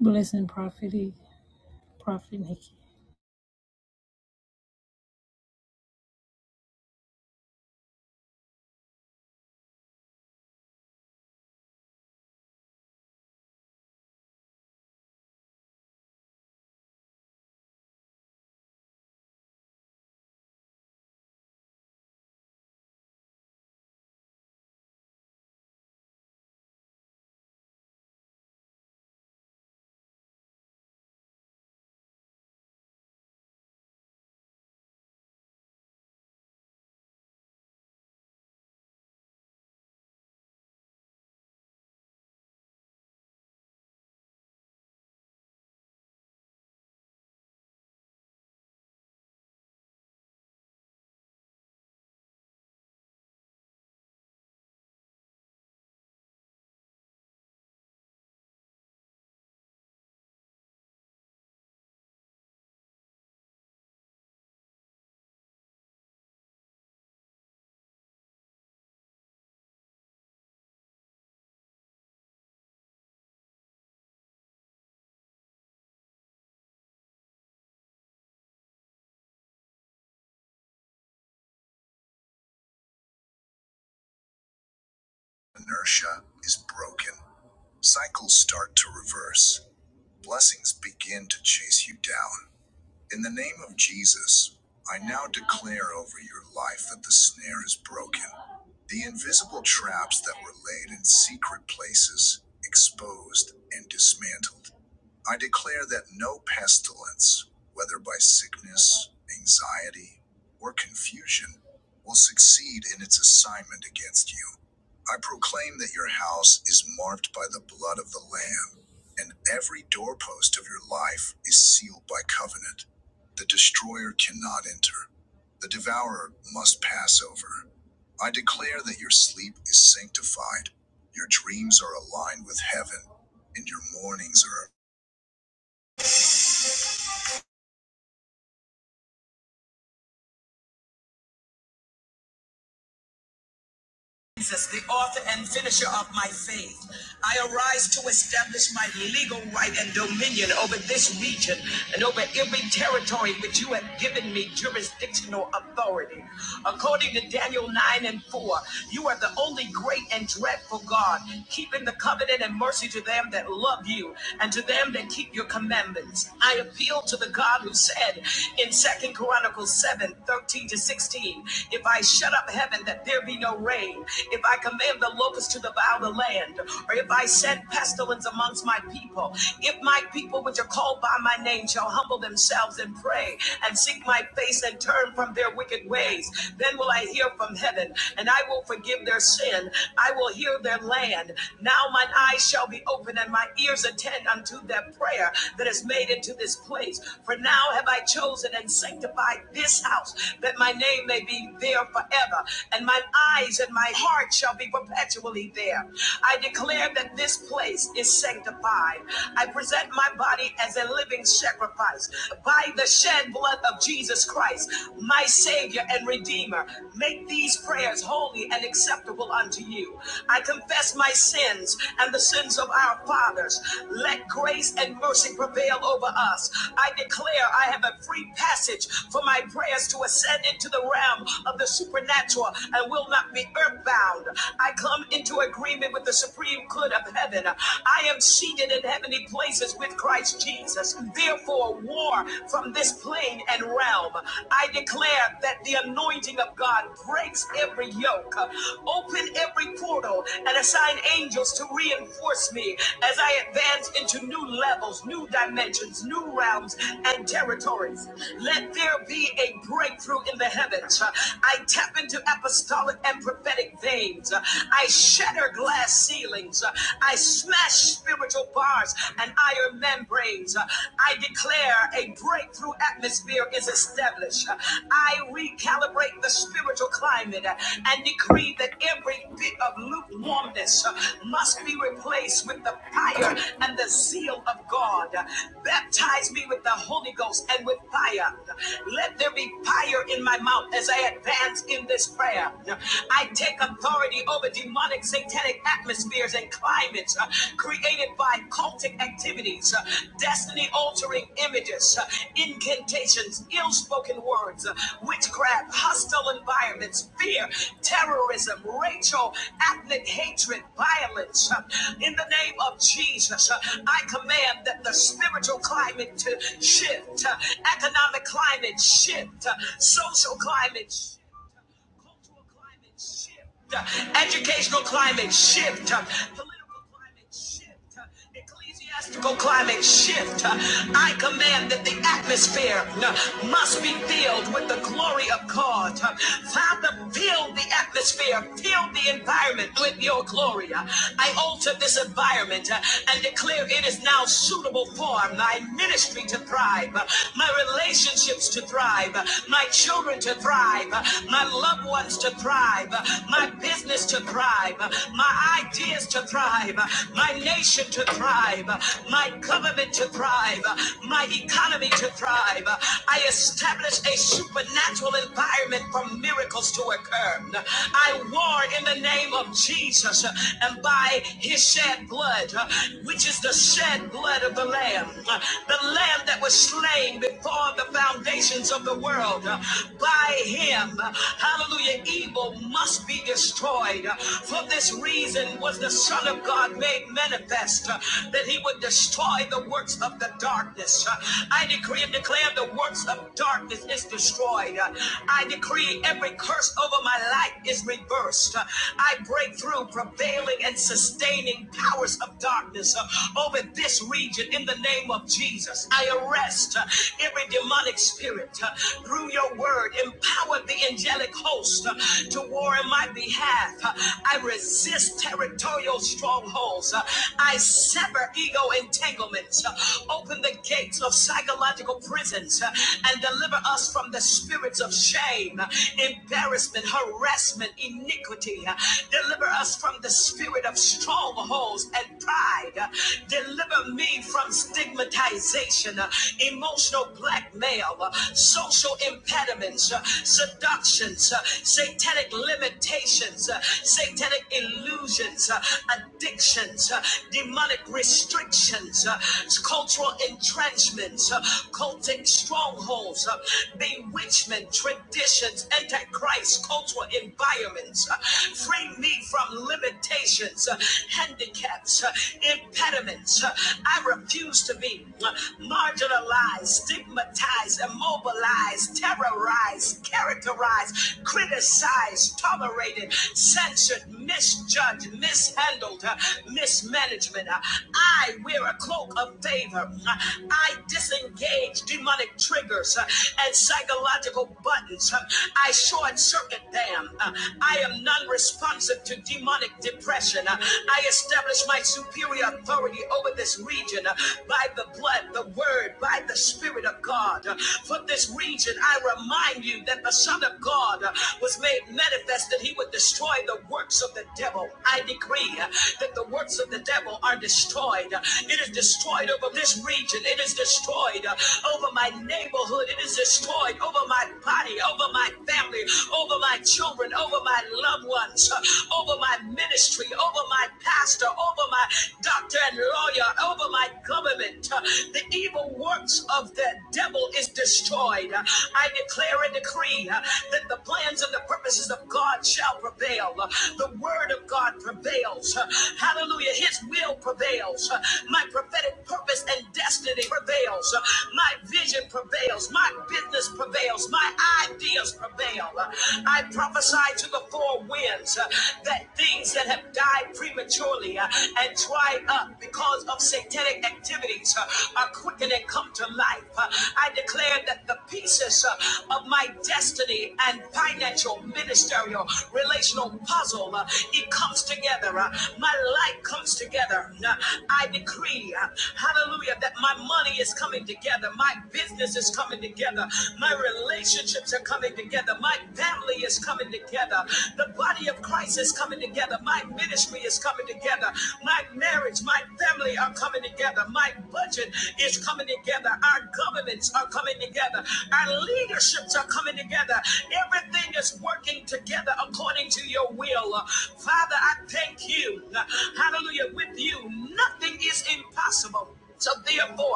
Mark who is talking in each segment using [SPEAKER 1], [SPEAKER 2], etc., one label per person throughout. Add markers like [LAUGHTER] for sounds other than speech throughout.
[SPEAKER 1] Blessing Prophet, E- Prophet Nikki.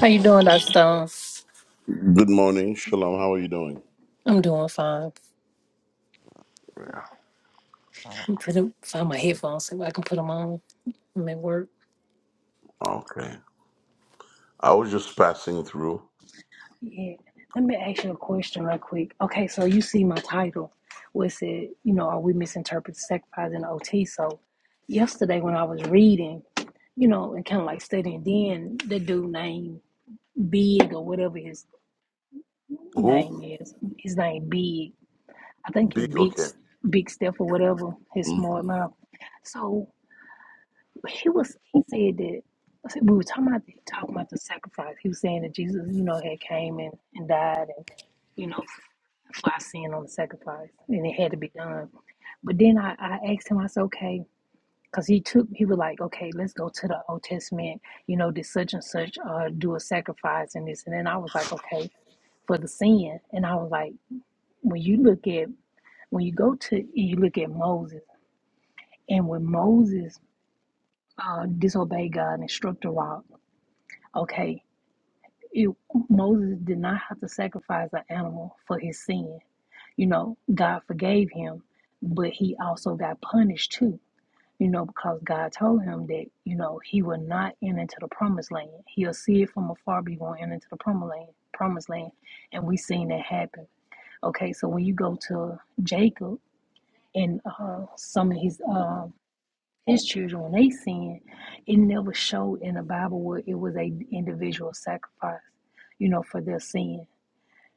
[SPEAKER 1] How you doing, Dr. stones?
[SPEAKER 2] Good morning, Shalom. How are you doing?
[SPEAKER 1] I'm doing fine.
[SPEAKER 2] Yeah.
[SPEAKER 1] I'm putting find my headphones so I can put them on. I'm at work.
[SPEAKER 2] Okay. I was just passing through.
[SPEAKER 1] Yeah. Let me ask you a question right quick. Okay, so you see my title. Was it, said, you know, are we misinterpreting sacrifice and OT? So yesterday when I was reading, you know, and kind of like studying, then the dude named Big or whatever his
[SPEAKER 2] Who?
[SPEAKER 1] name is, his name Big. I think it's
[SPEAKER 2] Big.
[SPEAKER 1] Big,
[SPEAKER 2] Okay.
[SPEAKER 1] Big Steph or whatever, his
[SPEAKER 2] Mm.
[SPEAKER 1] smart mouth. So. he was he said that I said we were talking about the, talking about the sacrifice. He was saying that Jesus, you know, had came and, and died and you know for our sin on the sacrifice, and it had to be done. But then I, I asked him, I said, okay, because he took he was like, okay, let's go to the Old Testament. You know, did such and such uh, do a sacrifice and this, and then I was like, okay, for the sin, and I was like, when you look at when you go to you look at Moses, and when Moses uh, disobeyed God and struck the rock, okay it, Moses did not have to sacrifice an animal for his sin. You know, God forgave him, but he also got punished too. You know, because God told him that, you know, he will not enter into the promised land. He'll see it from afar, but he won't enter into the promised land. Promised land, and we seen that happen. Okay, so when you go to Jacob and uh, some of his uh, his children when they sinned, it never showed in the Bible where it was a individual sacrifice, you know, for their sin.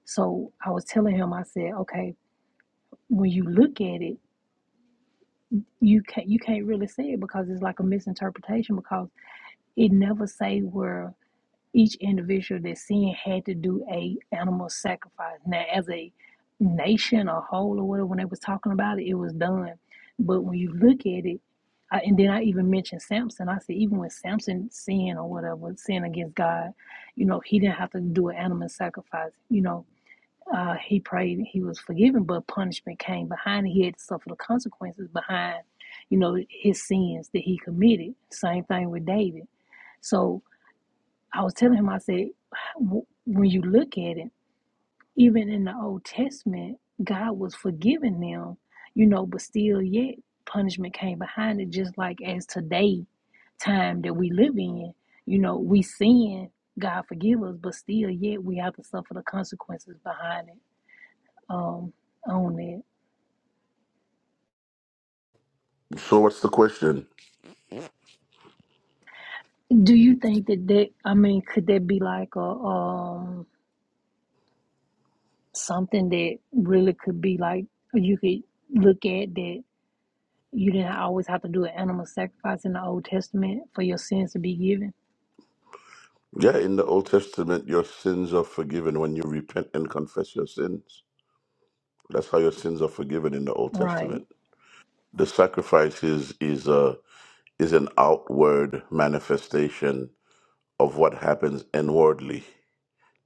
[SPEAKER 1] So I was telling him, I said, okay, when you look at it, you can't you can't really say it because it's like a misinterpretation because it never say where each individual that sinned had to do a animal sacrifice. Now, as a nation or whole or whatever, when they was talking about it, it was done. But when you look at it, I, and then I even mentioned Samson. I said even when Samson sinned or whatever, sinned against God, you know, he didn't have to do an animal sacrifice. You know, uh, he prayed, he was forgiven, but punishment came behind. it. He had to suffer the consequences behind, you know, his sins that he committed. Same thing with David. So I was telling him, I said, "W- when you look at it, even in the Old Testament, God was forgiving them, you know, but still yet punishment came behind it, just like as today, time that we live in, you know, we sin, God forgive us, but still yet we have to suffer the consequences behind it, um, on it.
[SPEAKER 2] So, what's the question?
[SPEAKER 1] Do you think that that, I mean, could that be like a, um, something that really could be like, you could look at that You didn't always have to do an animal sacrifice in the Old Testament for your sins to be given.
[SPEAKER 2] Yeah, in the Old Testament, your sins are forgiven when you repent and confess your sins. That's how your sins are forgiven in the Old
[SPEAKER 1] Right,
[SPEAKER 2] Testament. The sacrifice is is a is an outward manifestation of what happens inwardly.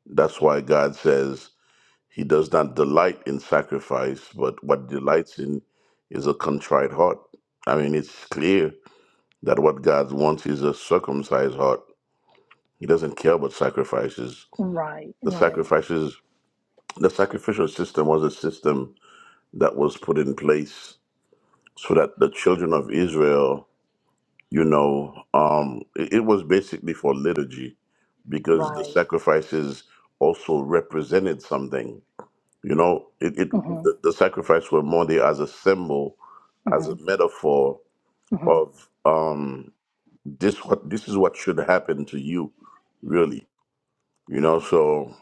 [SPEAKER 2] That's why God says He does not delight in sacrifice, but what delights in is a contrite heart. I mean, it's clear that what God wants is a circumcised heart. He doesn't care about sacrifices.
[SPEAKER 1] right,
[SPEAKER 2] The
[SPEAKER 1] right,
[SPEAKER 2] sacrifices, the sacrificial system was a system that was put in place so that the children of Israel, you know, um, it, it was basically for liturgy because the
[SPEAKER 1] right.
[SPEAKER 2] sacrifices also represented something You know, it, it
[SPEAKER 1] Mhm,
[SPEAKER 2] the, the sacrifice were more there as a symbol, as a
[SPEAKER 1] mhm,
[SPEAKER 2] metaphor
[SPEAKER 1] mhm.
[SPEAKER 2] of um this what this is what should happen to you, really. You know, so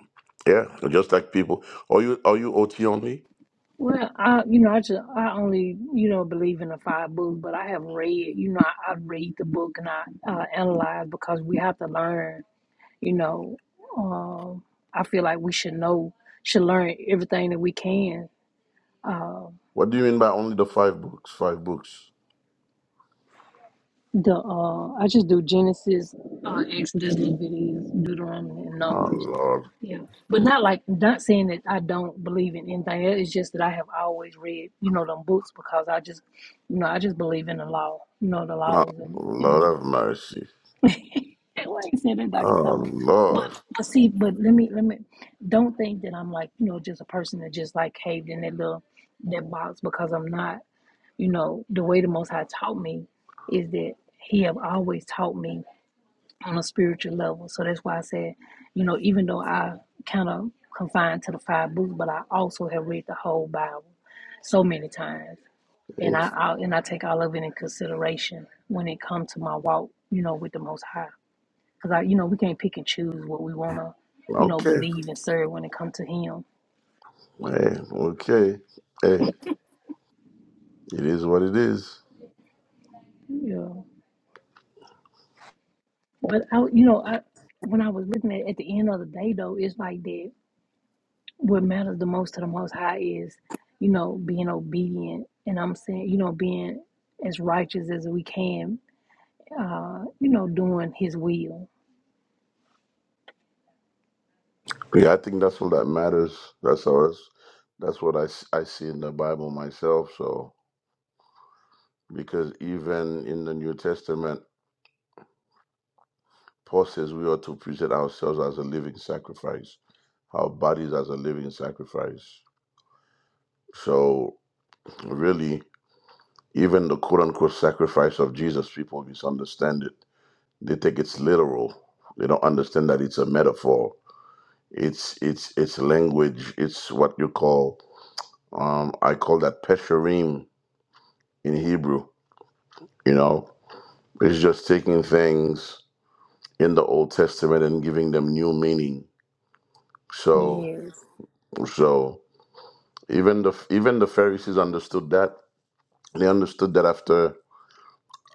[SPEAKER 2] yeah, just like people are you are you OT only?
[SPEAKER 1] Well, I, you know, I just, I only, you know, believe in the five books, but I have read, you know, I, I read the book and I uh, analyze because we have to learn, you know. Um, I feel like we should know, should learn everything that we can. uh,
[SPEAKER 2] What do you mean by only the five books? Five books.
[SPEAKER 1] The uh, I just do Genesis, uh, Exodus, Leviticus, Deuteronomy, and
[SPEAKER 2] Oh
[SPEAKER 1] Numbers.
[SPEAKER 2] Lord.
[SPEAKER 1] Yeah, but not like not saying that I don't believe in anything. It's just that I have always read, you know, them books because I just, you know, I just believe in the law, you know, the
[SPEAKER 2] Oh
[SPEAKER 1] laws and and
[SPEAKER 2] Lord have mercy.
[SPEAKER 1] [LAUGHS] well, I said that Dr.
[SPEAKER 2] Oh
[SPEAKER 1] Stone. But
[SPEAKER 2] Lord.
[SPEAKER 1] but see, but let me let me don't think that I'm like you know just a person that just like caved in that little that box because I'm not you know, the way the Most High taught me is that He have always taught me on a spiritual level. So that's why I said, you know, even though I kind of confined to the five books, but I also have read the whole Bible so many times, and I, I and I take all of it in consideration when it comes to my walk, you know, with the Most High, because I, you know, we can't pick and choose what we wanna, you know,
[SPEAKER 2] Okay.
[SPEAKER 1] believe and serve when it comes to Him.
[SPEAKER 2] Hey, okay. Hey, it is what it is.
[SPEAKER 1] Yeah, but I, you know, I when I was looking at at the end of the day though, it's like that what matters the most to the most high is you know being obedient and i'm saying you know being as righteous as we can uh you know doing his will
[SPEAKER 2] Yeah, I think that's all that matters. That's all. That's, that's what I, s- I see in the Bible myself. So, because even in the New Testament, Paul says we ought to present ourselves as a living sacrifice, our bodies as a living sacrifice. So, really, even the quote unquote sacrifice of Jesus, people misunderstand it. They think it's literal. They don't understand that it's a metaphor. It's it's it's language. It's what you call. Um, I call that pesherim in Hebrew You know, it's just taking things in the Old Testament and giving them new meaning. So,
[SPEAKER 1] yes
[SPEAKER 2] so even the even the Pharisees understood that. They understood that after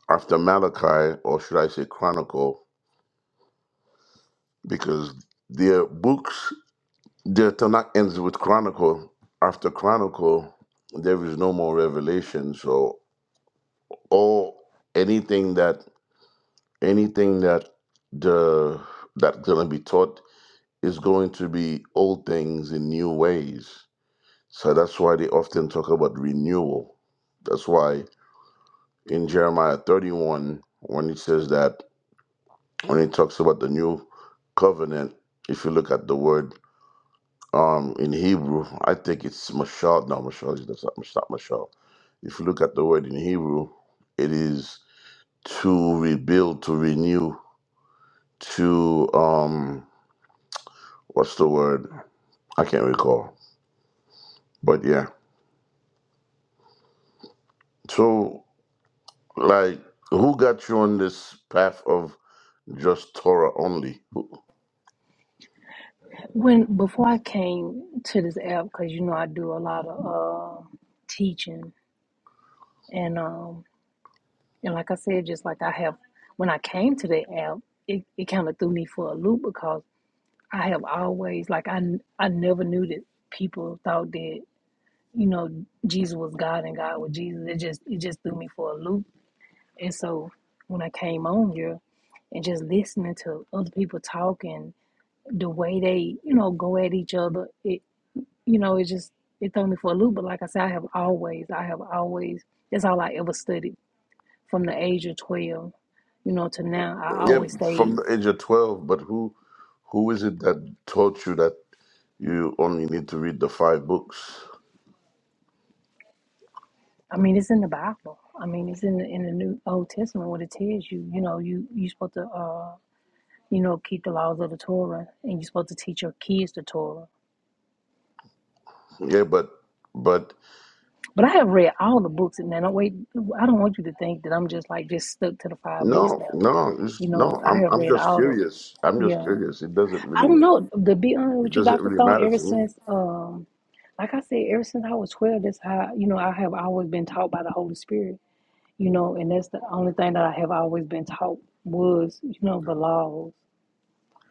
[SPEAKER 2] after Malachi, or should I say Chronicle, because their books, their Tanakh ends with Chronicle. After Chronicle, there is no more revelation. So, all anything that anything that the that's gonna be taught Is going to be old things in new ways. So that's why they often talk about renewal. That's why in Jeremiah 31, when it says that, when it talks about the new covenant, if you look at the word um, in Hebrew, I think it's Mashal. No, Mashal that's not, it's not Mashal. If you look at the word in Hebrew, it is to rebuild, to renew, to um, what's the word? I can't recall. But yeah. so. Like, who got you on this path of just Torah only? Who-
[SPEAKER 1] when before i came to this app because you know i do a lot of uh, teaching and um and like i said just like i have when i came to the app it, it kind of threw me for a loop because i have always like i i never knew that people thought that you know, Jesus was God and God was Jesus. It just it just threw me for a loop. And so when I came on here and just listening to other people talking, the way they, you know, go at each other, it you know, it just it threw me for a loop. But like I said, I have always, I have always that's all I ever studied from the age of twelve, you know, to now. I
[SPEAKER 2] Yeah,
[SPEAKER 1] always
[SPEAKER 2] from
[SPEAKER 1] stayed
[SPEAKER 2] the age of twelve. But who, who is it that taught you that you only need to read the five books?
[SPEAKER 1] I mean, it's in the Bible. I mean, it's in the in the New Old Testament what it tells you. You know, you you supposed to. uh. you know, keep the laws of the Torah, and you're supposed to teach your kids the Torah.
[SPEAKER 2] Yeah, but, but
[SPEAKER 1] But I have read all the books, and man, I wait. I don't want you to think that I'm just like just stuck to the five books
[SPEAKER 2] no,
[SPEAKER 1] now.
[SPEAKER 2] no, it's,
[SPEAKER 1] You
[SPEAKER 2] no.
[SPEAKER 1] know, I
[SPEAKER 2] I'm,
[SPEAKER 1] have
[SPEAKER 2] I'm
[SPEAKER 1] read
[SPEAKER 2] just
[SPEAKER 1] all the
[SPEAKER 2] curious. I'm just
[SPEAKER 1] yeah.
[SPEAKER 2] curious. It doesn't
[SPEAKER 1] I
[SPEAKER 2] really,
[SPEAKER 1] don't know. To be honest
[SPEAKER 2] it
[SPEAKER 1] with you,
[SPEAKER 2] doesn't
[SPEAKER 1] Doctor
[SPEAKER 2] really
[SPEAKER 1] Stone,
[SPEAKER 2] matter
[SPEAKER 1] ever
[SPEAKER 2] to me.
[SPEAKER 1] since um, like I said, ever since I was twelve, that's how you know I have always been taught by the Holy Spirit. You know, and that's the only thing that I have always been taught was you know the laws.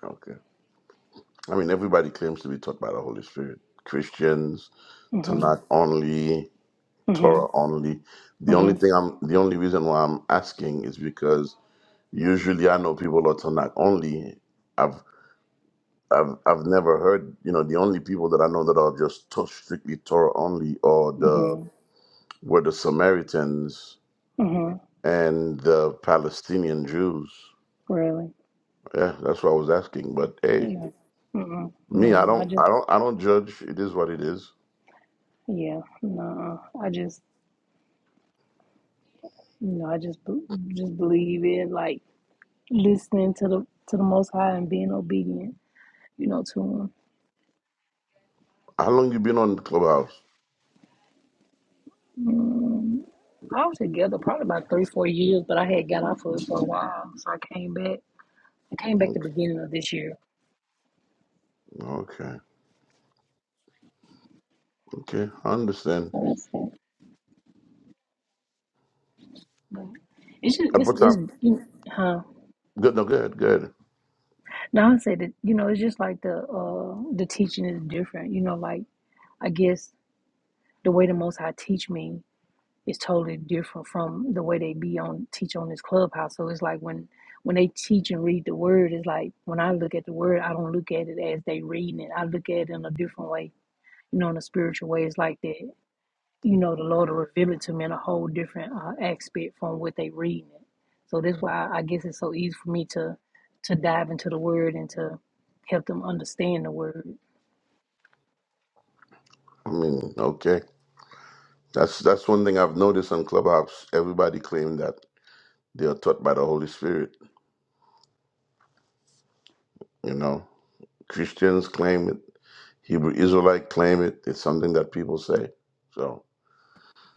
[SPEAKER 2] Okay. I mean, everybody claims to be taught by the Holy Spirit. Christians,
[SPEAKER 1] Mhm.
[SPEAKER 2] Tanakh only.
[SPEAKER 1] Mhm.
[SPEAKER 2] Torah only. The only
[SPEAKER 1] Mhm.
[SPEAKER 2] thing I'm, the only reason why I'm asking is because usually I know people are Tanakh only. I've, I've, I've never heard, you know, the only people that I know that are just to- strictly Torah only are the
[SPEAKER 1] Mhm.
[SPEAKER 2] were the Samaritans
[SPEAKER 1] Mhm.
[SPEAKER 2] and the Palestinian Jews.
[SPEAKER 1] Really.
[SPEAKER 2] Yeah, that's what I was asking. But hey,
[SPEAKER 1] Yeah. Mm-mm.
[SPEAKER 2] me, I
[SPEAKER 1] No, I
[SPEAKER 2] don't,
[SPEAKER 1] just,
[SPEAKER 2] I don't, I don't judge. It is what it is.
[SPEAKER 1] yeah, no, I just, you know, I just, be- just believe it, like listening to the to the Most High and being obedient, you know, to Him.
[SPEAKER 2] How long you been on Clubhouse?
[SPEAKER 1] Mm, I was together probably about three, four years, but I had got off of it for a while, so I came back. I came back the
[SPEAKER 2] Okay,
[SPEAKER 1] beginning of this year.
[SPEAKER 2] okay, okay. I understand.
[SPEAKER 1] So that's it. But it's just,
[SPEAKER 2] At
[SPEAKER 1] it's,
[SPEAKER 2] what time?
[SPEAKER 1] it's, you know, huh?
[SPEAKER 2] Good, no, good, good.
[SPEAKER 1] Now I say that, you know, it's just like the, uh, the teaching is different. You know, like I guess the way the Most High teach me. is totally different from the way they be on teach on this clubhouse. So it's like when when they teach and read the word, it's like when I look at the word, I don't look at it as they reading it. I look at it in a different way, you know, in a spiritual way. It's like that, you know, the Lord will reveal it to me in a whole different uh, aspect from what they reading it. So that's why I guess it's so easy for me to to dive into the word and to help them understand the word.
[SPEAKER 2] I mean, okay. That's that's one thing I've noticed on Clubhouse. Everybody claim that they are taught by the Holy Spirit. You know, Christians claim it. Hebrew Israelite claim it. It's something that people say. So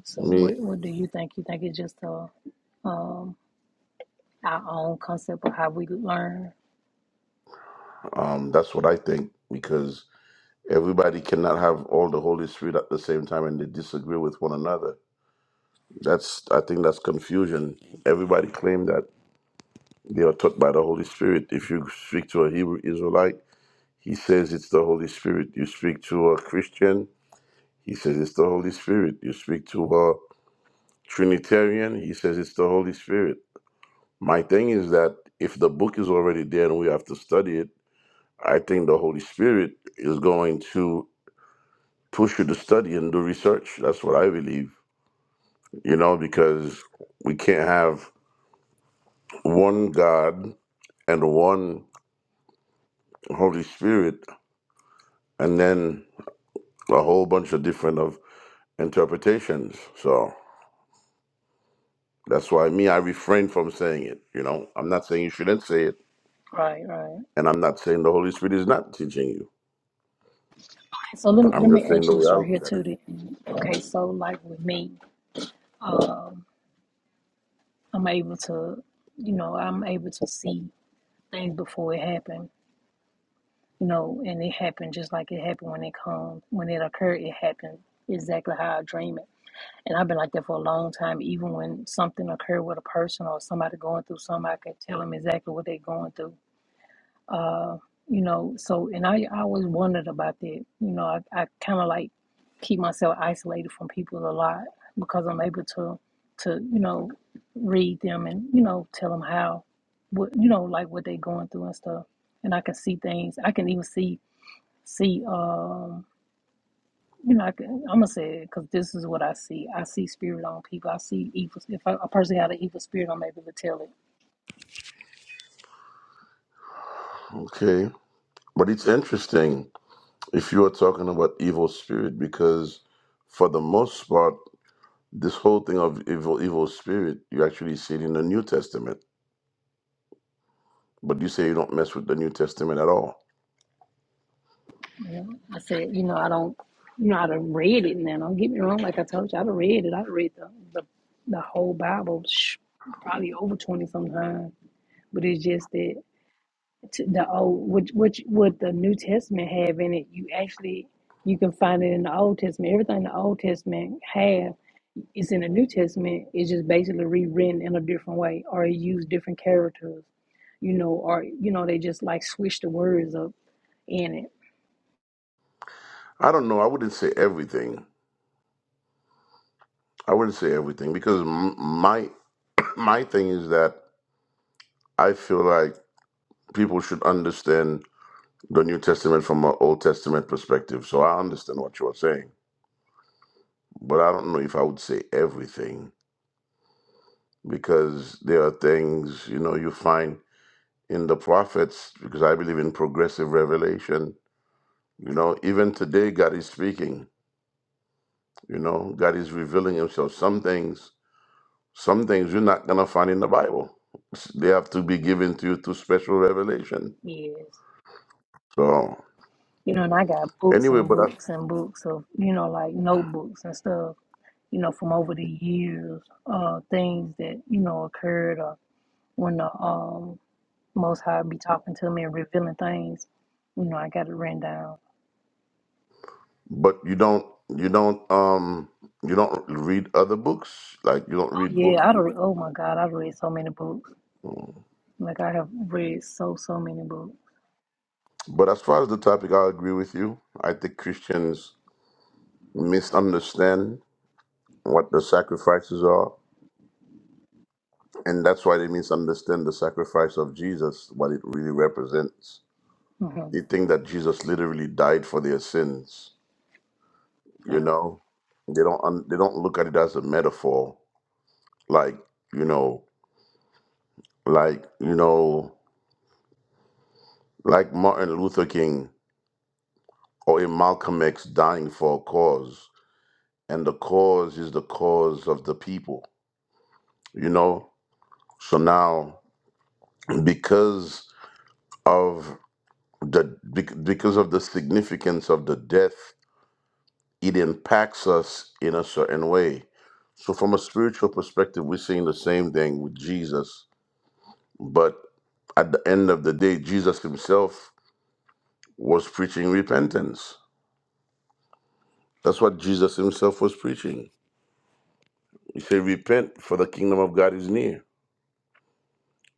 [SPEAKER 1] So what
[SPEAKER 2] me,
[SPEAKER 1] what do you think? You think it's just a um, our own concept of how we learn
[SPEAKER 2] um, that's what I think because everybody cannot have all the Holy Spirit at the same time and they disagree with one another. That's I think that's confusion. Everybody claim that they are taught by the Holy Spirit. If you speak to a Hebrew Israelite, he says it's the Holy Spirit. You speak to a Christian, He says it's the Holy Spirit. You speak to a Trinitarian, he says it's the Holy Spirit. My thing is that if the book is already there and we have to study it, I think the Holy Spirit is going to push you to study and do research. That's what I believe, you know, because we can't have one God and one Holy Spirit and then a whole bunch of different of interpretations. So that's why me, I refrain from saying it. You know, I'm not saying you shouldn't say it.
[SPEAKER 1] Right, right.
[SPEAKER 2] And I'm not saying the Holy Spirit is not teaching you.
[SPEAKER 1] So let me
[SPEAKER 2] I'm
[SPEAKER 1] let
[SPEAKER 2] just
[SPEAKER 1] me
[SPEAKER 2] saying
[SPEAKER 1] ask
[SPEAKER 2] the
[SPEAKER 1] you
[SPEAKER 2] way
[SPEAKER 1] this
[SPEAKER 2] I
[SPEAKER 1] right here
[SPEAKER 2] look at
[SPEAKER 1] too.
[SPEAKER 2] it.
[SPEAKER 1] Then. Okay, so like with me, um, I'm able to, you know, I'm able to see things before it happened. You know, and it happened just like it happened when it come when it occurred. It happened exactly how I dream it. And I've been like that for a long time. Even when something occurred with a person or somebody going through something, I can tell them exactly what they're going through Uh, you know, so and I, I always wondered about that. You know, I, I kind of like keep myself isolated from people a lot because I'm able to to you know read them and you know tell them how what you know like what they're going through and stuff. And I can see things. I can even see see um you know I can, I'm gonna say it because this is what I see. I see spirit on people. I see evil. If I, a person got an evil spirit, I'm able to tell it
[SPEAKER 2] Okay. But it's interesting if you are talking about evil spirit, because for the most part, this whole thing of evil, evil spirit, you actually see it in the New Testament. But you say you don't mess with the New Testament at all.
[SPEAKER 1] I said, you know, I don't, you know, I done read it now. Don't get me wrong. Like I told you, I done read it. I done read the, the, the whole Bible, sh- probably over 20 sometimes. But it's just that to the old, which, which, what the New Testament have in it, you actually, you can find it in the Old Testament. Everything the Old Testament have is in the New Testament. It's just basically rewritten in a different way or it use different characters, you know, or, you know, they just like switch the words up in it.
[SPEAKER 2] I don't know. I wouldn't say everything. I wouldn't say everything because m- my [CLEARS THROAT] my thing is that I feel like people should understand the New Testament from an Old Testament perspective. So I understand what you are saying but I don't know if I would say everything because there are things you know you find in the prophets because I believe in progressive revelation. You know, even today God is speaking. You know, God is revealing Himself. Some things, some things you're not gonna find in the Bible. They have to be given to you through special revelation.
[SPEAKER 1] Yes.
[SPEAKER 2] So
[SPEAKER 1] you know, and I got books
[SPEAKER 2] anyway,
[SPEAKER 1] and
[SPEAKER 2] but I,
[SPEAKER 1] books and books of, you know, like notebooks and stuff, you know, from over the years, uh, things that, you know, occurred or when the um most high be talking to me and revealing things, you know, I got it written down.
[SPEAKER 2] but you don't you don't um you don't read other books like you don't
[SPEAKER 1] Oh
[SPEAKER 2] read books.
[SPEAKER 1] yeah, I don't oh my God, I've read so many books. Like I have read so so many books.
[SPEAKER 2] But as far as the topic, I agree with you. I think Christians misunderstand what the sacrifices are, and that's why they misunderstand the sacrifice of Jesus, what it really represents.
[SPEAKER 1] hmm
[SPEAKER 2] They think that Jesus literally died for their sins. You
[SPEAKER 1] Yeah.
[SPEAKER 2] know, they don't un- they don't look at it as a metaphor, like you know, like you know, like Martin Luther King or a Malcolm X dying for a cause, and the cause is the cause of the people. You know, So now, because of the bec- because of the significance of the death, it impacts us in a certain way. So from a spiritual perspective, we're seeing the same thing with Jesus. But at the end of the day, Jesus himself was preaching repentance. That's what Jesus himself was preaching. He said, Repent, for the kingdom of God is near.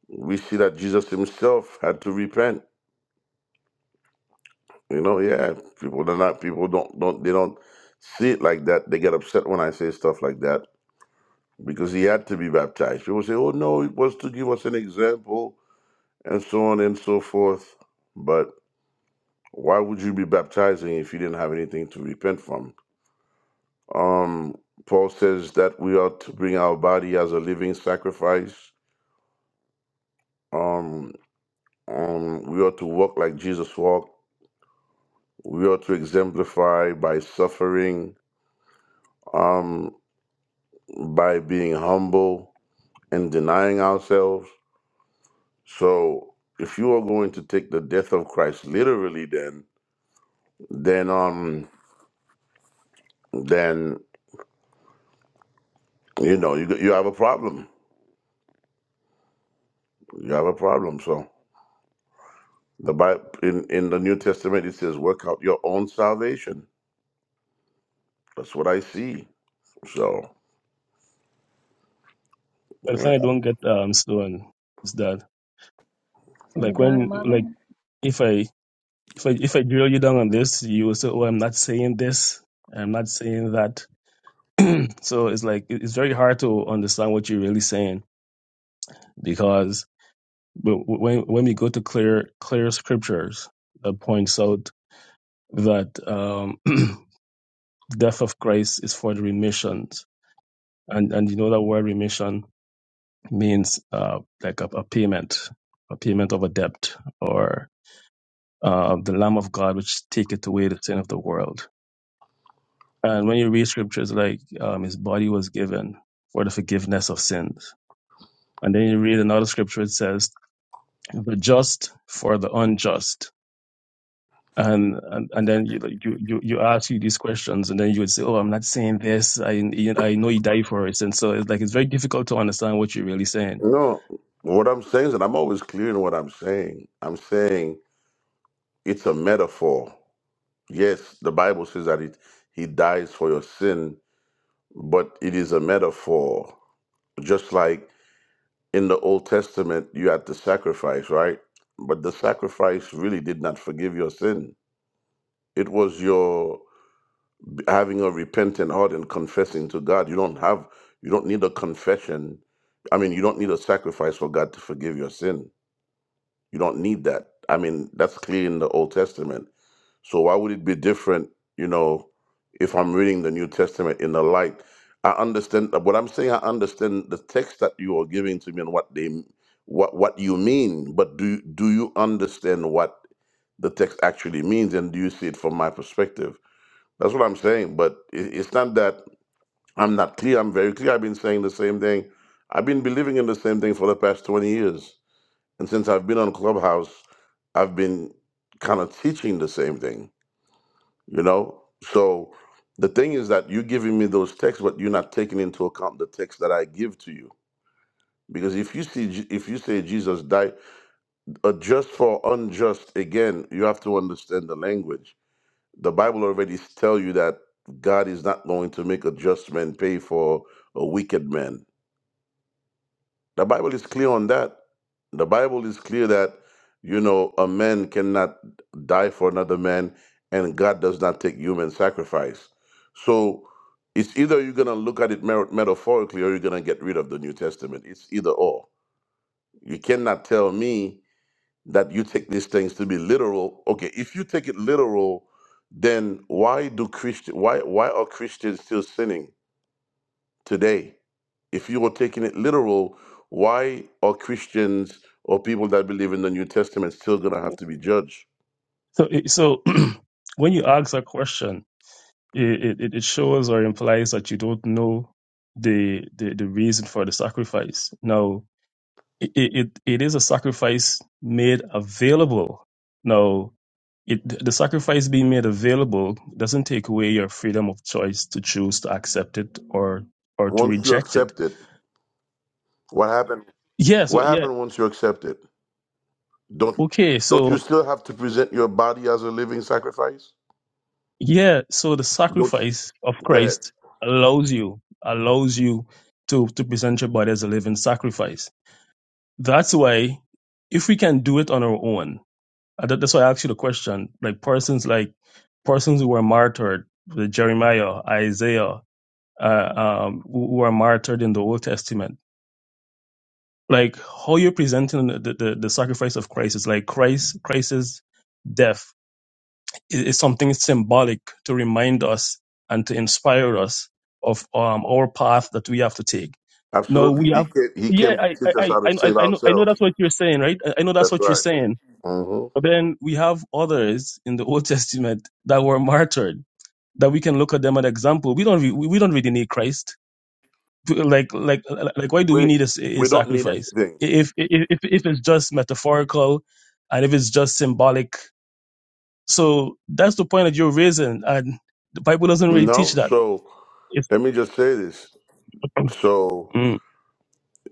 [SPEAKER 2] We see that Jesus himself had to repent You know, yeah, people they're not people don't don't they don't see it like that. They get upset when I say stuff like that because he had to be baptized. People say, "Oh no, it was to give us an example," and so on and so forth. But why would you be baptizing if you didn't have anything to repent from? Um, Paul says that we ought to bring our body as a living sacrifice. Um, um, we ought to walk like Jesus walked. We ought to exemplify by suffering. Um, by being humble and denying ourselves. So if you are going to take the death of Christ literally, then then um then you know you you have a problem. You have a problem. So the Bible in in the New Testament it says, "Work out your own salvation." That's what I see. So
[SPEAKER 3] But the
[SPEAKER 2] yeah.
[SPEAKER 3] thing I don't get um Sloan is that
[SPEAKER 1] So the
[SPEAKER 3] like when
[SPEAKER 1] godmother.
[SPEAKER 3] like if I if I if I drill you down on this, you will say, Oh, I'm not saying this, I'm not saying that. So it's like it- it's very hard to understand what you're really saying because w- w- when when we go to clear clear scriptures that points out that um [CLEARS THROAT] death of Christ is for the remissions. And and you know that word remission means uh like a, a payment, a payment of a debt or uh, the Lamb of God, which taketh away the sin of the world. And when you read scriptures like um, his body was given for the forgiveness of sins. And then you read another scripture, it says, the just for the unjust. And, and, and then you, you, you you ask you these questions and then you would say, Oh, I'm not saying this. I, I know you died for it. And so it's like, it's very difficult to understand what you're really saying.
[SPEAKER 2] no, what I'm saying is, and I'm always clear in what I'm saying. I'm saying it's a metaphor. Yes, the Bible says that it he dies for your sin but it is a metaphor. Just like in the Old Testament, you had to sacrifice, right? But the sacrifice really did not forgive your sin. It was your having a repentant heart and confessing to God. You don't have, you don't need a confession. I mean, you don't need a sacrifice for God to forgive your sin. You don't need that. I mean, that's clear in the Old Testament So why would it be different, you know, if I'm reading the New Testament in the light? I understand uh, what I'm saying. I understand the text that you are giving to me and what they, what what you mean. But do do you understand what the text actually means, and do you see it from my perspective? That's what I'm saying. But it, it's not that I'm not clear. I'm very clear. I've been saying the same thing. I've been believing in the same thing for the past 20 years, and since I've been on Clubhouse, I've been kind of teaching the same thing you know so the thing is that you're giving me those texts but you're not taking into account the text that i give to you because if you see Je- if you say jesus died uh, just for unjust again you have to understand the language the bible already tell you that god is not going to make a just man pay for a wicked man The Bible is clear on that. The Bible is clear that, you know, a man cannot die for another man and God does not take human sacrifice. So it's either you're going to look at it mer- metaphorically or you're going to get rid of the New Testament. It's either or. You cannot tell me that you take these things to be literal. Okay, if you take it literal, then why do Christian why why are Christians still sinning? today. If you were taking it literal, why are Christians or people that believe in the New Testament still going to have to be judged?
[SPEAKER 3] So, it- so [CLEARS THROAT] when you ask a question, It, it, it shows or implies that you don't know the, the, the reason for the sacrifice. Now, it, it, it is a sacrifice made available. Now, it, the sacrifice being made available doesn't take away your freedom of choice to choose to accept it or or to
[SPEAKER 2] Once you
[SPEAKER 3] reject it.
[SPEAKER 2] accept it, what happened?
[SPEAKER 3] Yeah, so
[SPEAKER 2] What
[SPEAKER 3] yeah,
[SPEAKER 2] happened once you accept it? Don't
[SPEAKER 3] okay,
[SPEAKER 2] don't you
[SPEAKER 3] so
[SPEAKER 2] still have to present your body as a living sacrifice?
[SPEAKER 3] yeah, so the
[SPEAKER 2] Don't you
[SPEAKER 3] sacrifice of
[SPEAKER 2] go ahead.
[SPEAKER 3] Christ allows you allows you to to present your body as a living sacrifice That's why if we can do it on our own, uh, that- that's why I asked you the question. Like persons like persons who were martyred, the Jeremiah, Isaiah, uh, um, who who were martyred in the Old Testament. Like how you're presenting the, the, the sacrifice of Christ is like Christ Christ's death is, is something symbolic to remind us and to inspire us of um, our path that we have to take. No,
[SPEAKER 2] Absolutely.
[SPEAKER 3] we
[SPEAKER 2] He
[SPEAKER 3] have.
[SPEAKER 2] came, he
[SPEAKER 3] Yeah,
[SPEAKER 2] came to
[SPEAKER 3] I
[SPEAKER 2] teach us
[SPEAKER 3] I
[SPEAKER 2] how to
[SPEAKER 3] I I
[SPEAKER 2] save
[SPEAKER 3] I know I know
[SPEAKER 2] ourselves.
[SPEAKER 3] that's what you're saying, right? I I know that's
[SPEAKER 2] That's
[SPEAKER 3] what you're
[SPEAKER 2] right.
[SPEAKER 3] saying
[SPEAKER 2] hmm
[SPEAKER 3] But then we have others in the [LAUGHS] Old Testament that were martyred that we can look at them as an example. We don't re- we don't really need Christ. Like like like why do we
[SPEAKER 2] We
[SPEAKER 3] need a, s- a
[SPEAKER 2] we don't need
[SPEAKER 3] sacrifice
[SPEAKER 2] anything.
[SPEAKER 3] if if if if it's just metaphorical and if it's just symbolic? So that's the point that you're raising, and the Bible doesn't really teach
[SPEAKER 2] No.
[SPEAKER 3] that.
[SPEAKER 2] So
[SPEAKER 3] It's
[SPEAKER 2] let me just say this.
[SPEAKER 3] [CLEARS THROAT]
[SPEAKER 2] So.
[SPEAKER 3] mm.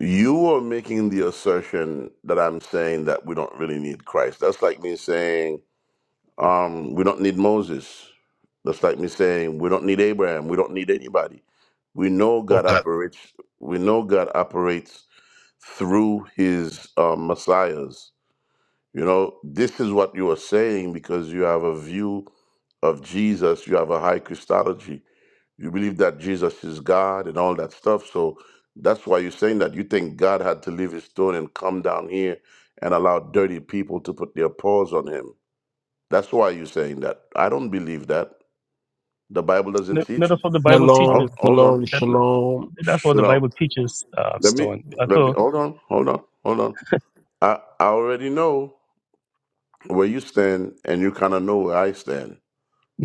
[SPEAKER 2] You are making the assertion that I'm saying that we don't really need Christ. That's like me saying um, we don't need Moses. That's like me saying we don't need Abraham. We don't need anybody. We know God
[SPEAKER 4] Okay.
[SPEAKER 2] operates. We know God operates through His um, messiahs. You know, this is what you are saying because you have a view of Jesus. You have a high Christology you believe that Jesus is God and all that stuff. So that's why you're saying that. You think God had to leave his throne and come down here and allow dirty people to put their paws on him. That's why you're saying that. I don't believe that. The Bible doesn't
[SPEAKER 3] No, no,
[SPEAKER 2] teach.
[SPEAKER 3] that's what the Bible
[SPEAKER 2] Ho-
[SPEAKER 4] Shalom,
[SPEAKER 3] teaches.
[SPEAKER 2] Hold on.
[SPEAKER 4] shalom,
[SPEAKER 3] That
[SPEAKER 4] shalom.
[SPEAKER 3] that's what
[SPEAKER 2] You
[SPEAKER 3] the
[SPEAKER 2] know,
[SPEAKER 3] Bible teaches, uh,
[SPEAKER 2] let me,
[SPEAKER 3] Stone. Uh,
[SPEAKER 2] let me, hold on, hold on, hold on. I, I already know where you stand and you kind of know where I stand.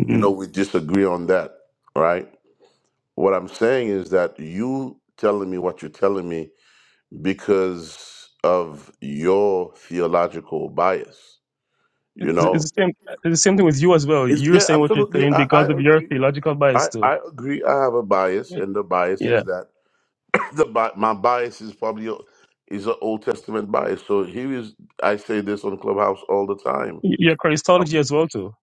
[SPEAKER 2] You know, we disagree on that, right? What I'm saying is that you telling me what you're telling me because of your theological bias. You
[SPEAKER 3] It's it's
[SPEAKER 2] know,
[SPEAKER 3] the same. It's the same thing with you as well.
[SPEAKER 2] it's,
[SPEAKER 3] You're
[SPEAKER 2] yeah,
[SPEAKER 3] saying what you're
[SPEAKER 2] absolutely.
[SPEAKER 3] saying
[SPEAKER 2] I, I
[SPEAKER 3] because of your
[SPEAKER 2] agree.
[SPEAKER 3] theological
[SPEAKER 2] I,
[SPEAKER 3] bias too.
[SPEAKER 2] I agree. I have a bias, and the bias
[SPEAKER 3] Yeah,
[SPEAKER 2] is that [CLEARS THROAT] the bi- my bias is probably a- is an Old Testament bias. So here is I say this on Clubhouse all the time.
[SPEAKER 3] your Christology as well too.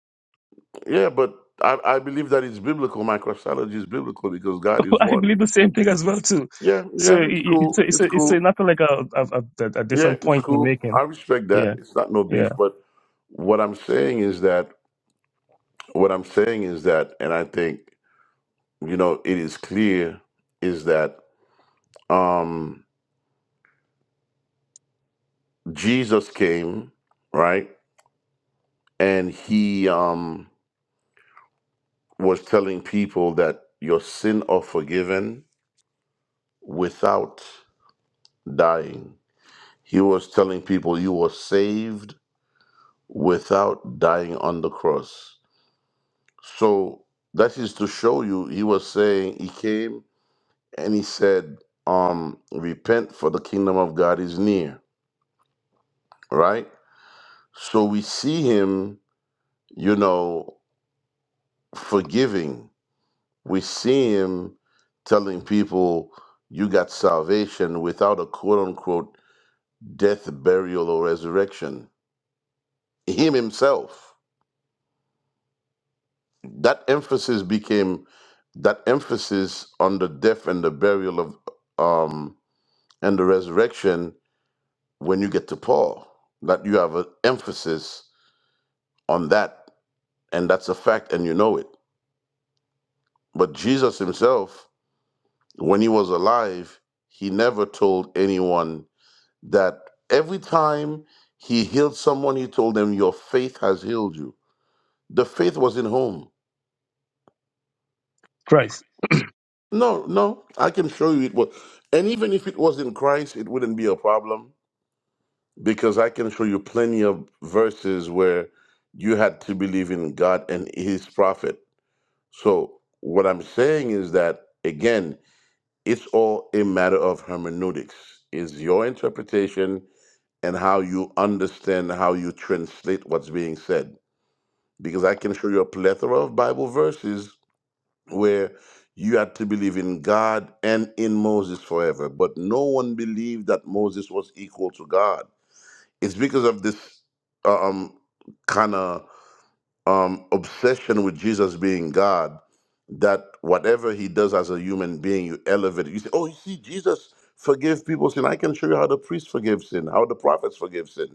[SPEAKER 2] Yeah, but I, I believe that it's biblical. My Christology is biblical because God is
[SPEAKER 3] [LAUGHS] I
[SPEAKER 2] one.
[SPEAKER 3] believe the same thing as well too.
[SPEAKER 2] Yeah,
[SPEAKER 3] So
[SPEAKER 2] yeah,
[SPEAKER 3] i-
[SPEAKER 2] it's
[SPEAKER 3] i- it's
[SPEAKER 2] cool.
[SPEAKER 3] a, it's
[SPEAKER 2] It's
[SPEAKER 3] a, it's a,
[SPEAKER 2] cool.
[SPEAKER 3] nothing like a a, a a
[SPEAKER 2] Yeah,
[SPEAKER 3] different
[SPEAKER 2] it's
[SPEAKER 3] point we're
[SPEAKER 2] cool. I
[SPEAKER 3] making.
[SPEAKER 2] respect that.
[SPEAKER 3] Yeah,
[SPEAKER 2] It's not no
[SPEAKER 3] yeah.
[SPEAKER 2] beef, but what I'm saying is that what I'm saying is that, and I think you know it is clear is that um, Jesus came right, and he um, was telling people that your sin are forgiven without dying. He was telling people you were saved without dying on the cross. So that is to show you he was saying he came and he said, um, repent for the kingdom of God is near right? So we see him, you know, forgiving. We see him telling people, you got salvation without a quote unquote death, burial, or resurrection. Him himself. That emphasis became that emphasis on the death and the burial of um and the resurrection when you get to Paul. That you have an emphasis on that, and that's a fact, and you know it. But Jesus himself when he was alive, he never told anyone that every time he healed someone, he told them, Your faith has healed you. The faith was in home.
[SPEAKER 3] Christ.
[SPEAKER 2] No, no, I can show you it was. And even if it was in Christ, it wouldn't be a problem because I can show you plenty of verses where you had to believe in God and his prophet. So, what I'm saying is that, again, it's all a matter of hermeneutics. Is your interpretation and how you understand how you translate what's being said. Because I can show you a plethora of Bible verses where you had to believe in God and in Moses forever, but no one believed that Moses was equal to God. It's because of this uh, um, kind of um, obsession with Jesus being God that whatever he does as a human being, you elevate it. You say, "Oh, you see, Jesus forgave people's sin." I can show you how the priests forgive sin, how the prophets forgive sin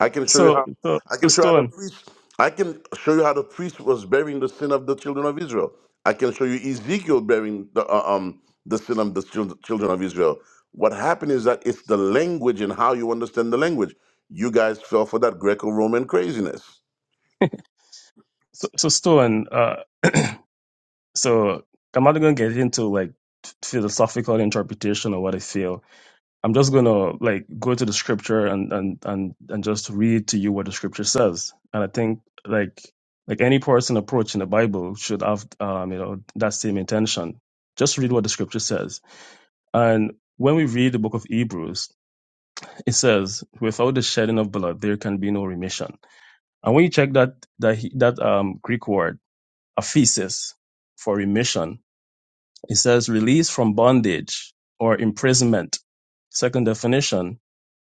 [SPEAKER 2] I can show you
[SPEAKER 3] So
[SPEAKER 2] how.
[SPEAKER 3] so
[SPEAKER 2] I
[SPEAKER 3] so
[SPEAKER 2] can show you how the
[SPEAKER 3] Stone.
[SPEAKER 2] priest. I can show you how the priest was bearing the sin of the children of Israel. I can show you Ezekiel bearing the uh, um the sin of the chil- children of Israel. What happened is that it's the language and how you understand the language. You guys fell for that Greco-Roman craziness.
[SPEAKER 3] So, so Stone. Uh, so I'm not gonna get into like philosophical interpretation or what I feel I'm just gonna like go to the scripture and and and and just read to you what the scripture says. And I think like like any person approaching the Bible should have um you know that same intention. Just read what the scripture says. And when we read the book of Hebrews, it says, "Without the shedding of blood, there can be no remission." And when you check that that he- that um Greek word, aphesis, for remission, it says release from bondage or imprisonment. Second definition,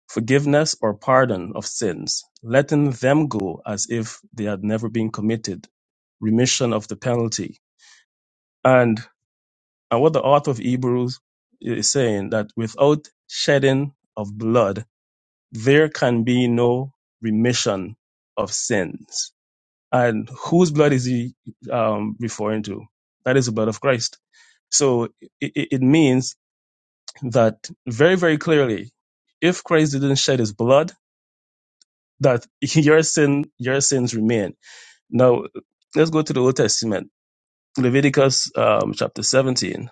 [SPEAKER 3] forgiveness or pardon of sins, letting them go as if they had never been committed, remission of the penalty. And, and what the author of Hebrews is saying that without shedding of blood, there can be no remission of sins. And whose blood is he um, referring to? That is the blood of Christ. So it, it it means that very, very clearly, if Christ didn't shed his blood, that [LAUGHS] your sin, your sins remain. Now, let's go to the Old Testament, Leviticus um, chapter 17.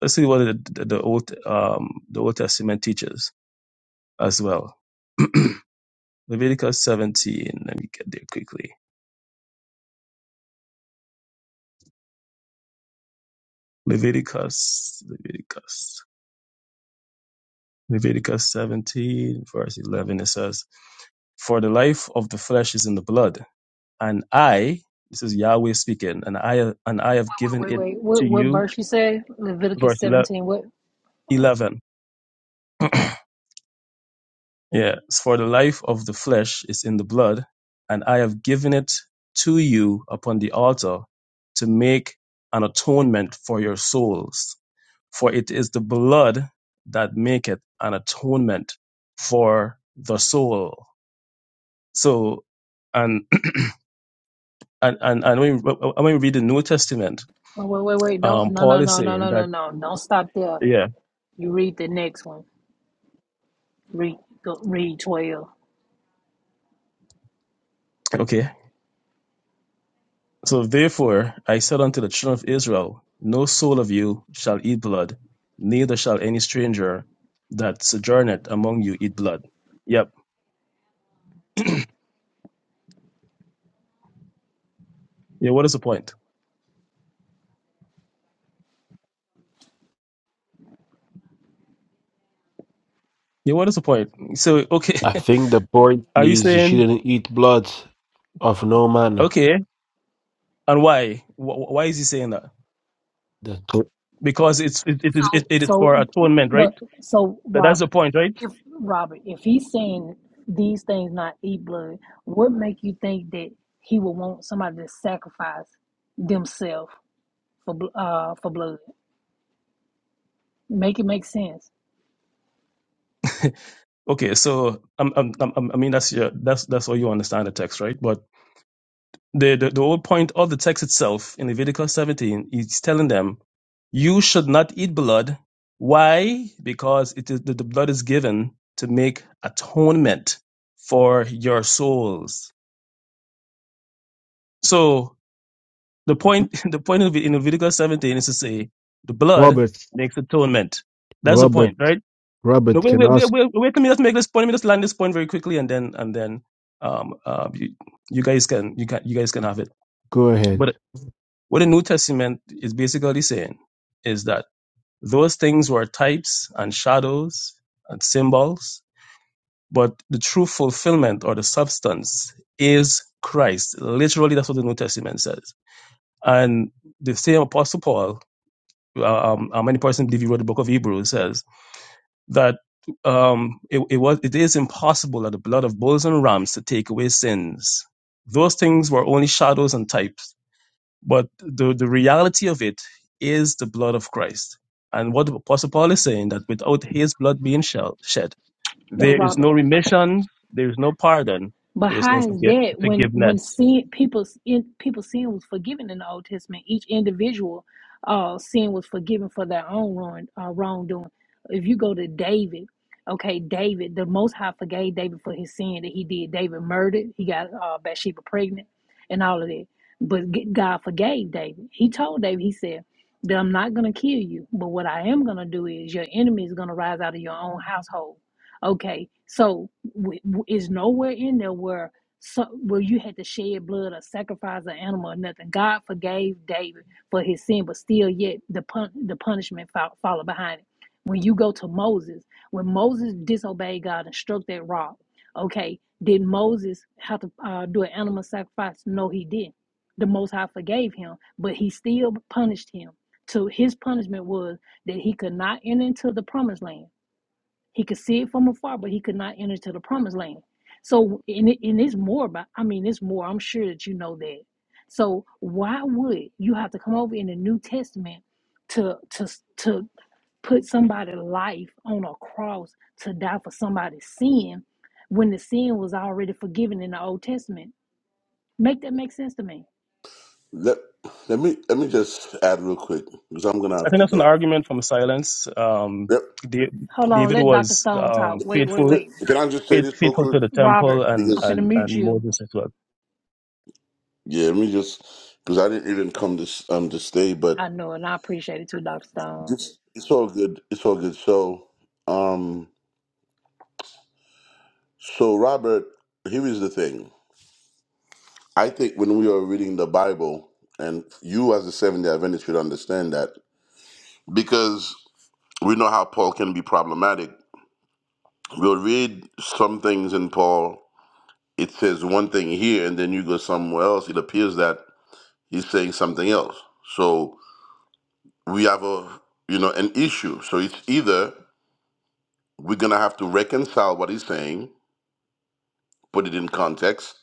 [SPEAKER 3] Let's see what the, the, the old um, the Old Testament teaches as well. [CLEARS THROAT] Leviticus 17. Let me get there quickly. Leviticus, Leviticus, Leviticus 17, verse 11. It says, "For the life of the flesh is in the blood." and I, this is Yahweh speaking, and I and I have given
[SPEAKER 1] Wait, wait,
[SPEAKER 3] it
[SPEAKER 1] wait.
[SPEAKER 3] to
[SPEAKER 1] What what
[SPEAKER 3] you.
[SPEAKER 1] verse you say? Leviticus
[SPEAKER 3] Verse ele-
[SPEAKER 1] seventeen. What? Oh,
[SPEAKER 3] eleven. Yeah, for the life of the flesh is in the blood, and I have given it to you upon the altar to make an atonement for your souls. For it is the blood that maketh an atonement for the soul. So, and [CLEARS THROAT] and and, and when, we, when we read the New Testament,
[SPEAKER 1] wait, wait, wait. Don't
[SPEAKER 3] um,
[SPEAKER 1] no no
[SPEAKER 3] Paul is
[SPEAKER 1] no no
[SPEAKER 3] saying
[SPEAKER 1] no no
[SPEAKER 3] that
[SPEAKER 1] no. Don't stop there.
[SPEAKER 3] yeah,
[SPEAKER 1] You read the next one. Read go, read twelve.
[SPEAKER 3] okay So therefore I said unto the children of Israel, No soul of you shall eat blood, neither shall any stranger that sojourneth among you eat blood. Yep. Yeah, what is the point? Yeah, what is the point? So, okay,
[SPEAKER 4] I think the point
[SPEAKER 3] [LAUGHS] are you
[SPEAKER 4] is you
[SPEAKER 3] saying,
[SPEAKER 4] shouldn't eat blood of no man.
[SPEAKER 3] okay, and why? Wh- Why is he saying that?
[SPEAKER 4] The-
[SPEAKER 3] Because it's, it, it is,
[SPEAKER 1] So,
[SPEAKER 3] it, it is
[SPEAKER 1] so,
[SPEAKER 3] for atonement,
[SPEAKER 1] but
[SPEAKER 3] right?
[SPEAKER 1] so
[SPEAKER 3] That, that's the
[SPEAKER 1] Robert,
[SPEAKER 3] point, right?
[SPEAKER 1] if Robert, if he's saying these things not eat blood, what make you think that he would want somebody to sacrifice themselves for bl- uh for blood? Make it make sense,
[SPEAKER 3] Okay, so, um, um, um, um, I mean, that's your, that's, that's how you understand the text, right? But the, the, the whole point of the text itself in Leviticus 17 is telling them, you should not eat blood. Why? Because it is, the, the blood is given to make atonement for your souls. So the point, [LAUGHS] the point of it in Leviticus 17 is to say the blood
[SPEAKER 4] Robert,
[SPEAKER 3] makes atonement. That's the
[SPEAKER 4] Robert,
[SPEAKER 3] point, right? No,
[SPEAKER 4] Robert
[SPEAKER 3] wait,
[SPEAKER 4] can
[SPEAKER 3] wait, wait,
[SPEAKER 4] ask.
[SPEAKER 3] wait, wait. Let me just make this point. Let me just land this point very quickly, and then and then um, uh, you, you guys can you can you guys can have it.
[SPEAKER 4] Go ahead.
[SPEAKER 3] But What the New Testament is basically saying is that those things were types and shadows and symbols, but the true fulfillment or the substance is Christ. Literally, that's what the New Testament says. And the same Apostle Paul, uh, um, how many persons believe he wrote the book of Hebrews, says that um, it, it was it is impossible that the blood of bulls and rams to take away sins. Those things were only shadows and types But the, the reality of it is the blood of Christ. And what the Apostle Paul is saying that without his blood being shall, shed,
[SPEAKER 1] but
[SPEAKER 3] there is no
[SPEAKER 1] Robert.
[SPEAKER 3] remission, there is no pardon,
[SPEAKER 1] But
[SPEAKER 3] there is no
[SPEAKER 1] how is
[SPEAKER 3] forget,
[SPEAKER 1] that when when
[SPEAKER 3] forgiveness.
[SPEAKER 1] sin people in people's sin was forgiven in the Old Testament? Each individual uh sin was forgiven for their own wrong, uh, wrongdoing. If you go to David, okay, David, the Most High forgave David for his sin that he did. David murdered. He got uh, Bathsheba pregnant, and all of that. But g- God forgave David. He told David, he said that I'm not gonna kill you, but what I am gonna do is your enemy is gonna rise out of your own household Okay, so w- w- it's nowhere in there where so where you had to shed blood or sacrifice an animal or nothing. God forgave David for his sin, but still, yet the pun- the punishment fol- followed behind it. When you go to Moses, when Moses disobeyed God and struck that rock, okay, did Moses have to uh, do an animal sacrifice? No, he didn't. The Most High forgave him, but he still punished him. So his punishment was that he could not enter into the promised land he could see it from afar, but he could not enter to the promised land. So, and, it, and it's more about, I mean, it's more, I'm sure that you know that. So, why would you have to come over in the New Testament to, to, to put somebody's life on a cross to die for somebody's sin when the sin was already forgiven in the Old Testament? Make that make sense to me.
[SPEAKER 2] Let, let me let me just add real quick because I'm gonna
[SPEAKER 3] I
[SPEAKER 2] have
[SPEAKER 3] think
[SPEAKER 2] to
[SPEAKER 3] that's an
[SPEAKER 2] go.
[SPEAKER 3] argument from silence. Um,
[SPEAKER 2] Yep.
[SPEAKER 3] Da-
[SPEAKER 1] Hold on,
[SPEAKER 3] David
[SPEAKER 1] let Dr.
[SPEAKER 3] was
[SPEAKER 1] Stone talk.
[SPEAKER 3] um,
[SPEAKER 1] Wait, wait,
[SPEAKER 3] faithful,
[SPEAKER 2] Can,
[SPEAKER 1] wait.
[SPEAKER 2] can I just say
[SPEAKER 3] faith,
[SPEAKER 2] this real
[SPEAKER 3] faithful
[SPEAKER 2] quick
[SPEAKER 3] to the temple
[SPEAKER 1] Robert,
[SPEAKER 3] and,
[SPEAKER 1] I'm
[SPEAKER 2] because
[SPEAKER 1] finna
[SPEAKER 3] and,
[SPEAKER 1] mute
[SPEAKER 3] and
[SPEAKER 1] you.
[SPEAKER 3] Moses as well.
[SPEAKER 2] yeah, let me just because I didn't even come this um to stay, but
[SPEAKER 1] I know, and I appreciate it too, Dr. Stone.
[SPEAKER 2] It's, it's all good. It's all good. So, um, so Robert, here is the thing. I think when we are reading the Bible, and you as a Seventh Day Adventist should understand that because we know how Paul can be problematic. We'll read some things in Paul. It says one thing here, and then you go somewhere else. It appears that he's saying something else. So we have a you know an issue. So it's either we're gonna have to reconcile what he's saying, put it in context,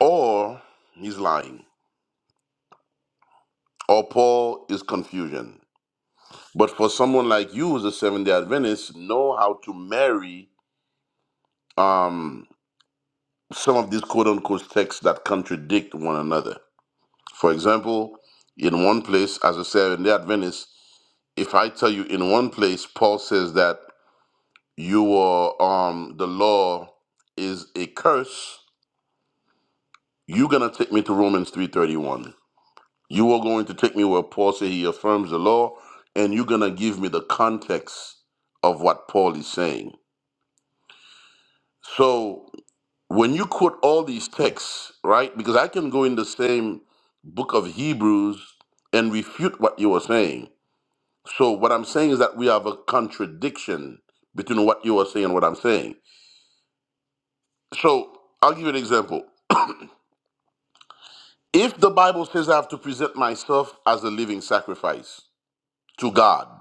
[SPEAKER 2] or he's lying, or Paul is confusion. But for someone like you, who's a Seventh Day Adventist, know how to marry um, some of these quote unquote texts that contradict one another. For example, in one place, as a Seventh Day Adventist, if I tell you in one place, Paul says that you are um, the law is a curse, you're gonna take me to Romans three thirty one You are going to take me where Paul says he affirms the law, and you're going to give me the context of what Paul is saying. So when you quote all these texts, right? Because I can go in the same book of Hebrews and refute what you are saying. So what I'm saying is that we have a contradiction between what you are saying and what I'm saying. So I'll give you an example. If the Bible says I have to present myself as a living sacrifice to God,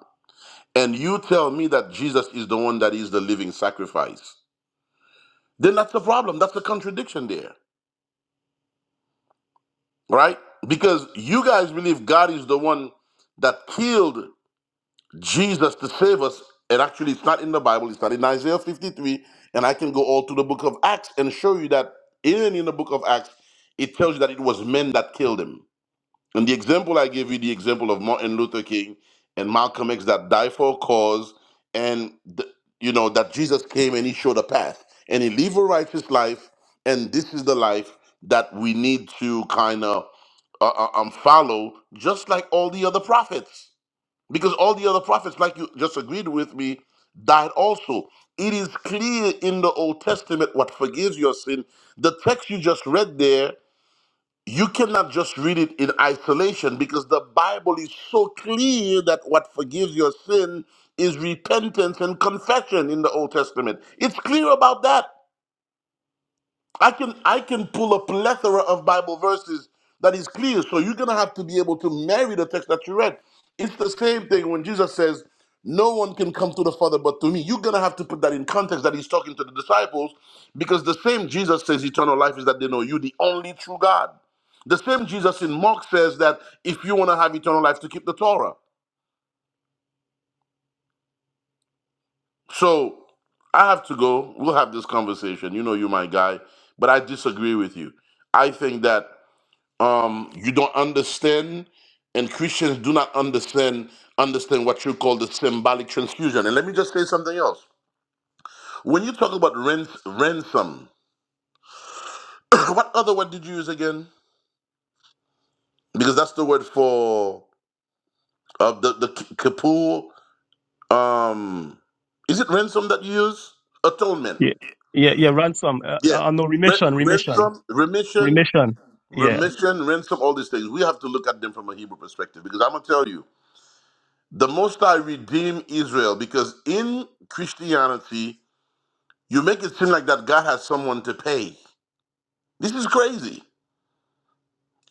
[SPEAKER 2] and you tell me that Jesus is the one that is the living sacrifice, then that's the problem. That's the contradiction there, right? Because you guys believe God is the one that killed Jesus to save us. And actually, it's not in the Bible, it's not in Isaiah 53. And I can go all to the book of Acts and show you that even in the book of Acts, it tells you that it was men that killed him. And the example I gave you, the example of Martin Luther King and Malcolm X that died for a cause, and the, you know that Jesus came and he showed a path, and he lived a righteous life, and this is the life that we need to kind of uh, uh, um, follow, just like all the other prophets, because all the other prophets, like you just agreed with me, died also. It is clear in the Old Testament what forgives your sin. The text you just read there you cannot just read it in isolation because the Bible is so clear that what forgives your sin is repentance and confession in the Old Testament. It's clear about that. I can I can pull a plethora of Bible verses that is clear. So you're gonna have to be able to marry the text that you read. It's the same thing when Jesus says, "No one can come to the Father but to me." You're gonna have to put that in context that he's talking to the disciples, because the same Jesus says eternal life is that they know you, the only true God. The same Jesus in Mark says that if you want to have eternal life, to keep the Torah. So I have to go. We'll have this conversation. You know, you're my guy, but I disagree with you. I think that. um, you don't understand, and Christians do not understand understand what you call the symbolic transfusion. And let me just say something else. When you talk about rent, ransom, [COUGHS] [CLEARS THROAT] what other word did you use again? Because that's the word for uh, the the ki- kippur. Um, is it ransom that you use? Atonement.
[SPEAKER 3] Yeah, yeah, yeah ransom. Uh,
[SPEAKER 2] Yes.
[SPEAKER 3] uh, no,
[SPEAKER 2] Ren-
[SPEAKER 3] remission, remission,
[SPEAKER 2] ransom, remission,
[SPEAKER 3] remission. Yeah.
[SPEAKER 2] remission, ransom. All these things. We have to look at them from a Hebrew perspective because I'm gonna tell you. the Most High redeemed Israel because in Christianity, you make it seem like that God has someone to pay. This is crazy.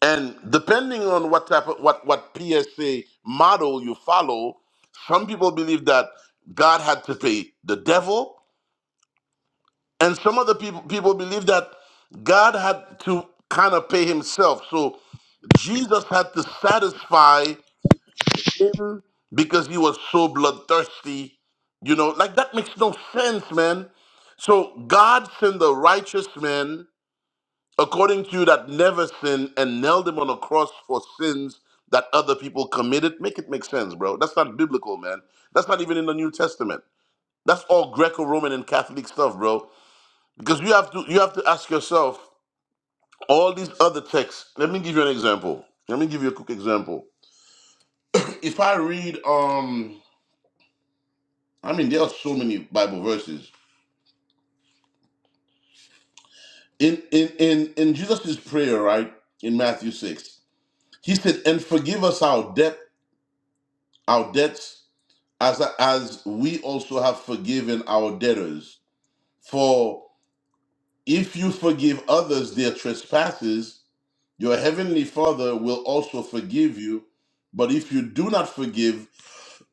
[SPEAKER 2] And depending on what type of what what PSA model you follow, some people believe that God had to pay the devil, and some other people people believe that God had to kind of pay himself. So Jesus had to satisfy him because he was so bloodthirsty. You know, like that makes no sense, man. So God sent the righteous man, according to you, that never sinned and nailed him on a cross for sins that other people committed. Make it make sense, bro. That's not biblical, man. That's not even in the New Testament. That's all Greco-Roman and Catholic stuff, bro. Because you have to you have to ask yourself all these other texts. Let me give you an example. Let me give you a quick example. If I read um I mean, there are so many Bible verses. In in in in Jesus' prayer, right? In Matthew 6, he said, And forgive us our debt, our debts, as as we also have forgiven our debtors. For if you forgive others their trespasses, your heavenly Father will also forgive you. But if you do not forgive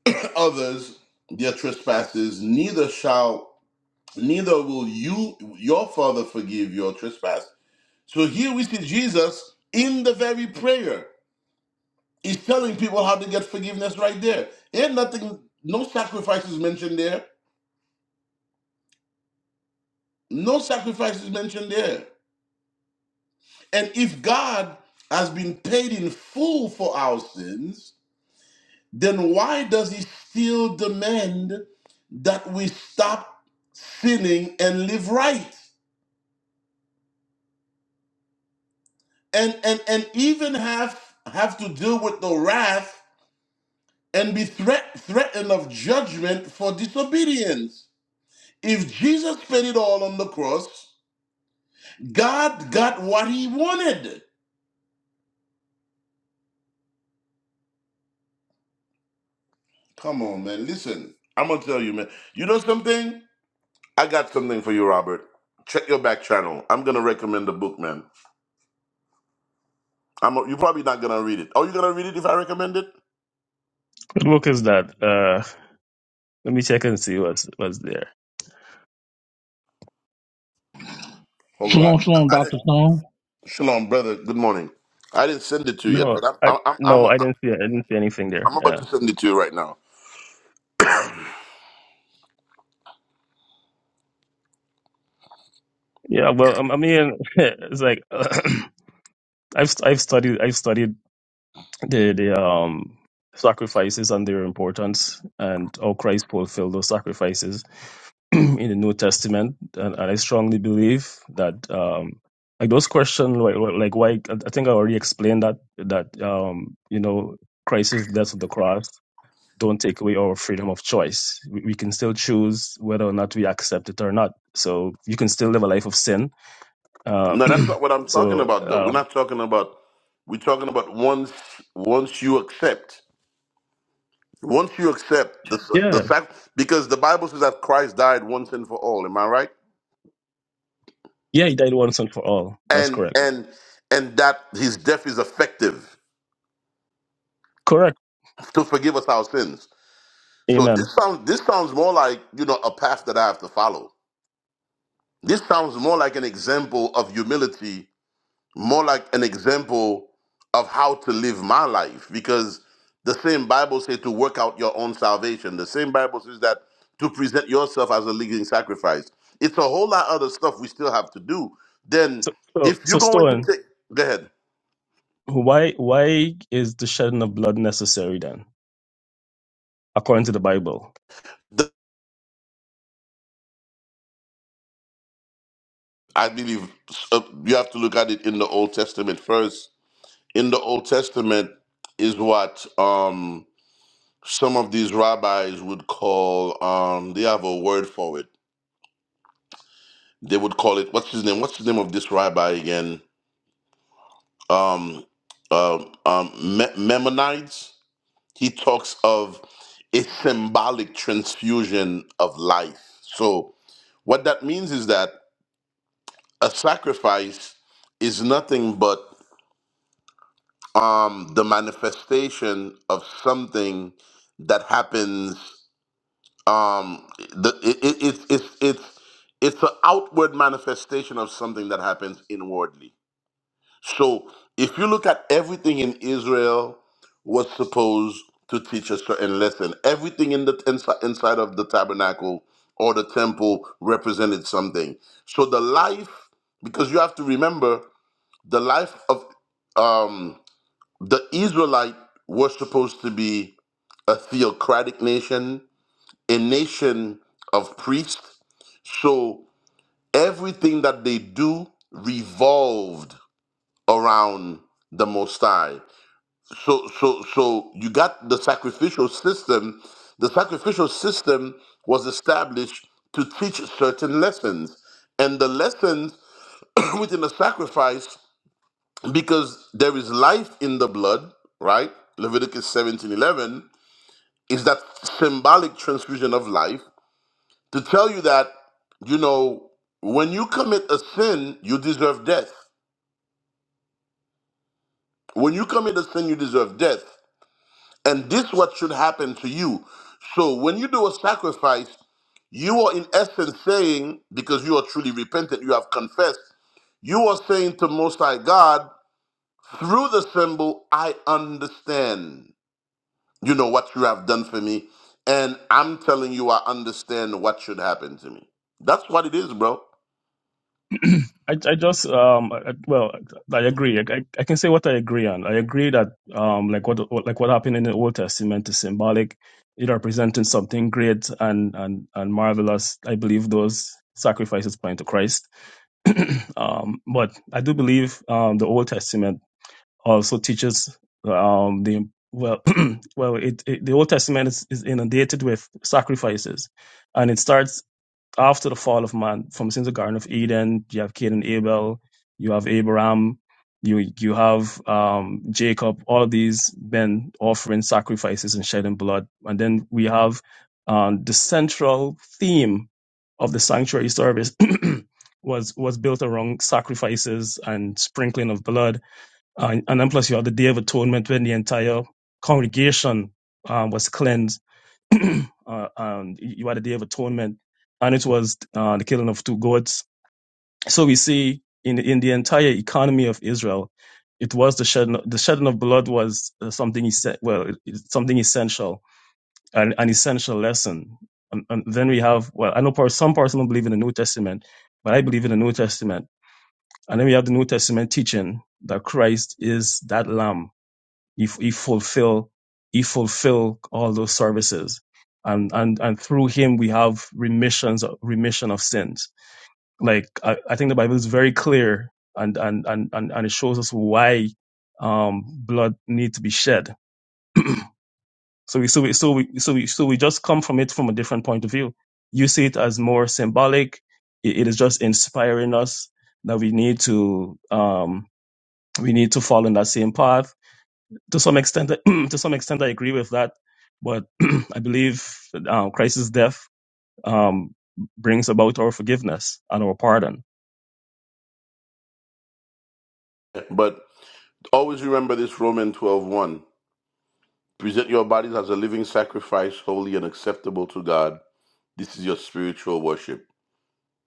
[SPEAKER 2] [CLEARS THROAT] others their trespasses, neither shall neither will you your father forgive your trespasses. So here we see Jesus in the very prayer. He's telling people how to get forgiveness right there. Ain't nothing, no sacrifices mentioned there. No sacrifices mentioned there. And if God has been paid in full for our sins, then why does he still demand that we stop sinning and live right? And and and even have have to deal with the wrath and be threat, threatened of judgment for disobedience. If Jesus paid it all on the cross, God got what he wanted. Come on, man. Listen, I'm going to tell you, man. You know something? I got something for you, Robert. Check your back channel. I'm going to recommend the book, man. I'm you're probably not going to read it. Are you going to read it if I recommend it?
[SPEAKER 3] What book is that? Uh, let me check and see what's, what's there.
[SPEAKER 2] Hold on. I,
[SPEAKER 5] Shalom, shalom,
[SPEAKER 2] I did.
[SPEAKER 5] Dr. Stone.
[SPEAKER 2] Shalom, brother. Good morning. I didn't send it to you yet,
[SPEAKER 3] No,
[SPEAKER 2] but I'm,
[SPEAKER 3] I
[SPEAKER 2] I'm, I'm,
[SPEAKER 3] no,
[SPEAKER 2] I'm,
[SPEAKER 3] I didn't see I didn't see anything there.
[SPEAKER 2] I'm about
[SPEAKER 3] Yeah,
[SPEAKER 2] to send it to you right now.
[SPEAKER 3] yeah. Well, um, I mean, [LAUGHS] it's like [CLEARS THROAT] I've I've studied I've studied the the um sacrifices and their importance and how Christ fulfilled those sacrifices [CLEARS THROAT] in the New Testament, and, and I strongly believe that um like those questions like like like why I think I already explained that that um you know Christ's death on the cross don't take away our freedom of choice. We, we can still choose whether or not we accept it or not. So you can still live a life of sin. Uh,
[SPEAKER 2] No, that's not what I'm
[SPEAKER 3] [CLEARS THROAT]
[SPEAKER 2] talking
[SPEAKER 3] so
[SPEAKER 2] about. Though we're
[SPEAKER 3] um,
[SPEAKER 2] not talking about. We're talking about once once you accept. Once you accept the the
[SPEAKER 3] yeah,
[SPEAKER 2] fact, because the Bible says that Christ died once and for all. Am I right?
[SPEAKER 3] yeah, he died once and for all. That's
[SPEAKER 2] And
[SPEAKER 3] correct.
[SPEAKER 2] and and that his death is effective
[SPEAKER 3] Correct.
[SPEAKER 2] to forgive us our sins. So
[SPEAKER 3] Amen.
[SPEAKER 2] this sounds this sounds more like you know a path that I have to follow. This sounds more like an example of humility more like an example of how to live my life because the same bible says to work out your own salvation the same bible says that to present yourself as a living sacrifice it's a whole lot of other stuff we still have to do then
[SPEAKER 3] So so
[SPEAKER 2] if you're
[SPEAKER 3] so
[SPEAKER 2] going to
[SPEAKER 3] Stone,
[SPEAKER 2] take go ahead
[SPEAKER 3] why why is the shedding of blood necessary then, according to the Bible?
[SPEAKER 2] The- i believe uh, you have to look at it in the old testament first in the old testament is what um some of these rabbis would call um they have a word for it they would call it what's his name? What's the name of this rabbi again? Um, um, um, Me- Memonides. He talks of a symbolic transfusion of life. So, what that means is that a sacrifice is nothing but um, the manifestation of something that happens. Um, the, it, it, it's it's it's it's an outward manifestation of something that happens inwardly. So if you look at everything in Israel was supposed to teach a certain lesson. Everything in the insi- inside of the tabernacle or the temple represented something. So the life, because you have to remember, the life of um, the Israelite were supposed to be a theocratic nation, a nation of priests. So everything that they do revolved around the Most High. So, so, so you got the sacrificial system. The sacrificial system was established to teach certain lessons, and the lessons [CLEARS THROAT] within the sacrifice, because there is life in the blood, right? Leviticus seventeen eleven is that symbolic transfusion of life to tell you that you know when you commit a sin, you deserve death. When you commit a sin, you deserve death. And this what should happen to you. So when you do a sacrifice, you are in essence saying, because you are truly repentant, you have confessed, you are saying to Most High God, through the symbol, I understand, you know, what you have done for me. And I'm telling you, I understand what should happen to me. That's what it is, bro.
[SPEAKER 3] [CLEARS THROAT] I, I just um I, well I agree I, I I can say what I agree on I agree that um like what, what like what happened in the Old Testament is symbolic it representing something great and and and marvelous I believe those sacrifices point to Christ [CLEARS THROAT] um but I do believe um the Old Testament also teaches um the well [CLEARS THROAT] well it, it the Old Testament is, is inundated with sacrifices and it starts after the fall of man, from since the Garden of Eden, you have Cain and Abel, you have Abraham, you you have um, Jacob. All of these men offering sacrifices and shedding blood, and then we have um, the central theme of the sanctuary service [CLEARS THROAT] was was built around sacrifices and sprinkling of blood, and, and then plus you have the Day of Atonement when the entire congregation um, was cleansed [CLEARS THROAT] uh, um, you had the day of atonement, and it was uh, the killing of two goats. So we see in in the entire economy of Israel, it was the shedding the shedding of blood was uh, something esse- well it- it's something essential an, an essential lesson. And, and then we have well I know per- some persons don't believe in the New Testament, but I believe in the New Testament. And then we have the New Testament teaching that Christ is that Lamb he, he fulfill he fulfill all those services, and and and through him we have remissions remission of sins. Like I, I think the Bible is very clear, and and and and, and it shows us why um, blood needs to be shed. So we so we so we so we so we just come from it from a different point of view. You see it as more symbolic. It, it is just inspiring us that we need to um, we need to follow in that same path to some extent, [CLEARS THROAT] to some extent, I agree with that. But [CLEARS THROAT] I believe uh, Christ's death um, brings about our forgiveness and our pardon.
[SPEAKER 2] But always remember this Romans twelve one, Present your bodies as a living sacrifice, holy and acceptable to God. This is your spiritual worship.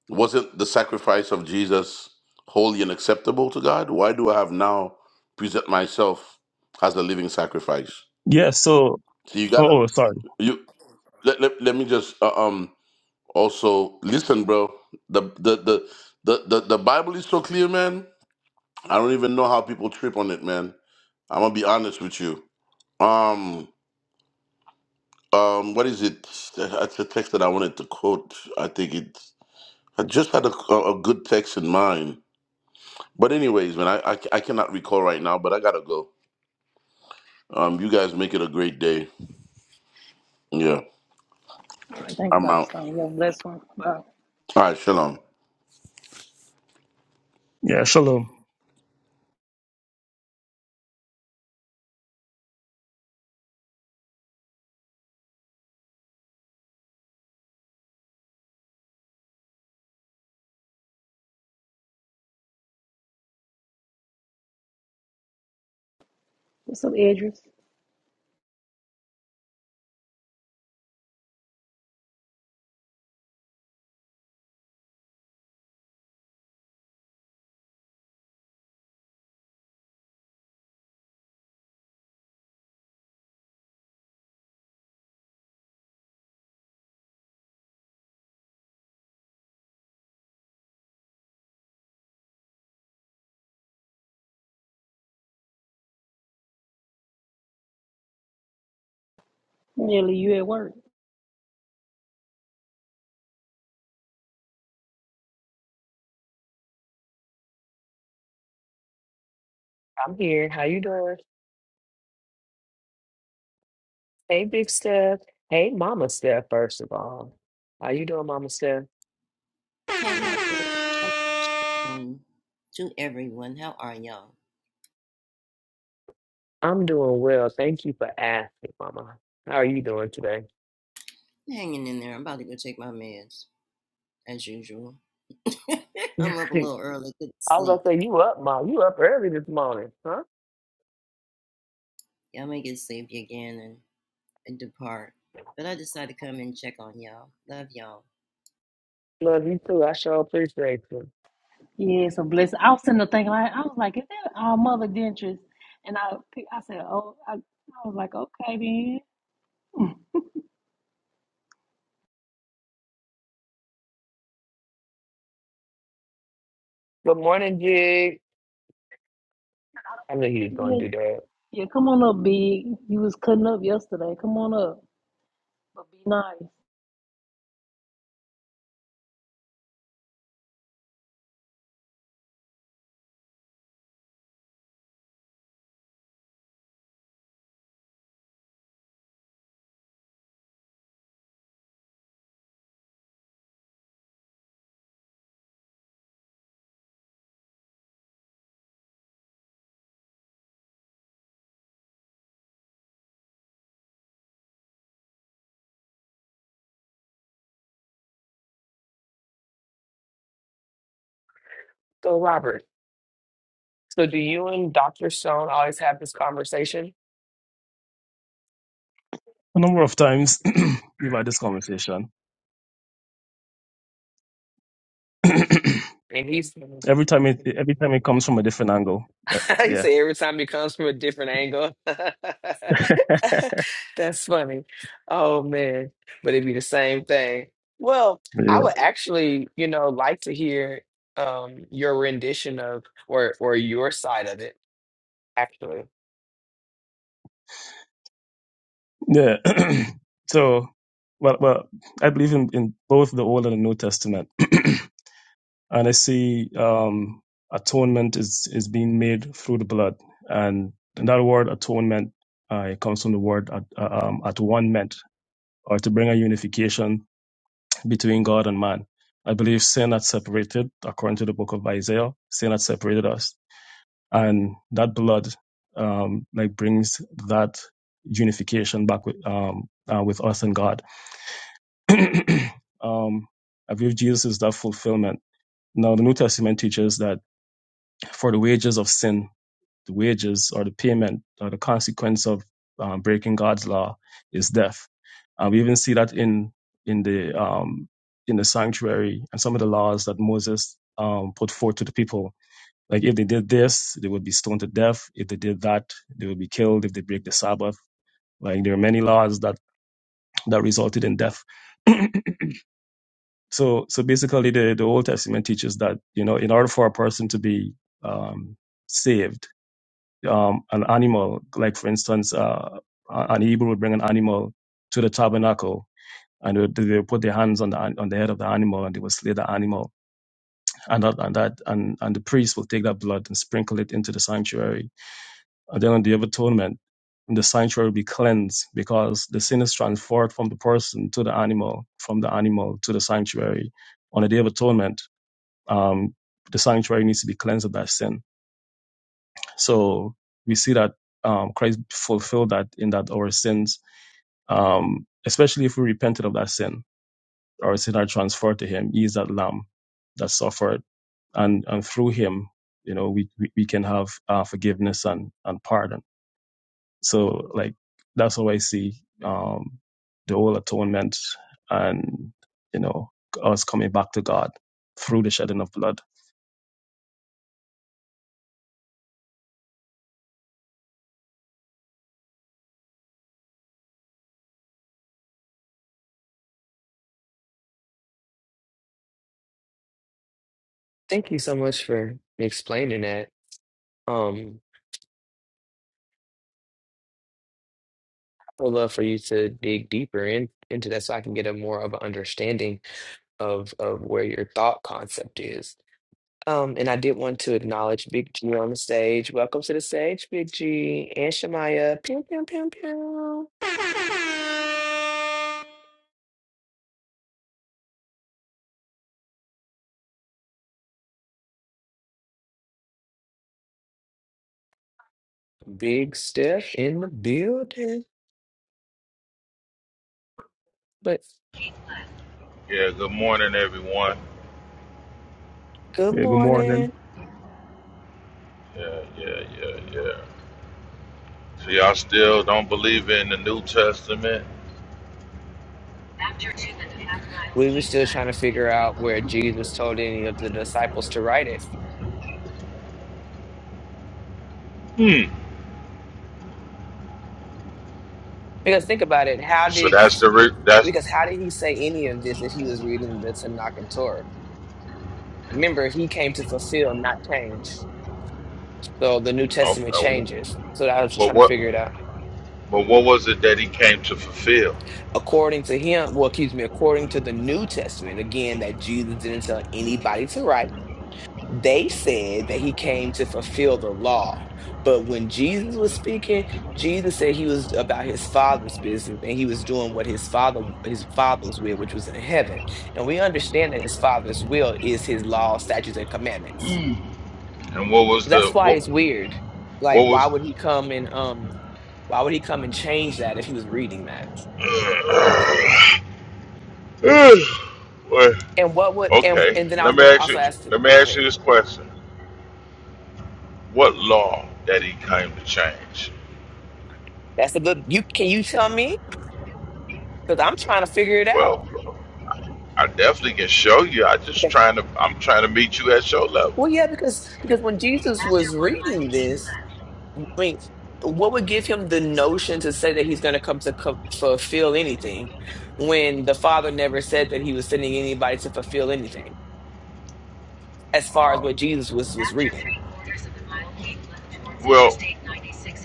[SPEAKER 2] Wasn't the sacrifice of Jesus holy and acceptable to God? Why do I have now present myself as a living sacrifice?
[SPEAKER 3] Yeah. So,
[SPEAKER 2] So you gotta
[SPEAKER 3] oh, oh, sorry.
[SPEAKER 2] you let, let, let me just uh, um also listen, bro. The the, the the the the Bible is so clear, man. I don't even know how people trip on it, man. I'm gonna be honest with you. Um um what is it? That's a text that I wanted to quote. I think it. I just had a, a a good text in mind But anyways, man, I, I I cannot recall right now, but I gotta go. Um, you guys make it a great day. Yeah,
[SPEAKER 1] Thank you,
[SPEAKER 2] I'm
[SPEAKER 1] Dr.
[SPEAKER 2] out.
[SPEAKER 1] Stone. you Yeah, blessed, one. Uh,
[SPEAKER 2] All right, shalom.
[SPEAKER 3] Yeah. Shalom.
[SPEAKER 1] what's up, Idris? Nearly you at work.
[SPEAKER 6] I'm here. How you doing? Hey, Big Steph. Hey, Mama Steph, first of all. How you doing, Mama Steph?
[SPEAKER 7] Hey, my Maria. Um, to everyone, how are y'all?
[SPEAKER 6] I'm doing well. Thank you for asking, Mama. How are you doing today?
[SPEAKER 7] I'm Hanging in there. I'm about to go take my meds, as usual. [LAUGHS]
[SPEAKER 6] [LAUGHS]
[SPEAKER 7] I'm up a little early, couldn't
[SPEAKER 6] I was gonna
[SPEAKER 7] sleep.
[SPEAKER 6] say you up, Mom. You up early this morning, huh?
[SPEAKER 7] Y'all may get sleepy again and, and depart. But I decided to come and check on y'all. Love y'all.
[SPEAKER 6] Love you too. I sure appreciate you.
[SPEAKER 1] Yeah, it's a blessing. I was sitting there thinking, like, I was like, is that our mother dentures? And I pick- I said, oh, I, I was like, okay, then.
[SPEAKER 6] Good morning, Jig. I knew you was gonna
[SPEAKER 1] Yeah,
[SPEAKER 6] do that.
[SPEAKER 1] yeah, come on up, Big. You was cutting up yesterday. Come on up. But be nice.
[SPEAKER 6] So, Robert, so do you and Dr. Stone always have this conversation?
[SPEAKER 3] A number of times [CLEARS THROAT] we've had this conversation. [CLEARS THROAT]
[SPEAKER 6] And he's
[SPEAKER 3] every time it, every time it comes from a different angle. Uh,
[SPEAKER 6] [LAUGHS] he
[SPEAKER 3] yeah.
[SPEAKER 6] said every time it comes from a different angle. [LAUGHS] That's funny. Oh man. But it'd be the same thing. Well, I
[SPEAKER 3] Yeah.
[SPEAKER 6] would actually, you know, like to hear um your rendition of or or your side of it, actually.
[SPEAKER 3] Yeah. [CLEARS THROAT] so, well, well, I believe in, in both the Old and the New Testament. [CLEARS THROAT] and I see um, atonement is is being made through the blood, and that word atonement uh, it comes from the word at, uh, um, at one meant, or to bring a unification between God and man. I believe sin had separated, according to the book of Isaiah, sin had separated us, and that blood um, like brings that unification back with um, uh, with us and God. [CLEARS THROAT] um, I believe Jesus is that fulfillment. Now, the New Testament teaches that For the wages of sin, the wages or the payment or the consequence of um, breaking God's law is death. Uh, we even see that in in the um, in the sanctuary and some of the laws that Moses um, put forth to the people. Like if they did this, they would be stoned to death. If they did that, they would be killed. If they break the Sabbath, like there are many laws that that resulted in death. So so basically, the the Old Testament teaches that you know in order for a person to be um, saved um, an animal, like for instance, uh, an Hebrew would bring an animal to the tabernacle, and they would, they would put their hands on the an- on the head of the animal, and they would slay the animal, and that and that and, and the priest will take that blood and sprinkle it into the sanctuary, and then on the day of atonement, the sanctuary will be cleansed because the sin is transferred from the person to the animal, from the animal to the sanctuary. On the day of atonement, um, the sanctuary needs to be cleansed of that sin So we see that um, Christ fulfilled that in that our sins, um, especially if we repented of that sin, our sin are transferred to Him. He is that Lamb that suffered, and and through Him, you know, we we, we can have uh, forgiveness and and pardon. So like that's how I see um, the whole atonement, and you know, us coming back to God through the shedding of blood.
[SPEAKER 6] Thank you so much for explaining that. Um I would love for you to dig deeper in, into that so I can get a more of an understanding of of where your thought concept is. Um, and I did want to acknowledge Big G on the stage. Welcome to the stage, Big G and Shamaya. Pew, pew, pew, pew. Big Steph in the building. But
[SPEAKER 8] Yeah, good morning, everyone.
[SPEAKER 6] good
[SPEAKER 3] Yeah, good morning.
[SPEAKER 6] morning.
[SPEAKER 8] Yeah, yeah, yeah, yeah. So y'all still don't believe in the New Testament?
[SPEAKER 6] We were still trying to figure out where Jesus told any of the disciples to write it.
[SPEAKER 8] Hmm.
[SPEAKER 6] Because think about it, how
[SPEAKER 8] So
[SPEAKER 6] did
[SPEAKER 8] that's the
[SPEAKER 6] yeah,
[SPEAKER 8] re- that's
[SPEAKER 6] because how did he say any of this if he was reading the Tanakh and Torah? Remember, he came to fulfill, not change. So the New Testament
[SPEAKER 8] okay.
[SPEAKER 6] changes. So I was just
[SPEAKER 8] But
[SPEAKER 6] trying to
[SPEAKER 8] what
[SPEAKER 6] figure it out.
[SPEAKER 8] but what was it that he came to fulfill?
[SPEAKER 6] according to him, well, excuse me, according to the New Testament, again, that Jesus didn't tell anybody to write, they said that he came to fulfill the law. But when Jesus was speaking, Jesus said he was about his father's business and he was doing what his father his father's will, which was in heaven. And we understand that his father's will is his law, statutes, and commandments.
[SPEAKER 8] And what was the
[SPEAKER 6] That's why
[SPEAKER 8] what
[SPEAKER 6] it's weird.
[SPEAKER 8] what
[SPEAKER 6] Like, why
[SPEAKER 8] was?
[SPEAKER 6] would he come and um why would he come and change that if he was reading that?
[SPEAKER 8] [SIGHS] Well,
[SPEAKER 6] And what would and
[SPEAKER 8] okay.
[SPEAKER 6] and then I
[SPEAKER 8] Let
[SPEAKER 6] was
[SPEAKER 8] me
[SPEAKER 6] gonna
[SPEAKER 8] ask
[SPEAKER 6] also
[SPEAKER 8] you.
[SPEAKER 6] ask. you-
[SPEAKER 8] Let me
[SPEAKER 6] Oh, go
[SPEAKER 8] ask you
[SPEAKER 6] ahead.
[SPEAKER 8] this question: What law that he came to change?
[SPEAKER 6] That's a good. You can you tell me because I'm trying to figure it
[SPEAKER 8] Well,
[SPEAKER 6] out.
[SPEAKER 8] I definitely can show you. I just
[SPEAKER 6] Okay.
[SPEAKER 8] trying to. I'm trying to meet you at your level.
[SPEAKER 6] Well, yeah, because because when Jesus was reading this, I mean, what would give him the notion to say that he's going to come to co- fulfill anything when the Father never said that he was sending anybody to fulfill anything? as far as
[SPEAKER 8] Uh,
[SPEAKER 6] what Jesus was was reading.
[SPEAKER 8] Well,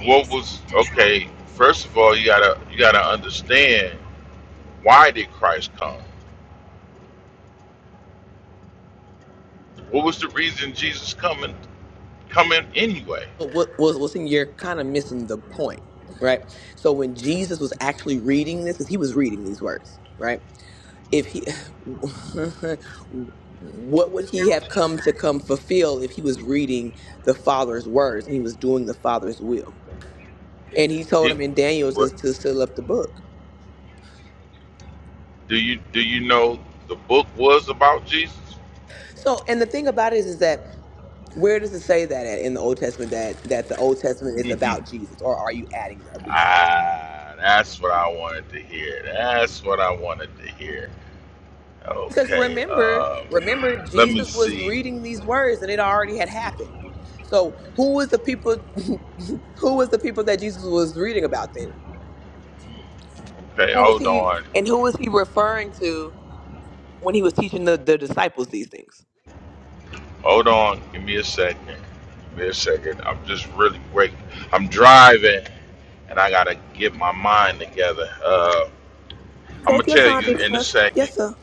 [SPEAKER 8] what was okay? First of all, you gotta you gotta understand why did Christ come? What was the reason Jesus coming coming anyway?
[SPEAKER 6] But what was what's in you're kind of missing the point, right? So when Jesus was actually reading this, because he was reading these words, right? if he [LAUGHS] what would he have come to come fulfill if he was reading the father's words and he was doing the father's will and he told
[SPEAKER 8] He,
[SPEAKER 6] him in daniel to,
[SPEAKER 8] what
[SPEAKER 6] to seal up the book
[SPEAKER 8] do you do you know the book was about Jesus? [LAUGHS]
[SPEAKER 6] so and the thing about it is, is that where does it say that at in the old testament that that the old testament is
[SPEAKER 8] Mhm.
[SPEAKER 6] about jesus or are you adding that big stuff
[SPEAKER 8] ah, that's what I wanted to hear. That's what I wanted to hear.
[SPEAKER 6] because
[SPEAKER 8] Okay,
[SPEAKER 6] remember
[SPEAKER 8] um,
[SPEAKER 6] remember
[SPEAKER 8] let me
[SPEAKER 6] jesus was
[SPEAKER 8] see.
[SPEAKER 6] reading these words and it already had happened so who was the people [LAUGHS] who was the people that jesus was reading about then
[SPEAKER 8] Okay,
[SPEAKER 6] who was
[SPEAKER 8] hold
[SPEAKER 6] he
[SPEAKER 8] on.
[SPEAKER 6] and who was he referring to when he was teaching the, the disciples these things?
[SPEAKER 8] Hold on, give me a second. Give me a second. I'm just really break. I'm driving, and I gotta get my mind together. Uh, I'm gonna
[SPEAKER 6] Take your
[SPEAKER 8] tell
[SPEAKER 6] time,
[SPEAKER 8] you
[SPEAKER 6] Big
[SPEAKER 8] in a
[SPEAKER 6] Sniff.
[SPEAKER 8] second.
[SPEAKER 6] Yes, sir.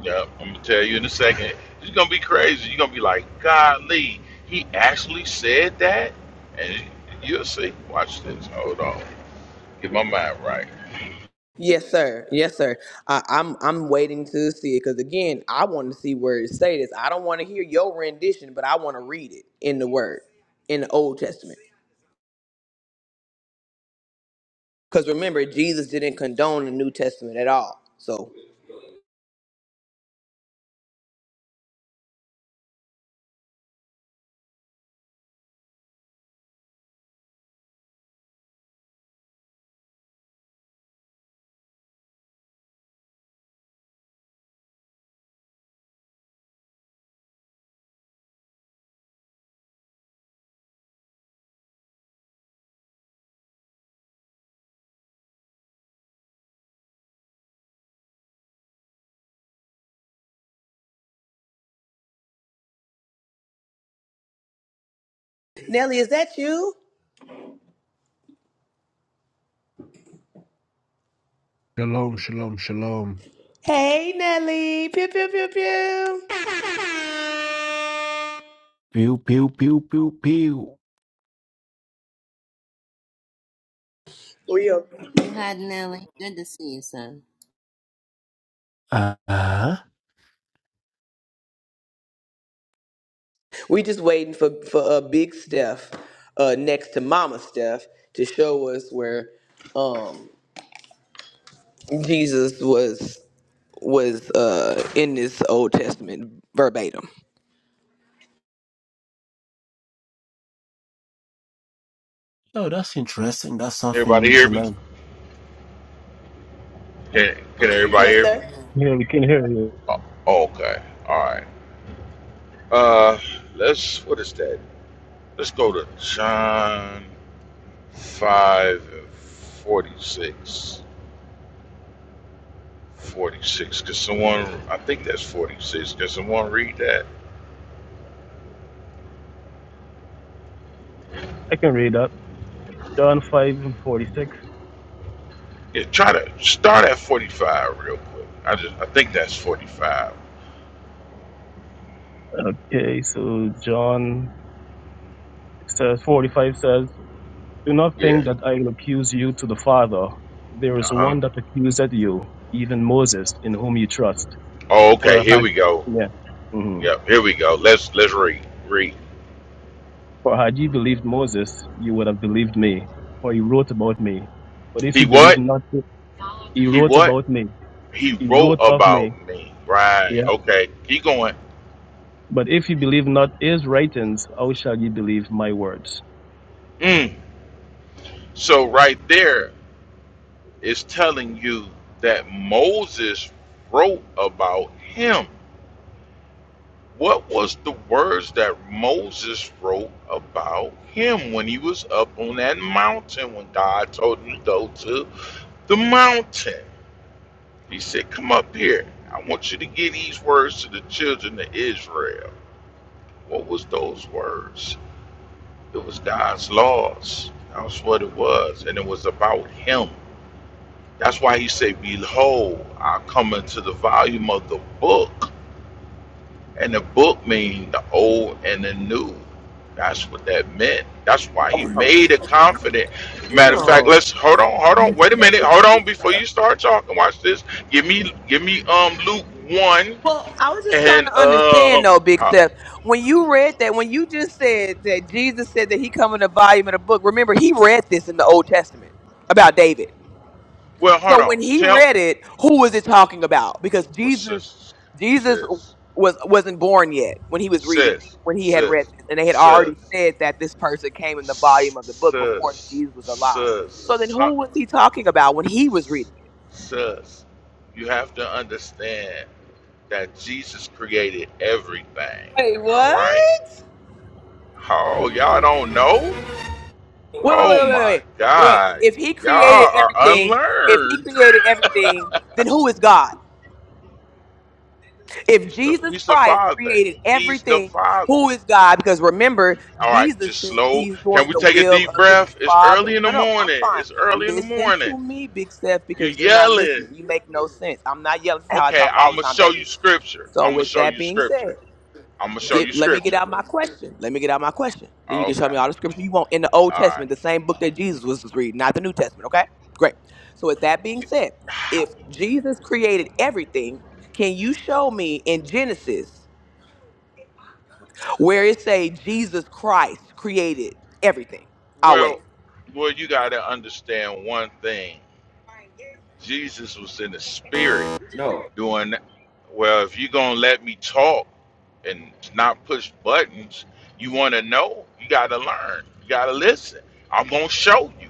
[SPEAKER 8] Yeah, I'm gonna tell you in a second. It's gonna be crazy. You're gonna be like, "Golly, he actually said that," and you'll see. Watch this. Hold on. Get my mind right.
[SPEAKER 6] Yes, sir. Yes, sir. I, I'm I'm waiting to see it because again, I want to see where it say this. I don't want to hear your rendition, but I want to read it in the Word, in the Old Testament. Because remember, Jesus didn't condone the New Testament at all. So, Nelly, is that you?
[SPEAKER 4] Shalom, shalom, shalom.
[SPEAKER 6] Hey, Nelly. Pew pew pew
[SPEAKER 4] Pew, pew, pew, pew, pew.
[SPEAKER 6] pew.
[SPEAKER 7] You hi, Nelly. Good to see you, son.
[SPEAKER 4] Uh huh.
[SPEAKER 6] We just waiting for for a uh, big Steph, uh, next to Mama Steph, to show us where um, Jesus was was uh, in this Old Testament verbatim.
[SPEAKER 4] Oh, that's interesting. That's something
[SPEAKER 8] Everybody
[SPEAKER 4] new to
[SPEAKER 8] hear me?
[SPEAKER 4] learn.
[SPEAKER 8] Can, can everybody
[SPEAKER 6] Yes,
[SPEAKER 8] hear me?
[SPEAKER 6] sir.
[SPEAKER 3] Yeah, we can hear you.
[SPEAKER 8] Oh, okay. All right. Uh, let's. What is that? Let's go to John. 5 and 46. 46. Cause someone, I think that's 46. Cause someone read that?
[SPEAKER 3] I can read that. John five and forty six.
[SPEAKER 8] Yeah, try to start at 45 real quick. I just, I think that's 45.
[SPEAKER 3] Okay, so John says 45 says, Do not think
[SPEAKER 8] Yeah.
[SPEAKER 3] that I will accuse you to the Father. There
[SPEAKER 8] Uh
[SPEAKER 3] is
[SPEAKER 8] huh.
[SPEAKER 3] one that accuseth you, even Moses, in whom you trust.
[SPEAKER 8] Oh,
[SPEAKER 3] For
[SPEAKER 8] okay. Here
[SPEAKER 3] had,
[SPEAKER 8] we go.
[SPEAKER 3] yeah, mhm.
[SPEAKER 8] Yep. Here we go. Let's, let's read. Read.
[SPEAKER 3] for had you believed Moses, you would have believed me, for he wrote about me. But if
[SPEAKER 8] He
[SPEAKER 3] you believe
[SPEAKER 8] what?
[SPEAKER 3] not, he
[SPEAKER 8] He
[SPEAKER 3] wrote
[SPEAKER 8] what?
[SPEAKER 3] about me,
[SPEAKER 8] He
[SPEAKER 3] he
[SPEAKER 8] wrote
[SPEAKER 3] wrote of
[SPEAKER 8] about
[SPEAKER 3] me.
[SPEAKER 8] me. Right.
[SPEAKER 3] Yeah,
[SPEAKER 8] Okay. Keep going.
[SPEAKER 3] but if you believe not his writings, how shall you believe my words?
[SPEAKER 8] Mm. So right there. is telling you that Moses wrote about him. What was the words that Moses wrote about him when he was up on that mountain when God told him to go to the mountain? He said, Come up here. I want you to give these words to the children of Israel. What was those words? It was God's laws. That's what it was. And it was about him. That's why he said, Behold, I come into the volume of the book. And the book means the old and the new. That's what that meant. That's why he made it confident. Matter of fact,
[SPEAKER 6] Damn.
[SPEAKER 8] let's hold on, hold on, wait a minute, hold on before you start talking. Watch this. Give me give me um Luke one
[SPEAKER 6] Well, I was just trying
[SPEAKER 8] and
[SPEAKER 6] to understand
[SPEAKER 8] um
[SPEAKER 6] though, Big
[SPEAKER 8] how-
[SPEAKER 6] Steph. When you read that, when you just said that Jesus said that he come in a volume of the book, remember he read this in the Old Testament about David.
[SPEAKER 8] well hold
[SPEAKER 6] So
[SPEAKER 8] on.
[SPEAKER 6] when he
[SPEAKER 8] Tell
[SPEAKER 6] read it, who was it talking about? Because
[SPEAKER 8] what
[SPEAKER 6] Jesus,
[SPEAKER 8] sis
[SPEAKER 6] Jesus
[SPEAKER 8] sis
[SPEAKER 6] was wasn't born yet when he was reading
[SPEAKER 8] sis
[SPEAKER 6] when he had read
[SPEAKER 8] sis
[SPEAKER 6] this, and they had already
[SPEAKER 8] sis
[SPEAKER 6] said that this person came in the volume of the book before
[SPEAKER 8] sis
[SPEAKER 6] Jesus was alive.
[SPEAKER 8] sis
[SPEAKER 6] So then,
[SPEAKER 8] sis.
[SPEAKER 6] who was he talking about when he was reading it?
[SPEAKER 8] Sus, you have to understand that Jesus created everything.
[SPEAKER 6] Wait,
[SPEAKER 8] All
[SPEAKER 6] what?
[SPEAKER 8] right. Oh, y'all don't know?
[SPEAKER 6] Wait, wait, wait,
[SPEAKER 8] Oh
[SPEAKER 6] wait,
[SPEAKER 8] my
[SPEAKER 6] wait, wait, wait.
[SPEAKER 8] God.
[SPEAKER 6] If he
[SPEAKER 8] Y'all
[SPEAKER 6] created
[SPEAKER 8] are
[SPEAKER 6] everything, if he
[SPEAKER 8] unlearned.
[SPEAKER 6] created everything, then who is God?
[SPEAKER 8] [LAUGHS]
[SPEAKER 6] If
[SPEAKER 8] He's the
[SPEAKER 6] Jesus
[SPEAKER 8] he's the
[SPEAKER 6] Christ
[SPEAKER 8] father.
[SPEAKER 6] created
[SPEAKER 8] He's the
[SPEAKER 6] everything,
[SPEAKER 8] father.
[SPEAKER 6] who is God? Because remember,
[SPEAKER 8] All right,
[SPEAKER 6] Jesus
[SPEAKER 8] just
[SPEAKER 6] said that
[SPEAKER 8] slow.
[SPEAKER 6] he's
[SPEAKER 8] Can
[SPEAKER 6] doing
[SPEAKER 8] we
[SPEAKER 6] the
[SPEAKER 8] take a
[SPEAKER 6] will
[SPEAKER 8] deep
[SPEAKER 6] of his
[SPEAKER 8] breath? It's
[SPEAKER 6] Father.
[SPEAKER 8] early in the
[SPEAKER 6] No, no, I'm
[SPEAKER 8] morning.
[SPEAKER 6] fine.
[SPEAKER 8] It's early in the
[SPEAKER 6] Listen
[SPEAKER 8] morning.
[SPEAKER 6] to me, Big Steph,
[SPEAKER 8] You're
[SPEAKER 6] because you're not
[SPEAKER 8] yelling.
[SPEAKER 6] listening. You make no sense. I'm not yelling. This is how I
[SPEAKER 8] Okay,
[SPEAKER 6] talk
[SPEAKER 8] I'm
[SPEAKER 6] all the
[SPEAKER 8] gonna
[SPEAKER 6] time,
[SPEAKER 8] show
[SPEAKER 6] baby.
[SPEAKER 8] you scripture.
[SPEAKER 6] So,
[SPEAKER 8] I'm gonna
[SPEAKER 6] with
[SPEAKER 8] show
[SPEAKER 6] that
[SPEAKER 8] you
[SPEAKER 6] being
[SPEAKER 8] scripture.
[SPEAKER 6] said,
[SPEAKER 8] I'm gonna show you
[SPEAKER 6] Get, let me get
[SPEAKER 8] scripture.
[SPEAKER 6] out my question. Let me get out my question. Then you can
[SPEAKER 8] Okay.
[SPEAKER 6] show me all the scripture you want in the
[SPEAKER 8] All
[SPEAKER 6] Old
[SPEAKER 8] right.
[SPEAKER 6] Testament, the same book that Jesus was reading, not the New Testament. Okay, great. So with that
[SPEAKER 8] [SIGHS]
[SPEAKER 6] being
[SPEAKER 8] You,
[SPEAKER 6] said, if Jesus created everything, can you show me in Genesis where it say Jesus Christ created everything? I'll wait.
[SPEAKER 8] well, well, you got to understand one thing. Jesus was in the spirit doing that. Well, if you're going to let me talk and not push buttons, you want to know, you got to learn. You got to listen. I'm going to show you.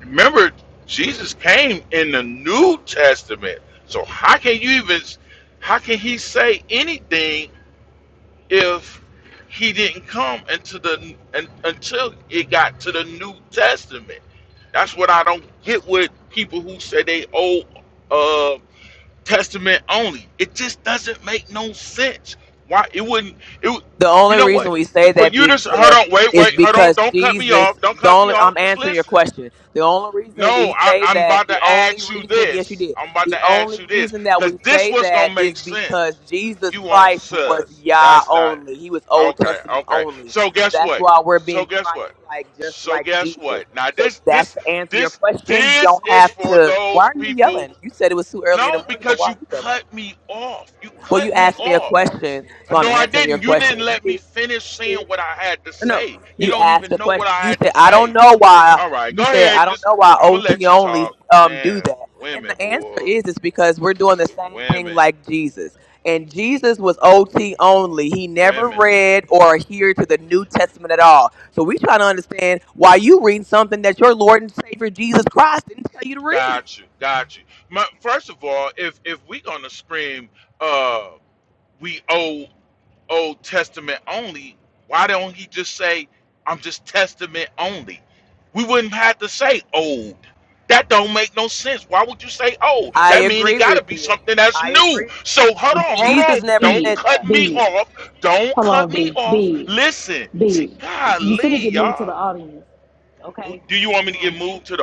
[SPEAKER 8] Remember, Jesus came in the New Testament. So how can you even, how can he say anything if he didn't come into the un, until it got to the New Testament. That's what I don't get with people who say they Old uh, Testament only. It just doesn't make no sense. Why it wouldn't? It would-
[SPEAKER 6] The
[SPEAKER 8] you
[SPEAKER 6] only
[SPEAKER 8] know
[SPEAKER 6] reason
[SPEAKER 8] what?
[SPEAKER 6] we say
[SPEAKER 8] For
[SPEAKER 6] that,
[SPEAKER 8] you to
[SPEAKER 6] Big
[SPEAKER 8] s- hold
[SPEAKER 6] Steph,
[SPEAKER 8] on, wait,
[SPEAKER 6] is
[SPEAKER 8] wait, hold on,
[SPEAKER 6] because
[SPEAKER 8] don't cut me
[SPEAKER 6] Jesus.
[SPEAKER 8] off, don't
[SPEAKER 6] The
[SPEAKER 8] cut me
[SPEAKER 6] only I'm
[SPEAKER 8] off. Just
[SPEAKER 6] answering your
[SPEAKER 8] listen.
[SPEAKER 6] question. The only reason we
[SPEAKER 8] No, I,
[SPEAKER 6] say
[SPEAKER 8] I'm
[SPEAKER 6] that.
[SPEAKER 8] about
[SPEAKER 6] The
[SPEAKER 8] to
[SPEAKER 6] only
[SPEAKER 8] ask you
[SPEAKER 6] reason, yes, you
[SPEAKER 8] this.
[SPEAKER 6] did.
[SPEAKER 8] I'm about to
[SPEAKER 6] The
[SPEAKER 8] ask
[SPEAKER 6] only
[SPEAKER 8] you this
[SPEAKER 6] reason that
[SPEAKER 8] because
[SPEAKER 6] we
[SPEAKER 8] this
[SPEAKER 6] say
[SPEAKER 8] was
[SPEAKER 6] that
[SPEAKER 8] gonna
[SPEAKER 6] is
[SPEAKER 8] make
[SPEAKER 6] because
[SPEAKER 8] sense.
[SPEAKER 6] Jesus
[SPEAKER 8] You want
[SPEAKER 6] Christ was
[SPEAKER 8] sus?
[SPEAKER 6] Yah
[SPEAKER 8] That's not
[SPEAKER 6] only. He was Old
[SPEAKER 8] okay.
[SPEAKER 6] Testament
[SPEAKER 8] Okay.
[SPEAKER 6] only.
[SPEAKER 8] So
[SPEAKER 6] So
[SPEAKER 8] guess
[SPEAKER 6] that's
[SPEAKER 8] what?
[SPEAKER 6] why we're being
[SPEAKER 8] So guess what?
[SPEAKER 6] Christ-like, just
[SPEAKER 8] So
[SPEAKER 6] like
[SPEAKER 8] guess
[SPEAKER 6] Jesus.
[SPEAKER 8] what? Now
[SPEAKER 6] So
[SPEAKER 8] this
[SPEAKER 6] that's
[SPEAKER 8] this
[SPEAKER 6] to answer your
[SPEAKER 8] this
[SPEAKER 6] question. You
[SPEAKER 8] this
[SPEAKER 6] don't
[SPEAKER 8] is
[SPEAKER 6] have
[SPEAKER 8] for
[SPEAKER 6] to. Why
[SPEAKER 8] those
[SPEAKER 6] are you
[SPEAKER 8] people.
[SPEAKER 6] yelling? You said it was too early in the
[SPEAKER 8] No,
[SPEAKER 6] morning, but
[SPEAKER 8] because
[SPEAKER 6] why
[SPEAKER 8] you
[SPEAKER 6] are you yelling?
[SPEAKER 8] cut me off. You
[SPEAKER 6] Well, you
[SPEAKER 8] cut me
[SPEAKER 6] asked me a
[SPEAKER 8] off.
[SPEAKER 6] question, so I'm
[SPEAKER 8] No, I
[SPEAKER 6] answering your
[SPEAKER 8] didn't. You didn't
[SPEAKER 6] question.
[SPEAKER 8] let me
[SPEAKER 6] You
[SPEAKER 8] finish
[SPEAKER 6] did.
[SPEAKER 8] saying what I had to
[SPEAKER 6] No, no.
[SPEAKER 8] say. You
[SPEAKER 6] you
[SPEAKER 8] don't
[SPEAKER 6] asked
[SPEAKER 8] even
[SPEAKER 6] a
[SPEAKER 8] know
[SPEAKER 6] question.
[SPEAKER 8] what I
[SPEAKER 6] You
[SPEAKER 8] had
[SPEAKER 6] said,
[SPEAKER 8] to
[SPEAKER 6] "I
[SPEAKER 8] say.
[SPEAKER 6] don't know why."
[SPEAKER 8] All right, go
[SPEAKER 6] You said,
[SPEAKER 8] ahead.
[SPEAKER 6] "I don't
[SPEAKER 8] Just
[SPEAKER 6] know why
[SPEAKER 8] I'm gonna
[SPEAKER 6] OT
[SPEAKER 8] let you talk,
[SPEAKER 6] only um do
[SPEAKER 8] man.
[SPEAKER 6] that." And
[SPEAKER 8] Women,
[SPEAKER 6] the answer
[SPEAKER 8] boy,
[SPEAKER 6] is, it's because we're doing the same thing
[SPEAKER 8] women,
[SPEAKER 6] like Jesus. And Jesus was OT only. He never
[SPEAKER 8] women.
[SPEAKER 6] read or adhered to the New Testament at all. So we try to understand why you read something that your Lord and Savior Jesus Christ didn't tell you to read.
[SPEAKER 8] Got you, got you. My, first of all, if if we gonna scream, uh, we owe Old Testament only, why don't he just say, I'm just Testament only? We wouldn't have to say old. That don't make no sense. Why would you say old?
[SPEAKER 6] I
[SPEAKER 8] That mean it
[SPEAKER 6] agree with
[SPEAKER 8] gotta be
[SPEAKER 6] you.
[SPEAKER 8] something that's
[SPEAKER 6] I
[SPEAKER 8] new.
[SPEAKER 6] agree.
[SPEAKER 8] So hold
[SPEAKER 1] Hey,
[SPEAKER 8] on, hold
[SPEAKER 1] Big,
[SPEAKER 8] on.
[SPEAKER 6] Jesus never
[SPEAKER 8] Don't
[SPEAKER 6] said
[SPEAKER 1] Big,
[SPEAKER 6] that.
[SPEAKER 8] cut me
[SPEAKER 1] Big.
[SPEAKER 8] off. Don't
[SPEAKER 1] Hold
[SPEAKER 8] cut
[SPEAKER 1] on,
[SPEAKER 8] me
[SPEAKER 1] Big,
[SPEAKER 8] off.
[SPEAKER 1] Big.
[SPEAKER 8] Listen. See,
[SPEAKER 1] Big, you finna
[SPEAKER 8] golly,
[SPEAKER 1] get moved to the
[SPEAKER 8] y'all.
[SPEAKER 1] audience. Okay?
[SPEAKER 8] Do you want me to
[SPEAKER 1] Now, you
[SPEAKER 8] get
[SPEAKER 1] ain't,
[SPEAKER 8] moved to the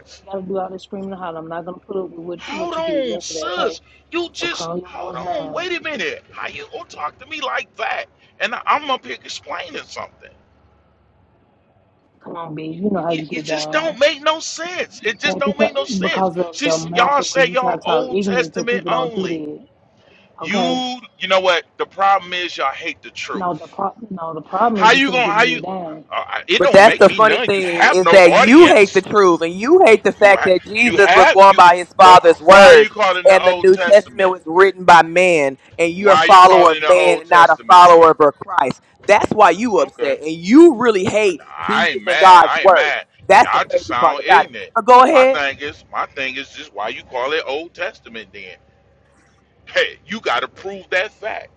[SPEAKER 1] you ain't gotta do all this screaming and hollering. I'm not gonna put up with what,
[SPEAKER 8] Hold
[SPEAKER 1] what you did
[SPEAKER 8] on,
[SPEAKER 1] yesterday, okay?
[SPEAKER 8] sis. You
[SPEAKER 1] So
[SPEAKER 8] just
[SPEAKER 1] calm your
[SPEAKER 8] hold
[SPEAKER 1] voice
[SPEAKER 8] on.
[SPEAKER 1] down.
[SPEAKER 8] Wait a minute. How you gonna talk to me like that? And I- I'm up here explaining something.
[SPEAKER 1] Come on, Big. You know how
[SPEAKER 8] It,
[SPEAKER 1] you
[SPEAKER 8] it
[SPEAKER 1] get
[SPEAKER 8] just
[SPEAKER 1] down.
[SPEAKER 8] don't make no sense.
[SPEAKER 1] You
[SPEAKER 8] It just
[SPEAKER 1] can't be
[SPEAKER 8] don't make no
[SPEAKER 1] cu-
[SPEAKER 8] sense.
[SPEAKER 1] because of your
[SPEAKER 8] She's
[SPEAKER 1] mouth
[SPEAKER 8] y'all
[SPEAKER 1] the way
[SPEAKER 8] say
[SPEAKER 1] you try to
[SPEAKER 8] y'all
[SPEAKER 1] talk
[SPEAKER 8] Old
[SPEAKER 1] ignorant to
[SPEAKER 8] Testament
[SPEAKER 1] people don't do
[SPEAKER 8] only.
[SPEAKER 1] that. Okay?
[SPEAKER 8] You you know what? The problem is y'all hate the
[SPEAKER 1] No, the
[SPEAKER 8] truth.
[SPEAKER 1] pro- no, the problem is
[SPEAKER 8] How
[SPEAKER 1] you
[SPEAKER 8] you
[SPEAKER 1] finna
[SPEAKER 8] gonna
[SPEAKER 1] get
[SPEAKER 8] how you?
[SPEAKER 1] moved down.
[SPEAKER 8] Uh, it
[SPEAKER 6] But
[SPEAKER 8] don't
[SPEAKER 6] that's
[SPEAKER 8] make
[SPEAKER 6] the
[SPEAKER 8] me
[SPEAKER 6] funny
[SPEAKER 8] none. You
[SPEAKER 6] thing
[SPEAKER 8] have
[SPEAKER 6] is
[SPEAKER 8] no
[SPEAKER 6] that you hate the
[SPEAKER 8] audience.
[SPEAKER 6] truth and you hate the
[SPEAKER 8] You
[SPEAKER 6] fact
[SPEAKER 8] ha-
[SPEAKER 6] that
[SPEAKER 8] you
[SPEAKER 6] Jesus was
[SPEAKER 8] have
[SPEAKER 6] going
[SPEAKER 8] you.
[SPEAKER 6] by his
[SPEAKER 8] But
[SPEAKER 6] father's
[SPEAKER 8] why are you
[SPEAKER 6] words
[SPEAKER 8] calling the
[SPEAKER 6] and the
[SPEAKER 8] Old
[SPEAKER 6] New Testament
[SPEAKER 8] Testament?
[SPEAKER 6] was written by man and you're a
[SPEAKER 8] Why are you
[SPEAKER 6] follower
[SPEAKER 8] calling
[SPEAKER 6] of
[SPEAKER 8] the
[SPEAKER 6] man
[SPEAKER 8] Old
[SPEAKER 6] and not a
[SPEAKER 8] Testament then?
[SPEAKER 6] follower of Christ. That's why you
[SPEAKER 8] Okay.
[SPEAKER 6] upset and you really hate
[SPEAKER 8] Nah, I ain't
[SPEAKER 6] Jesus and
[SPEAKER 8] mad.
[SPEAKER 6] God's
[SPEAKER 8] I ain't
[SPEAKER 6] words.
[SPEAKER 8] mad. Yeah,
[SPEAKER 6] That's the
[SPEAKER 8] I just
[SPEAKER 6] crazy part
[SPEAKER 8] sound
[SPEAKER 6] about it.
[SPEAKER 8] ignorant.
[SPEAKER 6] But go
[SPEAKER 8] My
[SPEAKER 6] ahead.
[SPEAKER 8] thing is, my thing is just why you call it Old Testament then? Hey, you got to prove that fact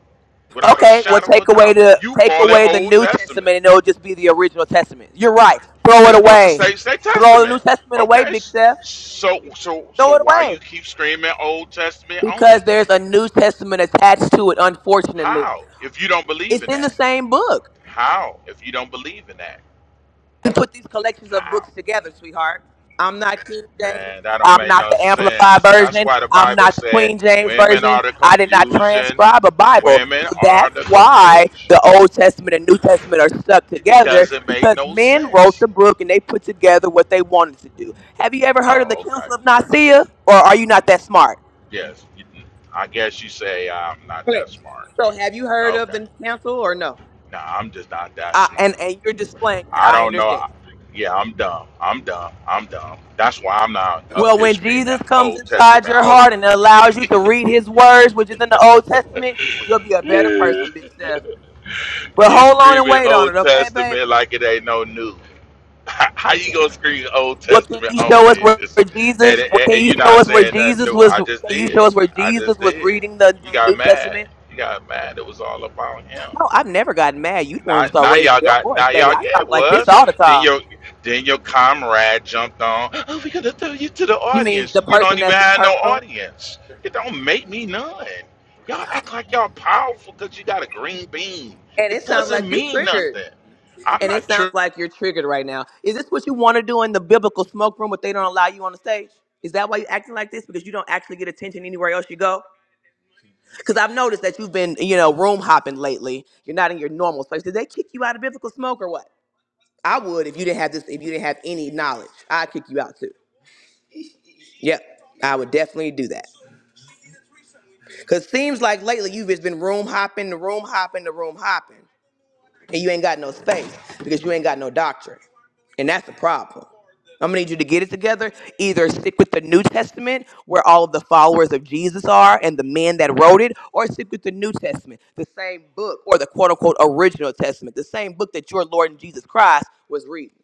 [SPEAKER 8] without a
[SPEAKER 6] Okay, well
[SPEAKER 8] shadow of a
[SPEAKER 6] take away
[SPEAKER 8] doubt.
[SPEAKER 6] the
[SPEAKER 8] You
[SPEAKER 6] take
[SPEAKER 8] call it
[SPEAKER 6] away the
[SPEAKER 8] Old
[SPEAKER 6] New
[SPEAKER 8] Testament.
[SPEAKER 6] Testament and it'll just be the original testament. You're right. Throw it
[SPEAKER 8] It's supposed to
[SPEAKER 6] away.
[SPEAKER 8] say say
[SPEAKER 6] Throw the New
[SPEAKER 8] Testament.
[SPEAKER 6] Testament away,
[SPEAKER 8] Okay.
[SPEAKER 6] big
[SPEAKER 8] s-
[SPEAKER 6] Seth.
[SPEAKER 8] So so so
[SPEAKER 6] Throw it
[SPEAKER 8] why
[SPEAKER 6] away.
[SPEAKER 8] you keep screaming Old Testament
[SPEAKER 6] because
[SPEAKER 8] only
[SPEAKER 6] there's
[SPEAKER 8] then?
[SPEAKER 6] a New Testament attached to it, unfortunately.
[SPEAKER 8] How? If you don't believe
[SPEAKER 6] It's
[SPEAKER 8] in
[SPEAKER 6] in the
[SPEAKER 8] that.
[SPEAKER 6] same book.
[SPEAKER 8] How? If you don't believe in that.
[SPEAKER 6] You put these collections of
[SPEAKER 8] How?
[SPEAKER 6] books together, sweetheart. I'm not King James.
[SPEAKER 8] Man, that don't
[SPEAKER 6] I'm
[SPEAKER 8] make
[SPEAKER 6] not
[SPEAKER 8] no
[SPEAKER 6] the Amplified
[SPEAKER 8] sense. That's
[SPEAKER 6] Version.
[SPEAKER 8] why the
[SPEAKER 6] I'm
[SPEAKER 8] Bible
[SPEAKER 6] not the
[SPEAKER 8] said
[SPEAKER 6] Queen James
[SPEAKER 8] women
[SPEAKER 6] Version.
[SPEAKER 8] are the
[SPEAKER 6] I did not
[SPEAKER 8] confusion.
[SPEAKER 6] transcribe a Bible.
[SPEAKER 8] Women
[SPEAKER 6] So
[SPEAKER 8] are
[SPEAKER 6] that's
[SPEAKER 8] the
[SPEAKER 6] why
[SPEAKER 8] confusion.
[SPEAKER 6] the Old Testament and New Testament are stuck
[SPEAKER 8] It
[SPEAKER 6] together
[SPEAKER 8] doesn't make
[SPEAKER 6] because
[SPEAKER 8] no
[SPEAKER 6] men wrote
[SPEAKER 8] sense.
[SPEAKER 6] the book and they put together what they wanted to do. Have you ever heard of the
[SPEAKER 8] Oh, okay.
[SPEAKER 6] Council of Nicaea or are you not that smart?
[SPEAKER 8] Yes. you- I guess you say I'm not that
[SPEAKER 6] Correct.
[SPEAKER 8] smart
[SPEAKER 6] So
[SPEAKER 8] then.
[SPEAKER 6] have you heard of
[SPEAKER 8] Okay.
[SPEAKER 6] the council or no?
[SPEAKER 8] No, I'm just not that
[SPEAKER 6] uh,
[SPEAKER 8] smart.
[SPEAKER 6] and and you're displaying that.
[SPEAKER 8] I
[SPEAKER 6] I
[SPEAKER 8] don't know.
[SPEAKER 6] understand.
[SPEAKER 8] I- Yeah, I'm dumb. I'm dumb. I'm dumb. That's why I'm not up
[SPEAKER 6] Well,
[SPEAKER 8] here
[SPEAKER 6] when
[SPEAKER 8] screaming
[SPEAKER 6] Jesus comes
[SPEAKER 8] Old
[SPEAKER 6] inside
[SPEAKER 8] Testament
[SPEAKER 6] your heart
[SPEAKER 8] only.
[SPEAKER 6] and allows you to read His words, which is in the Old Testament, you'll be
[SPEAKER 8] [LAUGHS]
[SPEAKER 6] a better
[SPEAKER 8] you
[SPEAKER 6] person, Big Steph. But hold on and
[SPEAKER 8] screaming
[SPEAKER 6] wait on it,
[SPEAKER 8] Old
[SPEAKER 6] okay, babe?
[SPEAKER 8] Testament like it ain't no new. [LAUGHS] How you gonna scream Old
[SPEAKER 6] What can
[SPEAKER 8] Testament
[SPEAKER 6] you show us
[SPEAKER 8] only in
[SPEAKER 6] where
[SPEAKER 8] this?
[SPEAKER 6] where
[SPEAKER 8] And,
[SPEAKER 6] Jesus? What
[SPEAKER 8] and,
[SPEAKER 6] can
[SPEAKER 8] and
[SPEAKER 6] you
[SPEAKER 8] you
[SPEAKER 6] show
[SPEAKER 8] not
[SPEAKER 6] us where
[SPEAKER 8] saying nothing
[SPEAKER 6] Jesus
[SPEAKER 8] new.
[SPEAKER 6] was?
[SPEAKER 8] I just
[SPEAKER 6] Can you show
[SPEAKER 8] did.
[SPEAKER 6] us where
[SPEAKER 8] I
[SPEAKER 6] Jesus
[SPEAKER 8] just
[SPEAKER 6] was
[SPEAKER 8] did.
[SPEAKER 6] reading the,
[SPEAKER 8] You
[SPEAKER 6] the New
[SPEAKER 8] got mad.
[SPEAKER 6] Testament?
[SPEAKER 8] You got mad. It was all about him.
[SPEAKER 6] No, I've never gotten mad. You the one who
[SPEAKER 8] Now,
[SPEAKER 6] start
[SPEAKER 8] now
[SPEAKER 6] raising
[SPEAKER 8] y'all
[SPEAKER 6] your
[SPEAKER 8] got
[SPEAKER 6] voice,
[SPEAKER 8] now
[SPEAKER 6] baby.
[SPEAKER 8] y'all
[SPEAKER 6] I
[SPEAKER 8] yeah
[SPEAKER 6] talk
[SPEAKER 8] it
[SPEAKER 6] like this
[SPEAKER 8] was.
[SPEAKER 6] all the
[SPEAKER 8] Then
[SPEAKER 6] time.
[SPEAKER 8] your then your comrade jumped on. Oh, we gonna throw you to the
[SPEAKER 6] You mean
[SPEAKER 8] audience.
[SPEAKER 6] the
[SPEAKER 8] You don't
[SPEAKER 6] person
[SPEAKER 8] even
[SPEAKER 6] that's in
[SPEAKER 8] have
[SPEAKER 6] her
[SPEAKER 8] no
[SPEAKER 6] room?
[SPEAKER 8] audience. It don't make me none. Y'all act like y'all powerful because you got a green bean.
[SPEAKER 6] And it
[SPEAKER 8] It
[SPEAKER 6] sounds like
[SPEAKER 8] doesn't
[SPEAKER 6] you
[SPEAKER 8] mean
[SPEAKER 6] triggered.
[SPEAKER 8] nothing. I'm
[SPEAKER 6] And it
[SPEAKER 8] not
[SPEAKER 6] sounds
[SPEAKER 8] true,
[SPEAKER 6] like you're triggered right now. Is this what you want to do in the biblical smoke room, but they don't allow you on the stage? Is that why you're acting like this? Because you don't actually get attention anywhere else you go? Because I've noticed that you've been, you know, room hopping lately. You're not in your normal space. Did they kick you out of biblical smoke or what? I would if you didn't have this. If you didn't have any knowledge, I'd kick you out too. Yep, I would definitely do that. Cause seems like lately you've just been room hopping, the room hopping, the room hopping. and you ain't got no space because you ain't got no doctrine. And that's a problem. I'm gonna need you to get it together. Either stick with the New Testament, where all of the followers of Jesus are and the men that wrote it, or stick with the New Testament, the same book, or the quote unquote original testament, the same book that your Lord and Jesus Christ was reading.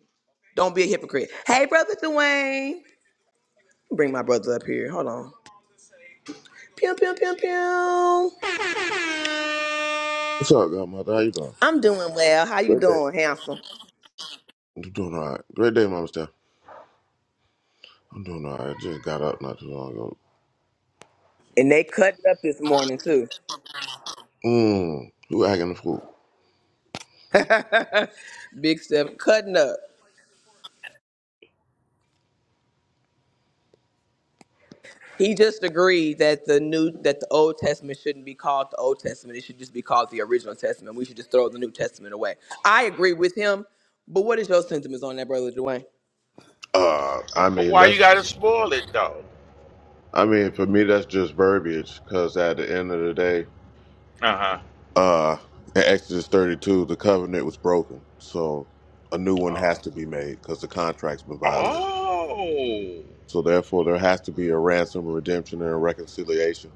[SPEAKER 6] Don't be a hypocrite. Hey, brother Dwayne. Bring my brother up here. Hold on. Pew, pew, pew, pew.
[SPEAKER 9] What's up, Godmother? How you doing?
[SPEAKER 6] I'm doing well. How you
[SPEAKER 9] Great day.
[SPEAKER 6] doing, handsome?
[SPEAKER 9] I'm doing all right. Great day, Mama Steph. I'm doing all right. I just got up not too long ago.
[SPEAKER 6] And they cutting up this morning, too.
[SPEAKER 9] Mmm. Who acting the fool?
[SPEAKER 6] [LAUGHS] Big Steph cutting up. He just agreed that the new that the Old Testament shouldn't be called the Old Testament. It should just be called the original Testament. We should just throw the New Testament away. I agree with him, but what is your sentiments on that, brother Dwayne?
[SPEAKER 9] Uh, I
[SPEAKER 8] but
[SPEAKER 9] mean,
[SPEAKER 8] why you gotta
[SPEAKER 9] that's,
[SPEAKER 8] spoil it though?
[SPEAKER 9] I mean, for me, that's just verbiage because at the end of the day,
[SPEAKER 8] Uh huh.
[SPEAKER 9] uh, in Exodus 32, the covenant was broken. So a new one
[SPEAKER 8] Oh.
[SPEAKER 9] has to be made because the contract's been violated.
[SPEAKER 8] oh,
[SPEAKER 9] So therefore, there has to be a ransom, a redemption, and a reconciliation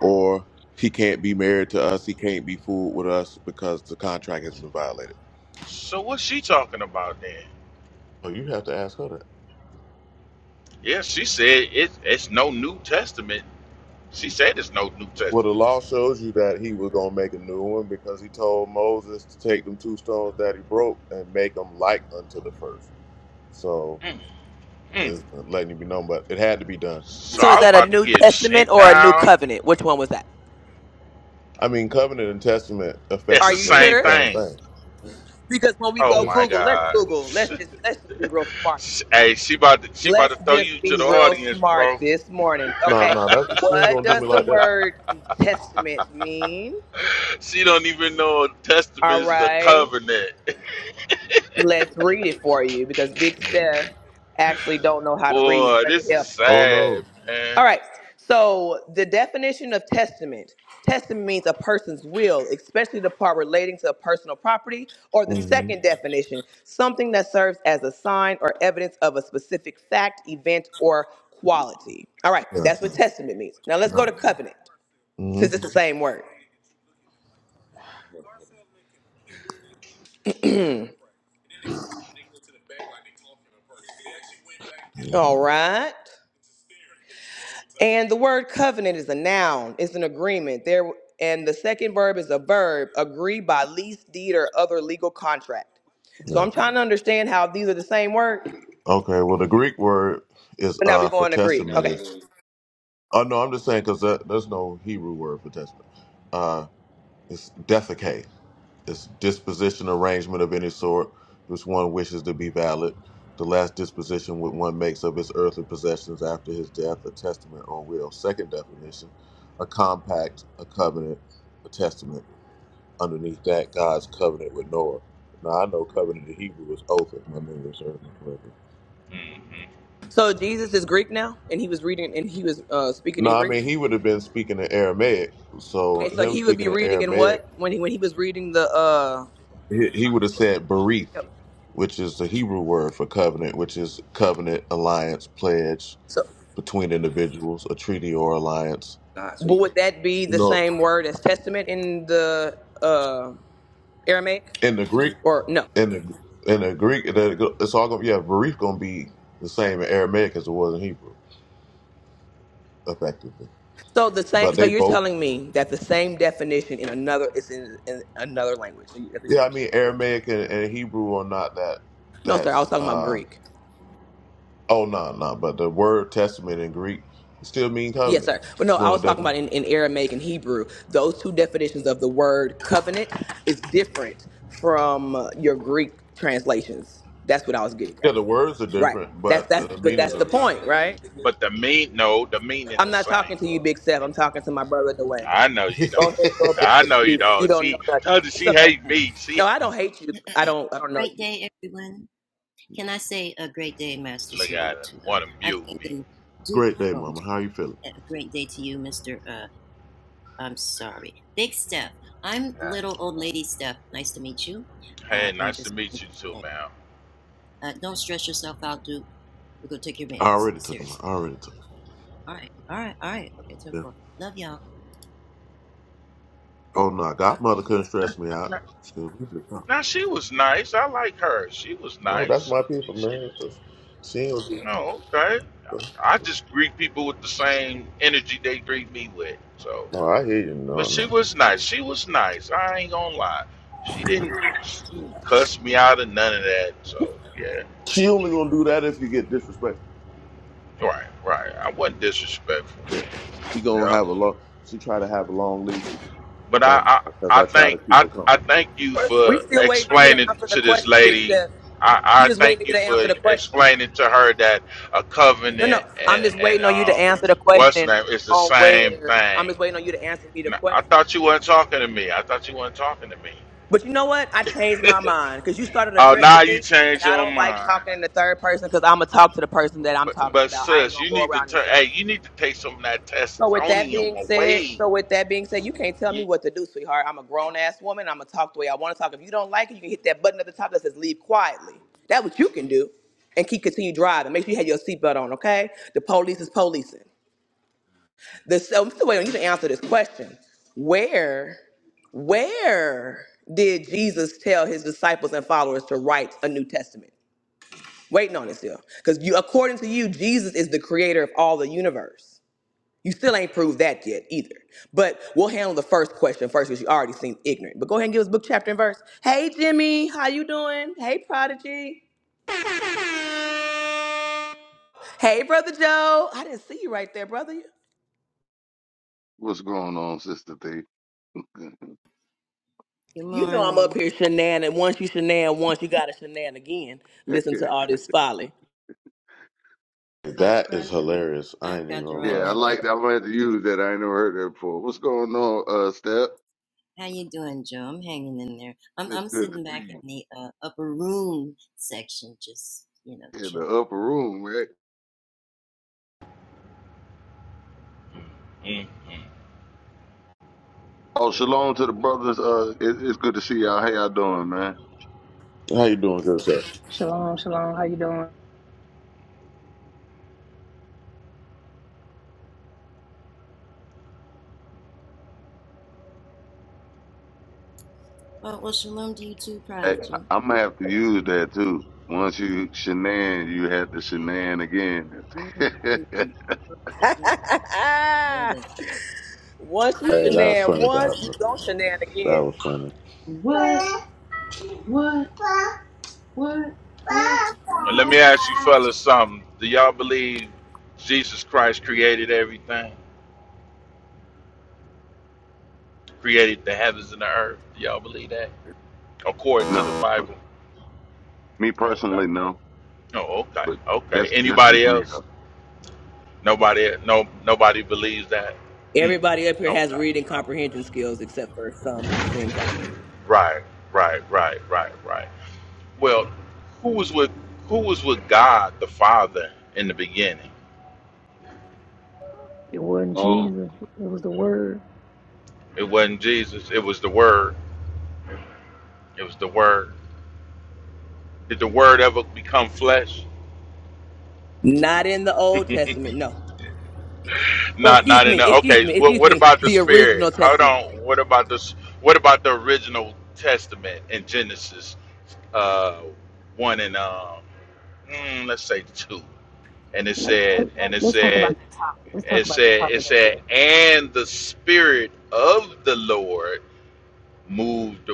[SPEAKER 9] or he can't be married to us. He can't be fooled with us because the contract has been violated.
[SPEAKER 8] so what's she talking about then?
[SPEAKER 9] Oh, you have to ask her that.
[SPEAKER 8] Yeah, she said it, it's no New Testament. She said it's no New
[SPEAKER 9] Well, the
[SPEAKER 8] Testament.
[SPEAKER 9] law shows you that he was going to make a new one because he told Moses to take them two stones that he broke and make them like unto the first. So
[SPEAKER 8] Mm.
[SPEAKER 9] it's letting you be known, but it had to be done.
[SPEAKER 8] So
[SPEAKER 6] So is
[SPEAKER 8] I was
[SPEAKER 6] that a
[SPEAKER 8] about to
[SPEAKER 6] New
[SPEAKER 8] get
[SPEAKER 6] Testament
[SPEAKER 8] sent
[SPEAKER 6] or a New
[SPEAKER 8] down.
[SPEAKER 6] Covenant? Which one was that?
[SPEAKER 9] I mean, covenant and testament
[SPEAKER 8] That's
[SPEAKER 6] Are
[SPEAKER 8] the
[SPEAKER 6] you
[SPEAKER 9] effectively is
[SPEAKER 8] same
[SPEAKER 6] sure?
[SPEAKER 9] the same
[SPEAKER 8] thing.
[SPEAKER 9] thing.
[SPEAKER 6] Because when we
[SPEAKER 8] Oh
[SPEAKER 6] go
[SPEAKER 9] It's-
[SPEAKER 8] my
[SPEAKER 6] Google, let's
[SPEAKER 8] God.
[SPEAKER 6] Google. Let's just let's just be real smart
[SPEAKER 8] [LAUGHS]
[SPEAKER 6] this morning.
[SPEAKER 8] hey, she about to she about
[SPEAKER 6] Let's
[SPEAKER 8] to throw
[SPEAKER 6] just
[SPEAKER 8] you to
[SPEAKER 6] be
[SPEAKER 8] the
[SPEAKER 6] real
[SPEAKER 8] audience,
[SPEAKER 6] smart
[SPEAKER 8] bro.
[SPEAKER 6] this morning.
[SPEAKER 9] no,
[SPEAKER 6] Okay.
[SPEAKER 9] no, that she ain't
[SPEAKER 6] What
[SPEAKER 9] going to do
[SPEAKER 6] does
[SPEAKER 9] me
[SPEAKER 6] the
[SPEAKER 9] like that.
[SPEAKER 6] word testament mean?
[SPEAKER 8] She don't even know a testament
[SPEAKER 6] All
[SPEAKER 8] is a
[SPEAKER 6] right,
[SPEAKER 8] covenant.
[SPEAKER 6] let's read it for you because Big
[SPEAKER 9] Mhm.
[SPEAKER 6] Steph actually don't know how to read. So
[SPEAKER 8] Boy,
[SPEAKER 6] let me
[SPEAKER 8] this is
[SPEAKER 6] help him.
[SPEAKER 9] Oh, no.
[SPEAKER 8] sad,
[SPEAKER 6] All
[SPEAKER 8] man.
[SPEAKER 6] right. So the definition of testament. Testament means a person's will, especially the part relating to personal property, or the
[SPEAKER 9] hmm
[SPEAKER 6] second definition, something that serves as a sign or evidence of a specific fact, event, or quality. All right,
[SPEAKER 9] Yeah,
[SPEAKER 6] that's what testament means. Now let's go
[SPEAKER 9] no.
[SPEAKER 6] to covenant,
[SPEAKER 9] hmm
[SPEAKER 6] since it's the same word. All right. And the word covenant is a noun, it's an agreement. There and the second verb is a verb, agree by lease, deed, or other legal contract. So
[SPEAKER 9] Yeah.
[SPEAKER 6] I'm trying to understand how these are the same word,
[SPEAKER 9] Okay, well, the Greek word is
[SPEAKER 6] but now we're
[SPEAKER 9] uh for
[SPEAKER 6] going to Greek.
[SPEAKER 9] testament.
[SPEAKER 6] Okay.
[SPEAKER 9] is. Oh no, I'm just saying because that, there's no Hebrew word for testament. Uh, it's defecate. It's disposition, arrangement of any sort which one wishes to be valid. The last disposition which one makes of his earthly possessions after his death, a testament or will. Second definition, a compact, a covenant, a testament. Underneath that, God's covenant with Noah. Now I know covenant in Hebrew is oath, if my memory serves me correctly.
[SPEAKER 8] Mhm.
[SPEAKER 6] So Jesus is Greek now, and he was reading and he was uh, speaking
[SPEAKER 9] No,
[SPEAKER 6] in
[SPEAKER 9] I
[SPEAKER 6] Greek.
[SPEAKER 9] mean he would have been speaking in Aramaic. So
[SPEAKER 6] Okay, so
[SPEAKER 9] him
[SPEAKER 6] he would
[SPEAKER 9] speaking
[SPEAKER 6] be
[SPEAKER 9] in
[SPEAKER 6] reading in
[SPEAKER 9] Aramaic
[SPEAKER 6] what when he when he was reading the uh
[SPEAKER 9] He, he would have said bereath,
[SPEAKER 6] yep.
[SPEAKER 9] which is the Hebrew word for covenant, which is covenant, alliance, pledge
[SPEAKER 6] so
[SPEAKER 9] between individuals, a treaty or alliance.
[SPEAKER 6] but would that be
[SPEAKER 9] You
[SPEAKER 6] the
[SPEAKER 9] know,
[SPEAKER 6] same word as testament in the uh Aramaic?
[SPEAKER 9] in the Greek,
[SPEAKER 6] Or no.
[SPEAKER 9] in the in the Greek, the- it's all gonna yeah, bereath gonna be the same in Aramaic as it was in Hebrew, effectively.
[SPEAKER 6] So the same.
[SPEAKER 9] But
[SPEAKER 6] So
[SPEAKER 9] they
[SPEAKER 6] you're
[SPEAKER 9] both,
[SPEAKER 6] telling me that the same definition in another is in, in another language. So you- that's what you're
[SPEAKER 9] yeah,
[SPEAKER 6] saying.
[SPEAKER 9] I mean Aramaic and, and Hebrew are not that.
[SPEAKER 6] No, sir. I
[SPEAKER 9] That's
[SPEAKER 6] was talking about
[SPEAKER 9] uh
[SPEAKER 6] Greek.
[SPEAKER 9] oh no no, but the word testament in Greek still mean
[SPEAKER 6] Yes,
[SPEAKER 9] covenant.
[SPEAKER 6] sir. But no,
[SPEAKER 9] It's
[SPEAKER 6] I
[SPEAKER 9] one of
[SPEAKER 6] was
[SPEAKER 9] the
[SPEAKER 6] talking about
[SPEAKER 9] definitions.
[SPEAKER 6] in, in Aramaic and Hebrew. Those two definitions of the word covenant is different from uh, your Greek translations. That's what I was getting
[SPEAKER 9] Yeah,
[SPEAKER 6] at.
[SPEAKER 9] the words are
[SPEAKER 6] Right.
[SPEAKER 9] different,
[SPEAKER 6] That's
[SPEAKER 9] but
[SPEAKER 6] that's.
[SPEAKER 9] the
[SPEAKER 6] But
[SPEAKER 9] meanings
[SPEAKER 6] that's
[SPEAKER 9] are
[SPEAKER 6] the
[SPEAKER 9] the same.
[SPEAKER 6] point, right?
[SPEAKER 8] But the mean no, the meaning
[SPEAKER 6] I'm
[SPEAKER 8] the
[SPEAKER 6] not
[SPEAKER 8] same.
[SPEAKER 6] talking to you, Big Steph. I'm talking to my brother Dwayne.
[SPEAKER 8] I know you
[SPEAKER 6] Go
[SPEAKER 8] don't.
[SPEAKER 6] ahead and go back
[SPEAKER 8] I
[SPEAKER 6] on
[SPEAKER 8] know you
[SPEAKER 6] mute. You
[SPEAKER 8] don't.
[SPEAKER 6] don't know
[SPEAKER 8] She
[SPEAKER 6] nothing.
[SPEAKER 8] told you
[SPEAKER 6] It's
[SPEAKER 8] she
[SPEAKER 6] okay.
[SPEAKER 8] hate
[SPEAKER 7] Oh,
[SPEAKER 8] me. She
[SPEAKER 6] No, I don't hate you. I don't. I don't know you.
[SPEAKER 7] great day, everyone. Can I say a great day, Master
[SPEAKER 8] look at
[SPEAKER 7] Salute,
[SPEAKER 8] her,
[SPEAKER 7] to them?
[SPEAKER 8] want to
[SPEAKER 7] I
[SPEAKER 8] mute
[SPEAKER 7] thank
[SPEAKER 8] me.
[SPEAKER 7] them. Do
[SPEAKER 9] Great day,
[SPEAKER 7] bonjour.
[SPEAKER 9] Mama. How you feeling?
[SPEAKER 7] A great day to you, Mr. Uh. I'm sorry. Big Steph. I'm little old lady Steph. Nice to meet you. Uh,
[SPEAKER 8] Hey,
[SPEAKER 7] and
[SPEAKER 8] nice to
[SPEAKER 7] just
[SPEAKER 8] meet you too, ma'am.
[SPEAKER 7] uh, don't stress yourself out, dude. We're gonna take your
[SPEAKER 9] I
[SPEAKER 7] meds.
[SPEAKER 9] already took him.
[SPEAKER 7] Seriously.
[SPEAKER 9] I already took him.
[SPEAKER 7] All right. All right. All right. Okay. Ten four.
[SPEAKER 9] Yeah.
[SPEAKER 7] Love y'all.
[SPEAKER 9] Oh no, Godmother couldn't stress
[SPEAKER 8] Nice,
[SPEAKER 9] me
[SPEAKER 8] nice
[SPEAKER 9] out. She goes,
[SPEAKER 8] Now she was nice. I like her. She was
[SPEAKER 9] No, that's
[SPEAKER 8] nice.
[SPEAKER 9] my people,
[SPEAKER 8] She,
[SPEAKER 9] man. That's- She ain't gonna
[SPEAKER 8] no, okay.
[SPEAKER 9] do.
[SPEAKER 8] I just greet people with the same energy they greet me with. So,
[SPEAKER 9] No, I hear you. No,
[SPEAKER 8] but she
[SPEAKER 9] no.
[SPEAKER 8] was nice. She was nice. I ain't gonna lie. She didn't cuss me out or none of that. So yeah,
[SPEAKER 9] She only gonna do that if you get disrespect.
[SPEAKER 8] right, right. I wasn't disrespectful.
[SPEAKER 9] She gonna
[SPEAKER 8] Yeah.
[SPEAKER 9] have a long. She try to have a long leash
[SPEAKER 8] But
[SPEAKER 9] if
[SPEAKER 8] I,
[SPEAKER 9] I'm
[SPEAKER 8] I,
[SPEAKER 9] because
[SPEAKER 8] I
[SPEAKER 9] I try to
[SPEAKER 8] thank
[SPEAKER 9] keep
[SPEAKER 8] I,
[SPEAKER 9] her
[SPEAKER 8] I
[SPEAKER 9] calm.
[SPEAKER 8] thank you
[SPEAKER 6] We
[SPEAKER 8] for
[SPEAKER 6] still waiting on you to
[SPEAKER 8] explaining
[SPEAKER 6] answer the
[SPEAKER 8] to this
[SPEAKER 6] question, Big
[SPEAKER 8] lady.
[SPEAKER 6] Steph. We
[SPEAKER 8] I, I
[SPEAKER 6] just waiting on
[SPEAKER 8] thank you
[SPEAKER 6] you to answer
[SPEAKER 8] for
[SPEAKER 6] the question.
[SPEAKER 8] explaining to
[SPEAKER 9] Yeah.
[SPEAKER 8] her that a
[SPEAKER 6] No, no,
[SPEAKER 8] covenant
[SPEAKER 6] I'm just
[SPEAKER 8] and, and
[SPEAKER 6] waiting on you to
[SPEAKER 8] um
[SPEAKER 6] answer the
[SPEAKER 8] what's the
[SPEAKER 6] question
[SPEAKER 8] name is the
[SPEAKER 6] on
[SPEAKER 8] same
[SPEAKER 6] where. I'm
[SPEAKER 8] thing.
[SPEAKER 6] just waiting on you to answer me the
[SPEAKER 8] N-
[SPEAKER 6] question.
[SPEAKER 8] I thought you weren't talking to me. I thought you weren't talking to me.
[SPEAKER 6] But you know what? I changed my mind because you started
[SPEAKER 8] Oh,
[SPEAKER 6] addressing
[SPEAKER 8] now you
[SPEAKER 6] me, and
[SPEAKER 8] change
[SPEAKER 6] I
[SPEAKER 8] your
[SPEAKER 6] don't like
[SPEAKER 8] mind.
[SPEAKER 6] talking in the third person because I'm gonna talk to the person that I'm
[SPEAKER 8] But,
[SPEAKER 6] talking
[SPEAKER 8] but
[SPEAKER 6] about. I ain't
[SPEAKER 8] sis,
[SPEAKER 6] gonna
[SPEAKER 8] you
[SPEAKER 6] go
[SPEAKER 8] need to
[SPEAKER 6] around in
[SPEAKER 8] turn.
[SPEAKER 6] circles.
[SPEAKER 8] Hey, you need to take some of that
[SPEAKER 6] So with that
[SPEAKER 8] testosterone
[SPEAKER 6] being said,
[SPEAKER 8] away.
[SPEAKER 6] so with that being said, you can't tell me what to do, sweetheart. I'm a grown ass woman. I'm gonna talk the way I want to talk. If you don't like it, you can hit that button at the top that says "Leave quietly." That's what you can do, and keep continue driving. Make sure you have your seatbelt on, okay? The police is policing. The so I'm still waiting on you to answer this question. Where, where did Jesus tell his disciples and followers to write a New Testament? Waiting on it still, because you, according to you, Jesus is the creator of all the universe. You still ain't proved that yet either. But we'll handle the first question first because you already seem ignorant. But go ahead and give us book, chapter, and verse. Hey, Jimmy, how you doing? Hey, Prodigy. Hey, Brother Joe. I didn't see you right there, brother.
[SPEAKER 10] What's going on, Sister Thee?
[SPEAKER 7] Good
[SPEAKER 6] You know I'm up
[SPEAKER 7] morning.
[SPEAKER 6] here shenan, and once you shenan once, you got to shenan again.
[SPEAKER 10] [LAUGHS]
[SPEAKER 6] Listen to all this folly.
[SPEAKER 9] That is hilarious. I
[SPEAKER 7] I've
[SPEAKER 9] ain't even
[SPEAKER 7] got to
[SPEAKER 9] gonna
[SPEAKER 10] yeah,
[SPEAKER 7] write
[SPEAKER 10] I
[SPEAKER 9] lie.
[SPEAKER 7] that down.
[SPEAKER 10] like that. I'm gonna have to use that. I ain't never heard that before. What's going on, uh, Step?
[SPEAKER 7] How you doing, Joe? I'm hanging in there. I'm
[SPEAKER 10] It's
[SPEAKER 7] I'm
[SPEAKER 10] good to
[SPEAKER 7] sitting
[SPEAKER 10] see
[SPEAKER 7] back in the uh, upper room section, just you know,
[SPEAKER 10] you in the
[SPEAKER 7] chilling.
[SPEAKER 10] upper room, man.
[SPEAKER 8] Mm-mm.
[SPEAKER 10] Oh, shalom to the brothers. Uh, it, it's good to see y'all. How y'all doing, man?
[SPEAKER 9] How you doing, good sir?
[SPEAKER 1] Shalom, shalom. How you doing?
[SPEAKER 7] Well, well, shalom to you too,
[SPEAKER 10] Hey,
[SPEAKER 7] prodigy.
[SPEAKER 10] I'm gonna have to use that too. Once you shenan, you have to shenan again.
[SPEAKER 7] Yeah, [LAUGHS]
[SPEAKER 10] [LAUGHS]
[SPEAKER 6] [LAUGHS]
[SPEAKER 7] yeah, yeah, yeah.
[SPEAKER 6] once you
[SPEAKER 9] Hey, that was
[SPEAKER 6] shenan
[SPEAKER 9] funny,
[SPEAKER 6] once, you
[SPEAKER 9] Godmother.
[SPEAKER 6] don't shenan
[SPEAKER 9] That
[SPEAKER 6] again.
[SPEAKER 9] was funny. What? What? What?
[SPEAKER 8] And let me
[SPEAKER 9] What?
[SPEAKER 8] ask you fellas something. Do y'all believe Jesus Christ created everything? Created the heavens and the earth? Do y'all believe that? According to the
[SPEAKER 10] no,
[SPEAKER 8] Bible.
[SPEAKER 10] me
[SPEAKER 8] Okay.
[SPEAKER 10] personally, no.
[SPEAKER 8] Oh, okay.
[SPEAKER 10] But
[SPEAKER 8] Okay.
[SPEAKER 10] that's that's just
[SPEAKER 8] Anybody
[SPEAKER 10] me
[SPEAKER 8] else?
[SPEAKER 10] though.
[SPEAKER 8] Nobody no nobody believes that? Hmm.
[SPEAKER 6] Everybody up here has
[SPEAKER 8] Okay.
[SPEAKER 6] reading
[SPEAKER 8] Um,
[SPEAKER 6] comprehension skills except for some, it seems like.
[SPEAKER 8] Right, right, right, right, right. Well, who was with who was with God the Father in the beginning?
[SPEAKER 1] It wasn't
[SPEAKER 10] Um,
[SPEAKER 1] Jesus. It was the word.
[SPEAKER 8] It wasn't Jesus, it was the Word. It was the Word. Did the Word ever become flesh?
[SPEAKER 6] Not in the Old Testament, no. Well,
[SPEAKER 8] Not
[SPEAKER 6] excuse
[SPEAKER 8] not in
[SPEAKER 6] me,
[SPEAKER 8] the
[SPEAKER 6] excuse
[SPEAKER 8] okay. so
[SPEAKER 6] me,
[SPEAKER 8] What
[SPEAKER 6] excuse
[SPEAKER 8] what
[SPEAKER 6] me,
[SPEAKER 8] about the
[SPEAKER 6] the
[SPEAKER 8] spirit?
[SPEAKER 6] original
[SPEAKER 8] Hold
[SPEAKER 6] Testament.
[SPEAKER 8] on. What about this? What about the original Testament in Genesis uh, one and um mm, let's say two? And it
[SPEAKER 1] Let,
[SPEAKER 8] said
[SPEAKER 1] let,
[SPEAKER 8] and it
[SPEAKER 1] let, us talk about the
[SPEAKER 8] said
[SPEAKER 1] topic. Let's talk
[SPEAKER 8] it
[SPEAKER 1] about the
[SPEAKER 8] said it
[SPEAKER 1] topic up
[SPEAKER 8] said
[SPEAKER 1] there.
[SPEAKER 8] and the spirit of the Lord moved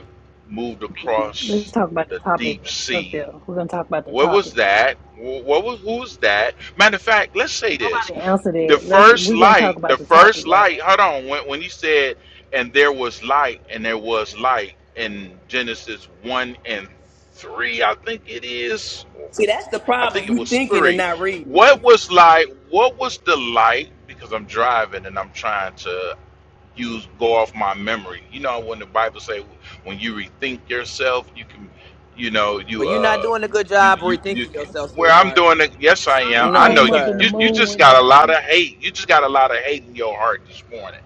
[SPEAKER 8] moved
[SPEAKER 1] Biggie. Let's
[SPEAKER 8] across
[SPEAKER 1] talk about the
[SPEAKER 8] the
[SPEAKER 1] topic
[SPEAKER 8] deep
[SPEAKER 1] up there.
[SPEAKER 8] sea.
[SPEAKER 1] We're gonna talk about the
[SPEAKER 8] What was
[SPEAKER 1] topic.
[SPEAKER 8] that? Wh- What was who's that? Matter of fact, let's say this.
[SPEAKER 1] Nobody answered
[SPEAKER 8] The
[SPEAKER 1] it. Let's.
[SPEAKER 8] first
[SPEAKER 1] We're gonna talk
[SPEAKER 8] light, the
[SPEAKER 1] about the topic,
[SPEAKER 8] first
[SPEAKER 1] y'all.
[SPEAKER 8] light, hold on, when, when he said, and there was light, and there was light in Genesis 1 and 3, I think it is,
[SPEAKER 6] See, that's the
[SPEAKER 8] I think
[SPEAKER 6] problem.
[SPEAKER 8] it
[SPEAKER 6] You
[SPEAKER 8] was
[SPEAKER 6] thinking and
[SPEAKER 8] 3.
[SPEAKER 6] not reading.
[SPEAKER 8] What was light? What was the light? Because I'm driving and I'm trying to you go off my memory. You know when the Bible say when you rethink yourself, you can, you know,
[SPEAKER 6] Well,
[SPEAKER 8] you
[SPEAKER 6] you're not
[SPEAKER 8] uh,
[SPEAKER 6] doing a good
[SPEAKER 8] you
[SPEAKER 6] job
[SPEAKER 8] you you
[SPEAKER 6] rethinking
[SPEAKER 8] can.
[SPEAKER 6] yourself,
[SPEAKER 8] Where I'm
[SPEAKER 6] sweetheart.
[SPEAKER 8] doing it, yes I
[SPEAKER 1] The
[SPEAKER 8] am.
[SPEAKER 1] sun
[SPEAKER 8] I
[SPEAKER 6] No,
[SPEAKER 8] know
[SPEAKER 1] came
[SPEAKER 8] you
[SPEAKER 1] up and the
[SPEAKER 6] sir.
[SPEAKER 8] you you
[SPEAKER 1] moon
[SPEAKER 8] just
[SPEAKER 1] went
[SPEAKER 8] got a lot of
[SPEAKER 1] down.
[SPEAKER 8] hate. You just got a lot of hate in your heart this morning.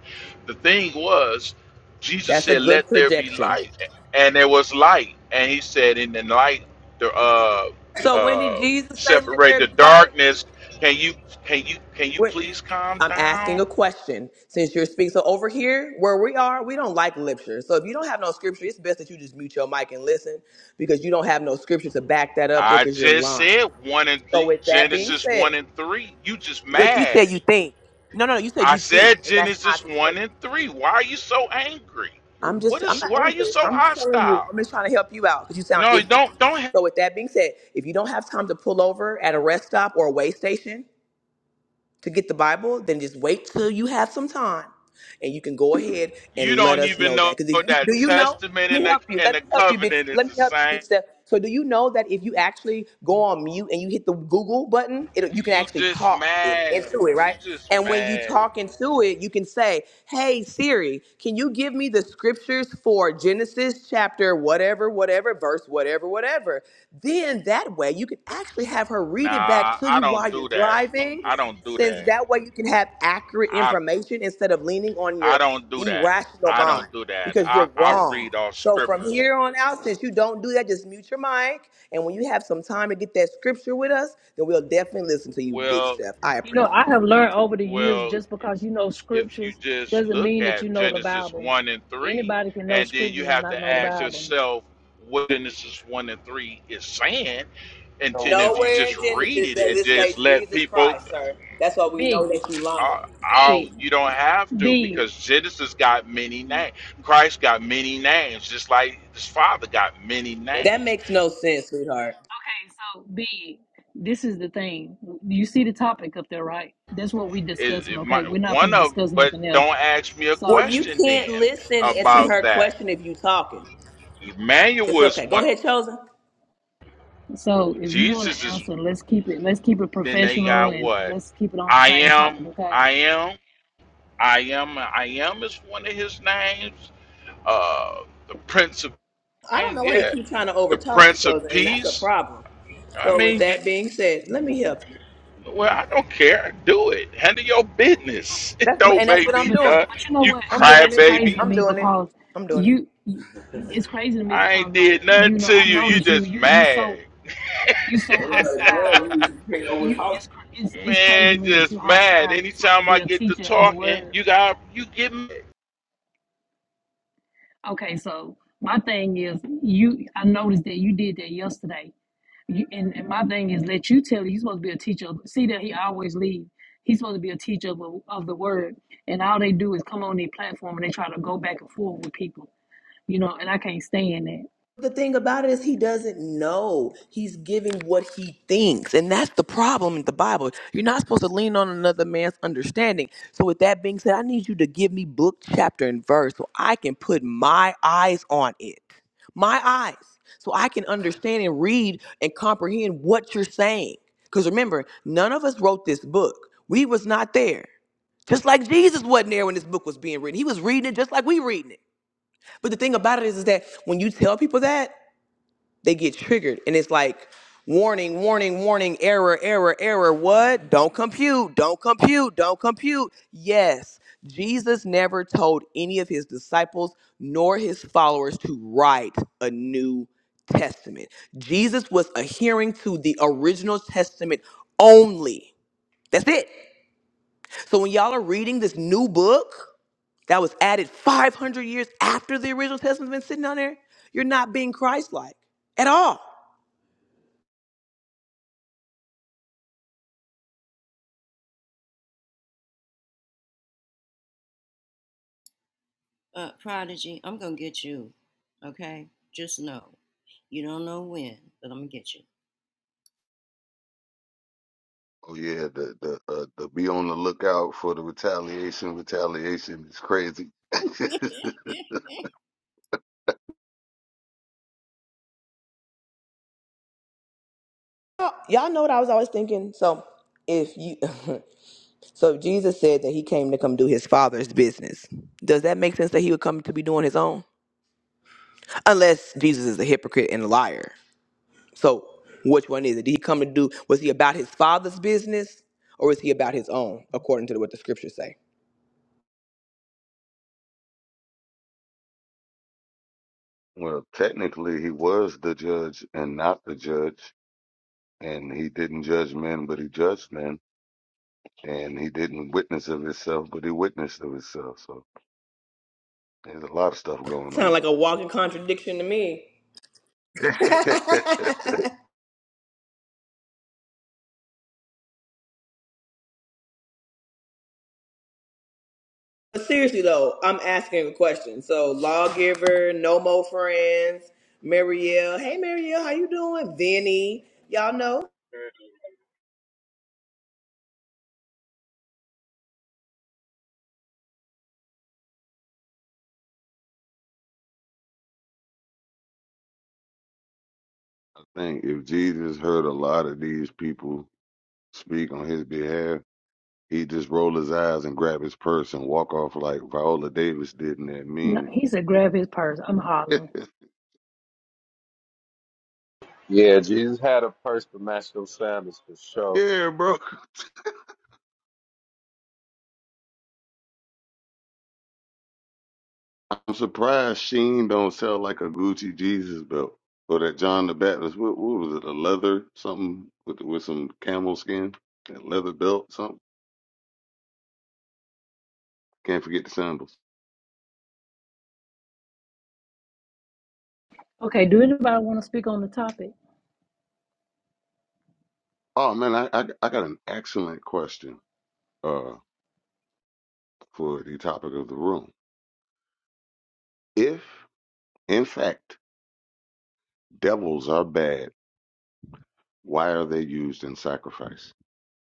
[SPEAKER 8] The thing was, Jesus
[SPEAKER 6] That's a
[SPEAKER 8] said,
[SPEAKER 6] good
[SPEAKER 8] "Let there be
[SPEAKER 6] projection.
[SPEAKER 8] light," and there was light. And he said, "In the light, the uh
[SPEAKER 6] So when did
[SPEAKER 8] uh
[SPEAKER 6] Jesus say, let
[SPEAKER 8] separate
[SPEAKER 6] there be
[SPEAKER 8] the
[SPEAKER 6] light?
[SPEAKER 8] darkness." Can you can you can you
[SPEAKER 6] When,
[SPEAKER 8] please calm
[SPEAKER 6] I'm asking
[SPEAKER 8] down?
[SPEAKER 6] a question. Since you're speaking, so over here where we are, we don't like literature. So if you don't have no scripture, it's best that you just mute your mic and listen because you don't have no scripture to back that up with
[SPEAKER 8] I
[SPEAKER 6] because you're
[SPEAKER 8] just
[SPEAKER 6] lying.
[SPEAKER 8] said one and
[SPEAKER 6] So
[SPEAKER 8] th-
[SPEAKER 6] with that being
[SPEAKER 8] Genesis
[SPEAKER 6] said,
[SPEAKER 8] one and three. You just
[SPEAKER 6] What you
[SPEAKER 8] mad.
[SPEAKER 6] said you think. No, no, you said
[SPEAKER 8] I
[SPEAKER 6] you think,
[SPEAKER 8] said
[SPEAKER 6] and that's not
[SPEAKER 8] Genesis
[SPEAKER 6] the truth.
[SPEAKER 8] one and three. Why are you so angry?
[SPEAKER 6] I'm
[SPEAKER 8] What
[SPEAKER 6] just, I'm
[SPEAKER 8] is?
[SPEAKER 6] not
[SPEAKER 8] Why are you
[SPEAKER 6] angry.
[SPEAKER 8] so
[SPEAKER 6] I'm just telling you,
[SPEAKER 8] hostile?
[SPEAKER 6] I'm just trying to help you out because you sound
[SPEAKER 8] No,
[SPEAKER 6] ignorant.
[SPEAKER 8] don't don't. ha-
[SPEAKER 6] So, with that being said, if you don't have time to pull over at a rest stop or a way station, to get the Bible, then just wait till you have some time and you can go ahead and
[SPEAKER 8] You
[SPEAKER 6] let
[SPEAKER 8] don't
[SPEAKER 6] us
[SPEAKER 8] even
[SPEAKER 6] know
[SPEAKER 8] know
[SPEAKER 6] that. Because if you do
[SPEAKER 8] that
[SPEAKER 6] you know, let
[SPEAKER 8] testament and
[SPEAKER 6] me
[SPEAKER 8] the
[SPEAKER 6] help you.
[SPEAKER 8] and
[SPEAKER 6] Let
[SPEAKER 8] the
[SPEAKER 6] me help you, big
[SPEAKER 8] covenant is
[SPEAKER 6] let me
[SPEAKER 8] the
[SPEAKER 6] help you,
[SPEAKER 8] same.
[SPEAKER 6] big step. So do you know that if you actually go on mute and you hit the Google button, it, you can
[SPEAKER 8] You
[SPEAKER 6] actually
[SPEAKER 8] just
[SPEAKER 6] talk in,
[SPEAKER 8] mad.
[SPEAKER 6] into it,
[SPEAKER 8] You
[SPEAKER 6] right?
[SPEAKER 8] just
[SPEAKER 6] And when you
[SPEAKER 8] mad.
[SPEAKER 6] talk into it, you can say, Hey Siri, can you give me the scriptures for Genesis chapter whatever, whatever, verse, whatever, whatever. Then that way you can actually have her read it
[SPEAKER 8] Nah,
[SPEAKER 6] back to
[SPEAKER 8] I
[SPEAKER 6] you
[SPEAKER 8] don't
[SPEAKER 6] while you're
[SPEAKER 8] do that.
[SPEAKER 6] driving
[SPEAKER 8] I don't do
[SPEAKER 6] since
[SPEAKER 8] that.
[SPEAKER 6] that way you can have accurate
[SPEAKER 8] I
[SPEAKER 6] information instead of leaning on
[SPEAKER 8] I
[SPEAKER 6] your
[SPEAKER 8] don't do that.
[SPEAKER 6] irrational
[SPEAKER 8] I
[SPEAKER 6] mind
[SPEAKER 8] don't do that.
[SPEAKER 6] because
[SPEAKER 8] I
[SPEAKER 6] you're
[SPEAKER 8] I
[SPEAKER 6] wrong.
[SPEAKER 8] read all
[SPEAKER 6] So from
[SPEAKER 8] scriptures.
[SPEAKER 6] here on out, since you don't do that, just mute your mic. And when you have some time to get that scripture with us, then we'll definitely listen to you, Big
[SPEAKER 8] Well,
[SPEAKER 6] Steph. I
[SPEAKER 1] You know,
[SPEAKER 6] appreciate
[SPEAKER 1] I have learned over the years
[SPEAKER 8] Well,
[SPEAKER 1] just because you know
[SPEAKER 8] if you
[SPEAKER 1] scriptures
[SPEAKER 8] just
[SPEAKER 1] doesn't
[SPEAKER 8] look
[SPEAKER 1] mean that you
[SPEAKER 8] at
[SPEAKER 1] know the
[SPEAKER 8] Genesis
[SPEAKER 1] Bible.
[SPEAKER 8] 1 and 3,
[SPEAKER 1] Anybody can know
[SPEAKER 8] and then you
[SPEAKER 1] scriptures and
[SPEAKER 8] have
[SPEAKER 1] not
[SPEAKER 8] to
[SPEAKER 1] know the
[SPEAKER 8] ask
[SPEAKER 1] Bible.
[SPEAKER 8] yourself what Genesis 1 and 3 is saying, and
[SPEAKER 6] it.
[SPEAKER 8] then if you
[SPEAKER 6] Nowhere in
[SPEAKER 8] just read
[SPEAKER 6] Genesis
[SPEAKER 8] it
[SPEAKER 6] does
[SPEAKER 8] and
[SPEAKER 6] it say
[SPEAKER 8] just let
[SPEAKER 6] Jesus
[SPEAKER 8] people,
[SPEAKER 6] Christ, sir. That's why we know
[SPEAKER 1] Big,
[SPEAKER 6] that you lying.
[SPEAKER 8] uh, oh,
[SPEAKER 1] big,
[SPEAKER 8] you don't have to
[SPEAKER 1] big.
[SPEAKER 8] because Genesis got many names. Christ got many names, just like his father got many
[SPEAKER 6] That
[SPEAKER 8] names.
[SPEAKER 6] makes no sense, sweetheart.
[SPEAKER 1] Okay, so big. This is the thing. You see the topic up there, right? That's what we
[SPEAKER 8] Is
[SPEAKER 1] discussing.
[SPEAKER 8] it
[SPEAKER 1] Okay,
[SPEAKER 8] might,
[SPEAKER 1] we're not gonna
[SPEAKER 8] one of,
[SPEAKER 1] discuss
[SPEAKER 8] but
[SPEAKER 1] nothing else.
[SPEAKER 8] don't ask me a
[SPEAKER 1] So.
[SPEAKER 6] Well, you
[SPEAKER 8] question
[SPEAKER 6] can't
[SPEAKER 8] then
[SPEAKER 6] listen to
[SPEAKER 8] about
[SPEAKER 6] her
[SPEAKER 8] that.
[SPEAKER 6] question if you talking. It's
[SPEAKER 8] Emmanuel is
[SPEAKER 6] okay. Go
[SPEAKER 8] one.
[SPEAKER 6] ahead, Chosen.
[SPEAKER 1] So if you want to
[SPEAKER 8] Jesus is.
[SPEAKER 1] answer, let's keep it let's keep it
[SPEAKER 8] Then they
[SPEAKER 1] professional
[SPEAKER 8] got
[SPEAKER 1] and, and
[SPEAKER 8] what?
[SPEAKER 1] let's keep it on the
[SPEAKER 8] I
[SPEAKER 1] same
[SPEAKER 8] am,
[SPEAKER 1] topic, okay?
[SPEAKER 8] I am, I am, I am is one of his names. Uh, the Prince of
[SPEAKER 6] I don't know why he
[SPEAKER 8] yeah,
[SPEAKER 6] keeps trying to
[SPEAKER 8] the
[SPEAKER 6] overtalk each
[SPEAKER 8] Prince of
[SPEAKER 6] other, and that's a
[SPEAKER 8] Peace.
[SPEAKER 6] problem.
[SPEAKER 8] I
[SPEAKER 6] So with
[SPEAKER 8] mean, you,
[SPEAKER 6] that being said, let me help you.
[SPEAKER 8] well, I don't care. Do it. Handle your business. [LAUGHS] It
[SPEAKER 6] That's
[SPEAKER 8] don't
[SPEAKER 6] and that's
[SPEAKER 1] But
[SPEAKER 6] what
[SPEAKER 8] make
[SPEAKER 6] I'm
[SPEAKER 8] me
[SPEAKER 1] but that's
[SPEAKER 6] doing.
[SPEAKER 1] but
[SPEAKER 8] nut.
[SPEAKER 1] you know
[SPEAKER 8] You
[SPEAKER 1] what?
[SPEAKER 6] I'm
[SPEAKER 8] cry,
[SPEAKER 6] doing
[SPEAKER 1] That's
[SPEAKER 6] it.
[SPEAKER 1] crazy
[SPEAKER 8] baby.
[SPEAKER 1] to
[SPEAKER 6] I'm
[SPEAKER 1] me
[SPEAKER 6] doing it.
[SPEAKER 1] because
[SPEAKER 6] I'm doing it.
[SPEAKER 1] you you- it's crazy to me
[SPEAKER 8] I
[SPEAKER 1] because
[SPEAKER 8] ain't
[SPEAKER 1] like
[SPEAKER 8] did nothing
[SPEAKER 1] you know
[SPEAKER 8] to
[SPEAKER 1] I
[SPEAKER 8] you. You
[SPEAKER 1] noticed you
[SPEAKER 8] just
[SPEAKER 1] you you so
[SPEAKER 8] mad,
[SPEAKER 1] you so hostile. You it's cr- it's it's crazy
[SPEAKER 8] man.
[SPEAKER 1] to me that you
[SPEAKER 8] Just mad.
[SPEAKER 1] hostile. You supposed to
[SPEAKER 8] Anytime
[SPEAKER 1] be
[SPEAKER 8] I
[SPEAKER 1] a
[SPEAKER 8] get to
[SPEAKER 1] teacher of the
[SPEAKER 8] talking,
[SPEAKER 1] word.
[SPEAKER 8] you got you get mad.
[SPEAKER 1] Okay, so my thing is you I noticed that you did that yesterday You, and, and my thing is, let you tell you, he's supposed to be a teacher. of- See that he always leave. He's supposed to be a teacher of, the- of the word. And all they do is come on their platform and they try to go back and forth with people, you know, and I can't stand that.
[SPEAKER 6] the thing about it is he doesn't know he's giving what he thinks and that's the problem in the bible you're not supposed to lean on another man's understanding so with that being said i need you to give me book chapter and verse so i can put my eyes on it my eyes so i can understand and read and comprehend what you're saying because remember none of us wrote this book we was not there just like jesus wasn't there when this book was being written he was reading it just like we reading it but the thing about it is, is that when you tell people that they get triggered, and it's like warning, warning, warning, error, error, error. What? Don't compute, don't compute, don't compute. Yes, Jesus never told any of his disciples nor his followers to write a new testament. Jesus was adhering to the original testament only. That's it. So when y'all are reading this new book that was added 500 years after the original testament's been sitting on there, you're not being Christ-like at all.
[SPEAKER 7] Uh, Prodigy, I'm gonna get you. Okay, just know you don't know when, but I'm gonna get you.
[SPEAKER 10] Oh yeah, the the uh, the be on the lookout for the retaliation. Retaliation is crazy. [LAUGHS]
[SPEAKER 6] y'all know what I was always thinking. So if you, [LAUGHS] so if
[SPEAKER 7] [LAUGHS]
[SPEAKER 6] Jesus said that he came to come do his father's business. Does that make sense that he would come to be doing his own? Unless Jesus is a hypocrite and a liar. So which one is it? Did he come to do? Was he about his father's business, or is he about his own, according to what the scriptures say?
[SPEAKER 10] well, technically, he was the judge and not the judge, and he didn't judge men, but he judged men, and he didn't witness of himself, but he witnessed of himself. So there's a lot of stuff going
[SPEAKER 6] Sound
[SPEAKER 10] on.
[SPEAKER 6] like a walking contradiction to me.
[SPEAKER 10] [LAUGHS]
[SPEAKER 6] [LAUGHS] But seriously though, I'm asking a question. So lawgiver, no more friends, Marielle. Hey Marielle, how you doing? Vinny, y'all know.
[SPEAKER 10] think if Jesus heard a lot of these people speak on his behalf, he'd just roll his eyes and grab his purse and walk off like Viola Davis did in that
[SPEAKER 1] No,
[SPEAKER 10] meme.
[SPEAKER 1] he said, grab his purse. I'm hollering.
[SPEAKER 10] [LAUGHS]
[SPEAKER 11] Yeah, Jesus had a purse to match those sandals for sure.
[SPEAKER 10] Yeah, bro. I'm surprised Sheen don't sell like a Gucci Jesus belt or that John the Baptist. What, what was it? A leather something with with some camel skin, that leather belt something. Can't forget the sandals.
[SPEAKER 1] Okay, do anybody want to speak on the topic?
[SPEAKER 10] Oh man, I I, I got an excellent question uh for the topic of the room. If in fact devils are bad, why are they used in sacrifice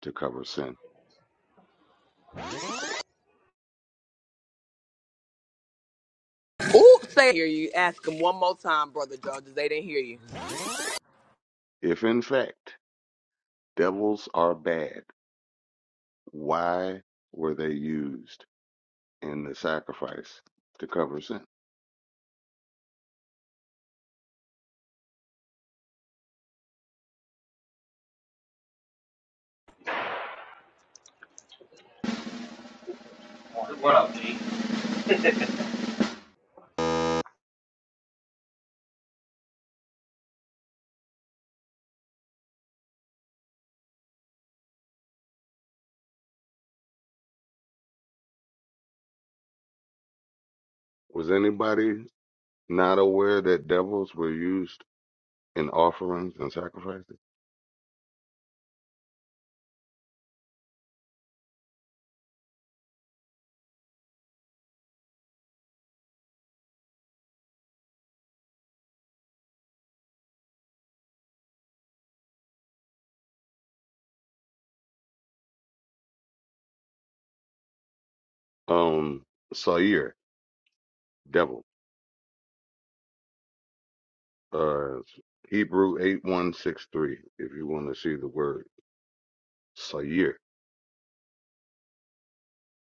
[SPEAKER 10] to cover sin?
[SPEAKER 6] Ooh, say hear you. Ask them one more time, brother Georges. They didn't hear you.
[SPEAKER 10] If in fact devils are bad, why were they used? And the sacrifice to cover sin.
[SPEAKER 11] What up, G?
[SPEAKER 10] Was anybody not aware that devils were used in offerings and sacrifices? Um, Sair, devil. Uh, Hebrew 8163, if you want to see the word Sair.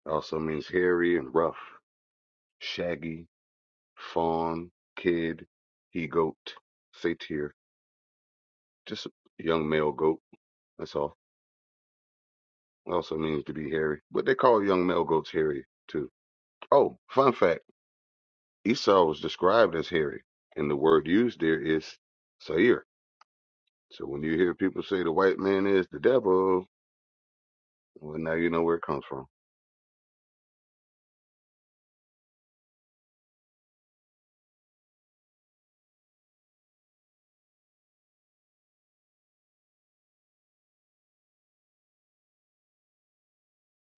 [SPEAKER 10] Also means hairy and rough, shaggy, fawn, kid, he goat, satyr, just a young male goat. That's all. Also means to be hairy, but they call young male goats hairy too. Oh, fun fact. Esau was described as hairy, and the word used there is Sair. So when you hear people say the white man is the devil, well, now you know where it comes from.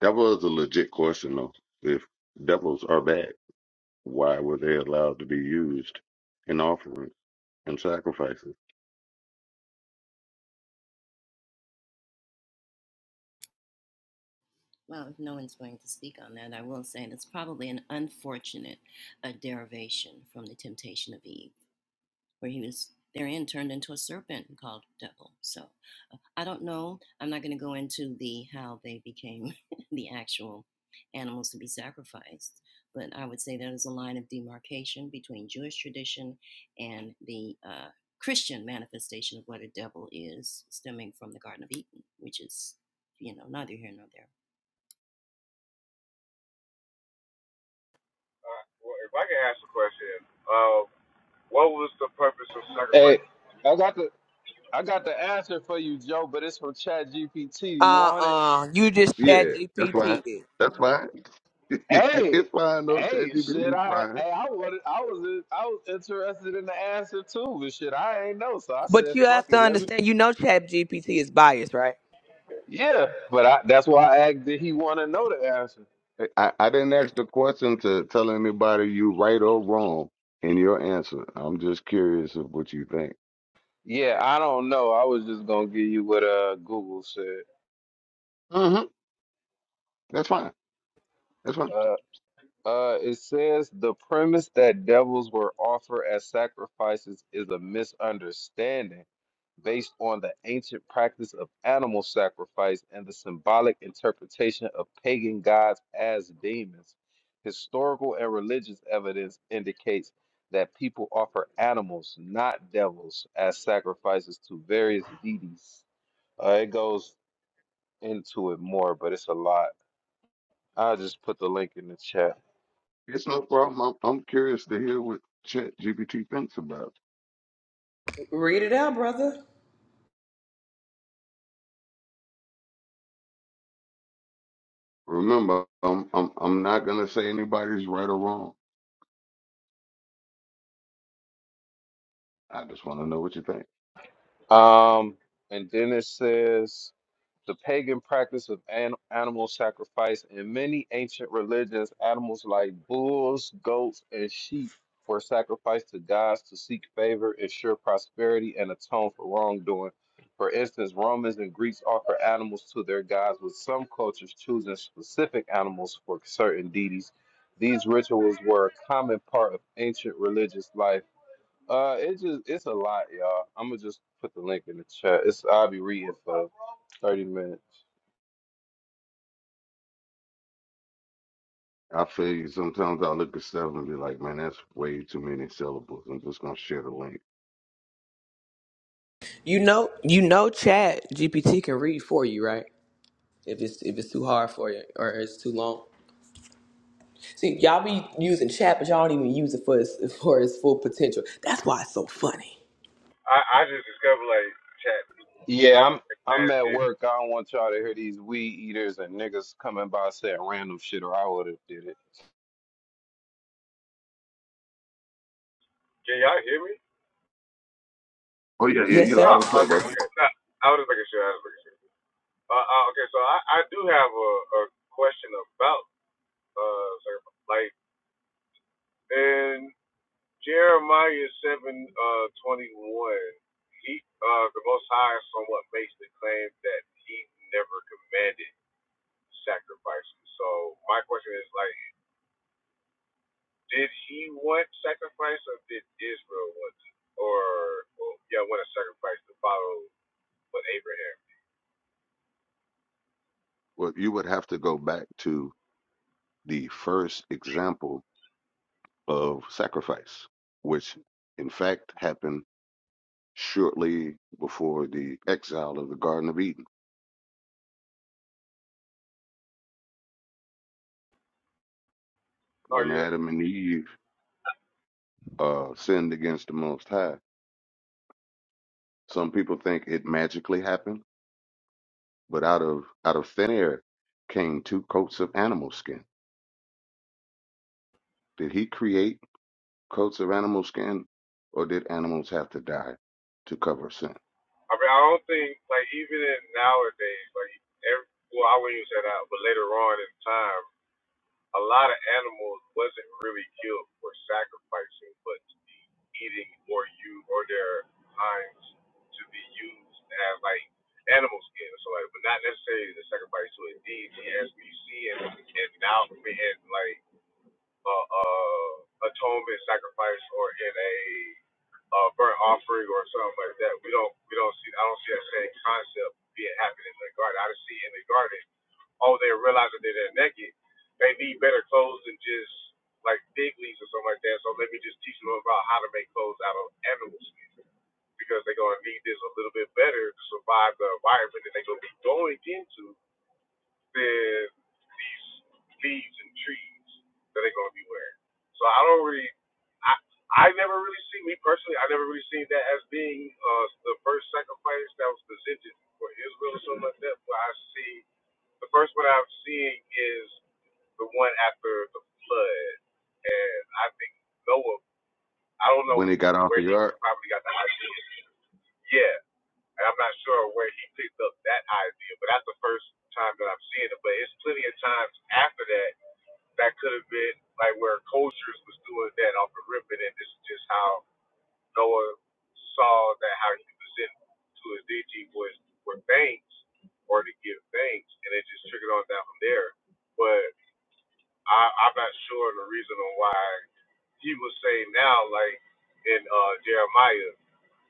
[SPEAKER 10] That was a legit question, though. If devils are bad, why were they allowed to be used in offerings and sacrifices?
[SPEAKER 7] well, if no one's going to speak on that, I will say that's probably an unfortunate uh, derivation from the temptation of Eve. where he was therein turned into a serpent and called devil. So uh, I don't know. I'm not going to go into the how they became [LAUGHS] the actual animals to be sacrificed, but I would say that is a line of demarcation between Jewish tradition and the uh, Christian manifestation of what a devil is, stemming from the Garden of Eden, which is you know neither here nor there.
[SPEAKER 12] Uh, well, if I can ask a question, uh, what was the purpose of
[SPEAKER 11] Hey,
[SPEAKER 12] sacrifice?
[SPEAKER 11] I got the I got the answer for you, Joe, but it's from Chat GPT. You
[SPEAKER 6] Uh
[SPEAKER 11] want it?
[SPEAKER 6] uh you just
[SPEAKER 10] Yeah,
[SPEAKER 6] chat
[SPEAKER 10] that's
[SPEAKER 6] GPT.
[SPEAKER 10] fine. That's fine. [LAUGHS]
[SPEAKER 11] Hey,
[SPEAKER 10] it's fine, though.
[SPEAKER 11] hey,
[SPEAKER 10] ChatGPT
[SPEAKER 11] shit,
[SPEAKER 10] is
[SPEAKER 11] I
[SPEAKER 10] fine.
[SPEAKER 11] hey, I wanted I was I was interested in the answer too, but shit, I ain't know. So I
[SPEAKER 6] But
[SPEAKER 11] said,
[SPEAKER 6] you have
[SPEAKER 11] fuck
[SPEAKER 6] to
[SPEAKER 11] it, let me
[SPEAKER 6] understand, you know chat GPT is biased, right?
[SPEAKER 11] Yeah. But I that's why I asked did he want to know the answer?
[SPEAKER 10] I, I didn't ask the question to tell anybody you right or wrong in your answer. I'm just curious of what you think.
[SPEAKER 11] Yeah, I don't know. I was just gonna give you what uh Google said.
[SPEAKER 10] hmm That's fine. That's fine.
[SPEAKER 11] Uh, Uh, it says the premise that devils were offered as sacrifices is a misunderstanding based on the ancient practice of animal sacrifice and the symbolic interpretation of pagan gods as demons. Historical and religious evidence indicates that people offer animals, not devils, as sacrifices to various deities. Uh, it goes into it more, but it's a lot. I'll just put the link in the chat.
[SPEAKER 10] It's no problem. I'm, I'm curious to hear what Chat GPT thinks about. it.
[SPEAKER 6] Read it out, brother.
[SPEAKER 10] Remember, I'm I'm I'm not gonna say anybody's right or wrong. I just want to know what you think.
[SPEAKER 11] Um, and then it says the pagan practice of an- animal sacrifice in many ancient religions, animals like bulls, goats, and sheep were sacrificed to gods to seek favor, ensure prosperity, and atone for wrongdoing. For instance, Romans and Greeks offer animals to their gods, with some cultures choosing specific animals for certain deities. These rituals were a common part of ancient religious life uh, it just it's a lot, y'all. I'm gonna just put the link in the chat. It's I'll be reading for 30 minutes.
[SPEAKER 10] I feel you. Sometimes I look at stuff and be like, man, that's way too many syllables. I'm just gonna share the link.
[SPEAKER 6] You know you know chat GPT can read for you, right? If it's if it's too hard for you or it's too long. See, y'all be using chat, but y'all don't even use it for its, [LAUGHS] for its full potential. That's why it's so funny.
[SPEAKER 12] I, I just discovered like chat
[SPEAKER 11] Yeah, I'm I'm
[SPEAKER 12] last
[SPEAKER 11] at
[SPEAKER 12] year.
[SPEAKER 11] work. I don't want y'all to hear these weed eaters and niggas coming by saying random shit, or I would have did it.
[SPEAKER 12] Can y'all hear me?
[SPEAKER 10] Oh yeah, yeah,
[SPEAKER 6] Yes,
[SPEAKER 10] you lie
[SPEAKER 6] sir.
[SPEAKER 12] Oh,
[SPEAKER 10] and play,
[SPEAKER 12] okay,
[SPEAKER 10] bro.
[SPEAKER 12] okay. Nah, I was just making sure. I was making sure. Uh, uh, okay, so I, I do have a, a question about uh sacrifice. Like in Jeremiah seven uh twenty one, he uh the Most High somewhat makes the claim that he never commanded sacrifices. So my question is like Did he want sacrifice, or did Israel want to, or well, yeah, want a sacrifice to follow what Abraham?
[SPEAKER 10] Well, you would have to go back to the first example of sacrifice, which in fact happened shortly before the exile of the Garden of Eden
[SPEAKER 12] Are
[SPEAKER 10] when
[SPEAKER 12] you?
[SPEAKER 10] Adam and Eve uh, sinned against the Most High. Some people think it magically happened, but out of out of thin air came two coats of animal skin. Did He create coats of animal skin, or did animals have to die to cover sin?
[SPEAKER 12] I mean, I don't think like even in nowadays, like every, well, I wouldn't even say that, but later on in time, a lot of animals wasn't really killed for sacrificing, but eating or you or their hinds to be used as like animal skin or something, like but not necessarily the sacrifice to a deity as we see and and now and like uh, uh, atonement sacrifice or in a uh, burnt offering or something like that. We don't we don't see I don't see that same concept being happening in the garden. I just see in the garden, oh they realize that they're naked. They need better clothes than just like fig leaves or something like that. So let me just teach them about how to make clothes out of animal skin because they're gonna need this a little bit better to survive the environment that they're gonna be going into than these leaves and trees that they're going to be wearing. So I don't really, I I never really see me personally. I never really seen that as being uh, the first sacrifice that was presented for Israel or something like that. But I see the first one I'm seeing is the one after the flood, and I think Noah. I don't know
[SPEAKER 10] When it got out
[SPEAKER 12] where
[SPEAKER 10] the
[SPEAKER 12] he
[SPEAKER 10] ark,
[SPEAKER 12] probably got the idea. Yeah, and I'm not sure where he picked up that idea, but that's the first time that I've seen it. But it's plenty of times after that that could have been like where cultures was doing that off the rip, and this is just how Noah saw that how he presented to his DG was for thanks or to give thanks, and it just trickled on down from there. But I, I'm not sure the reason on why he was saying now, like in uh, Jeremiah.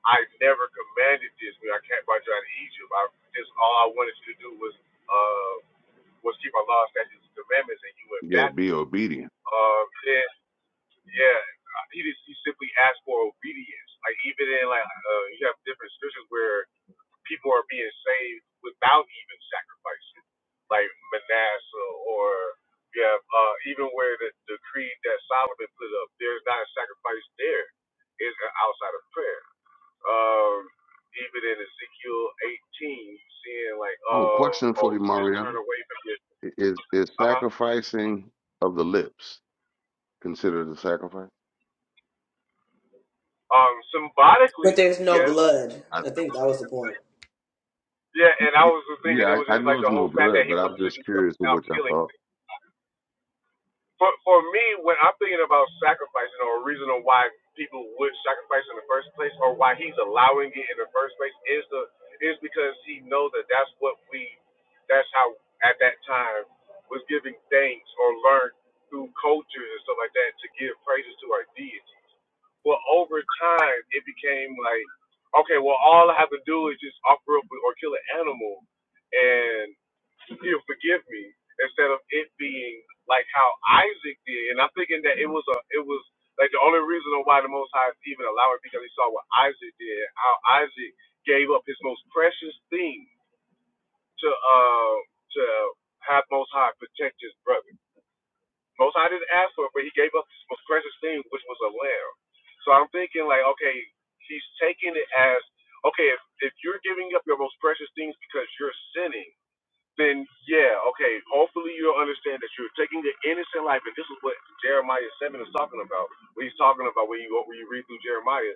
[SPEAKER 12] I never commanded this when I came back out of Egypt. I just all I wanted you to do was uh was keep our laws, statutes, and commandments, and you went
[SPEAKER 10] yeah, be
[SPEAKER 12] backwards.
[SPEAKER 10] obedient.
[SPEAKER 12] Um, then yeah, uh, he just he simply asked for obedience. Like even in like uh, you have different scriptures where people are being saved without even sacrificing, like Manasseh, or you have uh, even where the, the creed that Solomon put up, there's not a sacrifice there. It's outside of prayer. Um, even in Ezekiel 18, seeing like,
[SPEAKER 10] Oh,
[SPEAKER 12] uh,
[SPEAKER 10] question for
[SPEAKER 12] oh,
[SPEAKER 10] you,
[SPEAKER 12] just
[SPEAKER 10] Mario:
[SPEAKER 12] turn away from this.
[SPEAKER 10] I- Is is
[SPEAKER 12] Uh huh.
[SPEAKER 10] sacrificing of the lips considered a sacrifice?
[SPEAKER 12] Um,
[SPEAKER 6] But
[SPEAKER 12] symbolically,
[SPEAKER 6] there's no
[SPEAKER 12] yes.
[SPEAKER 6] blood.
[SPEAKER 10] I,
[SPEAKER 6] I think that was the point.
[SPEAKER 12] Yeah, and I was thinking it
[SPEAKER 10] yeah,
[SPEAKER 12] was
[SPEAKER 10] I, I
[SPEAKER 12] just
[SPEAKER 10] know
[SPEAKER 12] like
[SPEAKER 10] it's
[SPEAKER 12] the
[SPEAKER 10] no
[SPEAKER 12] whole fact that
[SPEAKER 10] blood,
[SPEAKER 12] he
[SPEAKER 10] but I'm
[SPEAKER 12] wanted to do
[SPEAKER 10] just
[SPEAKER 12] something
[SPEAKER 10] curious of
[SPEAKER 12] without
[SPEAKER 10] what y'all
[SPEAKER 12] killing.
[SPEAKER 10] thought.
[SPEAKER 12] for for me, when I'm thinking about sacrificing or a reason on why people would sacrifice in the first place or why he's allowing it in the first place is the is because he knows that that's what we that's how at that time was giving thanks or learned through cultures and stuff like that to give praises to our deity. Well, over time, it became like, okay, well, all I have to do is just offer up or kill an animal, and he'll forgive me instead of it being like how Isaac did. And I'm thinking that it was a it was like the only reason of why the Most High even allowed it because he saw what Isaac did, how Isaac gave up his most precious thing to uh to have Most High protect his brother. Most I didn't ask for it, but he gave up his most precious thing, which was a lamb. So I'm thinking like, okay, he's taking it as, okay, if, if you're giving up your most precious things because you're sinning, then yeah, okay, hopefully you'll understand that you're taking the innocent life, and this is what Jeremiah seven is talking about. When he's talking about when you go when you read through Jeremiah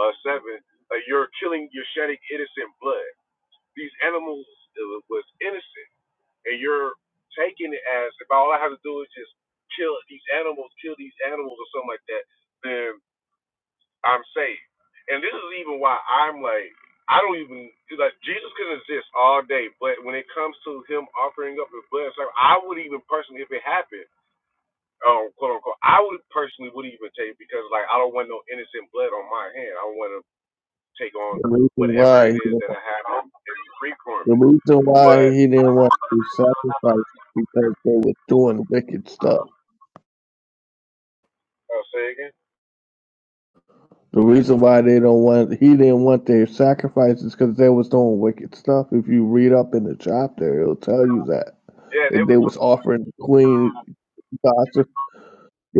[SPEAKER 12] uh seven, uh, you're killing, you're shedding innocent blood. These animals uh, was innocent and you're taking it as if all I have to do is just kill these animals, kill these animals or something like that, then I'm saved. And this is even why I'm like, I don't even like Jesus could exist all day, but when it comes to him offering up his blood, and sacrifice, I would even personally, if it happened, um, quote unquote, I would personally would even take because like I don't want no innocent blood on my hand. I want to take on
[SPEAKER 13] The reason
[SPEAKER 12] whatever
[SPEAKER 13] why
[SPEAKER 12] it
[SPEAKER 13] he
[SPEAKER 12] is
[SPEAKER 13] didn't,
[SPEAKER 12] that I have to free from
[SPEAKER 13] the
[SPEAKER 12] it.
[SPEAKER 13] reason why
[SPEAKER 12] But
[SPEAKER 13] he didn't want to sacrifice because they were doing wicked stuff.
[SPEAKER 12] I'll say again.
[SPEAKER 13] The reason why they don't want he didn't want their sacrifices because they was doing wicked stuff. If you read up in the chapter, it'll tell you that
[SPEAKER 12] Yeah, they
[SPEAKER 13] and
[SPEAKER 12] was
[SPEAKER 13] they was offering the queen gods. It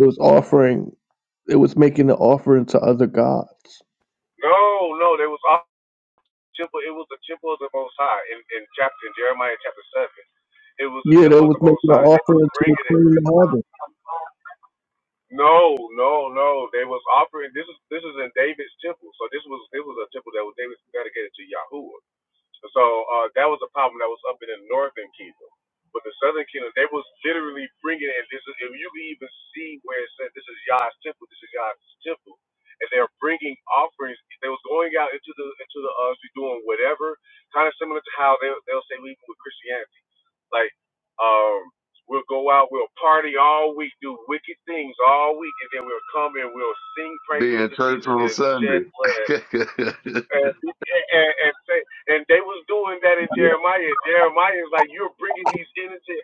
[SPEAKER 13] was offering. It was making an offering to other gods.
[SPEAKER 12] No, no, there was also a temple. It was the temple of the Most High in, in chapter in Jeremiah chapter seven. It was the
[SPEAKER 13] Yeah, they
[SPEAKER 12] temple of
[SPEAKER 13] was
[SPEAKER 12] the
[SPEAKER 13] making
[SPEAKER 12] Most
[SPEAKER 13] an
[SPEAKER 12] High. They
[SPEAKER 13] offering
[SPEAKER 12] was
[SPEAKER 13] to the
[SPEAKER 12] bringing it.
[SPEAKER 13] queen of heaven.
[SPEAKER 12] No, no, no. They was offering. This is this is in David's temple. So this was this was a temple that was David dedicated to Yahweh. So uh, that was a problem that was up in the northern kingdom. But the southern kingdom, they was literally bringing in this. Is, if you can even see where it said, "This is Yah's temple," "This is Yah's temple," and they're bringing offerings. They was going out into the into the uh, street doing whatever, kind of similar to how they they'll say leaving with Christianity. Like, um, we'll go out, we'll party all week, do wicked things all week, and then we'll come and we'll sing
[SPEAKER 10] Be
[SPEAKER 12] praises
[SPEAKER 10] in
[SPEAKER 12] to
[SPEAKER 10] church
[SPEAKER 12] Jesus
[SPEAKER 10] on
[SPEAKER 12] and shed
[SPEAKER 10] Sunday. [LAUGHS]
[SPEAKER 12] blood
[SPEAKER 10] I,
[SPEAKER 12] and, and, and, say, and they was doing that in Jeremiah. Jeremiah is like, you're bringing these innocent,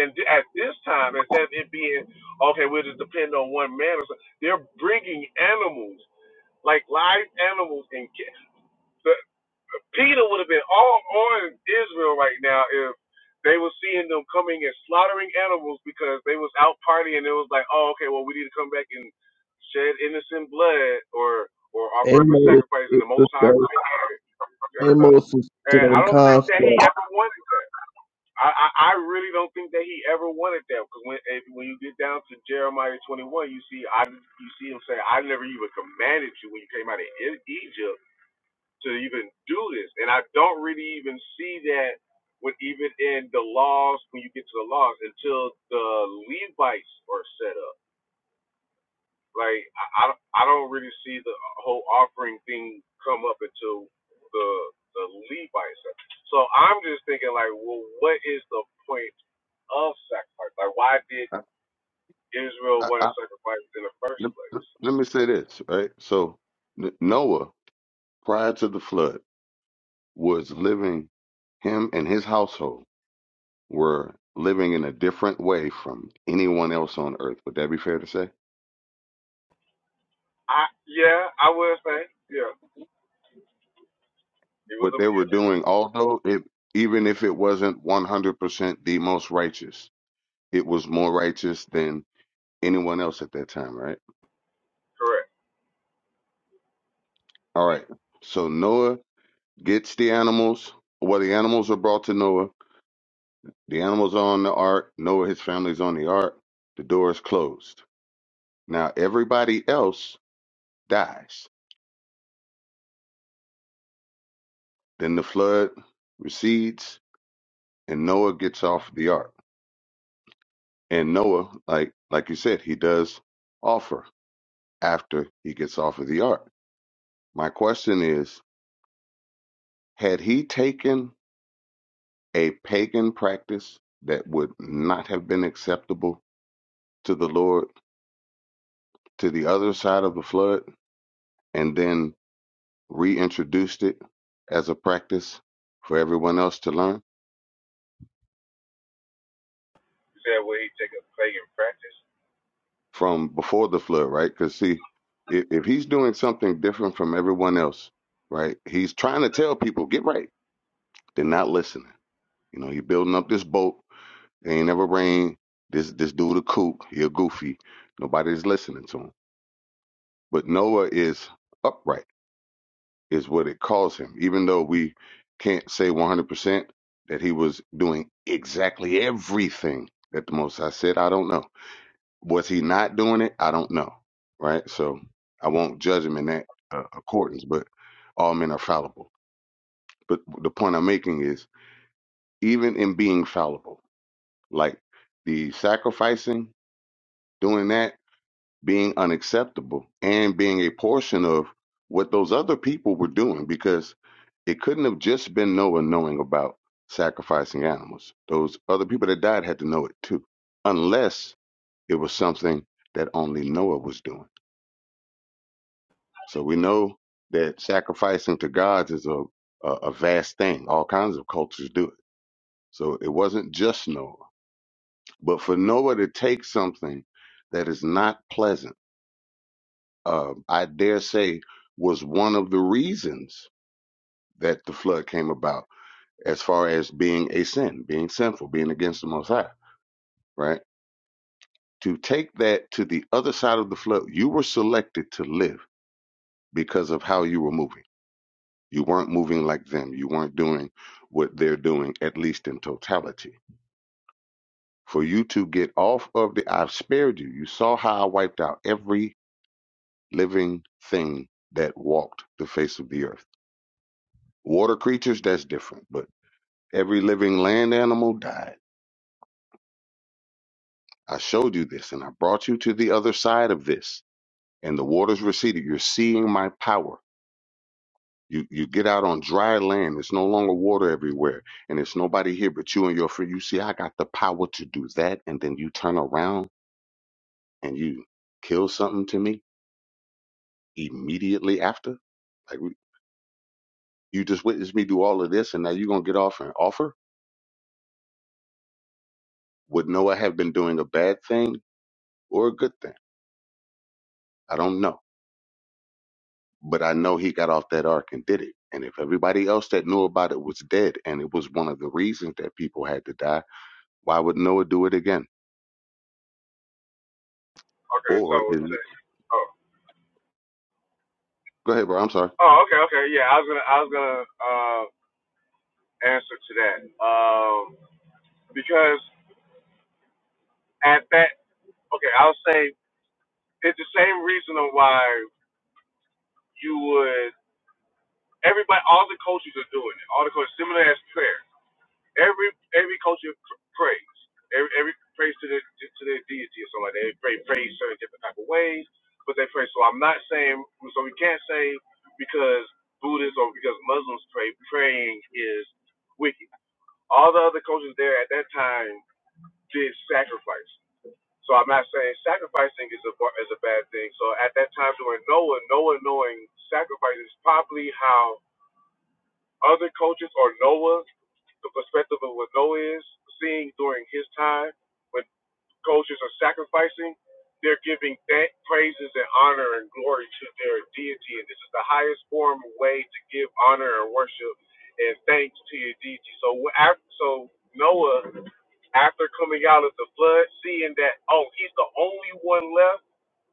[SPEAKER 12] and at this time, instead of it being, okay, we'll just depend on one man or something, they're bringing animals, like live animals. And ki- the, Peter would have been all on Israel right now if they were seeing them coming and slaughtering animals because they was out partying. It was like, oh, okay, well, we need to come back and shed innocent blood or or offer up a
[SPEAKER 13] Amos
[SPEAKER 12] sacrifice in
[SPEAKER 13] is
[SPEAKER 12] the
[SPEAKER 13] the
[SPEAKER 12] Most High.
[SPEAKER 13] same.
[SPEAKER 12] Yes,
[SPEAKER 13] Amos is the
[SPEAKER 12] And I
[SPEAKER 13] same
[SPEAKER 12] don't think
[SPEAKER 13] concept.
[SPEAKER 12] that he ever wanted that. I, I, I really don't think that he ever wanted that because when if, when you get down to Jeremiah 21, you see I you see him say, "I never even commanded you when you came out of E- Egypt to even do this." And I don't really even see that with even in the laws when you get to the laws until the Levites are set up. Like I, I don't- I don't really see the whole offering thing come up until the the Levite sacrifice. So I'm just thinking like, well, what is the point of sacrifice? Like, why did
[SPEAKER 10] I,
[SPEAKER 12] Israel want to
[SPEAKER 10] I,
[SPEAKER 12] sacrifice in the first
[SPEAKER 10] let,
[SPEAKER 12] place?
[SPEAKER 10] let me say this, right? So N- Noah, prior to the flood, was living. Him and his household were living in a different way from anyone else on earth. Would that be fair to say?
[SPEAKER 12] I yeah, I would say yeah, he was
[SPEAKER 10] What
[SPEAKER 12] a
[SPEAKER 10] they were
[SPEAKER 12] yeah,
[SPEAKER 10] doing, although it, even if it wasn't one hundred percent the most righteous, it was more righteous than anyone else at that time, right?
[SPEAKER 12] correct.
[SPEAKER 10] All right. So Noah gets the animals. Well, the animals are brought to Noah. The animals are on the ark. Noah, his family's on the ark. The door is closed. Now everybody else dies. Then the flood recedes, and Noah gets off the ark. And Noah, like like you said, he does offer after he gets off of the ark. My question is, had he taken a pagan practice that would not have been acceptable to the Lord to the other side of the flood? and then reintroduced it as a practice for everyone else to learn
[SPEAKER 12] You said well, he take a pagan practice.
[SPEAKER 10] from before the flood, right? Because see, if, if he's doing something different from everyone else, right, he's trying to tell people get right. They're not listening. You know, he building up this boat. It ain't never rain. This this dude a kook. He a goofy. Nobody's listening to him. But Noah is upright is what it caused him. Even though we can't say 100% that he was doing exactly everything that the Most High said, I don't know. Was he not doing it? I don't know. Right? So I won't judge him in that uh, accordance, but all men are fallible. But the point I'm making is even in being fallible, like the sacrificing, doing that, being unacceptable, and being a portion of what those other people were doing, because. It couldn't have just been Noah knowing about sacrificing animals. Those other people that died had to know it too, unless it was something that only Noah was doing. So we know that sacrificing to gods is a, a, a vast thing. All kinds of cultures do it. So it wasn't just Noah. But for Noah to take something that is not pleasant, uh, I dare say, was one of the reasons that the flood came about as far as being a sin, being sinful, being against the Most High, right? To take that to the other side of the flood, you were selected to live because of how you were moving. You weren't moving like them. You weren't doing what they're doing, at least in totality. For you to get off of the, I've spared you. You saw how I wiped out every living thing that walked the face of the earth. Water creatures, that's different, but every living land animal died. I showed you this and I brought you to the other side of this and the waters receded. You're seeing my power. You you get out on dry land. It's no longer water everywhere, and it's nobody here but you and your friend. You see, I got the power to do that, and then you turn around and you kill something to me immediately after. Like we- you just witnessed me do all of this, and now you're gonna get off and offer? Would Noah have been doing a bad thing or a good thing? I don't know, but I know he got off that ark and did it. And if everybody else that knew about it was dead, and it was one of the reasons that people had to die Why would Noah do it again?
[SPEAKER 12] Okay, so
[SPEAKER 10] Or is
[SPEAKER 12] it's
[SPEAKER 10] it,
[SPEAKER 12] a- oh
[SPEAKER 10] go ahead, bro. I'm sorry.
[SPEAKER 12] oh okay okay yeah, I was gonna I was gonna uh, answer to that um because at that Okay, I'll say it's the same reason of why you would everybody all the coaches are doing it. All the coaches similar as prayer. Every every coach pr- prays. Every every prays to their to, to their deity or something like that. They pray praise certain different type of ways, but they pray. So I'm not saying so we can't say because Buddhists or because Muslims pray, praying is wicked. All the other coaches there at that time did sacrifice. So I'm not saying sacrificing is a bu- is a bad thing. So at that time during Noah, Noah knowing sacrifice is probably how other cultures or Noah, the perspective of what Noah is seeing during his time, when cultures are sacrificing, they're giving that praises and honor and glory to their deity, and this is the highest form of way to give honor and worship and thanks to your deity. So wh- af- so Noah after coming out of the flood, seeing that, oh, he's the only one left,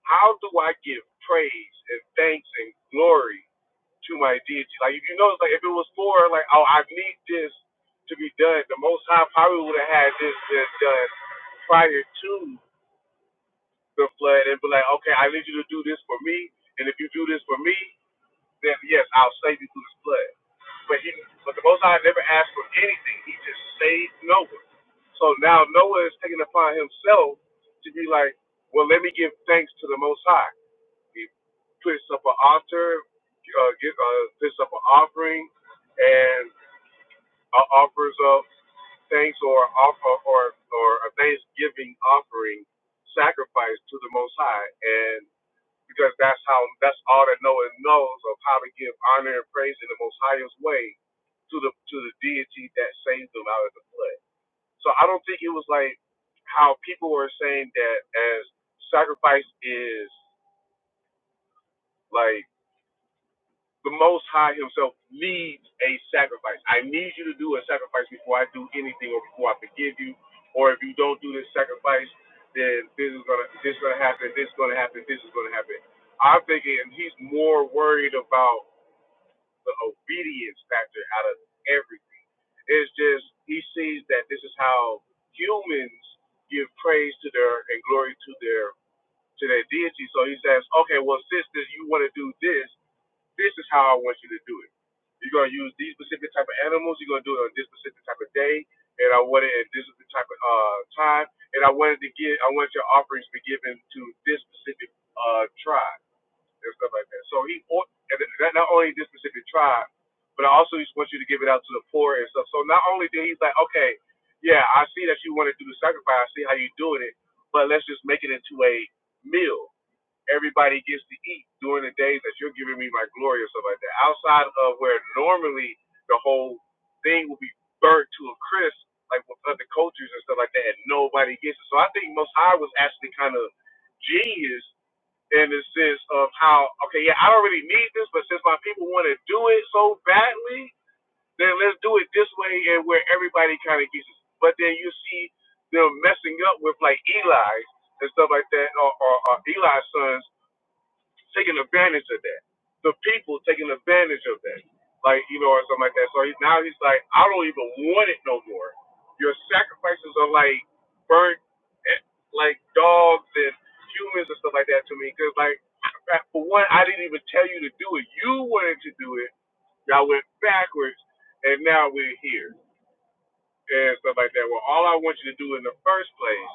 [SPEAKER 12] how do I give praise and thanks and glory to my deity? Like, if you notice, like, if it was for, like, oh, I need this to be done, the Most High probably would have had this been done prior to the flood and be like, okay, I need you to do this for me. And if you do this for me, then yes, I'll save you through His blood. But he, but the Most High never asked for anything. He just saved Noah. So now Noah is taking upon himself to be like, well, let me give thanks to the Most High. He puts up an altar, uh, give, uh, puts up an offering, and uh, offers up thanks or offer or or a thanksgiving offering sacrifice to the Most High, and because that's how that's all that Noah knows of how to give honor and praise in the most highest way to the to the deity that saved them out of the flood. So I don't think it was like how people were saying that as sacrifice is like the Most High Himself needs a sacrifice. I need you to do a sacrifice before I do anything or before I forgive you. Or if you don't do this sacrifice, then this is gonna this is gonna happen. This is gonna happen. This is gonna happen. I'm thinking he's more worried about the obedience factor out of everything. It's just he sees that this is how humans give praise to their and glory to their to their deity. So he says, okay, well, sisters, you want to do this. This is how I want you to do it. You're gonna use these specific type of animals. You're gonna do it on this specific type of day, and I want it at this specific type of uh, time. And I wanted to get, I want your offerings to be given to this specific uh, tribe and stuff like that. So he, and not only this specific tribe, but I also just want you to give it out to the poor and stuff. So not only did he's like, okay, yeah, I see that you want to do the sacrifice, I see how you are doing it, but let's just make it into a meal. Everybody gets to eat during the days that you're giving me my glory or stuff like that. Outside of where normally the whole thing will be burnt to a crisp, like with other cultures and stuff like that, and nobody gets it. So I think Most High was actually kind of genius in the sense of how okay, yeah, I don't really need this, but since my people want to do it so badly, then let's do it this way and where everybody kind of gets it. But then you see them messing up with like Eli and stuff like that, or, or, or Eli's sons taking advantage of that. The people taking advantage of that, like you know, or something like that. So he, now he's like, I don't even want it no more. Your sacrifices are like burnt, eh, like dogs and humans and stuff like that to me. Because like, for one, I didn't even tell you to do it. You wanted to do it. Y'all went backwards, and now we're here and stuff like that. Well, all I want you to do in the first place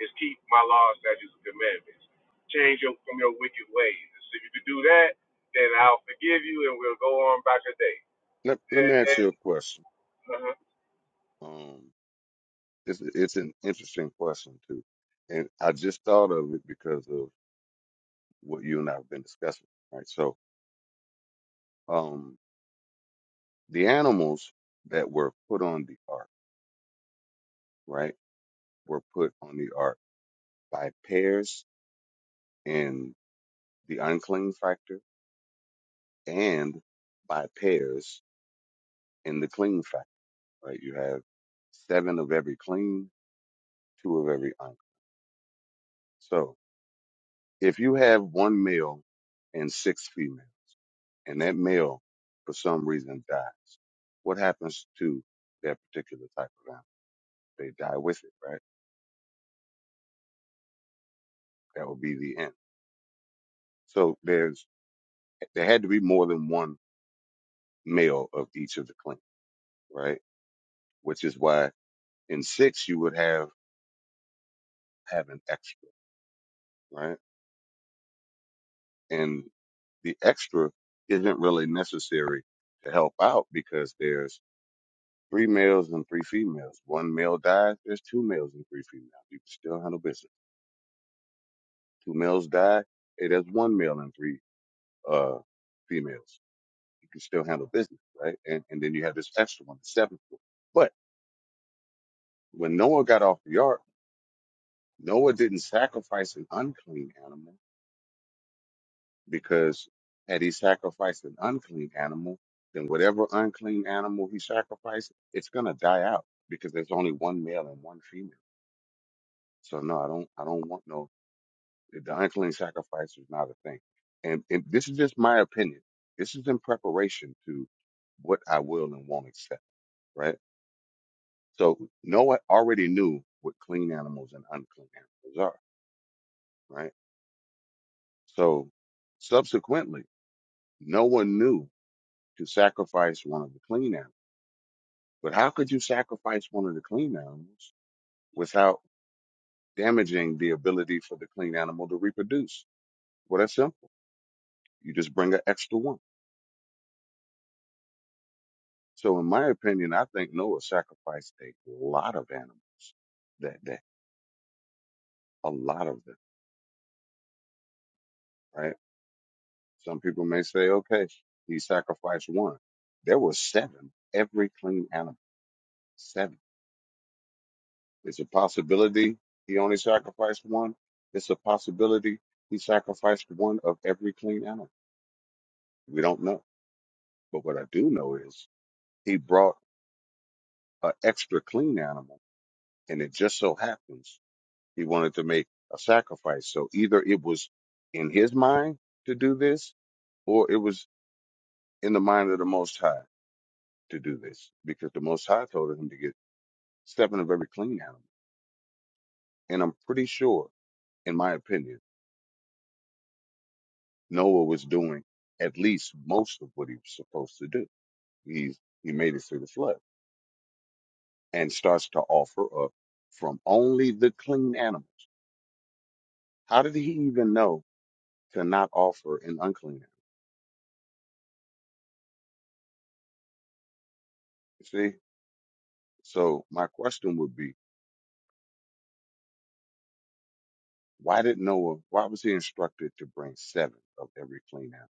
[SPEAKER 12] is keep my laws, statutes, and commandments. Change your, from your wicked ways. So if you can do that, then I'll forgive you and we'll go on about your day.
[SPEAKER 10] Let, let
[SPEAKER 12] And,
[SPEAKER 10] me ask
[SPEAKER 12] and,
[SPEAKER 10] you a question.
[SPEAKER 12] uh-huh.
[SPEAKER 10] Um, it's, it's an interesting question too, and I just thought of it because of what you and I have been discussing. Right. So, um, the animals that were put on the ark, right, were put on the ark by pairs in the unclean factor and by pairs in the clean factor. Right. You have seven of every clean, two of every unclean. So If you have one male and six females, and that male for some reason dies, what happens to that particular type of animal? They die with it, right? That would be the end. So there's there had to be more than one male of each of the clans, right? Which is why in six you would have have an extra, right? And the extra isn't really necessary to help out because there's Three males and three females. One male dies, there's two males and three females. You can still handle business. Two males die, hey, there's one male and three uh females. You can still handle business, right? And and then you have this extra one, the seventh one. But when Noah got off the ark, Noah didn't sacrifice an unclean animal because had he sacrificed an unclean animal, then whatever unclean animal he sacrificed, it's gonna die out because there's only one male and one female. So no, I don't I don't want no The unclean sacrifice is not a thing. And, and this is just my opinion. This is in preparation to what I will and won't accept, right? So Noah already knew what clean animals and unclean animals are, right? So subsequently, no one knew to sacrifice one of the clean animals. But how could you sacrifice one of the clean animals without damaging the ability for the clean animal to reproduce? Well, that's simple. You just bring an extra one. So, in my opinion, I think Noah sacrificed a lot of animals that day, a lot of them, right? Some people may say, okay, he sacrificed one. There were seven, every clean animal, seven. It's a possibility he only sacrificed one. It's a possibility he sacrificed one of every clean animal. We don't know. But what I do know is he brought an extra clean animal, and it just so happens He wanted to make a sacrifice. So either it was in his mind to do this, or it was in the mind of the Most High to do this, because the Most High told him to get seven of every clean animal. And I'm pretty sure, in my opinion, Noah was doing at least most of what he was supposed to do. He's he made it through the flood and starts to offer up from only the clean animals. How did he even know to not offer an unclean animal? You See, so my question would be Why did Noah, why was he instructed to bring seven of every clean animal?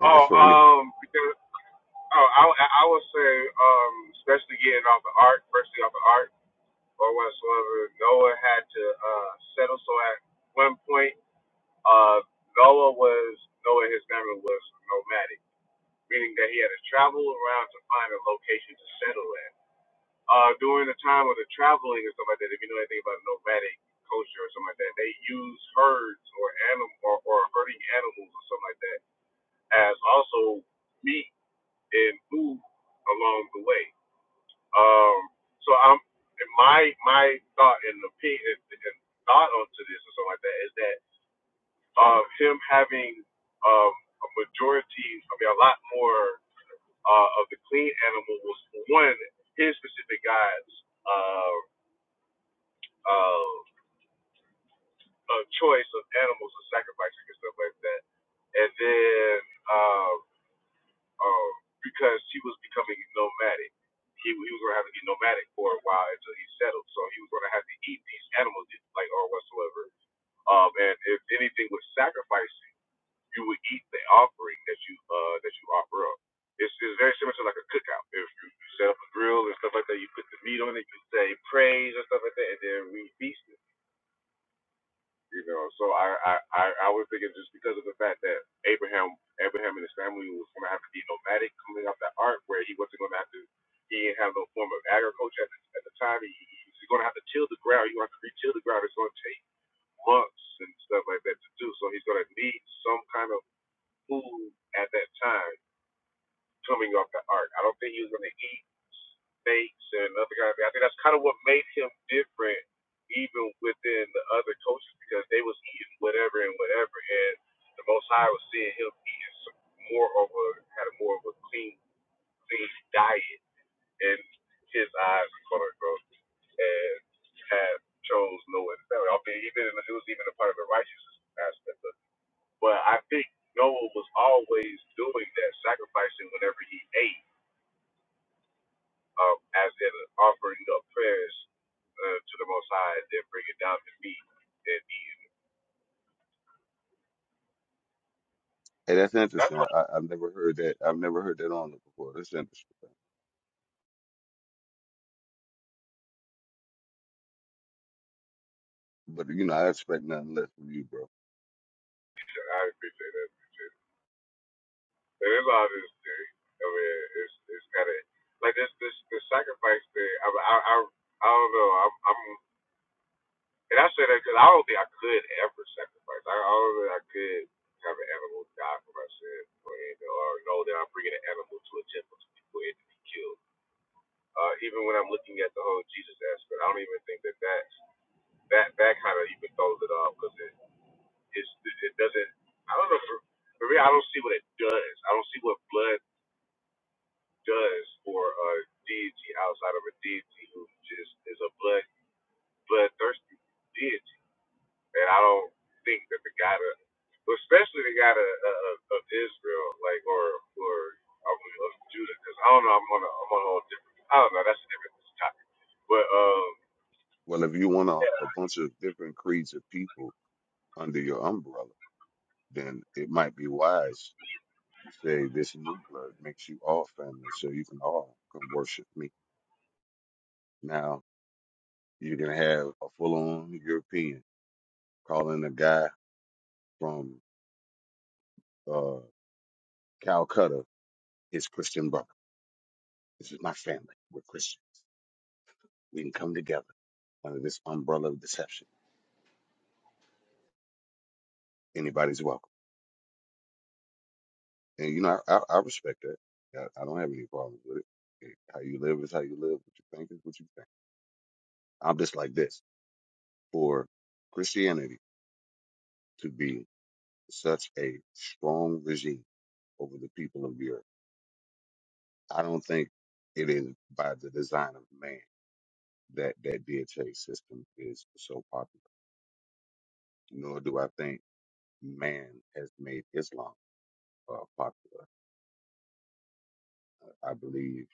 [SPEAKER 10] And
[SPEAKER 12] Oh,
[SPEAKER 10] that's for anybody.
[SPEAKER 12] um, because oh, I, I I would say, um, especially getting off the ark, firstly off the ark or whatsoever, Noah had to uh, settle. So at one point, uh, Noah was Noah and his family was nomadic meaning that he had to travel around to find a location to settle in. Uh, during the time of the traveling and stuff like that, if you know anything about nomadic culture or something like that, they use herds or animal or, or herding animals or something like that as also meat and food along the way. Um, so I'm and my my thought and opinion and thought onto this or something like that is that uh, him having um, a majority, I mean, a lot more uh, of the clean animal was one his specific guide's uh, uh, uh, choice of animals and sacrificing and stuff like that, and then uh, uh, because he was becoming nomadic, he he was gonna have to be nomadic for a while until he settled, so he was gonna have to eat these animals like or whatsoever. Um, and if anything was sacrificed you would eat the offering that you uh that you offer up. It's, it's very similar to like a cookout. If you, you set up a grill and stuff like that, you put the meat on it, you say praise and stuff like that, and then we feast it. You know, so I I I, I would think it's just because of the fact that Abraham Abraham and his family was going to have to be nomadic coming off that ark, where he wasn't going to have to he didn't have no form of agriculture at the, at the time. He, he- he's going to have to till the ground. You're going to have to re-till the ground. It's going to take months and stuff like that to do. So he's going to need some kind of food at that time coming off the ark. I don't think he was going to eat snakes and other kind of thing. I think that's kind of what made him different, even within the other cultures, because they was eating whatever and whatever, and the Most High was seeing him eating some more of a had a more of a clean clean diet in his eyes, quote unquote, and had chose no one. Albeit even it was even a part of the righteousness aspect of but I think Noah was always doing that, sacrificing whenever he ate, um, as an offering of prayers uh, to the Most High, and then bring it down to me and eat.
[SPEAKER 10] Hey, that's
[SPEAKER 12] That's
[SPEAKER 10] interesting. I,
[SPEAKER 12] what
[SPEAKER 10] I- I've never heard that. I've never heard that on it before. That's interesting. But, you know, I expect nothing less from you, bro.
[SPEAKER 12] I appreciate. That appreciate. It. it's all this thing. I mean, it's it's kind of like this this the sacrifice thing. I, I I I don't know. I'm I'm And I say that because I don't think I could ever sacrifice. I, I don't think I could have an animal die for myself or, anything, or know that I'm bringing an animal to a temple to be, for it to be killed. Uh, even when I'm looking at the whole Jesus aspect, I don't even think that that's, that that kind of even throws it off because it it's, it doesn't. I don't know. For, for me, I don't see what it does. I don't see what blood does for a deity outside of a deity who just is a blood bloodthirsty deity. and I don't think that the guy, of, especially the God of, of, of Israel, like or or I mean, of Judah, because I don't know, I'm on a I'm on a whole different. I don't know, that's a different topic. But um,
[SPEAKER 10] Well, if you want a,
[SPEAKER 12] yeah,
[SPEAKER 10] a bunch of different creeds of people under your umbrella, then it might be wise to say this new blood makes you all family so you can all come worship me. Now, you can have a full on European calling a guy from, uh, Calcutta his Christian brother. This is my family. We're Christians. We can come together under this umbrella of deception. Anybody's welcome. And you know, I, I, I respect that. I, I don't have any problems with it. How you live is how you live. What you think is what you think. I'm just like this. For Christianity to be such a strong regime over the people of the earth, I don't think it is by the design of man that that DHA system is so popular. Nor do I think man has made Islam uh, popular. I believe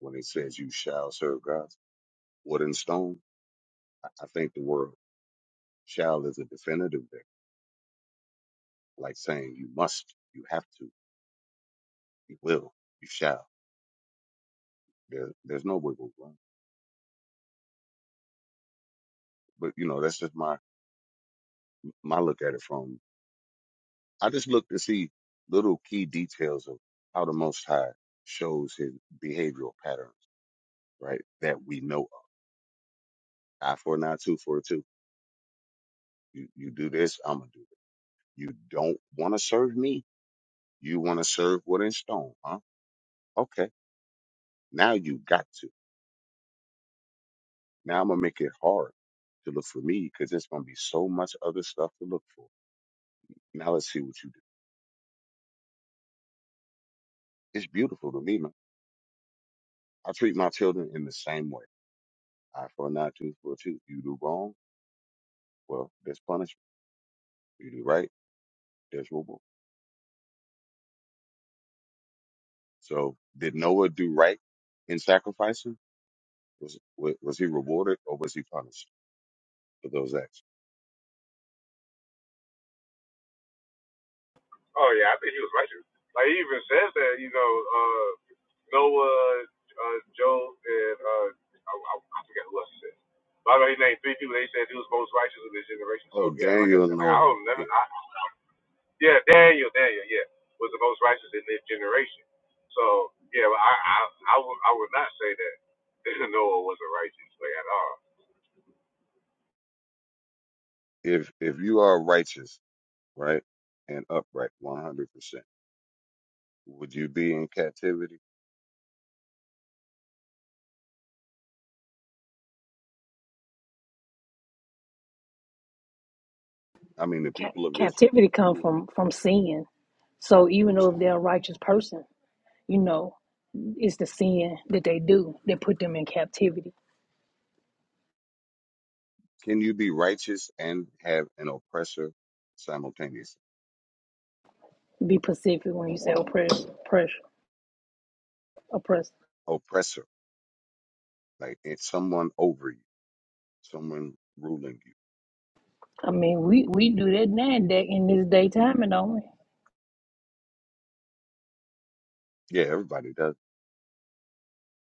[SPEAKER 10] when it says you shall serve gods, wood and stone, I, I think the word shall is a definitive there, like saying you must, you have to, you will, you shall. There, there's no wiggle room. But you know, that's just my my look at it from. I just look to see little key details of how the Most High shows his behavioral patterns, right? That we know of. Eye for an eye, tooth for a tooth. You you do this, I'm gonna do it. You don't want to serve me, You want to serve wood and stone, huh? Okay, now you got to. Now I'm gonna make it hard to look for me because there's gonna be so much other stuff to look for. Now let's see what you do. It's beautiful to me, man. I treat my children in the same way. I for an eye, tooth for a tooth. You do wrong, well, there's punishment. You do right, there's reward. So did Noah do right in sacrificing? Was wa- was he rewarded or was he punished for those acts?
[SPEAKER 12] oh yeah, I think he was righteous. Like he even says that, you know, uh, Noah, uh, Job, and uh, I, I, I forget who else he said. But I know he named three people. They said he was most righteous of his generation.
[SPEAKER 10] Oh,
[SPEAKER 12] So yeah, like I
[SPEAKER 10] Daniel and
[SPEAKER 12] said, like I
[SPEAKER 10] Noah.
[SPEAKER 12] don't never.
[SPEAKER 10] Yeah.
[SPEAKER 12] I, Yeah, Daniel, Daniel, yeah, was the most righteous in this generation. So yeah, I I I would I would not say that [LAUGHS] Noah wasn't righteous like at all.
[SPEAKER 10] If if you are righteous right? And upright, 100%. Would you be in captivity? I mean, the
[SPEAKER 1] Cap-
[SPEAKER 10] people of Israel.
[SPEAKER 1] captivity come
[SPEAKER 10] Who,
[SPEAKER 1] from from sin. So even
[SPEAKER 10] I'm
[SPEAKER 1] though if
[SPEAKER 10] saying,
[SPEAKER 1] they're a righteous person, you know, it's the sin that they do that put them in captivity.
[SPEAKER 10] can you be righteous and have an oppressor simultaneously?
[SPEAKER 1] Be pacific when you say oppress, oppress, oppress.
[SPEAKER 10] Oppressor, like it's someone over you, someone ruling you.
[SPEAKER 1] I mean, we, we do that NASDAQ in this daytime, and don't we?
[SPEAKER 10] Yeah, everybody does.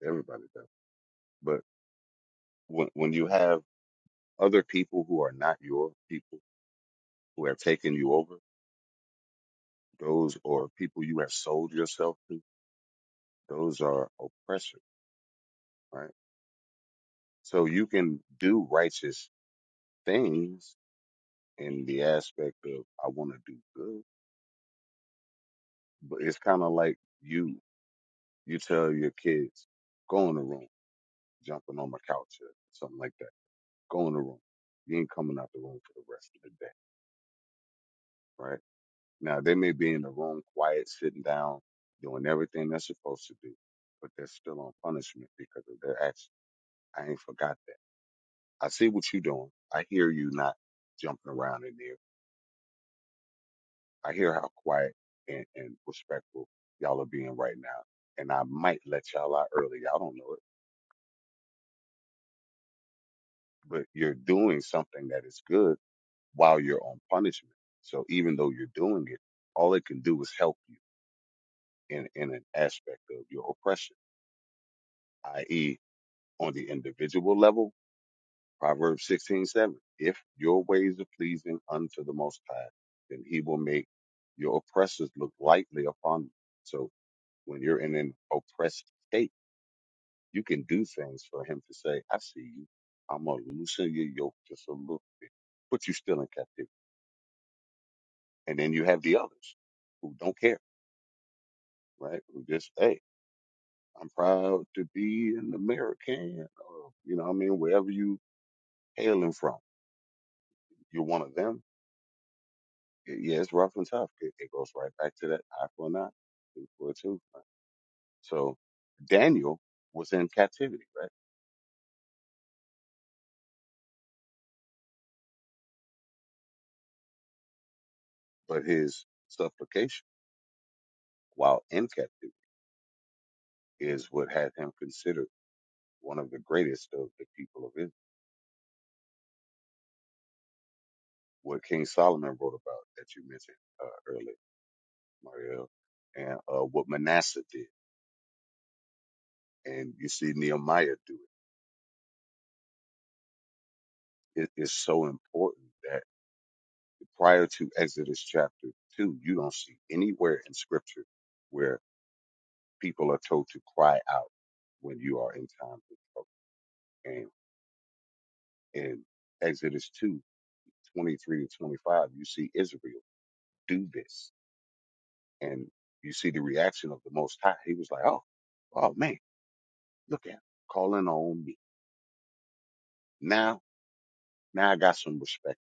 [SPEAKER 10] Everybody does. But when, when you have other people who are not your people, who have taken you over, those or people you have sold yourself to, those are oppressors, right? So you can do righteous things in the aspect of I want to do good, but it's kind of like you you tell your kids go in the room, jumping on my couch or something like that. Go in the room. You ain't coming out the room for the rest of the day, right? Now they may be in the room, quiet, sitting down, doing everything they're supposed to do, but they're still on punishment because of their action. I ain't forgot that. I see what you doing. I hear you not jumping around in there I hear how quiet and, and respectful y'all are being right now. And I might let y'all out early. Y'all don't know it, but you're doing something that is good while you're on punishment. So even though you're doing it, all it can do is help you in, in an aspect of your oppression, i.e., on the individual level, Proverbs 16:7. If your ways are pleasing unto the Most High, then he will make your oppressors look lightly upon you. So when you're in an oppressed state, You can do things for him to say, I see you. I'm going to loosen your yoke just a little bit, but you are still in captivity. And then you have the others who don't care, right? Who just, hey, I'm proud to be an American. Or, you know what I mean? Wherever you hailing from, you're one of them. Y- Yeah, it's rough and tough. It, it goes right back to that eye for an eye, tooth for a tooth. right? So Daniel was in captivity, right? But his supplication while in captivity is what had him consider one of the greatest of the people of Israel, what King Solomon wrote about that you mentioned uh, earlier, Mariel, and uh, what Manasseh did. And you see Nehemiah do it. It is so important that prior to Exodus chapter 2, you don't see anywhere in scripture where people are told to cry out when you are in times of trouble. And in Exodus 2 23 to 25, you see Israel do this And you see the reaction of the Most High. He was like, oh, oh man, look at him calling on me. Now, now I got some respect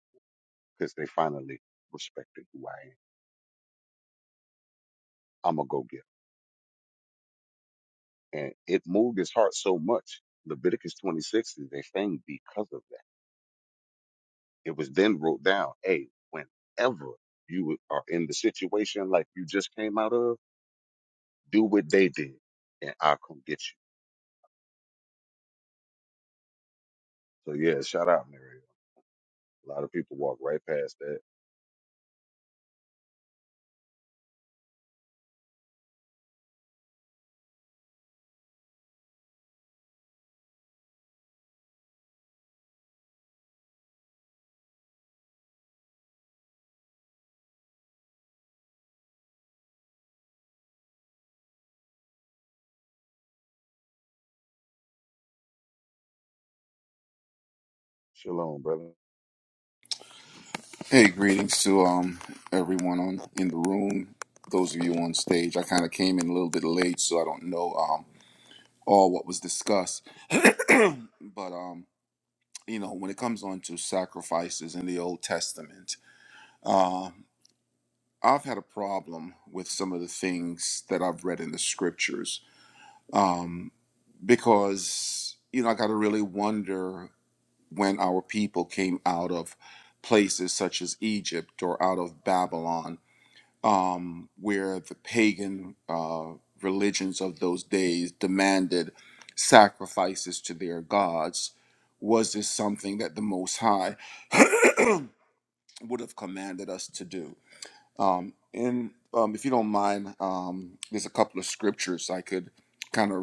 [SPEAKER 10] because they finally respected who I am. I'm going to go get 'em." And it moved his heart so much. Leviticus 26 is a thing because of that. It was then wrote down, hey, whenever you are in the situation like you just came out of, do what they did and I'll come get you. So yeah, shout out, Mary. A lot of people walk right past that. Shalom, brother.
[SPEAKER 14] Hey, greetings to um everyone on in the room. Those of you on stage, I kind of came in a little bit late, so I don't know um all what was discussed. But um, you know, when it comes on to sacrifices in the Old Testament, um, I've had a problem with some of the things that I've read in the scriptures, um, because you know I got to really wonder when our people came out of places such as Egypt or out of Babylon um, where the pagan uh, religions of those days demanded sacrifices to their gods. Was this something that the Most High [COUGHS] [CLEARS THROAT] would have commanded us to do? Um, and um, if you don't mind, um, there's a couple of scriptures I could kind of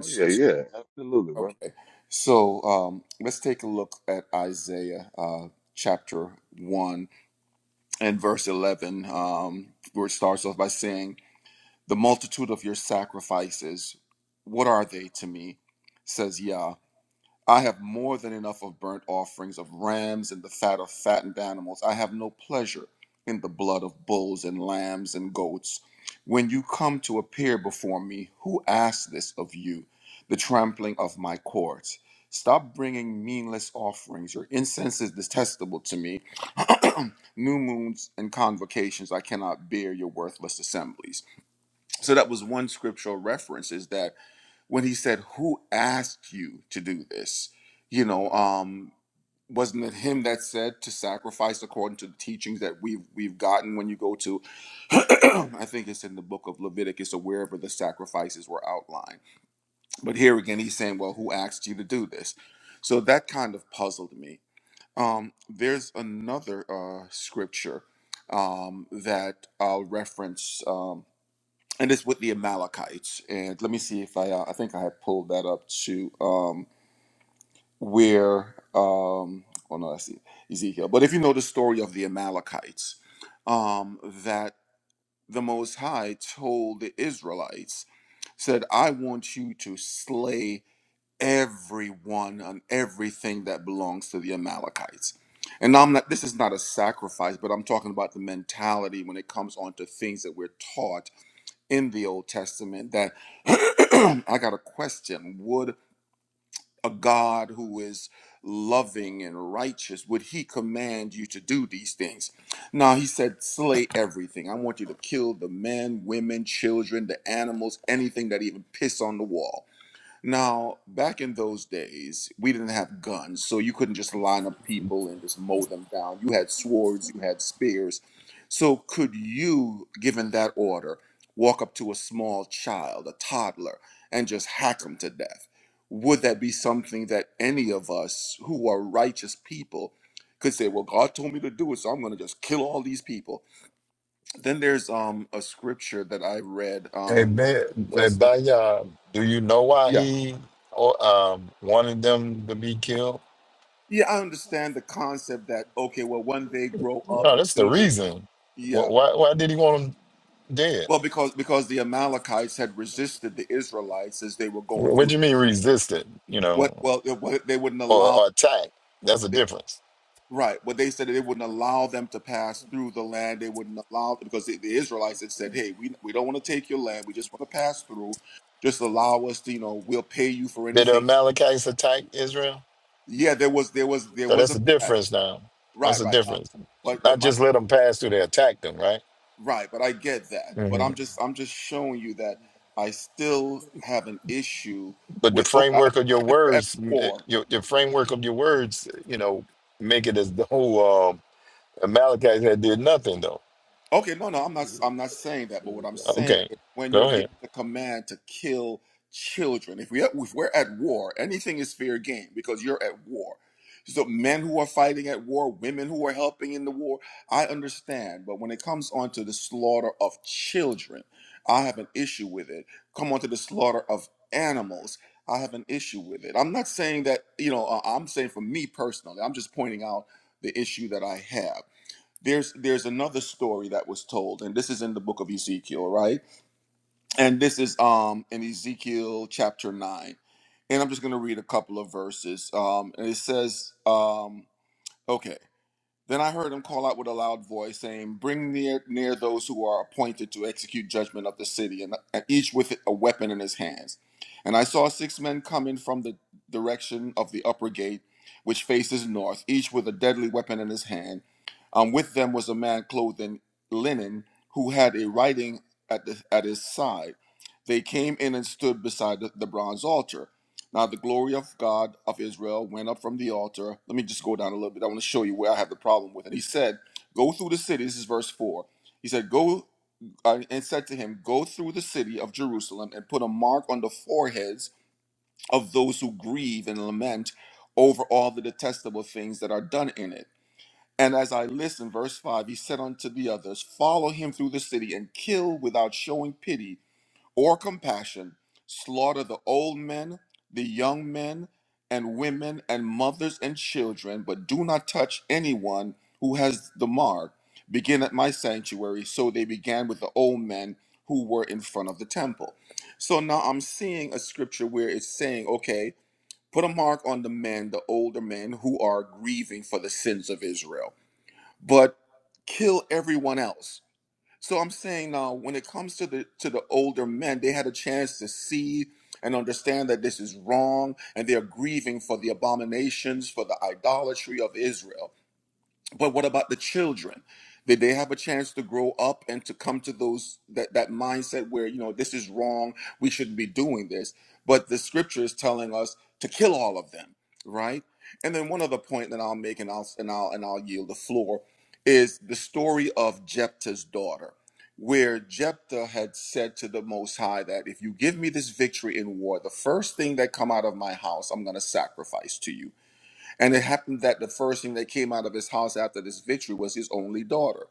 [SPEAKER 10] Oh yeah, yeah, absolutely, brother.
[SPEAKER 14] Okay, so um, let's take a look at Isaiah uh, chapter 1 and verse 11, um, where it starts off by saying, the multitude of your sacrifices, what are they to me? Says Yah. I have more than enough of burnt offerings of rams and the fat of fattened animals. I have no pleasure in the blood of bulls and lambs and goats. When you come to appear before me, who asks this of you? The trampling of my courts. Stop bringing meaningless offerings. Your incense is detestable to me. [CLEARS THROAT] New moons and convocations, I cannot bear your worthless assemblies. So that was one scriptural reference is that when he said, Who asked you to do this? You know, um, wasn't it him that said to sacrifice according to the teachings that we've we've gotten when you go to [CLEARS THROAT] I think it's in the book of Leviticus or wherever the sacrifices were outlined. But here again he's saying, Well, who asked you to do this? So that kind of puzzled me. Um, there's another uh scripture um that I'll reference Um, and it's with the Amalekites. And let me see if I uh, I think I had pulled that up to um, where um, oh no, that's E-, Ezekiel. But if you know the story of the Amalekites, um, that the Most High told the Israelites, said, "I want you to slay everyone and everything that belongs to the Amalekites." And I'm not. This is not a sacrifice, but I'm talking about the mentality when it comes on to things that we're taught in the Old Testament that [CLEARS THROAT] I got a question. Would a God who is loving and righteous, would he command you to do these things? No, he said, slay everything. I want you to kill the men, women, children, the animals, anything that even piss on the wall. Now, back in those days, we didn't have guns, so you couldn't just line up people and just mow them down. You had swords, you had spears. So, could you, given that order, walk up to a small child, a toddler, and just hack him to death? Would that be something that any of us who are righteous people could say, Well, God told me to do it, so I'm going to just kill all these people? Then there's um, a scripture that I read
[SPEAKER 15] Hey,
[SPEAKER 14] um,
[SPEAKER 15] Ben, hey,
[SPEAKER 14] just,
[SPEAKER 15] Banya, do you know why
[SPEAKER 14] yeah.
[SPEAKER 15] he or, um, wanted them to be killed?
[SPEAKER 14] Yeah, I understand the concept that okay, well, when they grow up,
[SPEAKER 15] No,
[SPEAKER 14] the
[SPEAKER 15] that's the
[SPEAKER 14] children.
[SPEAKER 15] reason. Wh-
[SPEAKER 14] Yeah,
[SPEAKER 15] Why, why did he want them dead?
[SPEAKER 14] well, because because the Amalekites had resisted the Israelites as they were
[SPEAKER 15] Wh-
[SPEAKER 14] going
[SPEAKER 15] What
[SPEAKER 14] through.
[SPEAKER 15] do you mean resisted, you
[SPEAKER 14] What?
[SPEAKER 15] know,
[SPEAKER 14] Well, it- what- they wouldn't
[SPEAKER 15] or,
[SPEAKER 14] allow.
[SPEAKER 15] or attacked? That's a
[SPEAKER 14] They,
[SPEAKER 15] difference.
[SPEAKER 14] right. What they said that they wouldn't allow them to pass through the land. They wouldn't allow because the, the Israelites had said, "Hey, we we don't want to take your land. We just want to pass through. Just allow us to. You know, we'll pay you for
[SPEAKER 15] Did the
[SPEAKER 14] anything."
[SPEAKER 15] Amalekites attack Israel?
[SPEAKER 14] Yeah, there was there was there
[SPEAKER 15] So
[SPEAKER 14] was
[SPEAKER 15] that's
[SPEAKER 14] a
[SPEAKER 15] the difference now. That's
[SPEAKER 14] right,
[SPEAKER 15] the
[SPEAKER 14] right. Uh,
[SPEAKER 15] difference.
[SPEAKER 14] but but
[SPEAKER 15] Not
[SPEAKER 14] my
[SPEAKER 15] just let them pass through, they attacked them, right?
[SPEAKER 14] Right, but I get that. But
[SPEAKER 15] hmm
[SPEAKER 14] I'm just I'm just showing you that I still have an issue
[SPEAKER 15] But the
[SPEAKER 14] with okay, I
[SPEAKER 15] framework of your
[SPEAKER 14] understand if you're at
[SPEAKER 15] words, mm, eh,
[SPEAKER 14] war.
[SPEAKER 15] your, your framework of your words, you know, make it as the whole. um, Amalekites had did nothing though.
[SPEAKER 14] Okay, no, no, I'm not. I'm not saying that. But what I'm saying
[SPEAKER 15] Okay,
[SPEAKER 14] is, when you're
[SPEAKER 15] go
[SPEAKER 14] given
[SPEAKER 15] ahead.
[SPEAKER 14] the command to kill children, if we if we're at war, anything is fair game because you're at war. So men who are fighting at war, women who are helping in the war, I understand. But when it comes on to the slaughter of children, I have an issue with it. Come on to the slaughter of animals, I have an issue with it. I'm not saying that you know. Uh, I'm saying for me personally, I'm just pointing out the issue that I have there's there's another story that was told and this is in the book of ezekiel right and this is um in ezekiel chapter 9 and i'm just going to read a couple of verses um and it says um okay then I heard him call out with a loud voice, saying, Bring near, near those who are appointed to execute judgment of the city, and and each with a weapon in his hands. And I saw six men coming from the direction of the upper gate, which faces north, each with a deadly weapon in his hand. Um, with them was a man clothed in linen who had a writing at, the, at his side. They came in and stood beside the, the bronze altar. Now the glory of God of Israel went up from the altar. Let me just go down a little bit. I want to show you where I have the problem with it. He said, Go through the city. This is verse 4. He said, Go uh, and said to him, Go through the city of Jerusalem and put a mark on the foreheads of those who grieve and lament over all the detestable things that are done in it. And as I listened, verse 5, he said unto the others, Follow him through the city and kill without showing pity or compassion, slaughter the old men, the young men, and women, and mothers and children, but do not touch anyone who has the mark. Begin at my sanctuary. So they began with the old men who were in front of the temple. So now I'm seeing a scripture where it's saying, okay, put a mark on the men, the older men who are grieving for the sins of Israel, but kill everyone else so I'm saying now, when it comes to the to the older men, they had a chance to see and understand that this is wrong, and they are grieving for the abominations, for the idolatry of Israel. But what about the children? Did they have a chance to grow up and to come to those that, that mindset where, you know, this is wrong, we shouldn't be doing this? But the scripture is telling us to kill all of them, right? And then one other point that I'll make and I'll and I'll and I'll yield the floor is the story of Jephthah's daughter, where Jephthah had said to the Most High that if you give me this victory in war, the first thing that come out of my house, I'm gonna sacrifice to you. And it happened that the first thing that came out of his house after this victory was his only daughter.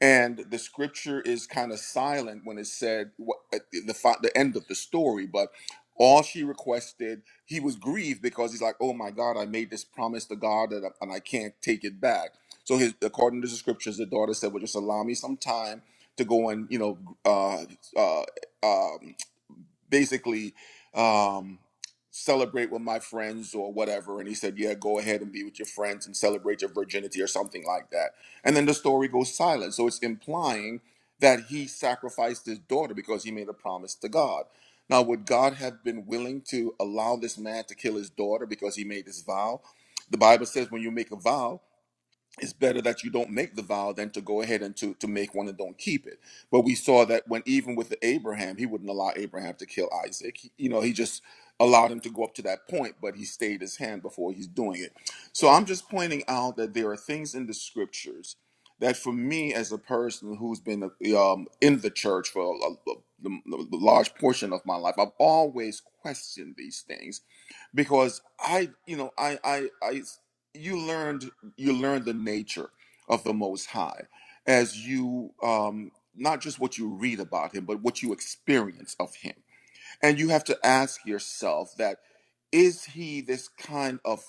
[SPEAKER 14] And the scripture is kind of silent when it said what, at the, the fi- the end of the story, but all she requested, he was grieved because he's like, "Oh my God, I made this promise to God, and I, and I can't take it back." So, his, according to the scriptures, the daughter said, "Well, just allow me some time to go and you know, uh, uh, um, basically um, celebrate with my friends or whatever. And he said, Yeah, go ahead and be with your friends and celebrate your virginity or something like that. And then the story goes silent. So it's implying that he sacrificed his daughter because he made a promise to God. Now, would God have been willing to allow this man to kill his daughter because he made this vow? The Bible says when you make a vow, it's better that you don't make the vow than to go ahead and to, to make one and don't keep it. But we saw that when even with Abraham, he wouldn't allow Abraham to kill Isaac. He- you know, he just allowed him to go up to that point, but he stayed his hand before he's doing it. So I'm just pointing out that there are things in the scriptures that for me as a person who's been um, in the church for a, a- a- the large portion of my life, I've always questioned these things because I, you know, I, I, I, you learned, you learned the nature of the Most High as you, um, not just what you read about Him, but what you experience of Him and you have to ask yourself that is he this kind of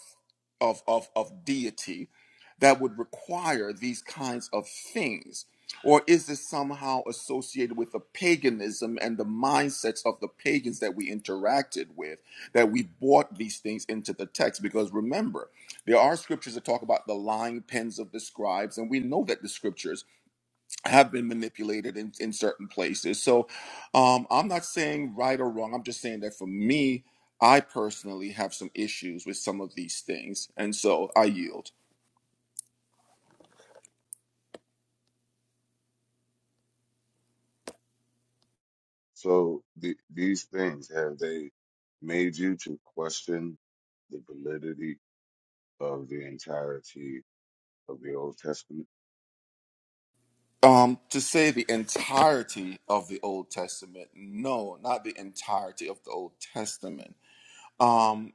[SPEAKER 14] of of, of deity that would require these kinds of things or is this somehow associated with the paganism and the mindsets of the pagans that we interacted with that we brought these things into the text because remember there are scriptures that talk about the lying pens of the scribes and we know that the scriptures have been manipulated in, in certain places. So um, I'm not saying right or wrong. I'm just saying that for me, I personally have some issues with some of these things. And so I yield.
[SPEAKER 10] So the, these things have they made you to question the validity of the entirety of the Old Testament?
[SPEAKER 14] Um, to say the entirety of the Old Testament, no, not the entirety of the Old Testament. Um,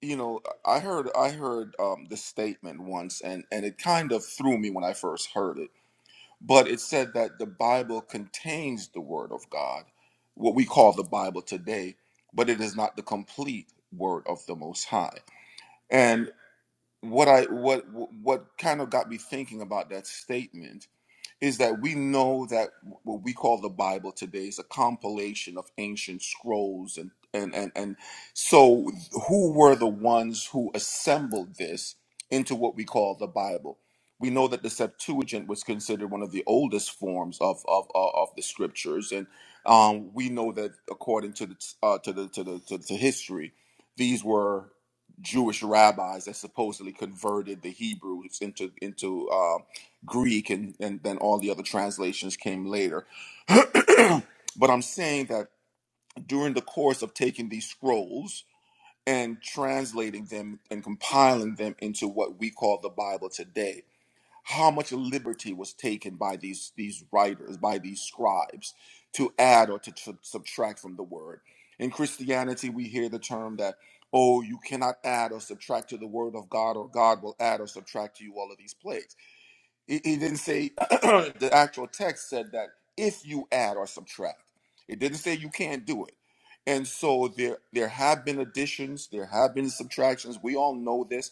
[SPEAKER 14] you know, I heard I heard um, the statement once, and and it kind of threw me when I first heard it but it said that the Bible contains the Word of God, what we call the Bible today, but it is not the complete Word of the Most High. And what I what what kind of got me thinking about that statement is that we know that what we call the Bible today is a compilation of ancient scrolls and and and, and so who were the ones who assembled this into what we call the Bible? We know that the Septuagint was considered one of the oldest forms of of, of of the scriptures, and um, we know that according to the uh, to the to the to, to history, these were Jewish rabbis that supposedly converted the Hebrews into into uh, Greek, and, and then all the other translations came later. [CLEARS THROAT] but I'm saying that during the course of taking these scrolls and translating them and compiling them into what we call the Bible today, how much liberty was taken by these these writers, by these scribes, to add or to tr- subtract from the word. In Christianity, we hear the term that oh, you cannot add or subtract to the word of God, or God will add or subtract to you all of these plagues he, he didn't say [CLEARS THROAT] the actual text said that if you add or subtract, it didn't say you can't do it. And so there there have been additions, there have been subtractions. We all know this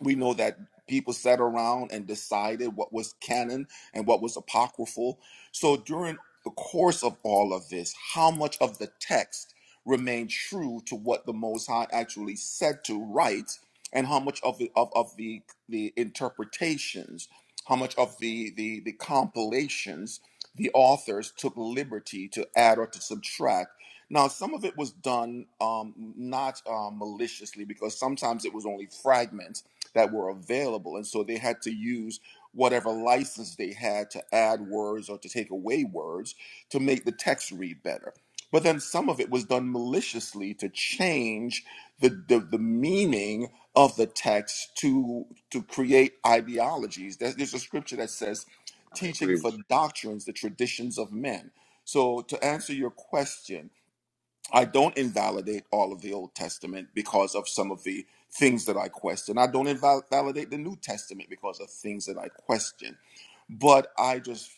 [SPEAKER 14] we know that people sat around and decided what was canon and what was apocryphal. So during the course of all of this, how much of the text remained true to what the Most High actually said to write, and how much of the of, of the the interpretations, how much of the the the compilations the authors took liberty to add or to subtract. Now, some of it was done um, not um, maliciously because sometimes it was only fragments that were available. And so they had to use whatever license they had to add words or to take away words to make the text read better. But then some of it was done maliciously to change the, the, the meaning of the text to, to create ideologies. There's, there's a scripture that says,
[SPEAKER 10] I
[SPEAKER 14] teaching
[SPEAKER 10] agree with
[SPEAKER 14] for doctrines, the traditions of men. So to answer your question, I don't invalidate all of the Old Testament because of some of the things that I question. I don't invalidate the New Testament because of things that I question. But I just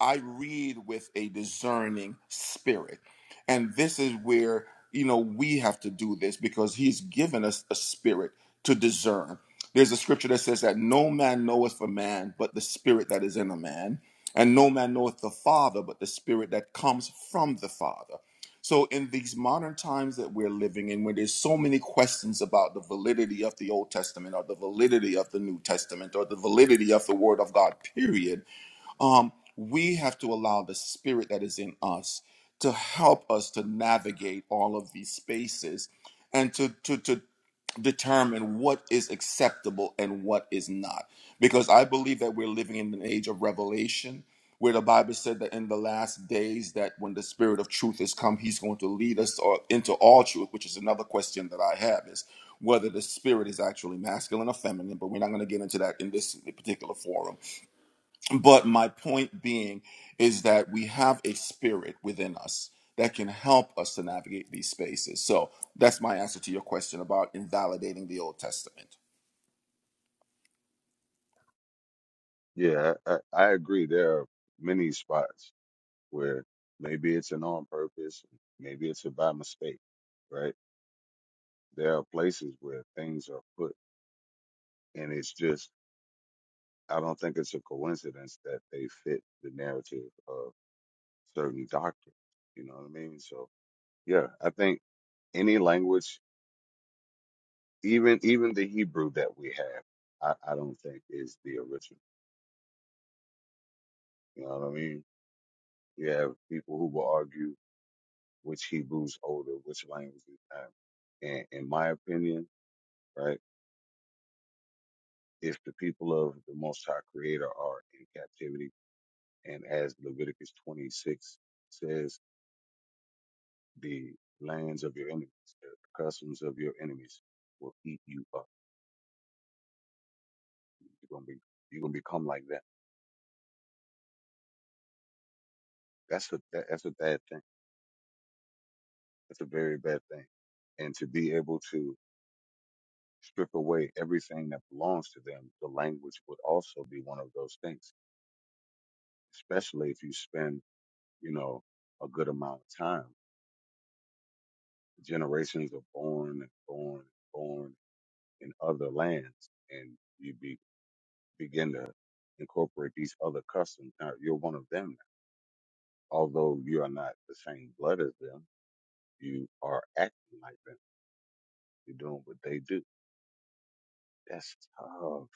[SPEAKER 14] I read with a discerning spirit. And this is where, you know, we have to do this because he's given us a spirit to discern. There's a scripture that says that no man knoweth a man but the spirit that is in a man, and no man knoweth the Father but the spirit that comes from the Father. So, in these modern times that we're living in, where there's so many questions about the validity of the Old Testament or the validity of the New Testament or the validity of the Word of God, period, um, we have to allow the spirit that is in us to help us to navigate all of these spaces and to, to, to determine what is acceptable and what is not. Because I believe that we're living in an age of revelation where the Bible said that in the last days that when the spirit of truth is come, he's going to lead us all- into all truth, which is another question that I have is whether the spirit is actually masculine or feminine, but we're not going to get into that in this particular forum but my point being is that we have a spirit within us that can help us to navigate these spaces. So that's my answer to your question about invalidating the Old Testament.
[SPEAKER 10] you. Yeah, I, I, I agree. There are many spots where maybe it's an on purpose, maybe it's a by mistake, right? There are places where things are put, and it's just I don't think it's a coincidence that they fit the narrative of certain doctrine. You know what I mean? So Yeah, I think any language, even even the Hebrew that we have, I, I don't think is the original. You know what I mean? You have people who will argue which Hebrew's older, which language is not. And in my opinion, right, if the people of the Most High Creator are in captivity, and as Leviticus 26 says, the lands of your enemies, the customs of your enemies will eat you up. You're gonna be you're gonna become like that. That's a that, that's a bad thing It's a very bad thing. And to be able to strip away everything that belongs to them, the language would also be one of those things, especially if you spend, you know, a good amount of time. Generations are born and born and born in other lands, and you be, begin to incorporate these other customs. Now, you're one of them. Although you are not the same blood as them, you are acting like them. You're doing what they do. That's tough.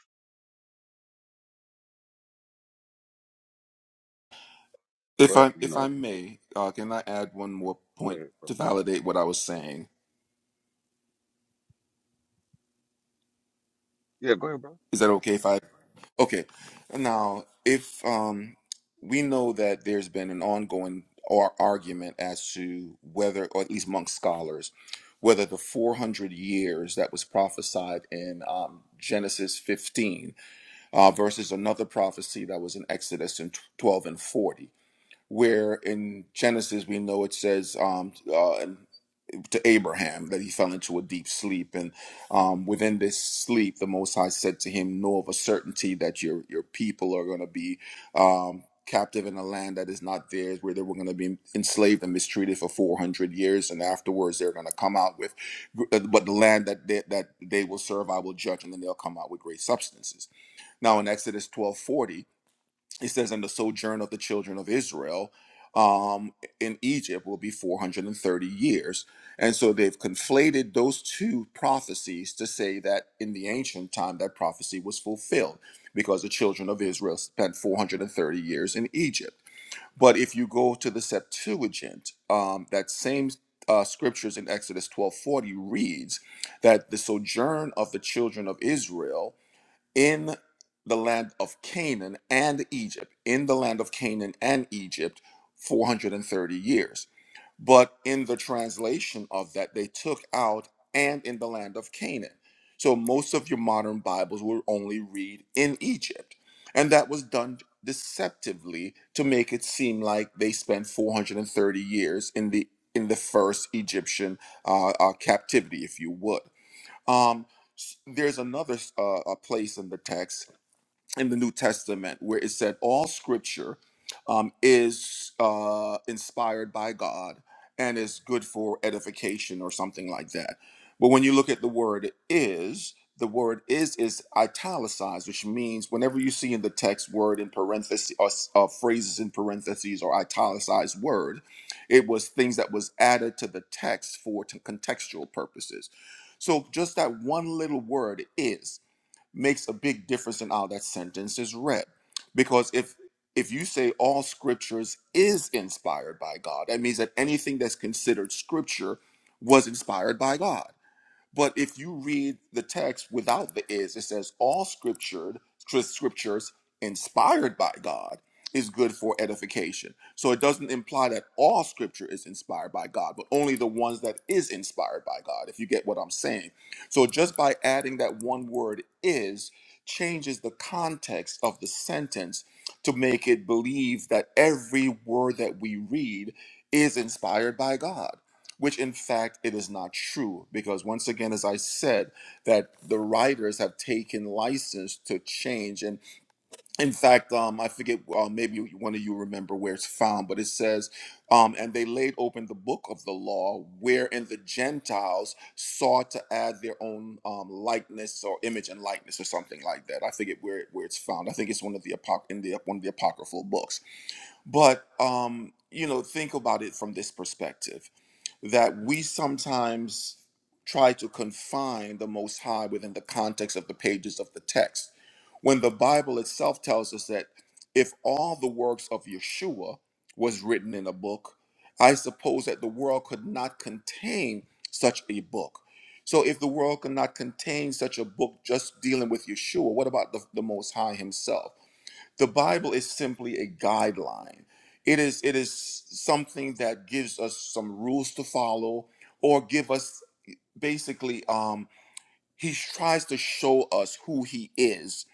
[SPEAKER 14] If
[SPEAKER 10] But,
[SPEAKER 14] I
[SPEAKER 10] you
[SPEAKER 14] if I
[SPEAKER 10] know,
[SPEAKER 14] may, uh, can I add one more
[SPEAKER 10] go
[SPEAKER 14] point
[SPEAKER 10] ahead,
[SPEAKER 14] to validate what I was saying?
[SPEAKER 10] Yeah, go ahead, bro.
[SPEAKER 14] Is that okay if I? Okay. Now, if um, we know that there's been an ongoing or argument as to whether, or at least among scholars, whether the 400 years that was prophesied in um, Genesis 15 uh, versus another prophecy that was in Exodus in 12 and 40, where in Genesis we know it says, um, to Abraham that he fell into a deep sleep, and um, within this sleep, the Most High said to him, "Know of a certainty that your your people are going to be um, captive in a land that is not theirs, where they were going to be enslaved and mistreated for four hundred years, and afterwards they're going to come out with, uh, but the land that they, that they will serve, I will judge, and then they'll come out with great substances." Now in Exodus twelve forty it says, and the sojourn of the children of Israel um, in Egypt will be 430 years. And so they've conflated those two prophecies to say that in the ancient time, that prophecy was fulfilled because the children of Israel spent 430 years in Egypt. But if you go to the Septuagint, um, that same uh, scriptures in Exodus 12:40 reads that the sojourn of the children of Israel in the land of Canaan and Egypt, in the land of Canaan and Egypt, 430 years. But in the translation of that, they took out and in the land of Canaan. So most of your modern Bibles will only read in Egypt. And that was done deceptively to make it seem like they spent 430 years in the in the first Egyptian uh, uh, captivity, if you would. Um, s- there's another uh, a place in the text in the New Testament where it said all scripture um, is uh, inspired by God and is good for edification or something like that. But when you look at the word is, the word is is italicized, which means whenever you see in the text word in parentheses or s- uh, phrases in parentheses or italicized word, it was things that was added to the text for t- contextual purposes. So just that one little word is makes a big difference in how that sentence is read. Because if if you say all scriptures is inspired by God, that means that anything that's considered scripture was inspired by God. But if you read the text without the is, it says all scripture, scriptures inspired by God is good for edification. So it doesn't imply that all scripture is inspired by God, but only the ones that is inspired by God, if you get what I'm saying. So just by adding that one word is changes the context of the sentence to make it believe that every word that we read is inspired by God which in fact it is not true because once again as i said that the writers have taken license to change and in fact um, i forget uh, maybe one of you remember where it's found but it says um, and they laid open the book of the law wherein the gentiles sought to add their own um, likeness or image and likeness or something like that i forget where, it- where it's found i think it's one of the apoc- in the one of the apocryphal books but um, you know think about it from this perspective that we sometimes try to confine the Most High within the context of the pages of the text, when the Bible itself tells us that if all the works of Yeshua was written in a book, I suppose that the world could not contain such a book. So, if the world could not contain such a book just dealing with Yeshua, what about the, the Most High Himself? the bible is simply a guideline it is it is something that gives us some rules to follow or give us basically um he tries to show us who he is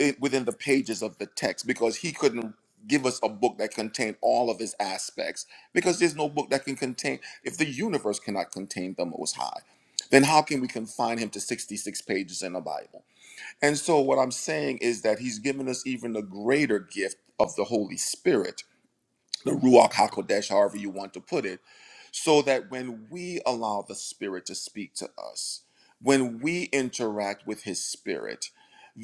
[SPEAKER 14] i- within the pages of the text because he couldn't give us a book that contained all of his aspects because there's no book that can contain if the universe cannot contain the most high then how can we confine him to 66 pages in the bible and so, what I'm saying is that he's given us even a greater gift of the Holy Spirit, the Ruach HaKodesh, however you want to put it so that when we allow the Spirit to speak to us, when we interact with His Spirit,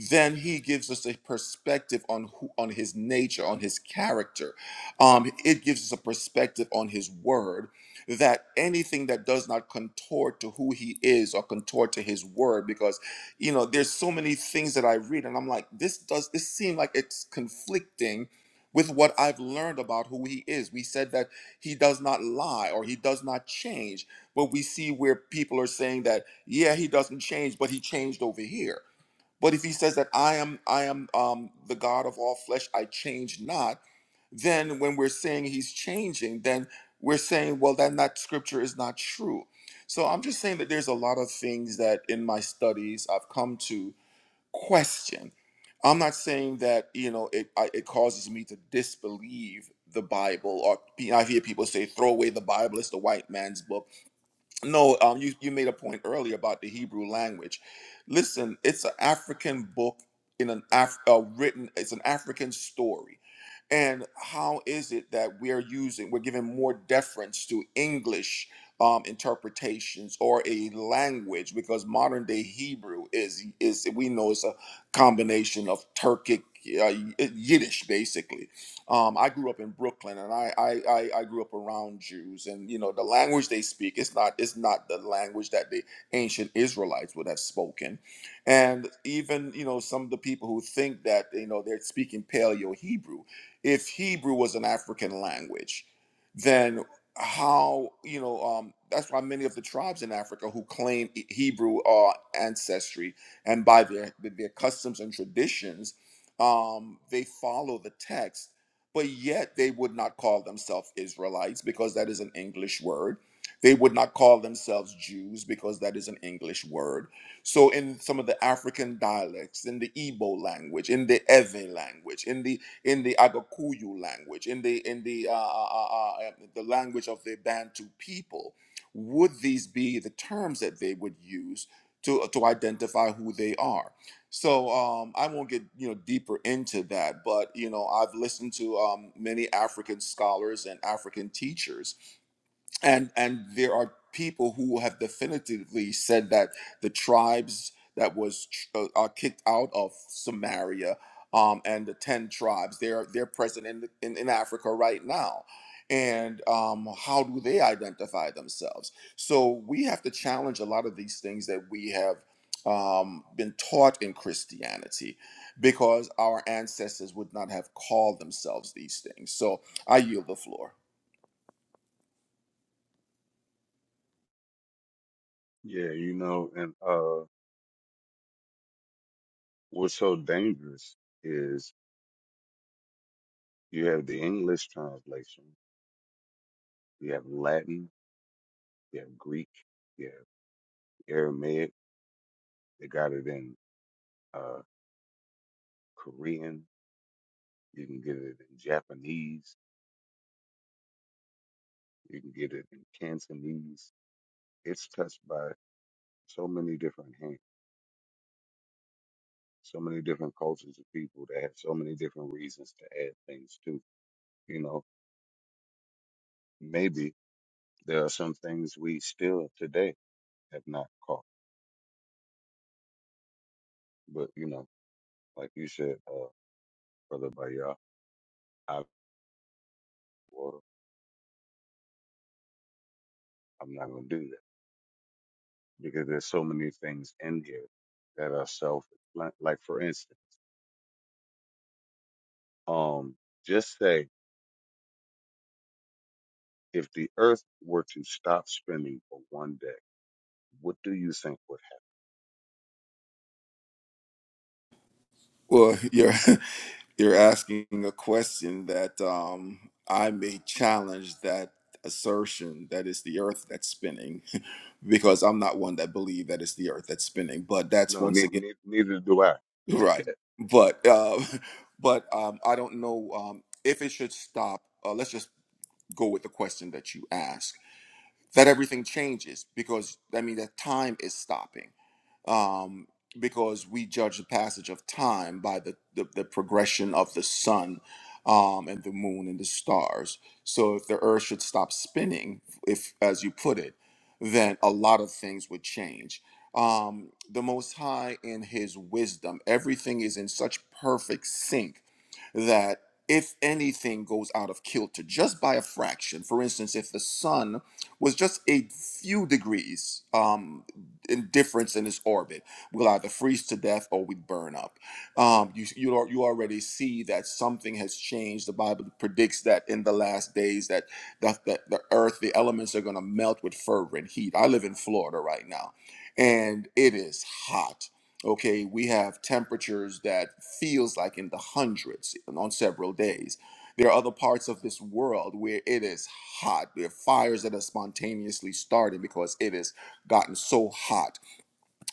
[SPEAKER 14] then He gives us a perspective on who, on His nature, on His character. Um, it gives us a perspective on His Word that anything that does not contort to who He is or contort to His Word, because you know there's so many things that I read and I'm like, this does this seem like it's conflicting with what I've learned about who He is. We said that he does not lie or he does not change. But we see where people are saying that, yeah, he doesn't change, but he changed over here. But if he says that I am, I am um, the God of all flesh, I change not. Then when we're saying he's changing, then we're saying, well, then that scripture is not true. So I'm just saying that there's a lot of things that in my studies I've come to question. I'm not saying that you know it. I, it causes me to disbelieve the Bible, or pe- I hear people say, "Throw away the Bible; it's the white man's book." No, um, you, you made a point earlier about the Hebrew language. Listen, it's an African book in an Af- uh, written. It's an African story, and how is it that we are using? We're giving more deference to English um, interpretations or a language because modern day Hebrew is is we know it's a combination of Turkic uh, Yiddish, basically um, I grew up in Brooklyn, and I, I I I grew up around Jews, and you know the language they speak is not is not the language that the ancient Israelites would have spoken, and even you know some of the people who think that you know they're speaking Paleo Hebrew, if Hebrew was an African language, then how you know um, that's why many of the tribes in Africa who claim E- Hebrew uh, ancestry and by their their customs and traditions, um, they follow the text but yet they would not call themselves Israelites because that is an English word. They would not call themselves Jews because that is an English word. So, in some of the African dialects, in the Igbo language, in the Ewe language, in the in the Agakuyu language, in the in the uh, uh, uh, uh, um, the language of the Bantu people, would these be the terms that they would use to to identify who they are? So um, I won't get you know deeper into that, but you know I've listened to um, many African scholars and African teachers and and there are people who have definitively said that the tribes that was uh, are kicked out of Samaria um, and the ten tribes they're they're present in, in in Africa right now and um, how do they identify themselves so we have to challenge a lot of these things that we have um, been taught in Christianity because our ancestors would not have called themselves these things so I yield the floor
[SPEAKER 10] Yeah, you know, and uh, what's so dangerous is you have the English translation, you have Latin, you have Greek, you have Aramaic. They got it in uh, Korean. You can get it in Japanese. You can get it in Cantonese. It's touched by so many different hands, so many different cultures of people that have so many different reasons to add things to. You know, maybe there are some things we still today have not caught But you know, like you said, uh, brother Bayah, I well, I'm not gonna do that because there's so many things in here that are self. Like, like for instance, um, just say if the Earth were to stop spinning for one day, what do you think would
[SPEAKER 14] well yeah [LAUGHS] You're asking a question that um, I may challenge that assertion that it's the earth that's spinning [LAUGHS] because I'm not one that believe that it's the earth that's spinning but
[SPEAKER 10] happen?
[SPEAKER 14] that's
[SPEAKER 10] No,
[SPEAKER 14] once
[SPEAKER 10] ne-
[SPEAKER 14] again
[SPEAKER 10] ne- neither do I.
[SPEAKER 14] [LAUGHS] right but uh, [LAUGHS] but um, I don't know um, if it should stop uh, let's just go with the question that you asked that everything changes because I mean that time is stopping um, because we judge the passage of time by the, the, the progression of the sun um, and the moon and the stars. So if the earth should stop spinning, if as you put it, then a lot of things would change. Um, the Most High, in His wisdom, everything is in such perfect sync that if anything goes out of kilter just by a fraction, for instance, if the sun was just a few degrees. Um, indifference in its orbit. We'll either freeze to death or we burn up. Um, you, you al- you already see that something has changed. The Bible predicts that in the last days that the, the, the earth, the elements are going to melt with fervor and heat. I live in Florida right now, and it is hot. Okay, we have temperatures that feels like in the hundreds on several days. There are other parts of this world where it is hot. There are fires that are spontaneously starting because it is gotten so hot.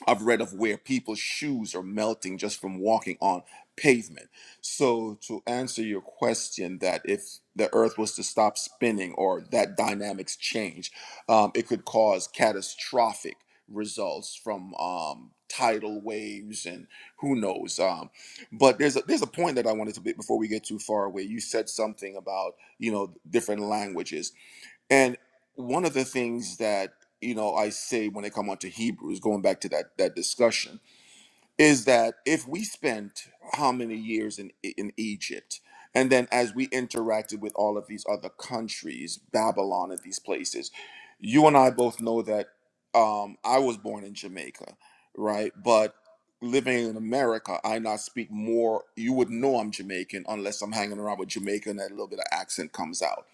[SPEAKER 14] I've read of where people's shoes are melting just from walking on pavement. So, to answer your question, that if the earth was to stop spinning or that dynamics change, um, it could cause catastrophic results from um, tidal waves and who knows. Um, but there's a, there's a point that I wanted to be before we get too far away. You said something about you know different languages and one of the things that you know I say when it come onto Hebrews, going back to that that discussion, is that if we spent how many years in in Egypt, and then as we interacted with all of these other countries, Babylon and these places, you and I both know that um, I was born in Jamaica, right? But living in America, I not speak more. You would know I'm Jamaican unless I'm hanging around with Jamaica and that little bit of accent comes out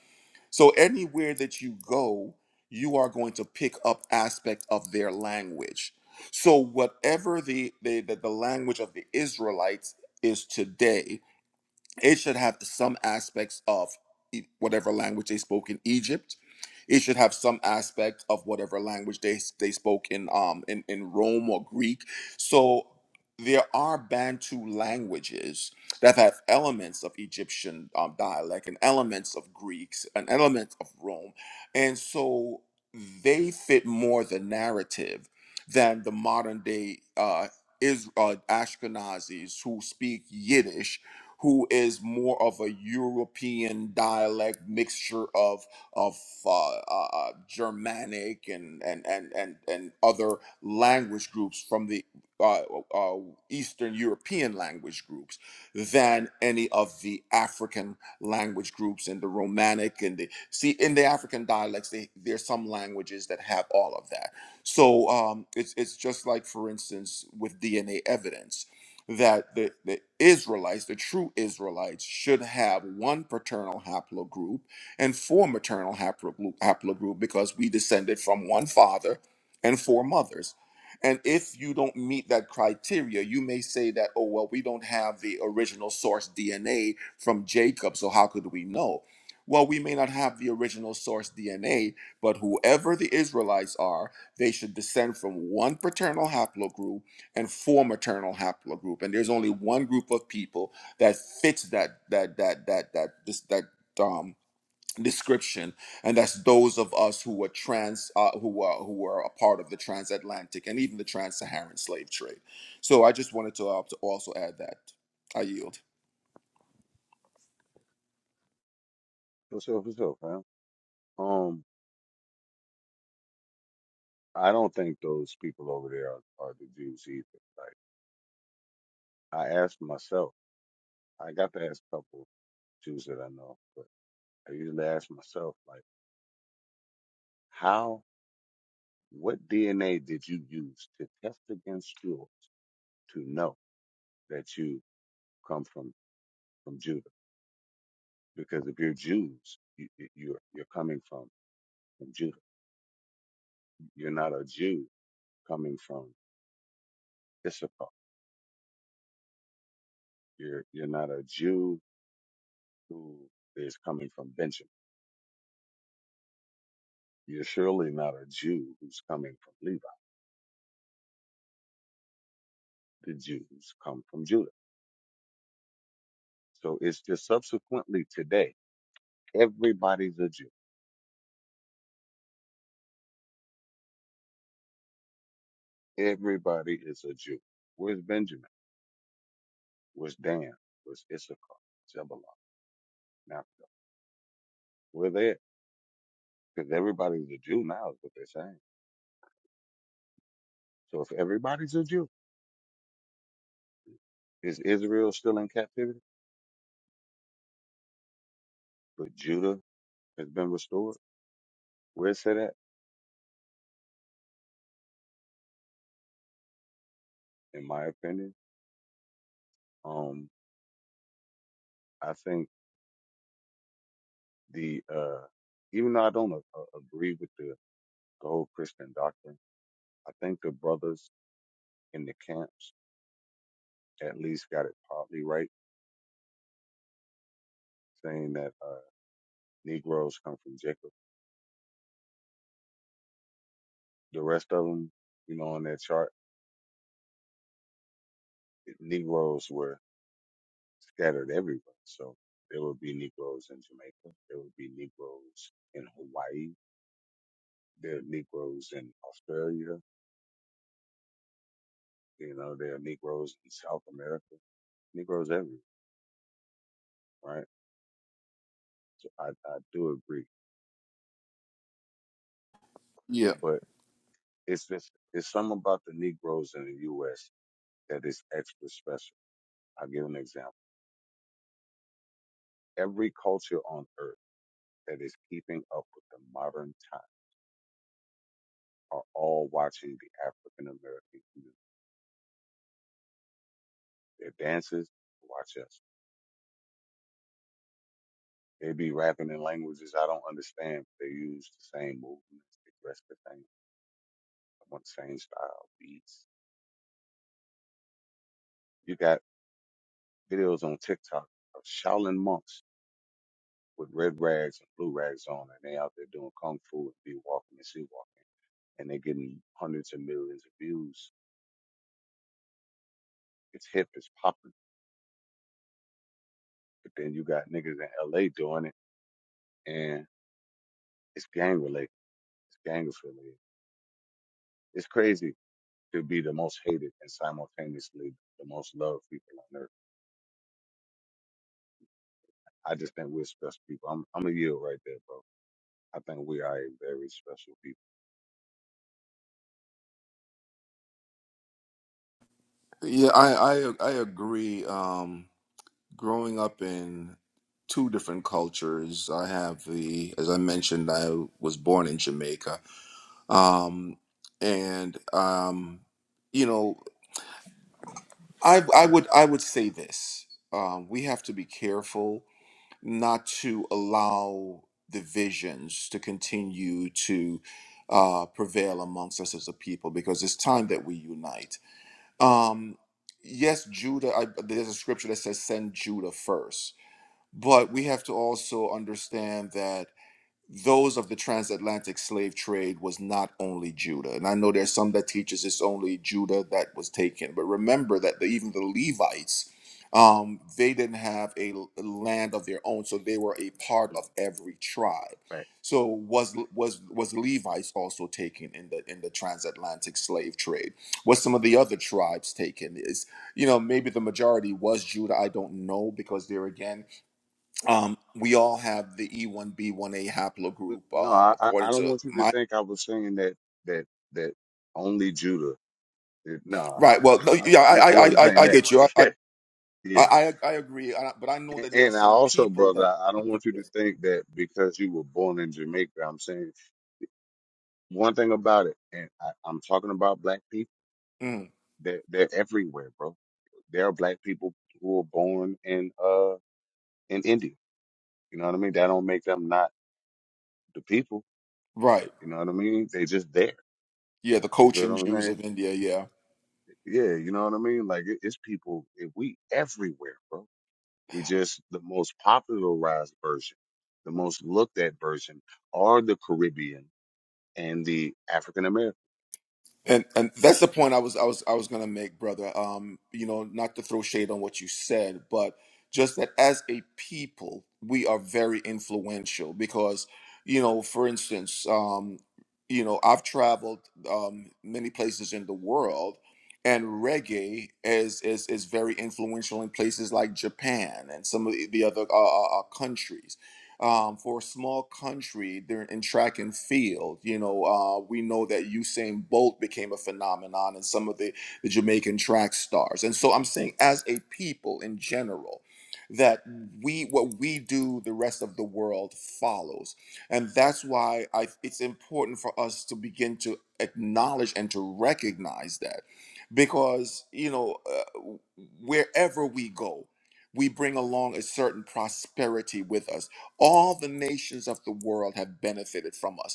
[SPEAKER 14] so anywhere that you go, you are going to pick up aspect of their language. So whatever the the, the, the language of the Israelites is today, it should have some aspects of e- whatever language they spoke in Egypt. It should have some aspect of whatever language they they spoke in um in, in Rome or Greek. So there are Bantu languages that have elements of Egyptian um, dialect and elements of Greeks and elements of Rome, and so they fit more the narrative than the modern day uh, is uh, Ashkenazis who speak Yiddish who is more of a European dialect mixture of of uh, uh, uh, Germanic and and and and and other language groups from the uh, uh, Eastern European language groups than any of the African language groups and the Romanic and the see in the African dialects they, there's some languages that have all of that. So um, it's it's just like for instance with DNA evidence that the, the Israelites, the true Israelites, should have one paternal haplogroup and four maternal haplogroup, haplogroup because we descended from one father and four mothers. And if you don't meet that criteria, you may say that, oh, well, we don't have the original source DNA from Jacob, so how could we know? Well, we may not have the original source DNA, but whoever the Israelites are, they should descend from one paternal haplogroup and form a maternal haplogroup. And there's only one group of people that fits that that that that that this that um description and that's those of us who were trans uh, who are who were a part of the transatlantic and even the trans-saharan slave trade so i just wanted to, uh, to also add that i yield
[SPEAKER 10] What's up? What's up, man? Um, I don't think those people over there are, are the Jews either. Like I asked myself, I got to ask a couple Jews that I know, but I usually ask myself, like, how What DNA did you use to test against yours to know that you come from from Judah? Because if you're Jews, you, you- you're you're coming from from Judah. You're not a Jew coming from Issachar. You're you're not a Jew who is coming from Benjamin. You're surely not a Jew who's coming from Levi. The Jews come from Judah. So it's just subsequently today, everybody's a Jew. Everybody is a Jew. Where's Benjamin? was Dan, was Issachar, Zebulon, Naphtali. We're there because everybody's a Jew now, is what they're saying. So if everybody's a Jew, is Israel still in captivity? But Judah has been restored. Where's that at? In my opinion, um, I think the uh, even though I don't a- a- agree with the, the whole Christian doctrine, I think the brothers in the camps at least got it partly right, saying that uh, Negroes come from Jacob. The rest of them, you know, on that chart. Negroes were scattered everywhere. So there would be Negroes in Jamaica. There would be Negroes in Hawaii. There are Negroes in Australia. You know, there are Negroes in South America. Negroes everywhere, right? So I, I do agree.
[SPEAKER 14] Yeah,
[SPEAKER 10] But it's just, it's something about the Negroes in the U.S. that is extra special. I'll give an example. Every culture on earth that is keeping up with the modern time are all watching the African American community Their dances, watch us. They be rapping in languages I don't understand, but they use the same movements, they dress the same, I want the same style beats. You got videos on TikTok of Shaolin monks with red rags and blue rags on, and they out there doing kung fu and be walking and sea walking, and they getting hundreds of millions of views. It's hip, it's popping. But then you got niggas in LA doing it, and it's gang related, it's gang related. It's crazy to be the most hated and simultaneously the most loved people on earth. I just think we're special people. I'm I'm a yield right there, bro. I think we are a very special people.
[SPEAKER 14] yeah, I I I agree. Um, growing up in two different cultures, I have the, as I mentioned, I was born in Jamaica, um, and um, you know I, I would i would say this um, we have to be careful not to allow divisions to continue to uh, prevail amongst us as a people because it's time that we unite um, yes judah I, there's a scripture that says send judah first," but we have to also understand that those of the transatlantic slave trade was not only Judah. And I know there's some that teaches it's only Judah that was taken, but remember that the, even the Levites, um, they didn't have a l- land of their own, so they were a part of
[SPEAKER 10] Mm-hmm.
[SPEAKER 14] every tribe.
[SPEAKER 10] Fact.
[SPEAKER 14] So was was was Levites also taken in the in the transatlantic slave trade? Was some of the other tribes taken? Is you know maybe the majority was Judah. I don't know because there again um, we all have the E1B1A haplogroup,
[SPEAKER 10] No,
[SPEAKER 14] um,
[SPEAKER 10] I I I
[SPEAKER 14] according
[SPEAKER 10] don't
[SPEAKER 14] to
[SPEAKER 10] want you to
[SPEAKER 14] my
[SPEAKER 10] think I was saying that that that only Judah. It, nah,
[SPEAKER 14] right. Well, no,
[SPEAKER 10] no,
[SPEAKER 14] yeah,
[SPEAKER 10] I'm not,
[SPEAKER 14] I,
[SPEAKER 10] I
[SPEAKER 14] I, I,
[SPEAKER 10] wasn't
[SPEAKER 14] I
[SPEAKER 10] saying
[SPEAKER 14] I
[SPEAKER 10] that.
[SPEAKER 14] get you. I,
[SPEAKER 10] [LAUGHS]
[SPEAKER 14] I,
[SPEAKER 10] yeah, yeah.
[SPEAKER 14] I, I agree. I, but I know
[SPEAKER 10] And,
[SPEAKER 14] that there are
[SPEAKER 10] and I
[SPEAKER 14] some
[SPEAKER 10] also,
[SPEAKER 14] people
[SPEAKER 10] brother,
[SPEAKER 14] that,
[SPEAKER 10] I, I don't want you to think that because you were born in Jamaica. I'm saying one thing about it, and I, I'm talking about black people
[SPEAKER 14] Mm,
[SPEAKER 10] They're they're everywhere, bro. There are black people who are born in uh in India. You know what I mean? That don't make them not the people.
[SPEAKER 14] right,
[SPEAKER 10] You know what I mean? They just there.
[SPEAKER 14] yeah, the
[SPEAKER 10] You feel what
[SPEAKER 14] Cochin
[SPEAKER 10] I'm
[SPEAKER 14] Jews
[SPEAKER 10] saying?
[SPEAKER 14] of India, yeah.
[SPEAKER 10] Yeah, you know what I mean? Like it, it's people. It, we everywhere, bro. We just the most popularized version, the most looked at version are the Caribbean and the African American.
[SPEAKER 14] And and that's the point I was I was I was gonna make, brother. Um, you know, not to throw shade on what you said, but just that as a people, we are very influential because, you know, for instance, um, you know, I've traveled um many places in the world and reggae is is is very influential in places like Japan and some of the the other uh, uh, uh, countries um, for a small country they're in track and field. You know, uh, we know that Usain Bolt became a phenomenon and some of the, the Jamaican track stars. And so I'm saying, as a people in general, that we what we do the rest of the world follows and that's why I, it's important for us to begin to acknowledge and to recognize that because you know uh, wherever we go we bring along a certain prosperity with us all the nations of the world have benefited from us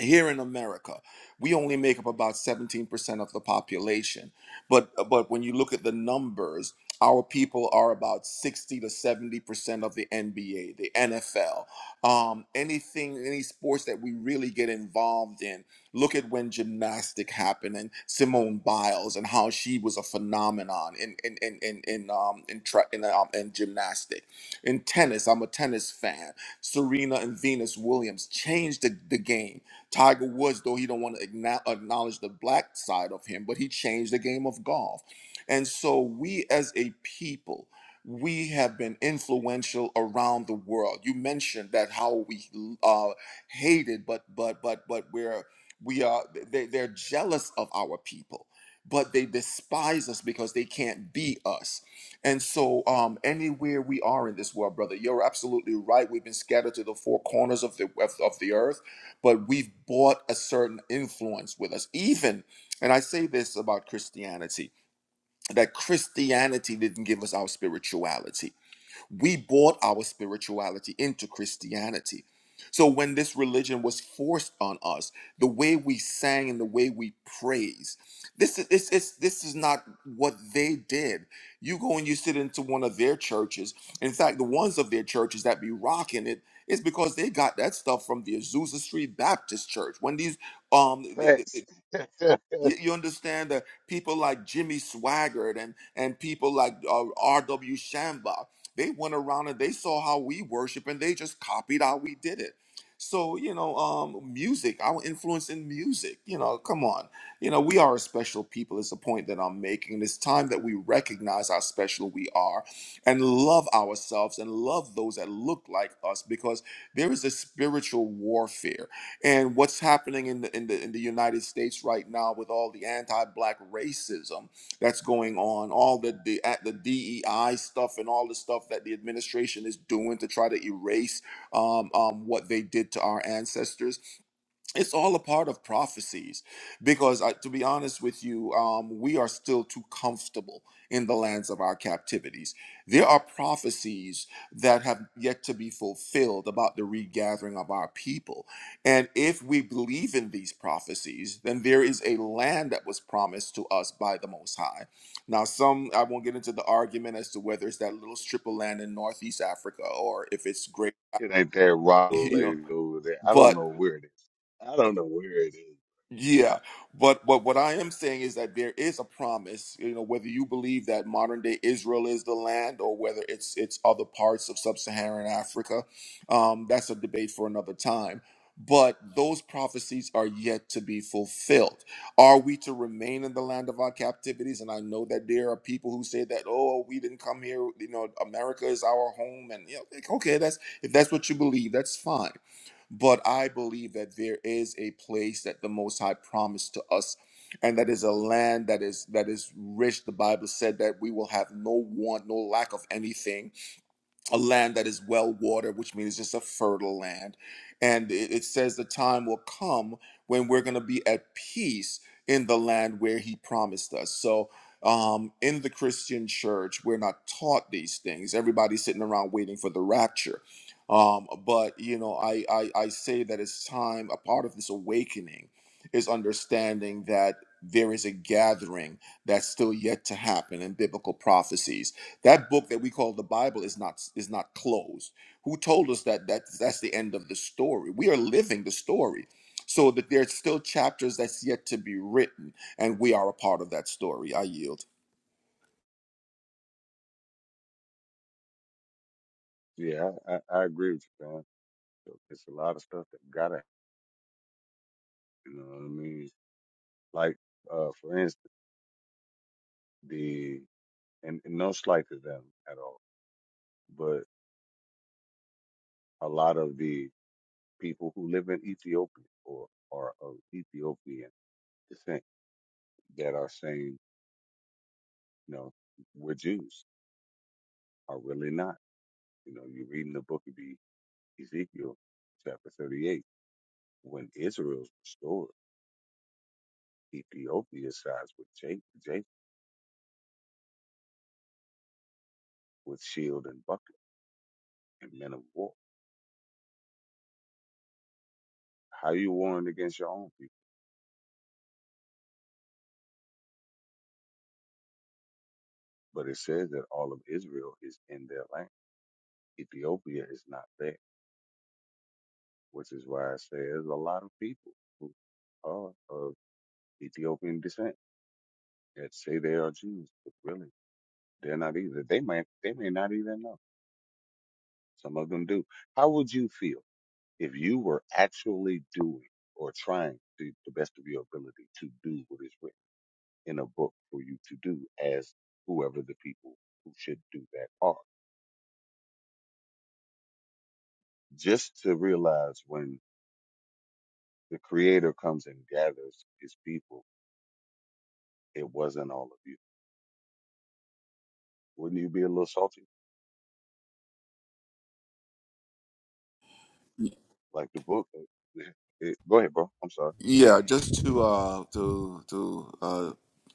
[SPEAKER 14] here in America, we only make up about 17% of the population. But uh, but when you look at the numbers, our people are about 60 to 70% of the NBA, the NFL, um, anything, any sports that we really get involved in. Look at when gymnastic happened and Simone Biles and how she was a phenomenon in in in in, in um in tra- in, um, in gymnastic. In tennis, I'm a tennis fan. Serena and Venus Williams changed the, the game Tiger Woods, though he don't want to acknowledge the black side of him, but he changed the game of golf. And so we as a people, we have been influential around the world. You mentioned that how we uh, hated, but but but but we're we are they, they're jealous of our people, but they despise us because they can't be us. And so, um, anywhere we are in this world, brother, you're absolutely right. We've been scattered to the four corners of the of, of the earth but we've bought a certain influence with us. Even, and I say this about Christianity, that Christianity didn't give us our spirituality. We bought our spirituality into Christianity. So when this religion was forced on us, the way we sang and the way we praised, this is this is this is not what they did. You go and you sit into one of their churches. In fact, the ones of their churches that be rocking it is because they got that stuff from the Azusa Street Baptist Church. When these um
[SPEAKER 10] Facts. [LAUGHS] it
[SPEAKER 14] you, you understand that people like Jimmy Swaggart and and people like uh, R.W. Shamba, they went around and they saw how we worship and they just copied how we did it. So you know, um, music, our influence in music. You know, come on, you know, we are a special people. Is the point that I'm making? It's time that we recognize how special we are, and love ourselves and love those that look like us, because there is a spiritual warfare and what's happening in the in the in the United States right now with all the anti-black racism that's going on, all the the at the DEI stuff and all the stuff that the administration is doing to try to erase um, um, what they did to our ancestors it's all a part of prophecies because I, to be honest with you um, we are still too comfortable in the lands of our captivities there are prophecies that have yet to be fulfilled about the regathering of our people and if we believe in these prophecies then there is a land that was promised to us by the most high now some i won't get into the argument as to whether it's that little strip of land in northeast africa or if it's great [LAUGHS]
[SPEAKER 10] ain't that rock
[SPEAKER 14] you know
[SPEAKER 10] lady over there. I don't
[SPEAKER 14] but
[SPEAKER 10] know where it is. I don't know where it is.
[SPEAKER 14] Yeah, but but what I am saying is that there is a promise. You know, whether you believe that modern day Israel is the land or whether it's it's other parts of sub-Saharan Africa, um, that's a debate for another time. But those prophecies are yet to be fulfilled. Are we to remain in the land of our captivities? And I know that there are people who say that, oh, we didn't come here. You know, America is our home, and you know, like, okay, that's if that's what you believe, that's fine. But I believe that there is a place that the Most High promised to us, and that is a land that is that is rich. The Bible said that we will have no want, no lack of anything a land that is well watered, which means it's just a fertile land. And it, it says the time will come when we're going to be at peace in the land where he promised us. So, um, in the Christian church, we're not taught these things. Everybody's sitting around waiting for the rapture. Um, but, you know, I, I, I say that it's time, a part of this awakening is understanding that there is a gathering that's still yet to happen in biblical prophecies that book that we call the bible is not is not closed who told us that that that's the end of the story we are living the story so that there's still chapters that's yet to be written and we are a part of that story i yield
[SPEAKER 10] Yeah, I, I, I agree with you, man. So, It's a lot of stuff that gotta, you know what I mean? Like, uh, for instance, the, and, and no slight to them at all, but a lot of the people who live in Ethiopia or are of Ethiopian descent that are saying, you know, we're Jews are really not. You know, you read in the book of E- Ezekiel, chapter 38, when Israel's restored, Ethiopia sides with Jac Jacob with shield and buckler and men of war How you warring against your own people? But it says that all of Israel is in their land. Ethiopia is not there, which is why I say there's a lot of people who are of Ethiopian descent that say they are Jews, but really they're not either. They may they may not even know. Some of them do. How would you feel if you were actually doing or trying to the best of your ability to do what is written in a book for you to do as whoever the people who should do that are? just to realize when the creator comes and gathers his people, it wasn't all of you. Wouldn't you be a little salty? Like the book. It, it- go ahead, bro. I'm sorry.
[SPEAKER 14] Yeah, just to uh to to uh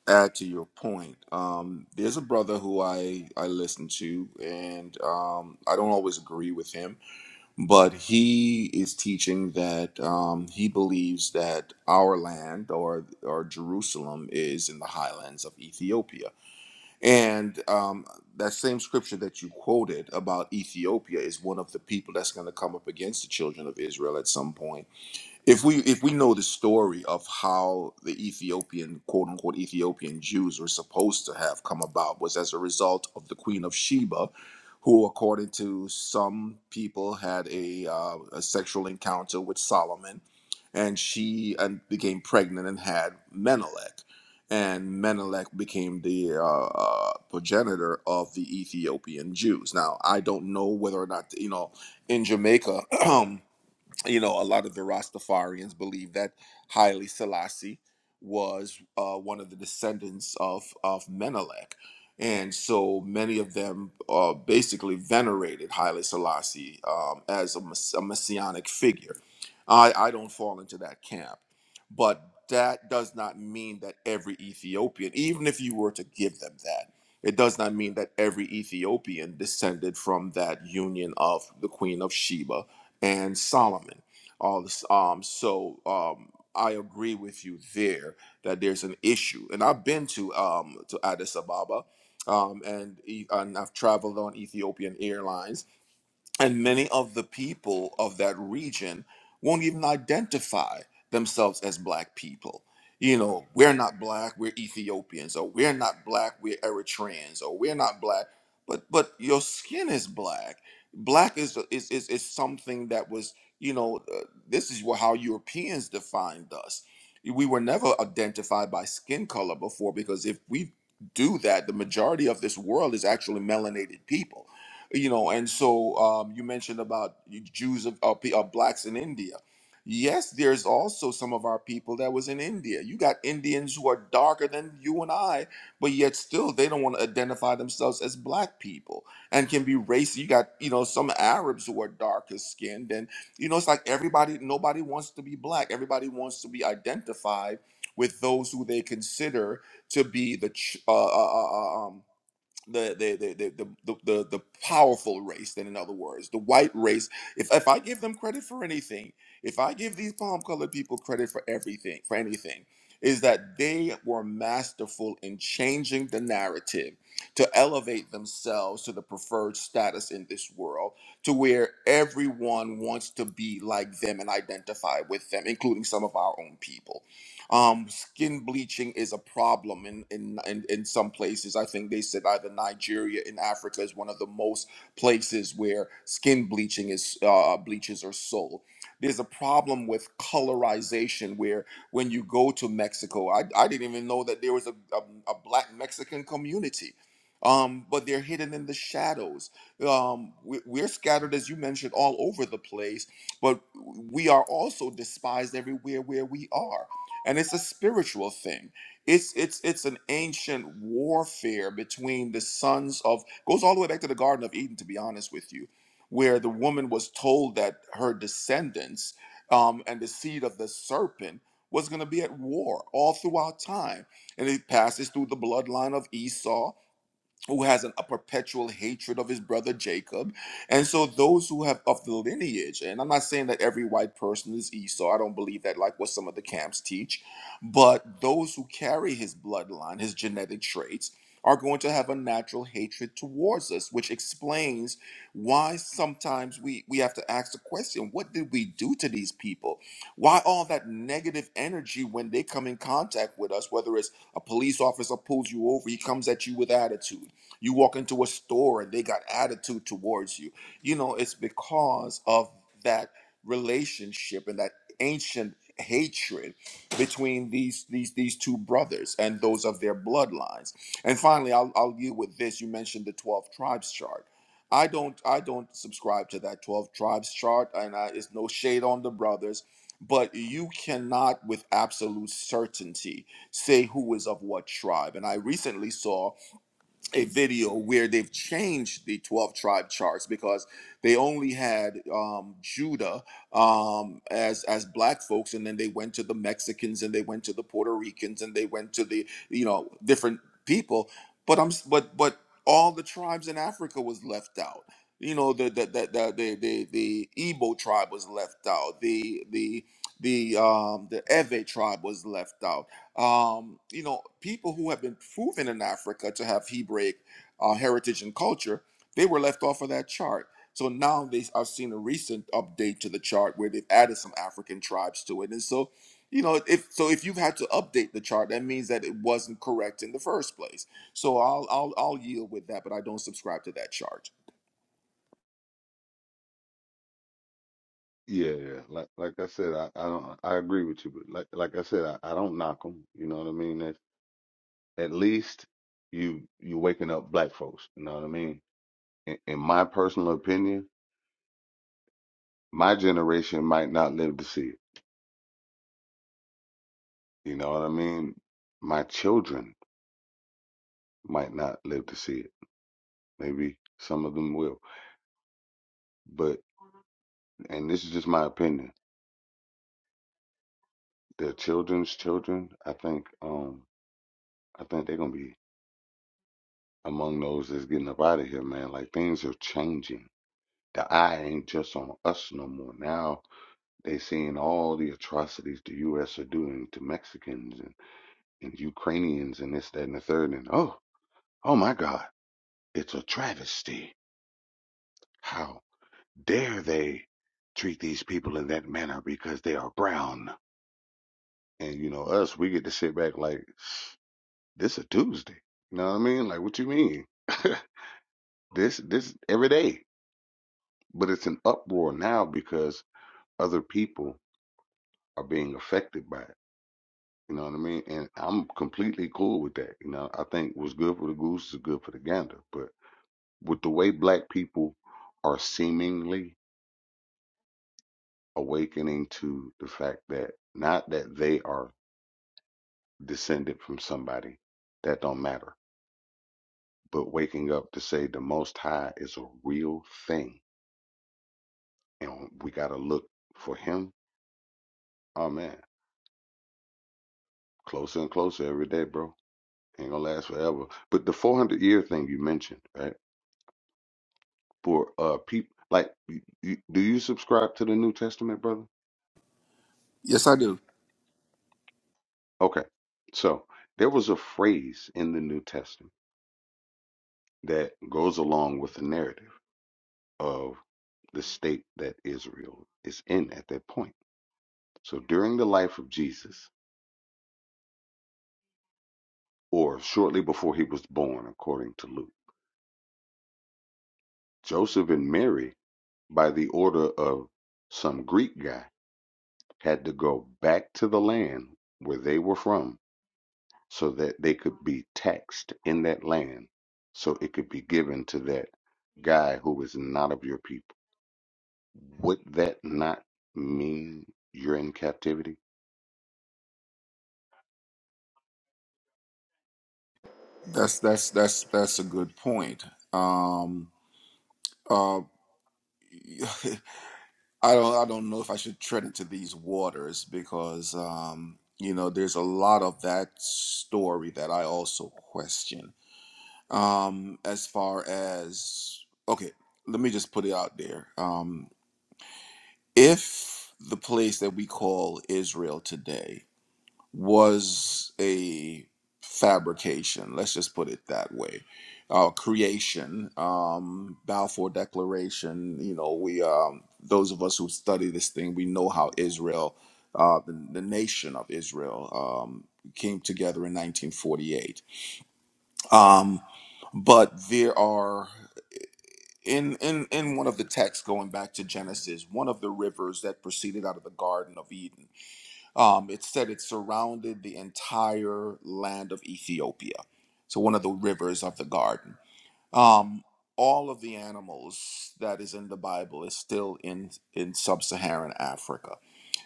[SPEAKER 14] add to your point, um there's a brother who I I listen to and um I don't always agree with him. but he is teaching that um, he believes that our land or or Jerusalem is in the highlands of Ethiopia, and um, that same scripture that you quoted about Ethiopia is one of the people that's going to come up against the children of Israel at some point if we if we know the story of how the Ethiopian quote unquote Ethiopian Jews were supposed to have come about was as a result of the Queen of Sheba, who according to some people had a, uh, a sexual encounter with Solomon, and she and became pregnant and had Menelik, and Menelik became the uh, uh, progenitor of the Ethiopian Jews. Now I don't know whether or not you know in Jamaica. [CLEARS THROAT] you know, a lot of the Rastafarians believe that Haile Selassie was uh, one of the descendants of of Menelik, and so many of them uh, basically venerated Haile Selassie um, as a, mess- a messianic figure. I, I don't fall into that camp, but that does not mean that every Ethiopian, even if you were to give them that, it does not mean that every Ethiopian descended from that union of the Queen of Sheba and Solomon. All this, um, so um, I agree with you there that there's an issue, and I've been to um, to Addis Ababa, um, and, E- and I've traveled on Ethiopian Airlines, and many of the people of that region won't even identify themselves as black people. You know, we're not black, we're Ethiopians, or we're not black, we're Eritreans, or we're not black, but but your skin is black. Black is is is, is something that was, you know, uh, this is wha- how Europeans defined us. We were never identified by skin color before because if we do that, the majority of this world is actually melanated people you know and so um, you mentioned about jews of, of, of blacks in india yes there's also some of our people that was in india you got indians who are darker than you and i but yet still they don't want to identify themselves as black people and can be racist you got you know some arabs who are darker skinned and you know it's like everybody nobody wants to be black everybody wants to be identified with those who they consider to be the ch- uh, uh, uh, uh, um, the the the the the, the, the powerful race then in other words the white race if if i give them credit for anything if i give these palm colored people credit for everything for anything is that they were masterful in changing the narrative to elevate themselves to the preferred status in this world to where everyone wants to be like them and identify with them including some of our own people um, skin bleaching is a problem in, in in in some places. I think they said either Nigeria in Africa is one of the most places where skin bleaching is uh, bleaches are sold. There's a problem with colorization where when you go to Mexico, I, I didn't even know that there was a, a, a black Mexican community. Um, but they're hidden in the shadows. Um, we, we're scattered, as you mentioned, all over the place, but we are also despised everywhere where we are and it's a spiritual thing. It's it's it's an ancient warfare between the sons of goes all the way back to the Garden of Eden, to be honest with you, where the woman was told that her descendants um, and the seed of the serpent was going to be at war all throughout time, and it passes through the bloodline of Esau who has an, a perpetual hatred of his brother Jacob. And so those who have of the lineage, and I'm not saying that every white person is Esau, I don't believe that, like what some of the camps teach, but those who carry his bloodline, his genetic traits, are going to have a natural hatred towards us, which explains why sometimes we, we have to ask the question, what did we do to these people? Why all that negative energy when they come in contact with us, whether it's a police officer pulls you over, he comes at you with attitude. You walk into a store and they got attitude towards you. You know, it's because of that relationship and that ancient hatred between these these these two brothers and those of their bloodlines. And finally, I'll I'll deal with this. You mentioned the 12 tribes chart. I don't I don't subscribe to that 12 tribes chart and I, it's no shade on the brothers, but you cannot with absolute certainty say who is of what tribe. And I recently saw a video where they've changed the 12 tribe charts because they only had um, Judah um, as as black folks and then they went to the Mexicans and they went to the Puerto Ricans and they went to the you know different people but I'm s- but but all the tribes in Africa was left out you know the the the the the, the, the Igbo tribe was left out the the the um the Ewe tribe was left out um, you know, people who have been proven in Africa to have Hebraic uh, heritage and culture, they were left off of that chart. So now they, I've seen a recent update to the chart where they've added some African tribes to it, and so, you know, if so, if you've had to update the chart, that means that it wasn't correct in the first place. So I'll I'll I'll yield with that, but I don't subscribe to that chart.
[SPEAKER 10] Yeah, yeah. Like like I said, I, I don't I agree with you, but like like I said, I, I don't knock them. You know what I mean? At, at least you you waking up black folks. You know what I mean? In, in my personal opinion, my generation might not live to see it. You know what I mean? My children might not live to see it. Maybe some of them will. But and this is just my opinion. Their children's children, I think, um, I think they're gonna be among those that's getting up out of here, man. Like things are changing. The eye ain't just on us no more. Now they seeing all the atrocities the US are doing to Mexicans and, and Ukrainians and this, that, and the third, and oh, oh my God, it's a travesty. How dare they treat these people in that manner because they are brown? And you know, us, we get to sit back like this a Tuesday. You know what I mean? Like what you mean? [LAUGHS] this this every day. But it's an uproar now because other people are being affected by it. You know what I mean? And I'm completely cool with that. You know, I think what's good for the goose is good for the gander. But with the way black people are seemingly awakening to the fact that not that they are descended from somebody that don't matter but waking up to say the Most High is a real thing, and we gotta look for Him. Oh man, closer and closer every day, bro. Ain't gonna last forever. But the 400 year thing you mentioned, right? For uh, people like, you, you, do you subscribe to the New Testament, brother?
[SPEAKER 14] Yes, I do.
[SPEAKER 10] Okay, so there was a phrase in the New Testament that goes along with the narrative of the state that Israel is in at that point. So during the life of Jesus. or shortly before he was born, according to Luke. Joseph and Mary, by the order of some Greek guy, had to go back to the land where they were from so that they could be taxed in that land so it could be given to that guy who is not of your people. Would that not mean you're in captivity?
[SPEAKER 14] That's that's that's that's a good point. Um, uh, [LAUGHS] I don't I don't know if I should tread into these waters because um, you know there's a lot of that story that I also question. Um, as far as okay, let me just put it out there. Um, if the place that we call Israel today was a fabrication. Let's just put it that way. Uh, creation, um, Balfour Declaration. You know, we um, those of us who study this thing, we know how
[SPEAKER 10] Mhm.
[SPEAKER 14] Israel, uh, the, the nation of Israel, um, came together in 1948. Um, but there are in in in one of the texts going back to Genesis, one of the rivers that proceeded out of the Garden of Eden um, it said it surrounded the entire land of Ethiopia, so one of the rivers of the garden. Um, all of the animals that is in the Bible is still in in sub-Saharan Africa.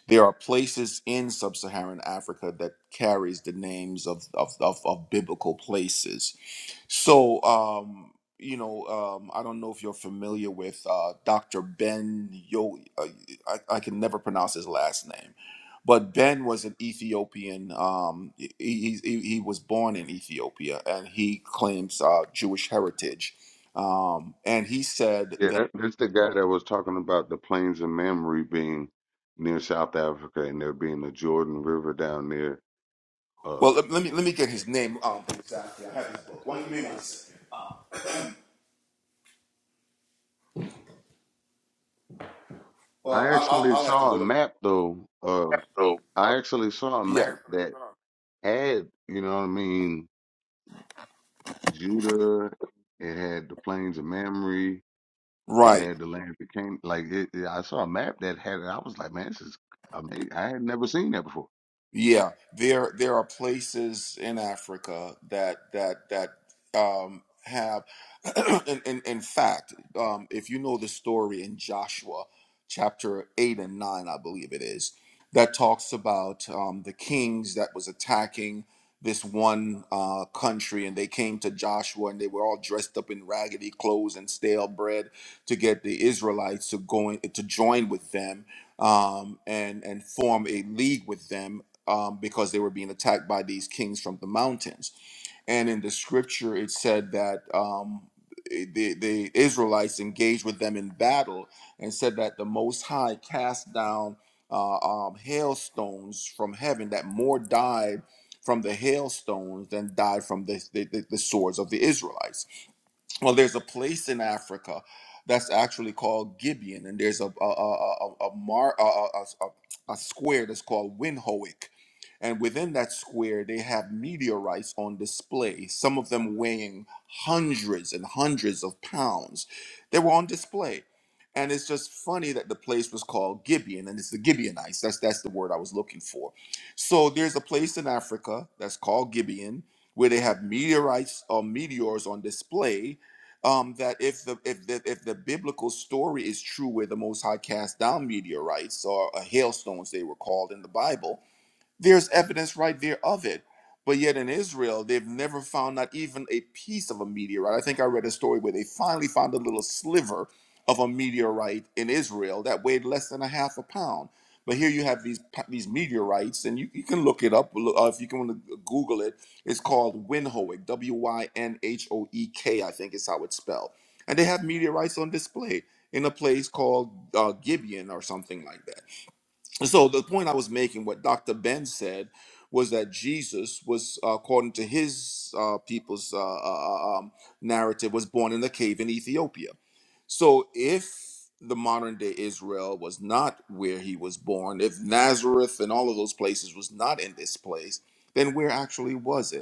[SPEAKER 14] There are places in sub-Saharan Africa that carries the names of of, of, of biblical places so, um, you know, um, I don't know if you're familiar with uh, Dr. Ben Yo. Uh, I, I can never pronounce his last name, but Ben was an Ethiopian. Um, he, he, he he was born in Ethiopia, and he claims uh, Jewish heritage. Um, and he said
[SPEAKER 10] Yeah,
[SPEAKER 14] that.
[SPEAKER 10] that, that's the guy that was talking about the plains of Mamre being near South Africa and there being the Jordan River down there
[SPEAKER 14] Well,
[SPEAKER 10] Uh,
[SPEAKER 14] let, let me let me get his name um, exactly. I have his book. Why don't you give me one second?
[SPEAKER 10] I
[SPEAKER 14] Well, I'll, I'll
[SPEAKER 10] actually
[SPEAKER 14] I'll have to
[SPEAKER 10] saw a
[SPEAKER 14] go to.
[SPEAKER 10] map though. Uh,
[SPEAKER 14] So,
[SPEAKER 10] I actually saw a
[SPEAKER 14] yeah.
[SPEAKER 10] map that had, you know what I mean, Judah. It had the plains of Mamre. It
[SPEAKER 14] Right.
[SPEAKER 10] had the land that came. Like it, it- I saw a map that had it. I was like, man, this is amazing. I had never seen that before.
[SPEAKER 14] Yeah, there there are places in Africa that that that um, have, [CLEARS THROAT] in, in in fact, um, if you know the story in Joshua chapter eight and nine, I believe it is, that talks about um, the kings that was attacking this one uh, country, and they came to Joshua, and they were all dressed up in raggedy clothes and stale bread to get the Israelites to go in, to join with them um, and and form a league with them um, because they were being attacked by these kings from the mountains. And in the scripture, it said that um, eh, the, the Israelites engaged with them in battle and said that the Most High cast down uh, um, hailstones from heaven, that more died from the hailstones than died from the, the, the the swords of the Israelites well, there's a place in Africa that's actually called Gibeon, and there's a a a a, a, mar, a, a, a, a square that's called Windhoek. And within that square, they have meteorites on display, some of them weighing hundreds and hundreds of pounds. They were on display. And it's just funny that the place was called Gibeon, and it's the Gibeonites. That's that's the word I was looking for. So there's a place in Africa that's called Gibeon, where they have meteorites or meteors on display um, that if the if the if the biblical story is true, where the Most High cast down meteorites or uh, hailstones, they were called in the Bible, there's evidence right there of it. But yet in Israel, they've never found not even a piece of a meteorite. I think I read a story where they finally found a little sliver of a meteorite in Israel that weighed less than a half a pound. But here you have these pa- these meteorites, and you, you can look it up look- uh, if you can wanna Google it. It's called Winhoek, W Y N H O E K, I think is how it's spelled. And they have meteorites on display in a place called uh, Gibeon or something like that. And so the point I was making, what Dr. Ben said, was that Jesus was, uh, according to his uh, people's uh, uh, uh, um, narrative, was born in a cave in Ethiopia. So if the modern day Israel was not where he was born, if Nazareth and all of those places was not in this place, then where actually was it?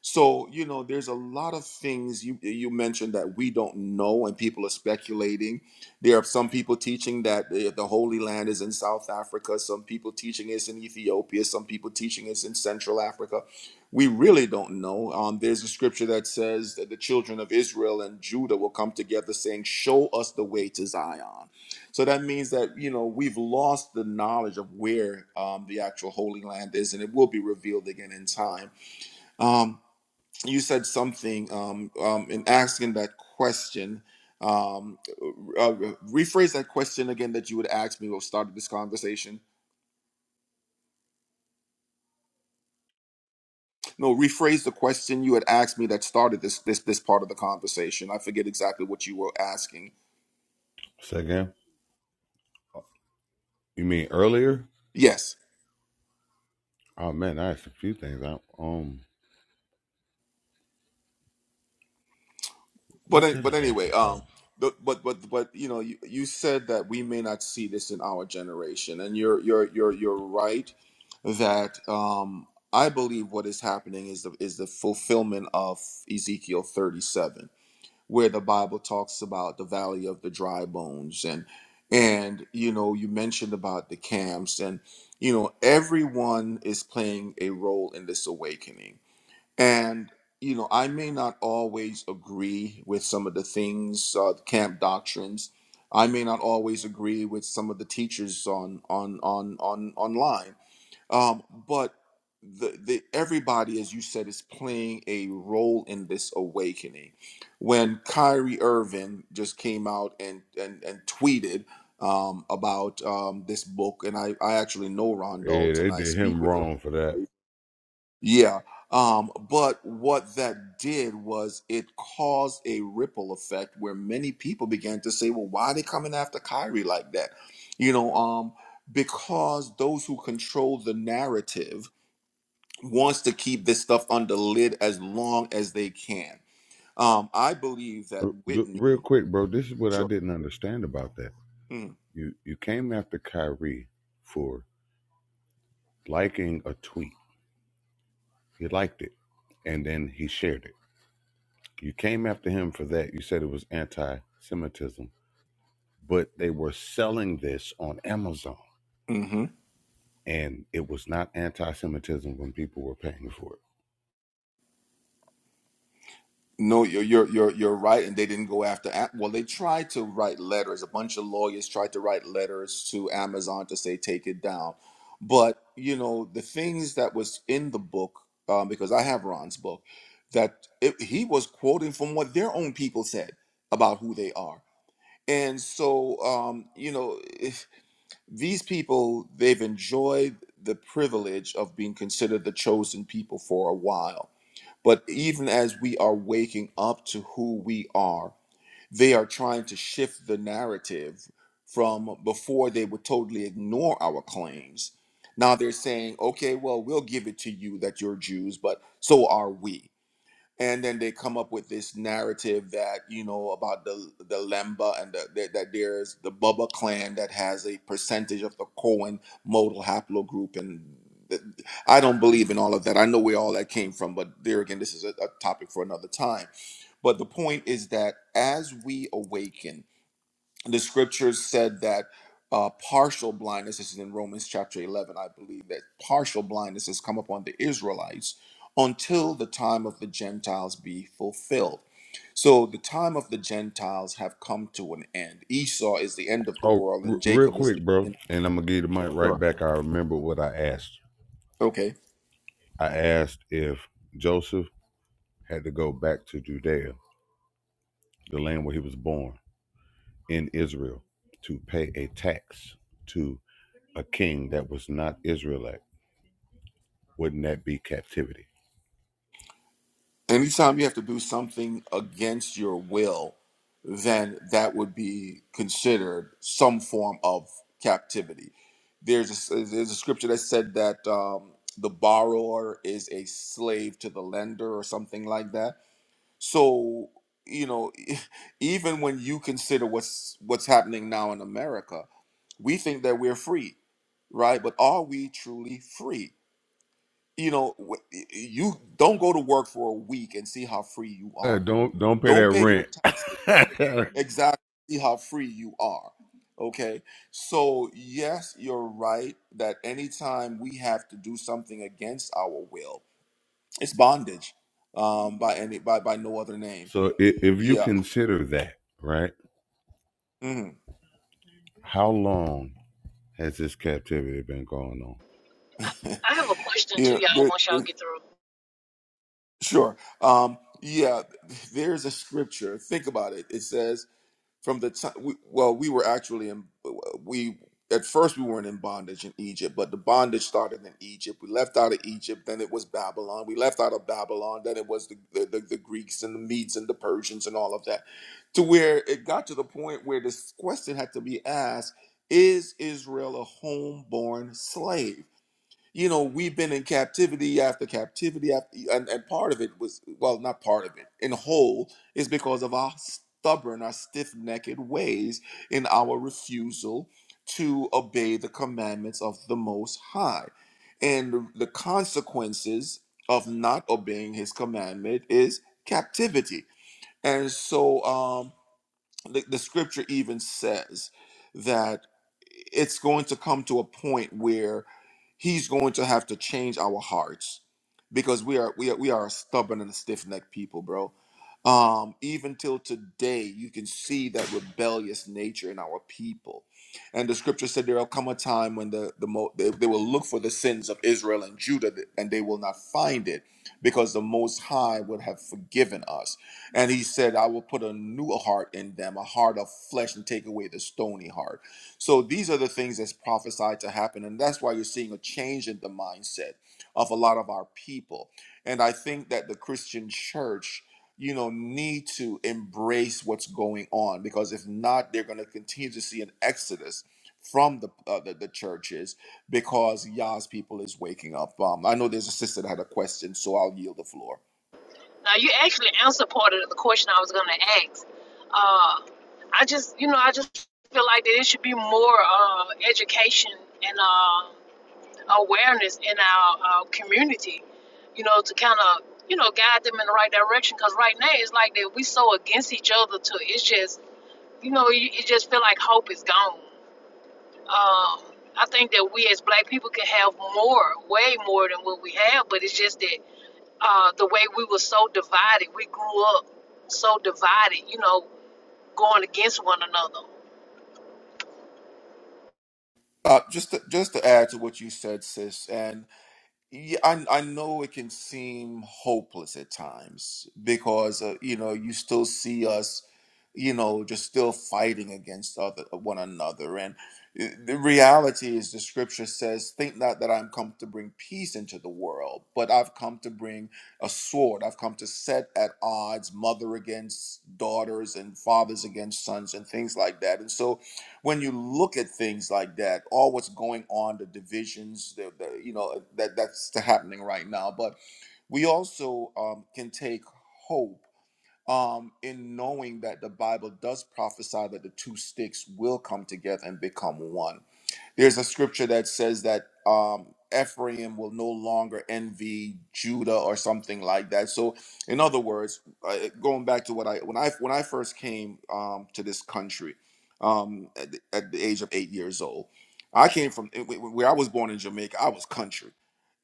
[SPEAKER 14] So, you know, there's a lot of things you you mentioned that we don't know and people are speculating. There are some people teaching that the, the Holy Land is in South Africa, some people teaching it's in Ethiopia, some people teaching it's in Central Africa. We really don't know. Um, there's a scripture that says that the children of Israel and Judah will come together saying, "Show us the way to Zion." So that means that, you know, we've lost the knowledge of where um, the actual Holy Land is and it will be revealed again in time. Um, you said something um, um, in asking that question. Um, uh, rephrase that question again that you would ask me what started this conversation. No, rephrase the question you had asked me that started this this this part of the conversation. I forget exactly what you were asking.
[SPEAKER 10] Second, You mean earlier?
[SPEAKER 14] Yes.
[SPEAKER 10] Oh man, I asked a few things. I um,
[SPEAKER 14] But
[SPEAKER 10] what
[SPEAKER 14] an-
[SPEAKER 10] did I
[SPEAKER 14] but
[SPEAKER 10] ask
[SPEAKER 14] anyway,
[SPEAKER 10] this
[SPEAKER 14] um,
[SPEAKER 10] time?
[SPEAKER 14] but but but, but you know, you, you said that we may not see this in our generation, and you're you're you're you're right that um, I believe what is happening is the is the fulfillment of Ezekiel 37, where the Bible talks about the valley of the dry bones, and and you know, you mentioned about the camps, and you know, everyone is playing a role in this awakening and, you know, I may not always agree with some of the things, uh, the camp doctrines. I may not always agree with some of the teachers on on on on online. Um, but the, the everybody, as you said, is playing a role in this awakening. When Kyrie Irving just came out and and, and tweeted um, about um, this book, and I, I actually know Ron
[SPEAKER 10] Yeah,
[SPEAKER 14] Dalton.
[SPEAKER 10] they
[SPEAKER 14] I
[SPEAKER 10] did
[SPEAKER 14] speak
[SPEAKER 10] him
[SPEAKER 14] with
[SPEAKER 10] wrong for
[SPEAKER 14] Ron.
[SPEAKER 10] that.
[SPEAKER 14] Yeah. Um, but what that did was it caused a ripple effect where many people began to say, well, why are they coming after Kyrie like that? You know, um, because those who control the narrative wants to keep this stuff under lid as long as they can. Um, I believe that
[SPEAKER 10] R- r-
[SPEAKER 14] Whitney,
[SPEAKER 10] Real quick, bro. This is what I
[SPEAKER 14] sure.
[SPEAKER 10] didn't understand about that.
[SPEAKER 14] mm,
[SPEAKER 10] You you came after Kyrie for liking a tweet. He liked it, and then he shared it. You came after him for that. You said it was anti-Semitism, but they were selling this on Amazon,
[SPEAKER 14] Mm-hmm.
[SPEAKER 10] and it was not anti-Semitism when people were paying for it.
[SPEAKER 14] No, you're you're you're you're right, and they didn't go after. A- Well, they tried to write letters. A bunch of lawyers tried to write letters to Amazon to say take it down, but you know the things that was in the book, um, because I have Ron's book, that it, he was quoting from what their own people said about who they are, and so um, you know if these people they've enjoyed the privilege of being considered the chosen people for a while but even as we are waking up to who we are, they are trying to shift the narrative from before they would totally ignore our claims. Now they're saying, okay, well, we'll give it to you that you're Jews, but so are we and then they come up with this narrative that you know about the the Lemba and the, that, that there's the Bubba clan that has a percentage of the Cohen modal haplogroup, and th- I don't believe in all of that. I know where all that came from, but there again, this is a, a topic for another time. But the point is that as we awaken the scriptures said that uh, partial blindness this is in romans chapter 11 i believe that partial blindness has come upon the israelites until the time of the gentiles be fulfilled so the time of the gentiles have come to an end esau is the end of the
[SPEAKER 10] Oh,
[SPEAKER 14] world
[SPEAKER 10] r-
[SPEAKER 14] and
[SPEAKER 10] real
[SPEAKER 14] jacob is the
[SPEAKER 10] quick, bro,
[SPEAKER 14] end
[SPEAKER 10] and I'm gonna give you the mic right
[SPEAKER 14] sure
[SPEAKER 10] back. I remember what I asked.
[SPEAKER 14] okay
[SPEAKER 10] I asked if Joseph had to go back to Judea, the land where he was born in Israel, to pay a tax to. a king that was not Israelite, wouldn't that be captivity?
[SPEAKER 14] anytime you have to do something against your will, then that would be considered some form of captivity. There's a, there's a scripture that said that um, the borrower is a slave to the lender or something like that. So you know, [LAUGHS] even when you consider what's what's happening now in America, we think that we're free, right? But are we truly free? you know w- y- you don't go to work for a week and see how free you
[SPEAKER 10] Uh,
[SPEAKER 14] are
[SPEAKER 10] don't don't pay
[SPEAKER 14] don't
[SPEAKER 10] that
[SPEAKER 14] pay your
[SPEAKER 10] rent.
[SPEAKER 14] taxes
[SPEAKER 10] [LAUGHS]
[SPEAKER 14] exactly see how free you are okay so yes you're right that anytime we have to do something against our will it's bondage um by any by by no other name
[SPEAKER 10] so if, if you
[SPEAKER 14] yeah
[SPEAKER 10] consider that, right?
[SPEAKER 14] hmm
[SPEAKER 10] How long has this captivity been going on?
[SPEAKER 1] I have a question to
[SPEAKER 14] yeah
[SPEAKER 1] y'all
[SPEAKER 14] there,
[SPEAKER 1] once y'all
[SPEAKER 14] there-
[SPEAKER 1] get through.
[SPEAKER 14] sure um yeah there's a scripture think about it it says from the time we, well we were actually in we at first we weren't in bondage in egypt but the bondage started in egypt we left out of egypt then it was babylon we left out of babylon then it was the, the, the, the greeks and the medes and the persians and all of that to where it got to the point where this question had to be asked is israel a homeborn slave you know we've been in captivity after captivity after, and, and part of it was well not part of it in whole is because of our stubborn our stiff-necked ways in our refusal to obey the commandments of the most high and the consequences of not obeying his commandment is captivity and so um, the, the scripture even says that it's going to come to a point where he's going to have to change our hearts because we are we are we are a stubborn and a stiff-necked people bro um even till today you can see that rebellious nature in our people and the scripture said there'll come a time when the the mo- they, they will look for the sins of israel and judah and they will not find it because the most high would have forgiven us and he said, I will put a new heart in them, a heart of flesh, and take away the stony heart. So these are the things that's prophesied to happen. And that's why you're seeing a change in the mindset of a lot of our people. And I think that the Christian church, you know, need to embrace what's going on because if not, they're going to continue to see an exodus from the, uh, the the churches because Yah's people is waking up. Um, I know there's a sister that had a question, so I'll yield the floor.
[SPEAKER 1] Now you actually answered part of the question I was gonna ask. Uh, I just you know I just feel like that it should be more uh, education and uh, awareness in our uh, community, you know, to kind of you know guide them in the right direction. Cause right now it's like that we so against each other to it's just you know you, it just feel like hope is gone. um, I think that we as black people can have more, way more than what we have, but it's just that uh, the way we were so divided, we grew up so divided, you know, going against one another.
[SPEAKER 14] Uh, just to, just to add to what you said, sis, and yeah, I I know it can seem hopeless at times because uh, you know you still see us, you know, just still fighting against other one another, and uh, the reality is the scripture says, "Think not that I'm come to bring peace into the world, but I've come to bring a sword. I've come to set at odds mother against daughters and fathers against sons and things like that." And so when you look at things like that, all what's going on, the divisions, the, the you know that that's happening right now. But we also um, can take hope um, in knowing that the Bible does prophesy that the two sticks will come together and become one there's a scripture that says that um Ephraim will no longer envy Judah or something like that. So, in other words, uh, going back to what I when I when I first came um, to this country um, at, the, at the age of eight years old, I came from eh, wh- where I was born in Jamaica. I was country,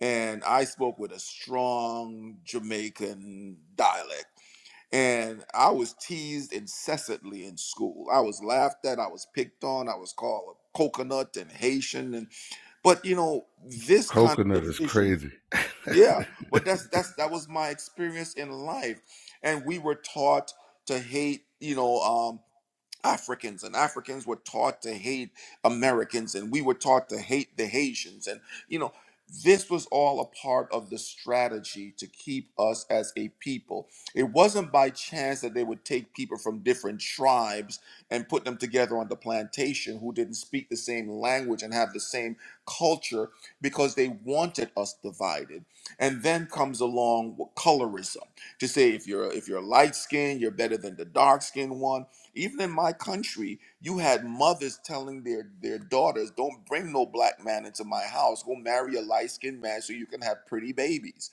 [SPEAKER 14] and I spoke with a strong Jamaican dialect and I was teased incessantly in school. I was laughed at, I was picked on, I was called a coconut and Haitian and but you know, this kind of
[SPEAKER 10] Coconut is
[SPEAKER 14] division,
[SPEAKER 10] crazy.
[SPEAKER 14] yeah, but that's that's that was my experience in life. And we were taught to hate, you know, um, Africans and Africans were taught to hate Americans and we were taught to hate the Haitians and you know this was all a part of the strategy to keep us as a people. It wasn't by chance that they would take people from different tribes and put them together on the plantation who didn't speak the same language and have the same culture because they wanted us divided. And then comes along colorism to say if you're if you're light skinned, you're better than the dark skinned one even in my country, you had mothers telling their, their daughters, don't bring no black man into my house. Go marry a light skinned man so you can have pretty babies.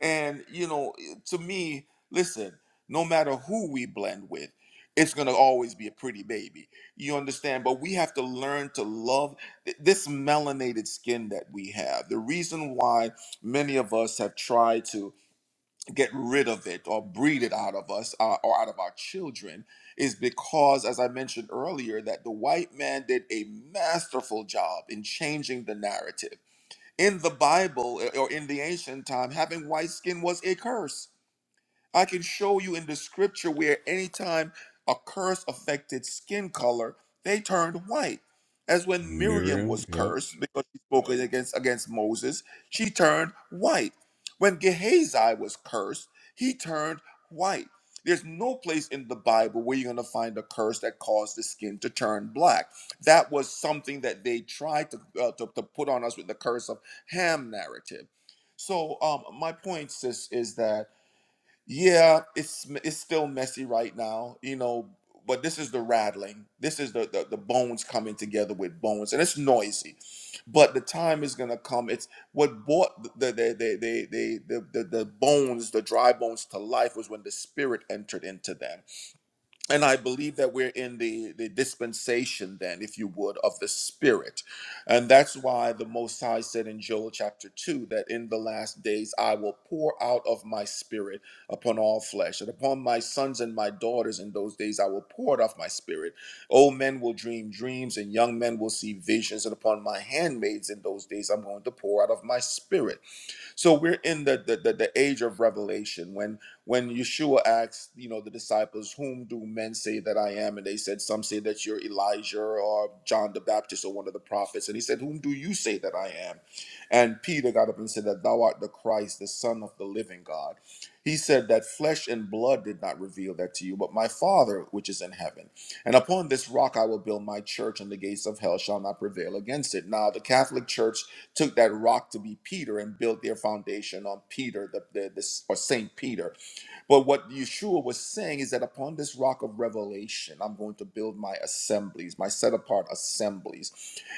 [SPEAKER 14] And, you know, eh, to me, listen, no matter who we blend with, it's going to always be a pretty baby. You understand? But we have to learn to love th- this melanated skin that we have. The reason why many of us have tried to get rid of it or breed it out of us uh, or out of our children is because, as I mentioned earlier, that the white man did a masterful job in changing the narrative. In the Bible uh, or in the ancient time, having white skin was a curse. I can show you in the scripture where anytime a curse affected skin color, they turned white. As
[SPEAKER 10] [LAUGHS]
[SPEAKER 14] when Miriam was
[SPEAKER 10] Miriam, yep.
[SPEAKER 14] cursed because she spoke against against Moses, she turned white. When Gehazi was cursed, he turned white. There's no place in the Bible where you're going to find a curse that caused the skin to turn black. That was something that they tried to, uh, to, to put on us with the curse of Ham narrative. So, um, my point, sis, is that yeah, it's m- it's still messy right now, you know, but this is the rattling. This is the the, the bones coming together with bones, and it's noisy. But the time is gonna come. It's what brought the the the the the the, the, the bones, the dry bones, to life was when the spirit entered into them and I believe that we're in the, the dispensation, then, if you would, of the Spirit. And that's why the Most High said in Joel chapter 2 that in the last days I will pour out of my Spirit upon all flesh, and upon my sons and my daughters in those days I will pour it off my Spirit. Old men will dream dreams, and young men will see visions, and upon my handmaids in those days I'm going to pour out of my Spirit. So we're in the the, the the age of revelation when when Yeshua asked, you know, the disciples, whom do men say that I am? And they said, Some say that you're Elijah or John the Baptist or one of the prophets. And he said, Whom do you say that I am? And Peter got up and said that thou art the Christ, the Son of the living God. He said that flesh and blood did not reveal that to you, but my Father which is in heaven. And upon this rock I will build my church, and the gates of hell shall not prevail against it. Now, the Catholic Church took that rock to be Peter and built their foundation on Peter, the, the, the or Saint Peter but what Yeshua was saying is that upon this rock of revelation, I'm going to build my assemblies, my set apart assemblies.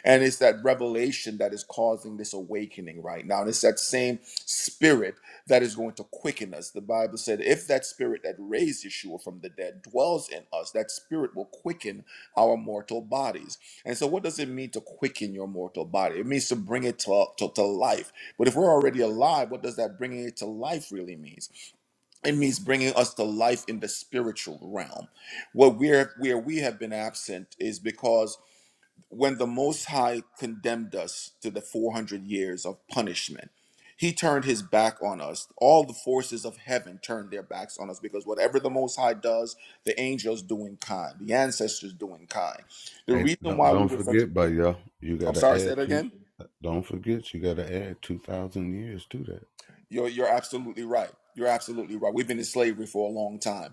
[SPEAKER 14] And it's that revelation that is causing this awakening right now. And it's that same spirit that is going to quicken us. The Bible said, if that spirit that raised Yeshua from the dead dwells in us, that spirit will quicken our mortal bodies. And so, what does it mean to quicken your mortal body? It means to bring it to, to, to life. But if we're already alive, what does that bringing it to life really mean? it means bringing us to life in the spiritual realm what we're where we have been absent is because when the most high condemned us to the 400 years of punishment he turned his back on us all the forces of heaven turned their backs on us because whatever the most high does the angels do in kind the ancestors do in kind the
[SPEAKER 10] Hey,
[SPEAKER 14] reason
[SPEAKER 10] don't
[SPEAKER 14] why we
[SPEAKER 10] don't
[SPEAKER 14] were such a
[SPEAKER 10] forget, by y'all, you
[SPEAKER 14] i'm
[SPEAKER 10] gotta
[SPEAKER 14] sorry say
[SPEAKER 10] add
[SPEAKER 14] that
[SPEAKER 10] two.
[SPEAKER 14] again
[SPEAKER 10] Don't forget, you gotta add two thousand years to
[SPEAKER 14] you're, you're absolutely right you're absolutely right we've been in slavery for a long time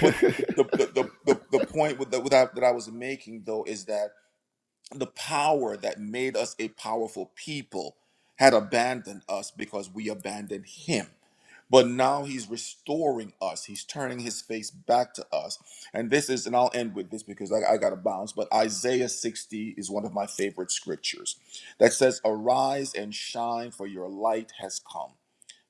[SPEAKER 14] But the the the, the, the point with the, with that, that I was making though is that the power that made us a powerful people had abandoned us because we abandoned him. But now he's restoring us. He's turning his face back to us. And this is, and I'll end with this because I, I got to bounce, but Isaiah 60 is one of my favorite scriptures that says, Arise and shine, for your light has come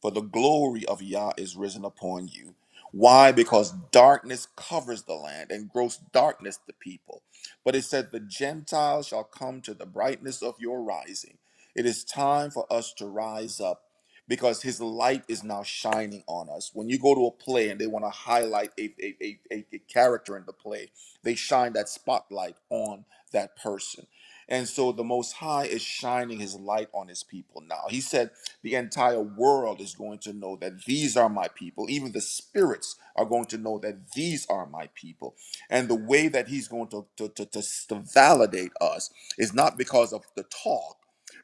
[SPEAKER 14] for the glory of Yah is risen upon you. Why? Because darkness covers the land and gross darkness the people. But it said, The Gentiles shall come to the brightness of your rising. It is time for us to rise up because his light is now shining on us. When you go to a play and they want to highlight a, a, a, a a character in the play, they shine that spotlight on that person. And so the Most High is shining his light on his people now. He said, the entire world is going to know that these are my people. Even the spirits are going to know that these are my people. And the way that he's going to, to, to, to, to validate us is not because of the talk,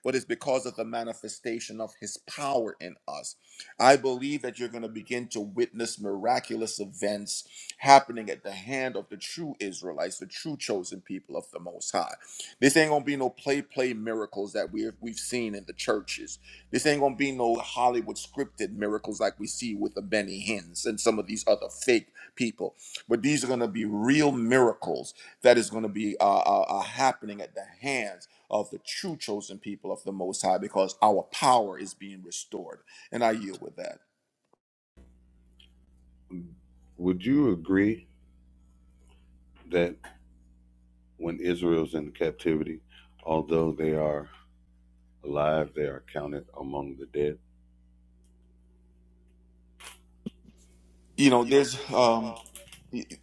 [SPEAKER 14] but it's because of the manifestation of his power in us. I believe that you're going to begin to witness miraculous events happening at the hand of the true Israelites, the true chosen people of the Most High. This ain't gonna be no play play miracles that we've we've seen in the churches. This ain't gonna be no Hollywood scripted miracles like we see with the Benny Hinn's and some of these other fake people. But these are gonna be real miracles that is gonna be uh, uh, uh, happening at the hands of the true chosen people of the Most High because our power is being restored. And I yield with that.
[SPEAKER 10] [LAUGHS] Would you agree that when Israel's in captivity, although they are Alive, they are counted among the dead.
[SPEAKER 14] You know,
[SPEAKER 10] You know,
[SPEAKER 14] there's
[SPEAKER 10] there's.
[SPEAKER 14] um,
[SPEAKER 10] Um,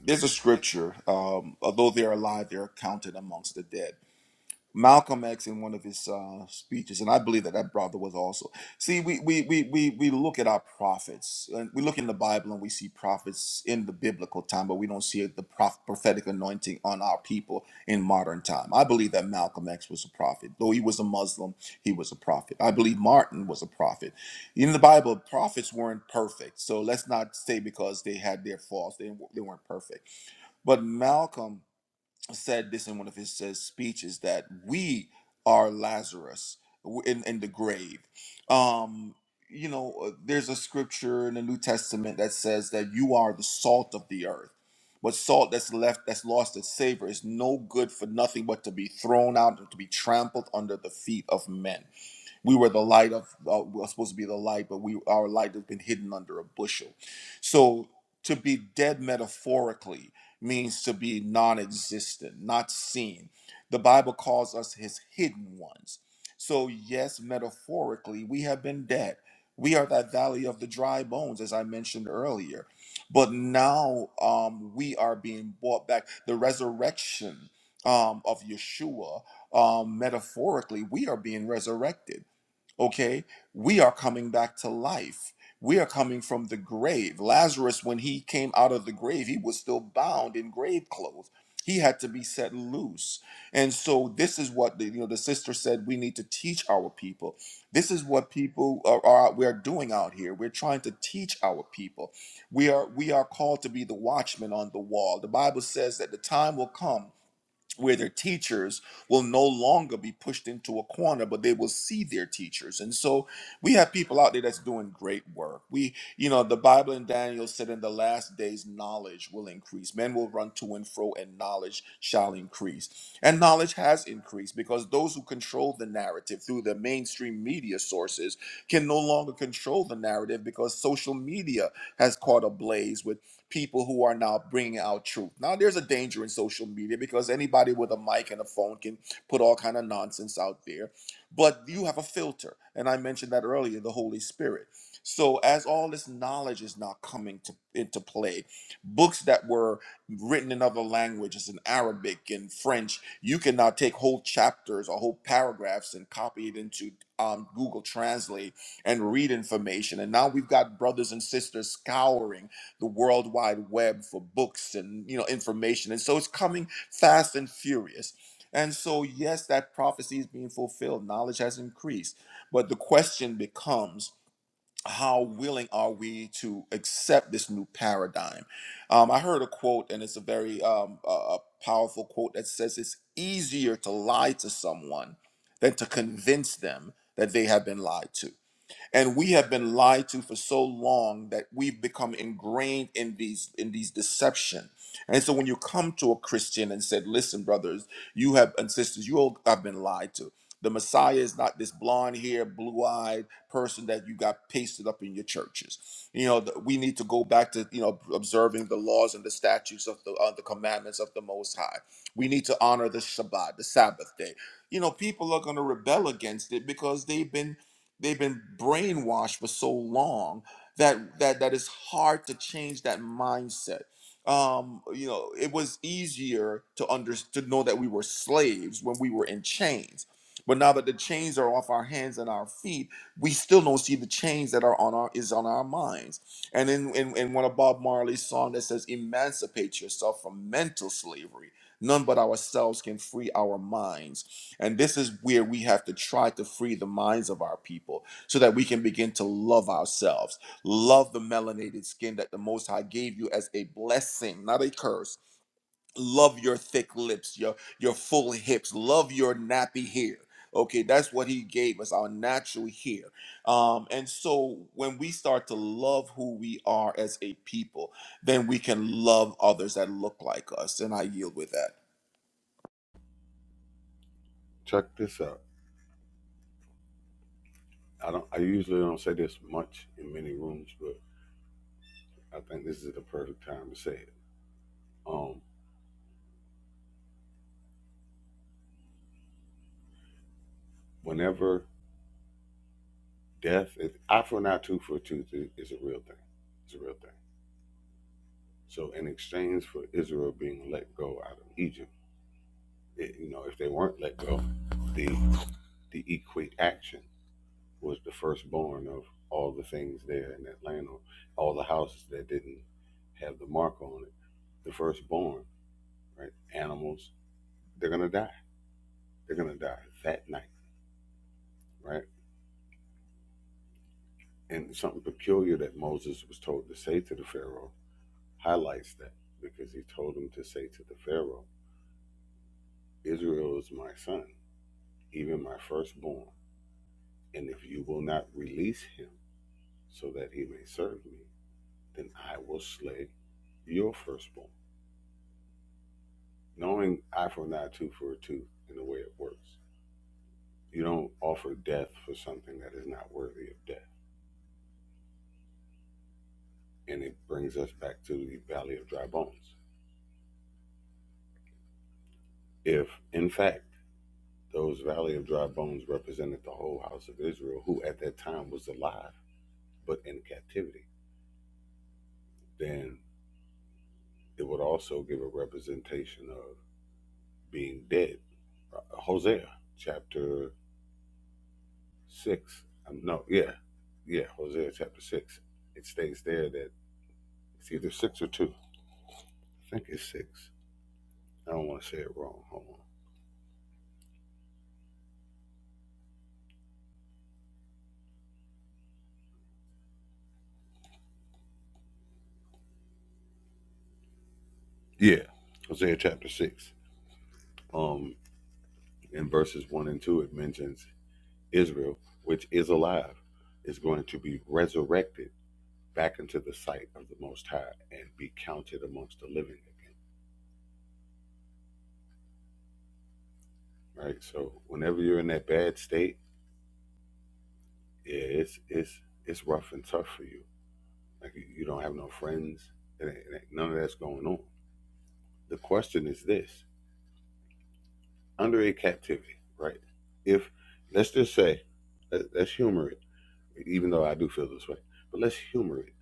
[SPEAKER 14] there's a
[SPEAKER 10] there's-
[SPEAKER 14] scripture. Um, Although they are alive, they are counted amongst the dead Malcolm X in one of his uh, speeches, and I believe that that brother was also. See, we we we we we look at our prophets, and we look in the Bible, and we see prophets in the biblical time, but we don't see the prof- prophetic anointing on our people in modern time. I believe that Malcolm X was a prophet, though he was a Muslim, he was a prophet. I believe Martin was a prophet. In the Bible, prophets weren't perfect, so let's not say because they had their faults, they they weren't perfect. But Malcolm said this in one of his uh, speeches that we are Lazarus w- in, in the grave. Um, you know, uh, there's a scripture in the New Testament that says that you are the salt of the earth. But salt that's left, that's lost its savor, is no good for nothing but to be thrown out and to be trampled under the feet of men. We were the light of, uh, we were supposed to be the light, but we our light has been hidden under a bushel. So to be dead metaphorically means to be non-existent, not seen. The Bible calls us His hidden ones. So yes, metaphorically, we have been dead. We are that valley of the dry bones, as I mentioned earlier. But now um, we are being brought back. The resurrection um, of Yeshua, um, metaphorically, we are being resurrected okay we are coming back to life we are coming from the grave lazarus when he came out of the grave he was still bound in grave clothes he had to be set loose and so this is what the, you know the sister said we need to teach our people this is what people are, are we are doing out here we're trying to teach our people we are we are called to be the watchmen on the wall the bible says that the time will come where their teachers will no longer be pushed into a corner but they will see their teachers and so we have people out there that's doing great work we you know the bible and daniel said in the last days knowledge will increase men will run to and fro and knowledge shall increase and knowledge has increased because those who control the narrative through the mainstream media sources can no longer control the narrative because social media has caught a blaze with people who are now bringing out truth. Now there's a danger in social media because anybody with a mic and a phone can put all kind of nonsense out there, but you have a filter, and I mentioned that earlier, the Holy Spirit. So as all this knowledge is now coming to into play, books that were written in other languages, in Arabic and French, you can now take whole chapters or whole paragraphs and copy it into um, Google Translate and read information. And now we've got brothers and sisters scouring the world wide web for books and you know information and so it's coming fast and furious and so yes that prophecy is being fulfilled knowledge has increased but the question becomes how willing are we to accept this new paradigm um, i heard a quote and it's a very um, uh, powerful quote that says it's easier to lie to someone than to convince them that they have been lied to and we have been lied to for so long that we've become ingrained in these in these deception and so when you come to a christian and said listen brothers you have and sisters you all have been lied to the messiah is not this blonde hair blue-eyed person that you got pasted up in your churches you know the, we need to go back to you know observing the laws and the statutes of the, uh, the commandments of the most high we need to honor the shabbat the sabbath day you know people are going to rebel against it because they've been they've been brainwashed for so long that that that it's hard to change that mindset um you know it was easier to under to know that we were slaves when we were in chains but now that the chains are off our hands and our feet we still don't see the chains that are on our is on our minds and in in, in one of bob marley's song that says emancipate yourself from mental slavery none but ourselves can free our minds and this is where we have to try to free the minds of our people so that we can begin to love ourselves, love the melanated skin that the Most High gave you as a blessing, not a curse. Love your thick lips, your, your full hips, love your nappy hair. Okay, that's what he gave us, our natural hair. Um, and so when we start to love who we are as a people, then we can love others that look like us. And I yield with that.
[SPEAKER 10] Check this out. I don't. I usually don't say this much in many rooms, but I think this is the perfect time to say it. Um, whenever death, is, eye for an eye, tooth for a tooth, is, a real thing. It's a real thing. So, in exchange for Israel being let go out of Egypt, it, you know, if they weren't let go, the the equate action was the firstborn of all the things there in Atlanta, all the houses that didn't have the mark on it. The firstborn, right? Animals, they're gonna die. They're gonna die that night, right? And something peculiar that Moses was told to say to the Pharaoh highlights that because he told him to say to the Pharaoh, Israel is my son, even my firstborn. And if you will not release him so that he may serve me, then I will slay your firstborn. knowing eye for iPhone 92 for a tooth and the way it works, you don't offer death for something that is not worthy of death. And it brings us back to the Valley of Dry Bones. If, in fact, those Valley of Dry Bones represented the whole house of Israel, who at that time was alive but in captivity, then it would also give a representation of being dead. Uh, Hosea chapter 6. Um, no, yeah, yeah, Hosea chapter 6. It states there that it's either 6 or 2 I think it's six. I don't want to say it wrong. Hold on. Yeah, Hosea chapter six. Um, in verses one and two, it mentions Israel, which is alive, is going to be resurrected back into the sight of the Most High and be counted amongst the living again. Right. So whenever you're in that bad state, yeah, it's it's it's rough and tough for you. Like you, you don't have no friends. It ain't- it ain't- none of that's going on. The question is this: under a captivity, right? If let's just say, let- let's humor it, even though I do feel this way, but let's humor it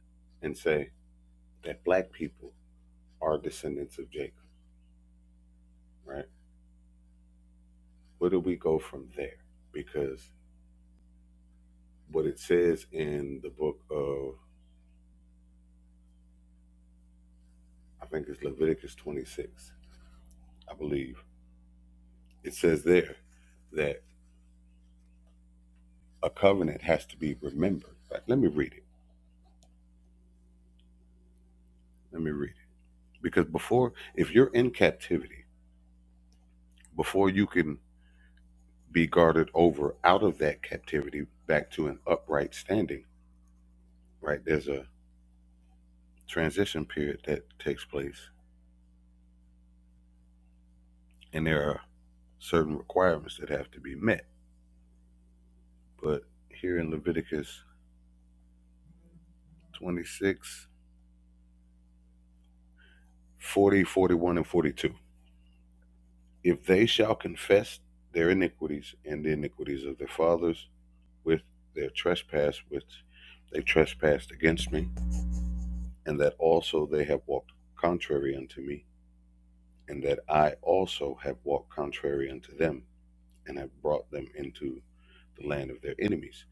[SPEAKER 10] and say that black people are descendants of Jacob, right? Where do we go from there? Because what it says in the book of, I think it's Leviticus 26, I believe, it says there that a covenant has to be remembered. Like, let me read it. Let me read it. Because before, if you're in captivity, before you can be guarded over out of that captivity back to an upright standing, right? There's a transition period that takes place, and there are certain requirements that have to be met. But here in Leviticus 26, forty, 41, and 42, if they shall confess their iniquities and the iniquities of their fathers with their trespass, which they trespassed against me, and that also they have walked contrary unto me, and that I also have walked contrary unto them, and have brought them into the land of their enemies.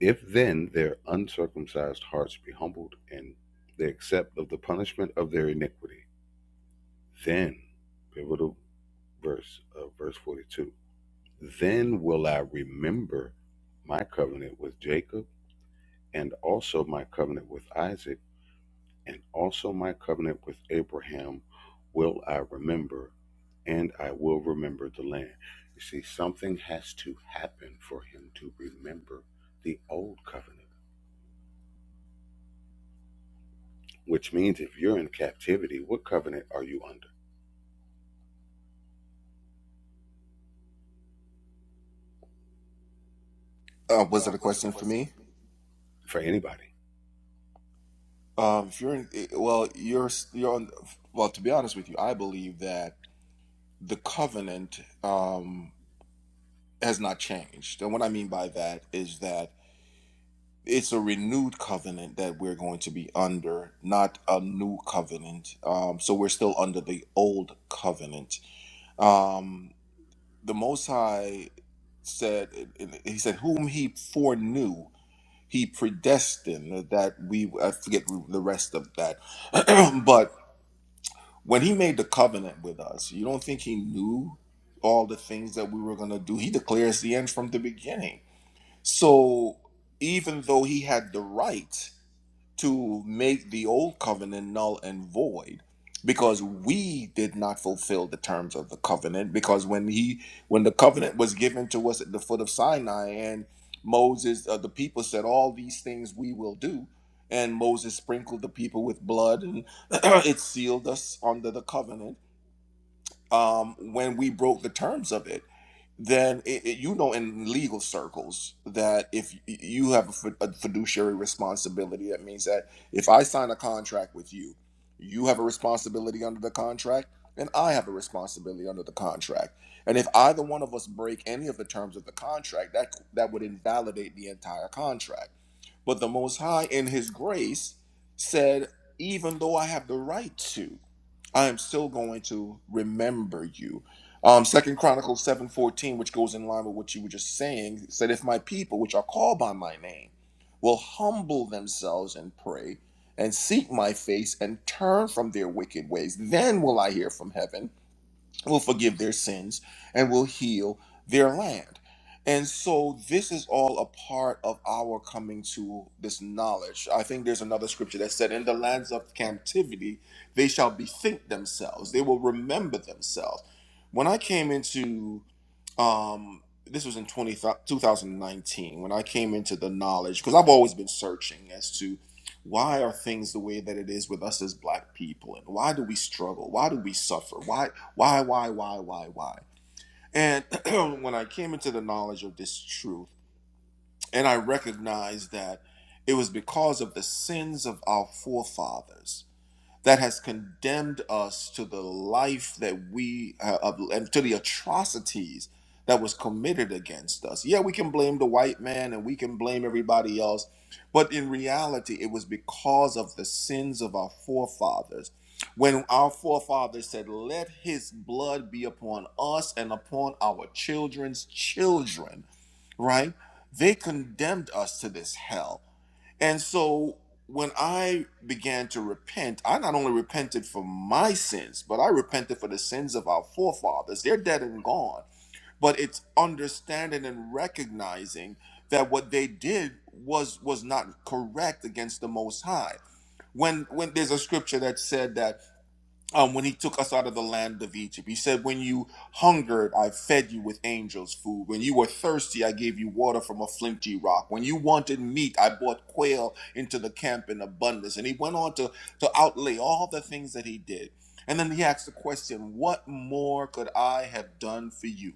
[SPEAKER 10] If then their uncircumcised hearts be humbled, and they accept of the punishment of their iniquity, then, pivotal verse of verse 42, then will I remember my covenant with Jacob, and also my covenant with Isaac and also my covenant with Abraham will I remember, and I will remember the land. You see, something has to happen for him to remember the old covenant, which means if you're in captivity, what covenant are you under?
[SPEAKER 14] Uh, was it a question for me?
[SPEAKER 10] For anybody.
[SPEAKER 14] Um, if you're in, eh, well, you're you're on. Well, to be honest with you, I believe that the covenant um, has not changed, and what I mean by that is that it's a renewed covenant that we're going to be under, not a new covenant. Um, so we're still under the old covenant. Um, the Most High said, eh, eh, He said, "Whom He foreknew." He predestined that we, I forget the rest of that, [CLEARS THROAT] but when he made the covenant with us, you don't think he knew all the things that we were going to do? He declares the end from the beginning. So even though he had the right to make the old covenant null and void because we did not fulfill the terms of the covenant because when he when the covenant was given to us at the foot of Sinai and Moses uh, the people said all these things we will do and Moses sprinkled the people with blood and [CLEARS THROAT] it sealed us under the covenant um when we broke the terms of it then it, it- you know in legal circles that if y- you have a fi- a fiduciary responsibility that means that if i sign a contract with you you have a responsibility under the contract and i have a responsibility under the contract and if either one of us break any of the terms of the contract that that would invalidate the entire contract but the Most High, in His grace, said, Even though I have the right to, I am still going to remember you. Um, Second Chronicles 7:14, which goes in line with what you were just saying, said, If my people, which are called by my name, will humble themselves and pray and seek my face and turn from their wicked ways, then will I hear from heaven will forgive their sins and will heal their land. And so this is all a part of our coming to this knowledge. I think there's another scripture that said, In the lands of captivity, they shall bethink themselves, they will remember themselves. When I came into um this was in 20, two thousand nineteen when i came into the knowledge because i've always been searching as to why are things the way that it is with us as black people and why do we struggle why do we suffer why why why why why why and [CLEARS THROAT] when i came into the knowledge of this truth and i recognized that it was because of the sins of our forefathers that has condemned us to the life that we uh, of, and to the atrocities that was committed against us. Yeah, we can blame the white man and we can blame everybody else, but in reality, it was because of the sins of our forefathers. When our forefathers said, Let his blood be upon us and upon our children's children, right? They condemned us to this hell and so when I began to repent, I not only repented for my sins, but I repented for the sins of our forefathers. They're dead and gone. But it's understanding and recognizing that what they did was was not correct against the most high. When when there's a scripture that said that um, when he took us out of the land of Egypt. He said, When you hungered, I fed you with angels' food. When you were thirsty, I gave you water from a flinty rock. When you wanted meat, I brought quail into the camp in abundance. And he went on to, to outlay all the things that he did. And then he asked the question, What more could I have done for you?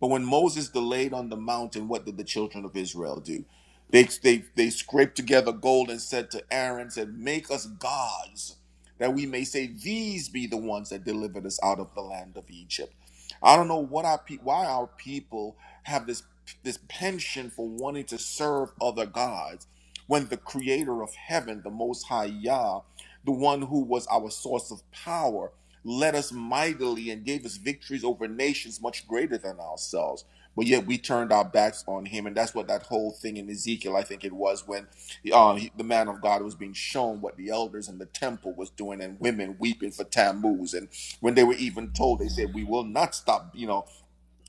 [SPEAKER 14] But when Moses delayed on the mountain, what did the children of Israel do? They, they, they scraped together gold and said to Aaron, said, Make us gods that we may say, These be the ones that delivered us out of the land of Egypt. I don't know what our pe- why our people have this this penchant for wanting to serve other gods when the creator of heaven, the most high Yah, the one who was our source of power, led us mightily and gave us victories over nations much greater than ourselves. But yet we turned our backs on him. And that's what that whole thing in Ezekiel, I think it was, when the, uh, he- the man of God was being shown what the elders in the temple was doing, and women weeping for Tammuz. And when they were even told, they said, "We will not stop, you know,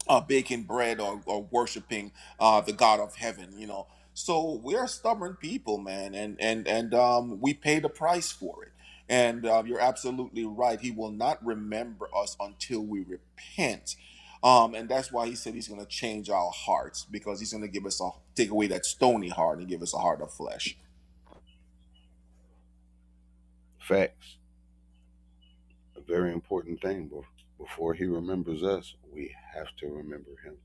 [SPEAKER 14] uh, baking bread or, or worshiping uh, the God of Heaven." You know, so we're stubborn people, man, and and and um, we pay the price for it. And uh, you're absolutely right. He will not remember us until we repent. Um, and that's why he said he's going to change our hearts because he's going to give us a take away that stony heart and give us a heart of flesh.
[SPEAKER 10] Facts. A very important thing. Before he remembers us, we have to remember him.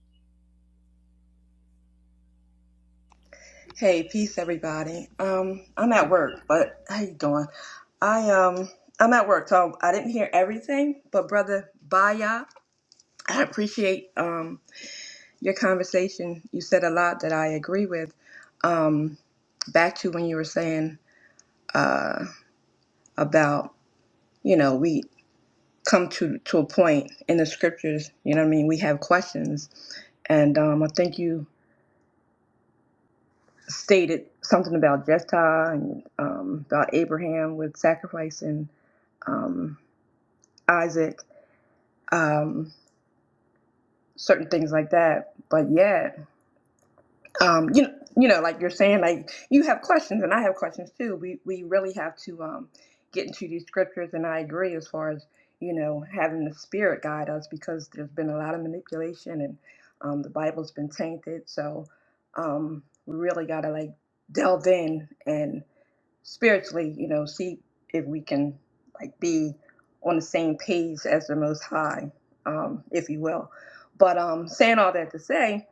[SPEAKER 16] Hey, peace, everybody. Um, I'm
[SPEAKER 10] How
[SPEAKER 16] at
[SPEAKER 10] you
[SPEAKER 16] work,
[SPEAKER 10] doing?
[SPEAKER 16] but how you doing? I um, I'm at work, so I didn't hear everything. But brother Baya, I appreciate um your conversation. You said a lot that I agree with. Um, back to when you were saying uh about you know we come to to a point in the scriptures. You know what I mean? We have questions, and um, I think you stated something about Jephthah and um, about Abraham with sacrificing um, Isaac, um, certain things like that. But yeah, um, you know, you know, like you're saying, like you have questions and I have questions too. We we really have to um, get into these scriptures, and I agree as far as you know having the Spirit guide us because there's been a lot of manipulation and um, the Bible's been tainted. So um, we really got to like delve in and spiritually, you know, see if we can like be on the same page as the Most High, um, if you will. But um, saying all that to say,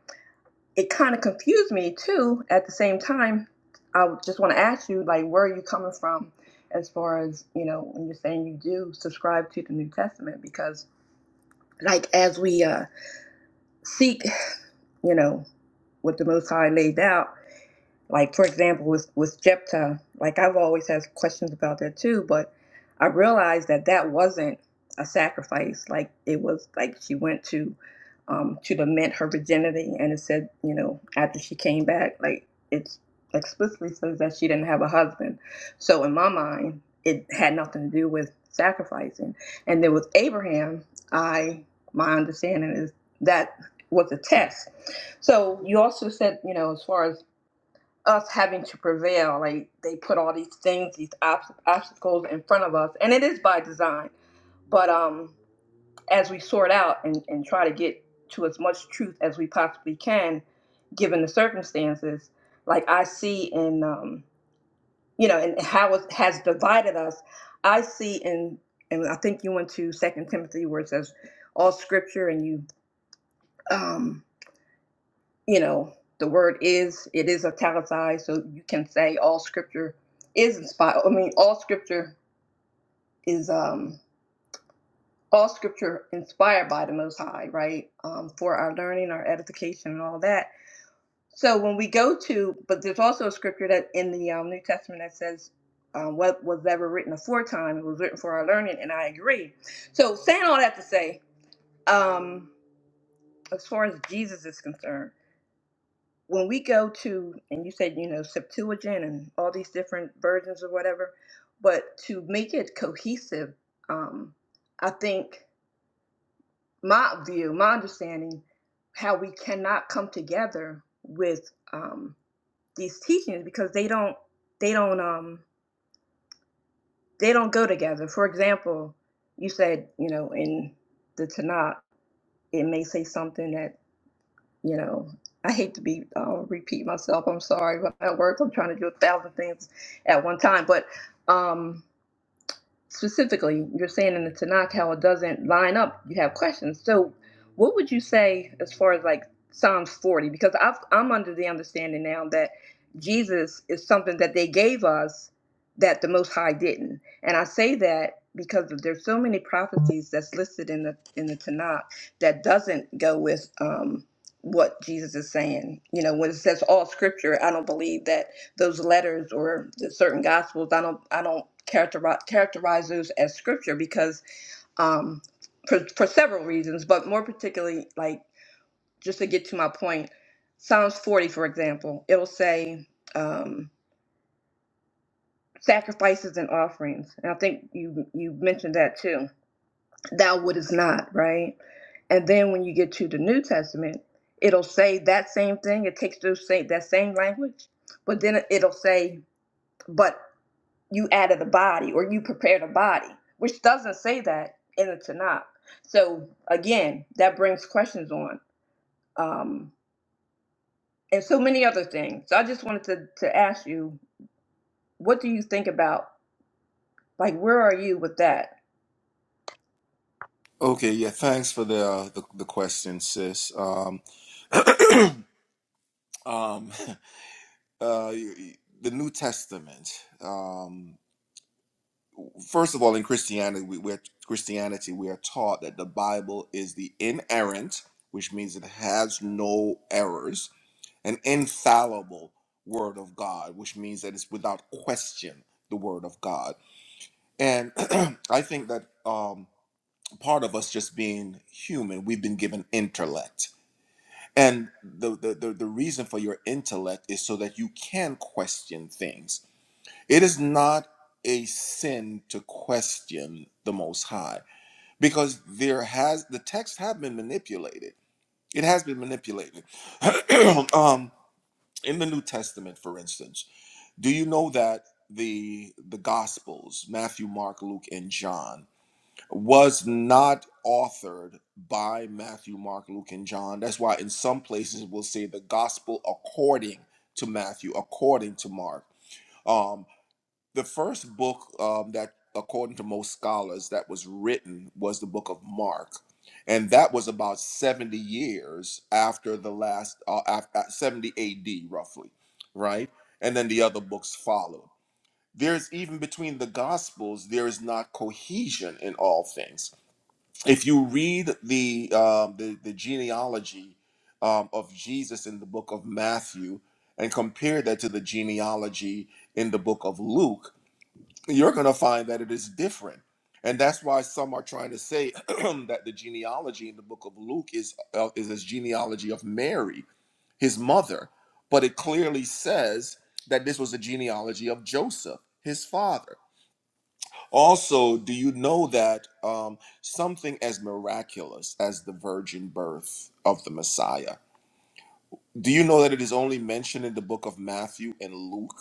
[SPEAKER 16] it kind of confused me too. At the same time, I just want to ask you, like, where are you coming from as far as you know when you're saying you do subscribe to the New Testament? Because like as we uh, seek, you know, what the Most High laid out Like for example, with with Jephthah, like I've always had questions about that too, but I realized that that wasn't a sacrifice. Like it was like she went to um, to lament her virginity, and it said, you know, after she came back, like it explicitly says that she didn't have a husband. So in my mind, it had nothing to do with sacrificing. And then with Abraham, I my understanding is that was a test. So you also said, you know, as far as us having to prevail. Like they put all these things, these obst- obstacles in front of us, and it is by design. But um, as we sort out and, and try to get to as much truth as we possibly can, given the circumstances, like I see in um, you know, and how it has divided us, I see in, and I think you went to Second Timothy where it says all Scripture, and you. um. you know, the word is, it is italicized, so you can say all scripture is inspired. I mean, all scripture is, um, all scripture inspired by the Most High, right? Um, for our learning, our edification, and all that. So when we go to, but there's also a scripture that in the um, New Testament that says, um, what was ever written aforetime, it was written for our learning, and I agree. So saying all that to say, um, as far as Jesus is concerned, when we go to and you said you know septuagint and all these different versions or whatever but to make it cohesive um i think my view my understanding how we cannot come together with um these teachings because they don't they don't um they don't go together for example you said you know in the tanakh it may say something that. you know i hate to be uh, repeat myself i'm sorry but at work i'm trying to do a thousand things at one time but um specifically, you're saying in the Tanakh how it doesn't line up. You have questions. So, what would you say as far as like Psalms 40? Because I've, I'm under the understanding now that Jesus is something that they gave us that the Most High didn't. And I say that because there's so many prophecies that's listed in the in the Tanakh that doesn't go with um, what Jesus is saying. You know, when it says all Scripture, I don't believe that those letters or the certain gospels i don't i don't characterize characterize those as scripture because um for, for several reasons but more particularly like just to get to my point psalms 40 for example it'll say um sacrifices and offerings and i think you you mentioned that too thou wouldest not right and then when you get to the new testament it'll say that same thing it takes those same that same language but then it'll say but. you added a body or you prepared a body, which doesn't say that in the Tanakh. So again, that brings questions on, um, and so many other things. So I just wanted to, to ask you, what do you think about, like, where are you with that?
[SPEAKER 14] Okay, yeah, thanks for the uh, the, the question, sis. Um, um, [LAUGHS] uh, you- you- the New Testament. Um, first of all, in Christianity, we, we're Christianity we are taught that the Bible is the inerrant, which means it has no errors, an infallible Word of God, which means that it's without question the Word of God. And [CLEARS THROAT] I think that um, part of us just being human, we've been given intellect And the, the, the, the reason for your intellect is so that you can question things. It is not a sin to question the Most High because there has the text have been manipulated. It has been manipulated. [CLEARS THROAT] um, in the New Testament, for instance, do you know that the the Gospels, Matthew, Mark, Luke, and John, was not authored by Matthew, Mark, Luke, and John. That's why in some places we'll say the gospel according to Matthew, according to Mark. Um, the first book um, that, according to most scholars, that was written was the book of Mark. And that was about 70 years after the last, uh, after, 70 AD roughly, right? And then the other books followed. There's even between the gospels, there is not cohesion in all things if you read the um, the, the genealogy um, of Jesus in the book of Matthew and compare that to the genealogy in the book of Luke, you're going to find that it is different. And that's why some are trying to say [CLEARS THROAT] that the genealogy in the book of Luke is uh, is this genealogy of Mary, his mother, but it clearly says that this was a genealogy of Joseph, his father. Also, do you know that um, something as miraculous as the virgin birth of the Messiah? Do you know that it is only mentioned in the book of Matthew and Luke?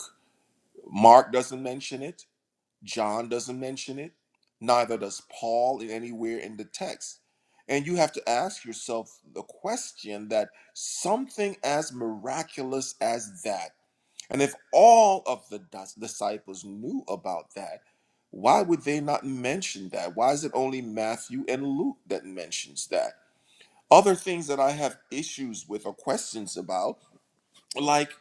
[SPEAKER 14] Mark doesn't mention it, John doesn't mention it, neither does Paul in anywhere in the text. And you have to ask yourself the question that something as miraculous as that and if all of the dis- disciples knew about that, why would they not mention that? Why is it only Matthew and Luke that mentions that? Other things that I have issues with or questions about like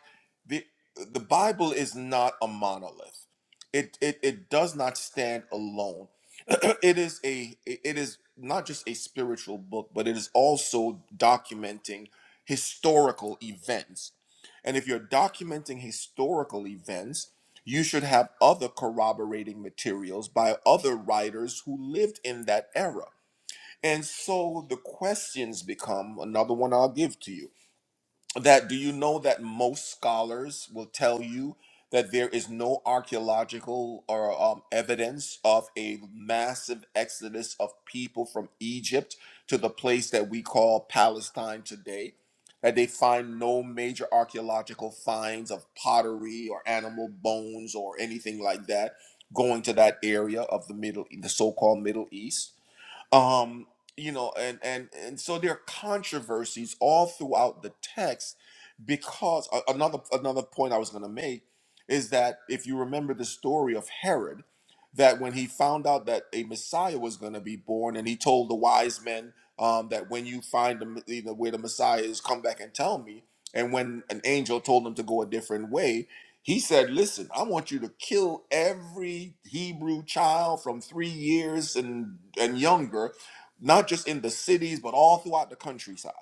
[SPEAKER 14] the the bible is not a monolith it it, it does not stand alone [CLEARS THROAT] it is a it is not just a spiritual book but it is also documenting historical events and if you're documenting historical events you should have other corroborating materials by other writers who lived in that era and so the questions become another one i'll give to you that do you know that most scholars will tell you that there is no archaeological or um, evidence of a massive exodus of people from Egypt to the place that we call Palestine today? That they find no major archaeological finds of pottery or animal bones or anything like that going to that area of the middle, E, the so-called Middle East um you know and and and so there are controversies all throughout the text because a- another another point i was going to make is that if you remember the story of herod that when he found out that a messiah was going to be born and he told the wise men um, that when you find the, you know, where the messiah is come back and tell me and when an angel told him to go a different way he said, Listen, I want you to kill every Hebrew child from three years and, and younger, not just in the cities, but all throughout the countryside.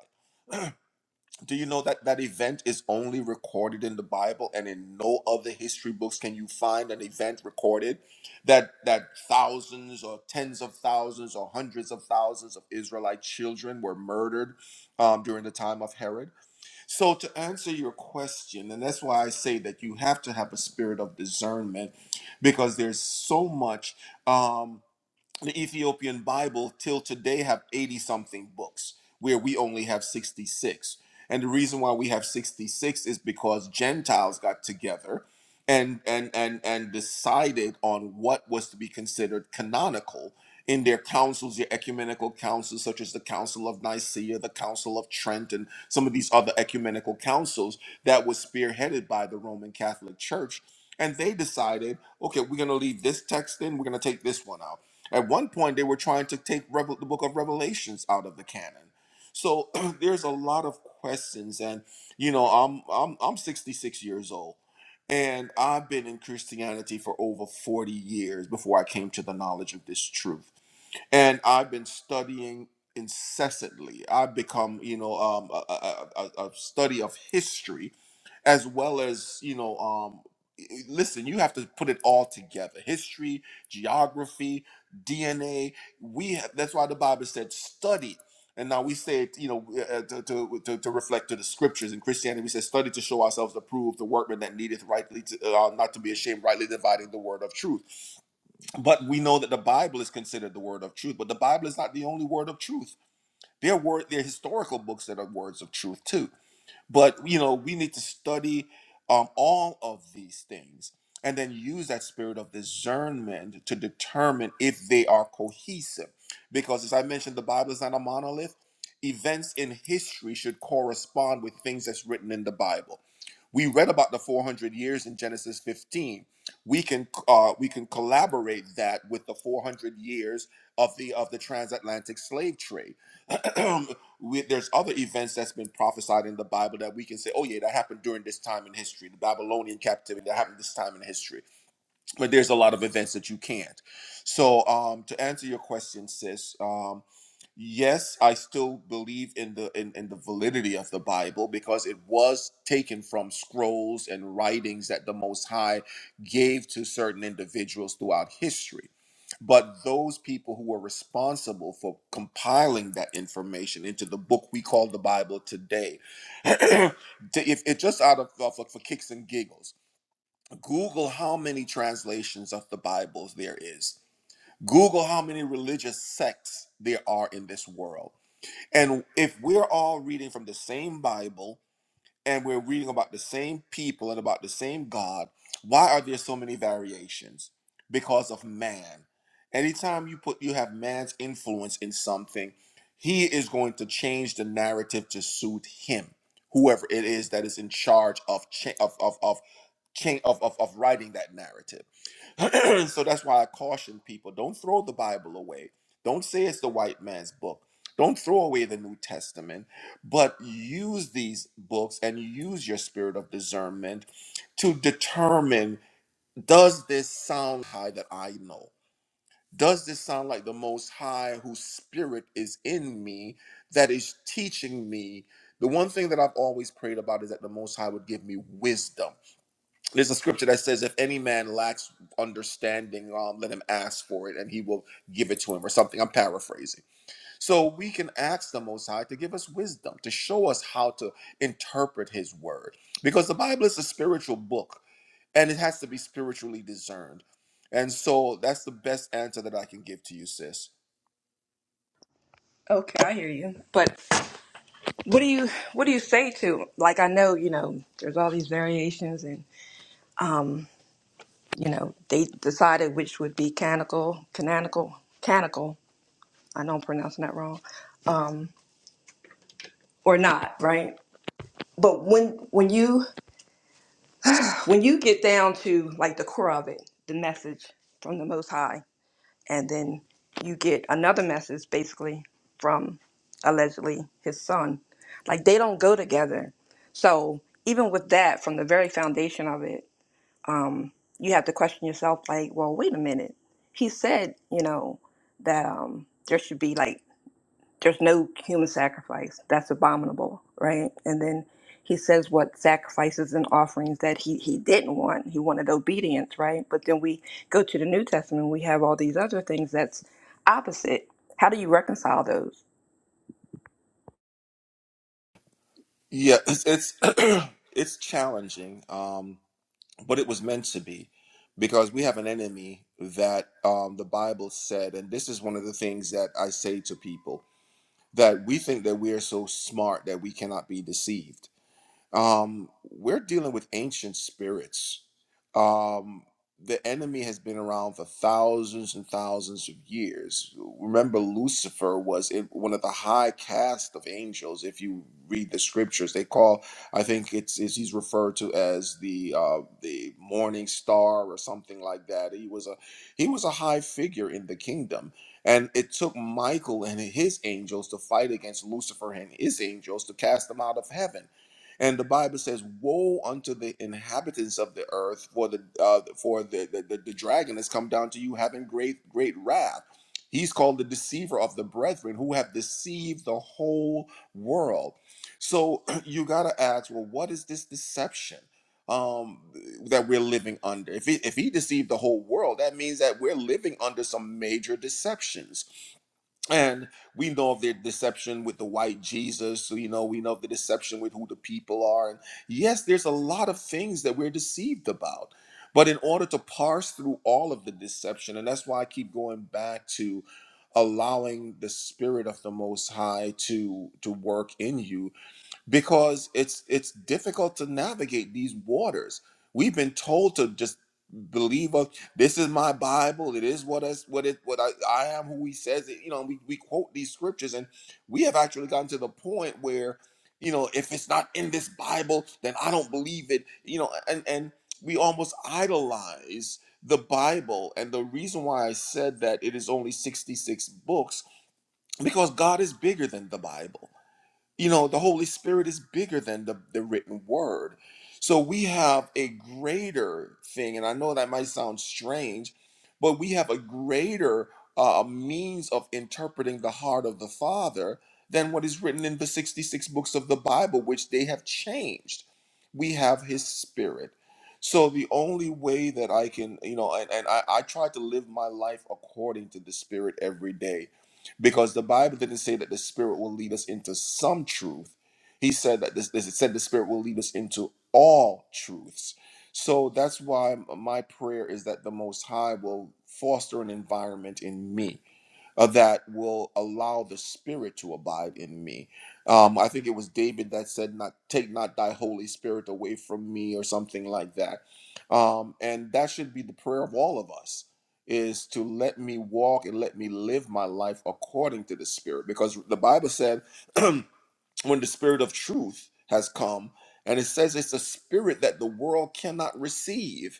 [SPEAKER 14] Do you know that that event is only recorded in the Bible and in no other history books can you find an event recorded that that thousands or tens of thousands or hundreds of thousands of Israelite children were murdered um, during the time of Herod? So, to answer your question, and that's why I say that you have to have a spirit of discernment because there's so much. Um, the Ethiopian Bible till today have 80 something books where we only have 66. And the reason why we have 66 is because Gentiles got together and and and and decided on what was to be considered canonical in their councils, their ecumenical councils such as the Council of Nicaea, the Council of Trent and some of these other ecumenical councils that was spearheaded by the Roman Catholic Church and they decided, okay, we're going to leave this text in, we're going to take this one out at one point, they were trying to take Revel- the book of Revelations out of the canon. So [CLEARS THROAT] there's a lot of questions, and you know, I'm I'm I'm 66 years old, and I've been in Christianity for over 40 years before I came to the knowledge of this truth and I've been studying incessantly. I've become, you know, um, a, a, a a- study of history, as well as, you know, um, i- i- listen, you have to put it all together: history, geography, DNA. We have, that's why the Bible said study. And now we say it, you know, uh, to, to, to, to reflect to the scriptures in Christianity. We say, study to show ourselves approved, the workman that needeth rightly, to, uh, not to be ashamed, rightly dividing the word of truth but we know that the bible is considered the word of truth but the bible is not the only word of truth there were there are historical books that are words of truth too but you know, we need to study um, all of these things and then use that spirit of discernment to determine if they are cohesive. Because as I mentioned, the Bible is not a monolith. Events in history should correspond with things that's written in the Bible. We read about the 400 years in Genesis 15. We can uh, we can collaborate that with the 400 years of the of the transatlantic slave trade. [CLEARS THROAT] we, there's other events that's been prophesied in the Bible that we can say, oh yeah, that happened during this time in history, the Babylonian captivity that happened this time in history. But there's a lot of events that you can't. So um, to answer your question, sis, um, yes, I still believe in the in, in the validity of the Bible because it was taken from scrolls and writings that the Most High gave to certain individuals throughout history but those people who were responsible for compiling that information into the book we call the Bible today. [CLEARS THROAT] to, if it just out of of- for kicks and giggles, Google how many translations of the Bibles there is. Google how many religious sects there are in this world. And if we're all reading from the same Bible and we're reading about the same people and about the same God, why are there so many variations? Because of man. Anytime you put you have man's influence in something, he is going to change the narrative to suit him, whoever it is that is in charge of cha- of of of, cha- of, of of writing that narrative. [CLEARS THROAT] so that's why I caution people don't throw the Bible away. Don't say it's the white man's book. Don't throw away the New Testament, but use these books and use your spirit of discernment to determine does this sound high that I know? Does this sound like the Most High whose spirit is in me that is teaching me? The one thing that I've always prayed about is that the Most High would give me wisdom there's a scripture that says, "If any man lacks understanding, um, let him ask for it, and he will give it to him," or something. I'm paraphrasing. So we can ask the Most High to give us wisdom, to show us how to interpret His Word, because the Bible is a spiritual book, and it has to be spiritually discerned. And so that's the best answer that I can give to you, sis.
[SPEAKER 16] Okay, I hear you. But what do you what do you say to like I know, you know, there's all these variations and you know, they decided which would be canonical, canonical, canonical. I know I'm pronouncing that wrong. Um or not, right? But when when you when you get down to like the core of it, the message from the Most High, and then you get another message basically from allegedly his son, like they don't go together. So even with that, from the very foundation of it, um, you have to question yourself, like, well, wait a minute. He said, you know, that um, there should be like there's no human sacrifice that's abominable right and then he says what sacrifices and offerings that he, he didn't want he wanted obedience right but then we go to the new testament we have all these other things that's opposite how do you reconcile those
[SPEAKER 14] Yeah, it's it's, [CLEARS THROAT] it's challenging. Um, but it was meant to be because we have an enemy that um, the bible said and this is one of the things that i say to people that we think that we are so smart that we cannot be deceived um, we're dealing with ancient spirits. Um, the enemy has been around for thousands and thousands of years. Remember, Lucifer was in one of the high caste of angels. If you read the scriptures, they call I think it's, it's he's referred to as the uh, the morning star or something like that. He was a he was a high figure in the kingdom. And it took Michael and his angels to fight against Lucifer and his angels to cast them out of heaven and the Bible says, "Woe unto the inhabitants of the earth, for the uh, for the, the the the dragon has come down to you, having great great wrath." He's called the deceiver of the brethren, who have deceived the whole world. So [CLEARS THROAT] you gotta ask, well, what is this deception um, that we're living under? If he, if he deceived the whole world, that means that we're living under some major deceptions and we know of their deception with the white Jesus. So, you know, we know of the deception with who the people are. And yes, there's a lot of things that we're deceived about. But in order to parse through all of the deception, and that's why I keep going back to allowing the spirit of the most high to to work in you because it's it's difficult to navigate these waters. We've been told to just believe of this is my Bible. It is what is what it what I, I am who he says it. You know, we, we quote these scriptures and we have actually gotten to the point where, you know, if it's not in this Bible, then I don't believe it. You know, and and we almost idolize the Bible. And the reason why I said that it is only 66 books, because God is bigger than the Bible. You know, the Holy Spirit is bigger than the, the written word. So we have a greater thing, and I know that might sound strange, but we have a greater uh, means of interpreting the heart of the Father than what is written in the 66 books of the Bible, which they have changed. We have His Spirit. So the only way that I can, you know, and, and I, I try to live my life according to the Spirit every day because the Bible didn't say that the Spirit will lead us into some truth. He said that this, this it said the Spirit will lead us into all truths. So that's why m- my prayer is that the Most High will foster an environment in me uh, that will allow the spirit to abide in me um, i think it was david that said not take not thy holy spirit away from me or something like that um, and that should be the prayer of all of us is to let me walk and let me live my life according to the spirit because the bible said [CLEARS THROAT] when the spirit of truth has come and it says it's a spirit that the world cannot receive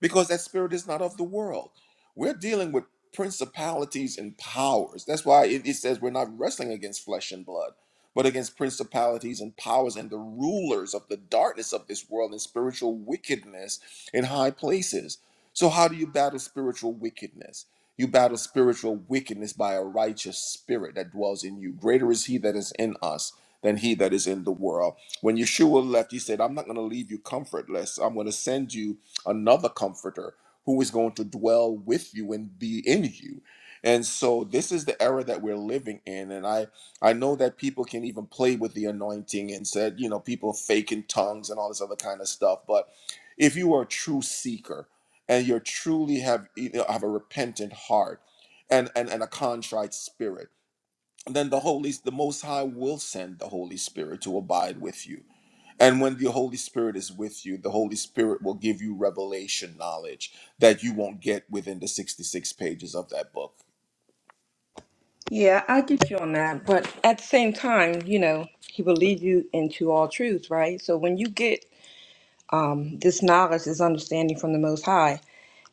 [SPEAKER 14] because that spirit is not of the world. We're dealing with principalities and powers. That's why it, it says we're not wrestling against flesh and blood, but against principalities and powers and the rulers of the darkness of this world and spiritual wickedness in high places. So, how do you battle spiritual wickedness? You battle spiritual wickedness by a righteous spirit that dwells in you. Greater is he that is in us than he that is in the world. When Yeshua left, he said, I'm not going to leave you comfortless. I'm going to send you another comforter who is going to dwell with you and be in you. And so this is the era that we're living in. And I, I know that people can even play with the anointing and said, you know, people faking tongues and all this other kind of stuff. But if you are a true seeker and you truly have you know, have a repentant heart and, and and a contrite spirit, then the Holy, the Most High will send the Holy Spirit to abide with you and when the Holy Spirit is with you, the Holy Spirit will give you revelation knowledge that you won't get within the 66 pages of that book.
[SPEAKER 16] yeah i get you on that but at the same time you know he will lead you into all truth right so when you get um, this knowledge this understanding from the most high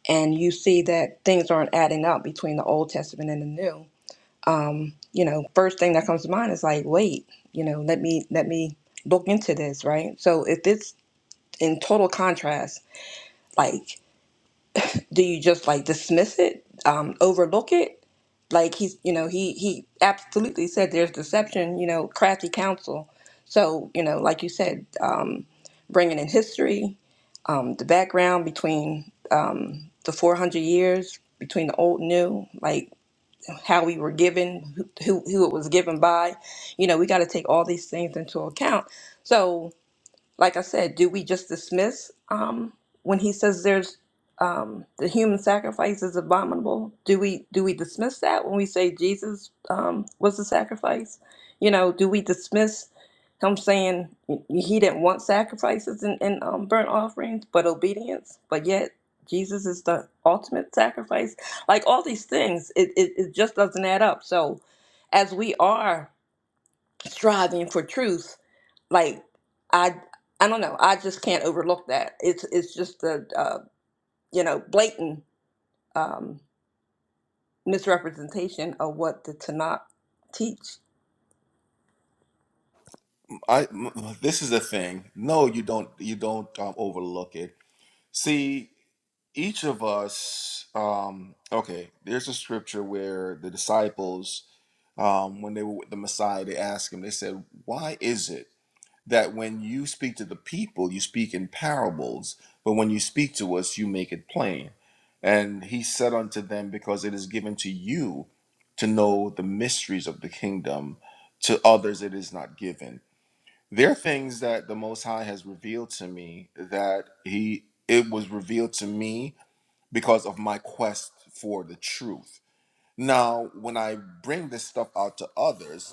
[SPEAKER 16] and you see that things aren't adding up between the old testament and the new you know, first thing that comes to mind is like, wait, you know, let me let me look into this, right? So if it's in total contrast, like, do you just like dismiss it, um, overlook it? Like he's, you know, he he absolutely said there's deception, you know, crafty counsel. So you know, like you said, um, bringing in history, um, the background between um, the 400 years between the old and new, like how we were given, who, who it was given by. You know, we got to take all these things into account. So like I said, do we just dismiss um, when he says there's um, the human sacrifice is abominable? Do we do we dismiss that when we say Jesus um, was the sacrifice? You know, do we dismiss him saying he didn't want sacrifices and, and um, burnt offerings, but obedience? But yet Jesus is the ultimate sacrifice. Like all these things, it, it, it just doesn't add up. So as we are striving for truth like I I don't know. I just can't overlook that. It's it's just a uh, you know blatant um, misrepresentation of what the Tanakh teach.
[SPEAKER 14] I m- this is the thing. No, you don't you don't um, overlook it. See, each of us um okay, there's a scripture where the disciples um when they were with the Messiah, they asked him, they said, "Why is it?" that when you speak to the people, you speak in parables, but when you speak to us, you make it plain. And he said unto them, Because it is given to you to know the mysteries of the kingdom, to others it is not given. There are things that the Most High has revealed to me that he it was revealed to me because of my quest for the truth. Now, when I bring this stuff out to others,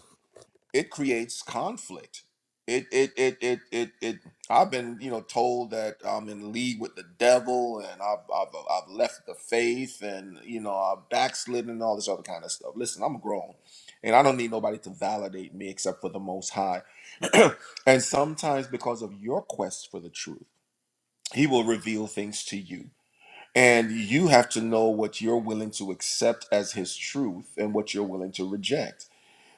[SPEAKER 14] it creates conflict. It it it it it it. I've been you know told that I'm in league with the devil, and I've I've, I've left the faith, and you know I've backslidden and all this other kind of stuff. Listen, I'm grown, and I don't need nobody to validate me except for the Most High. [CLEARS THROAT] and sometimes because of your quest for the truth, He will reveal things to you. And you have to know what you're willing to accept as his truth and what you're willing to reject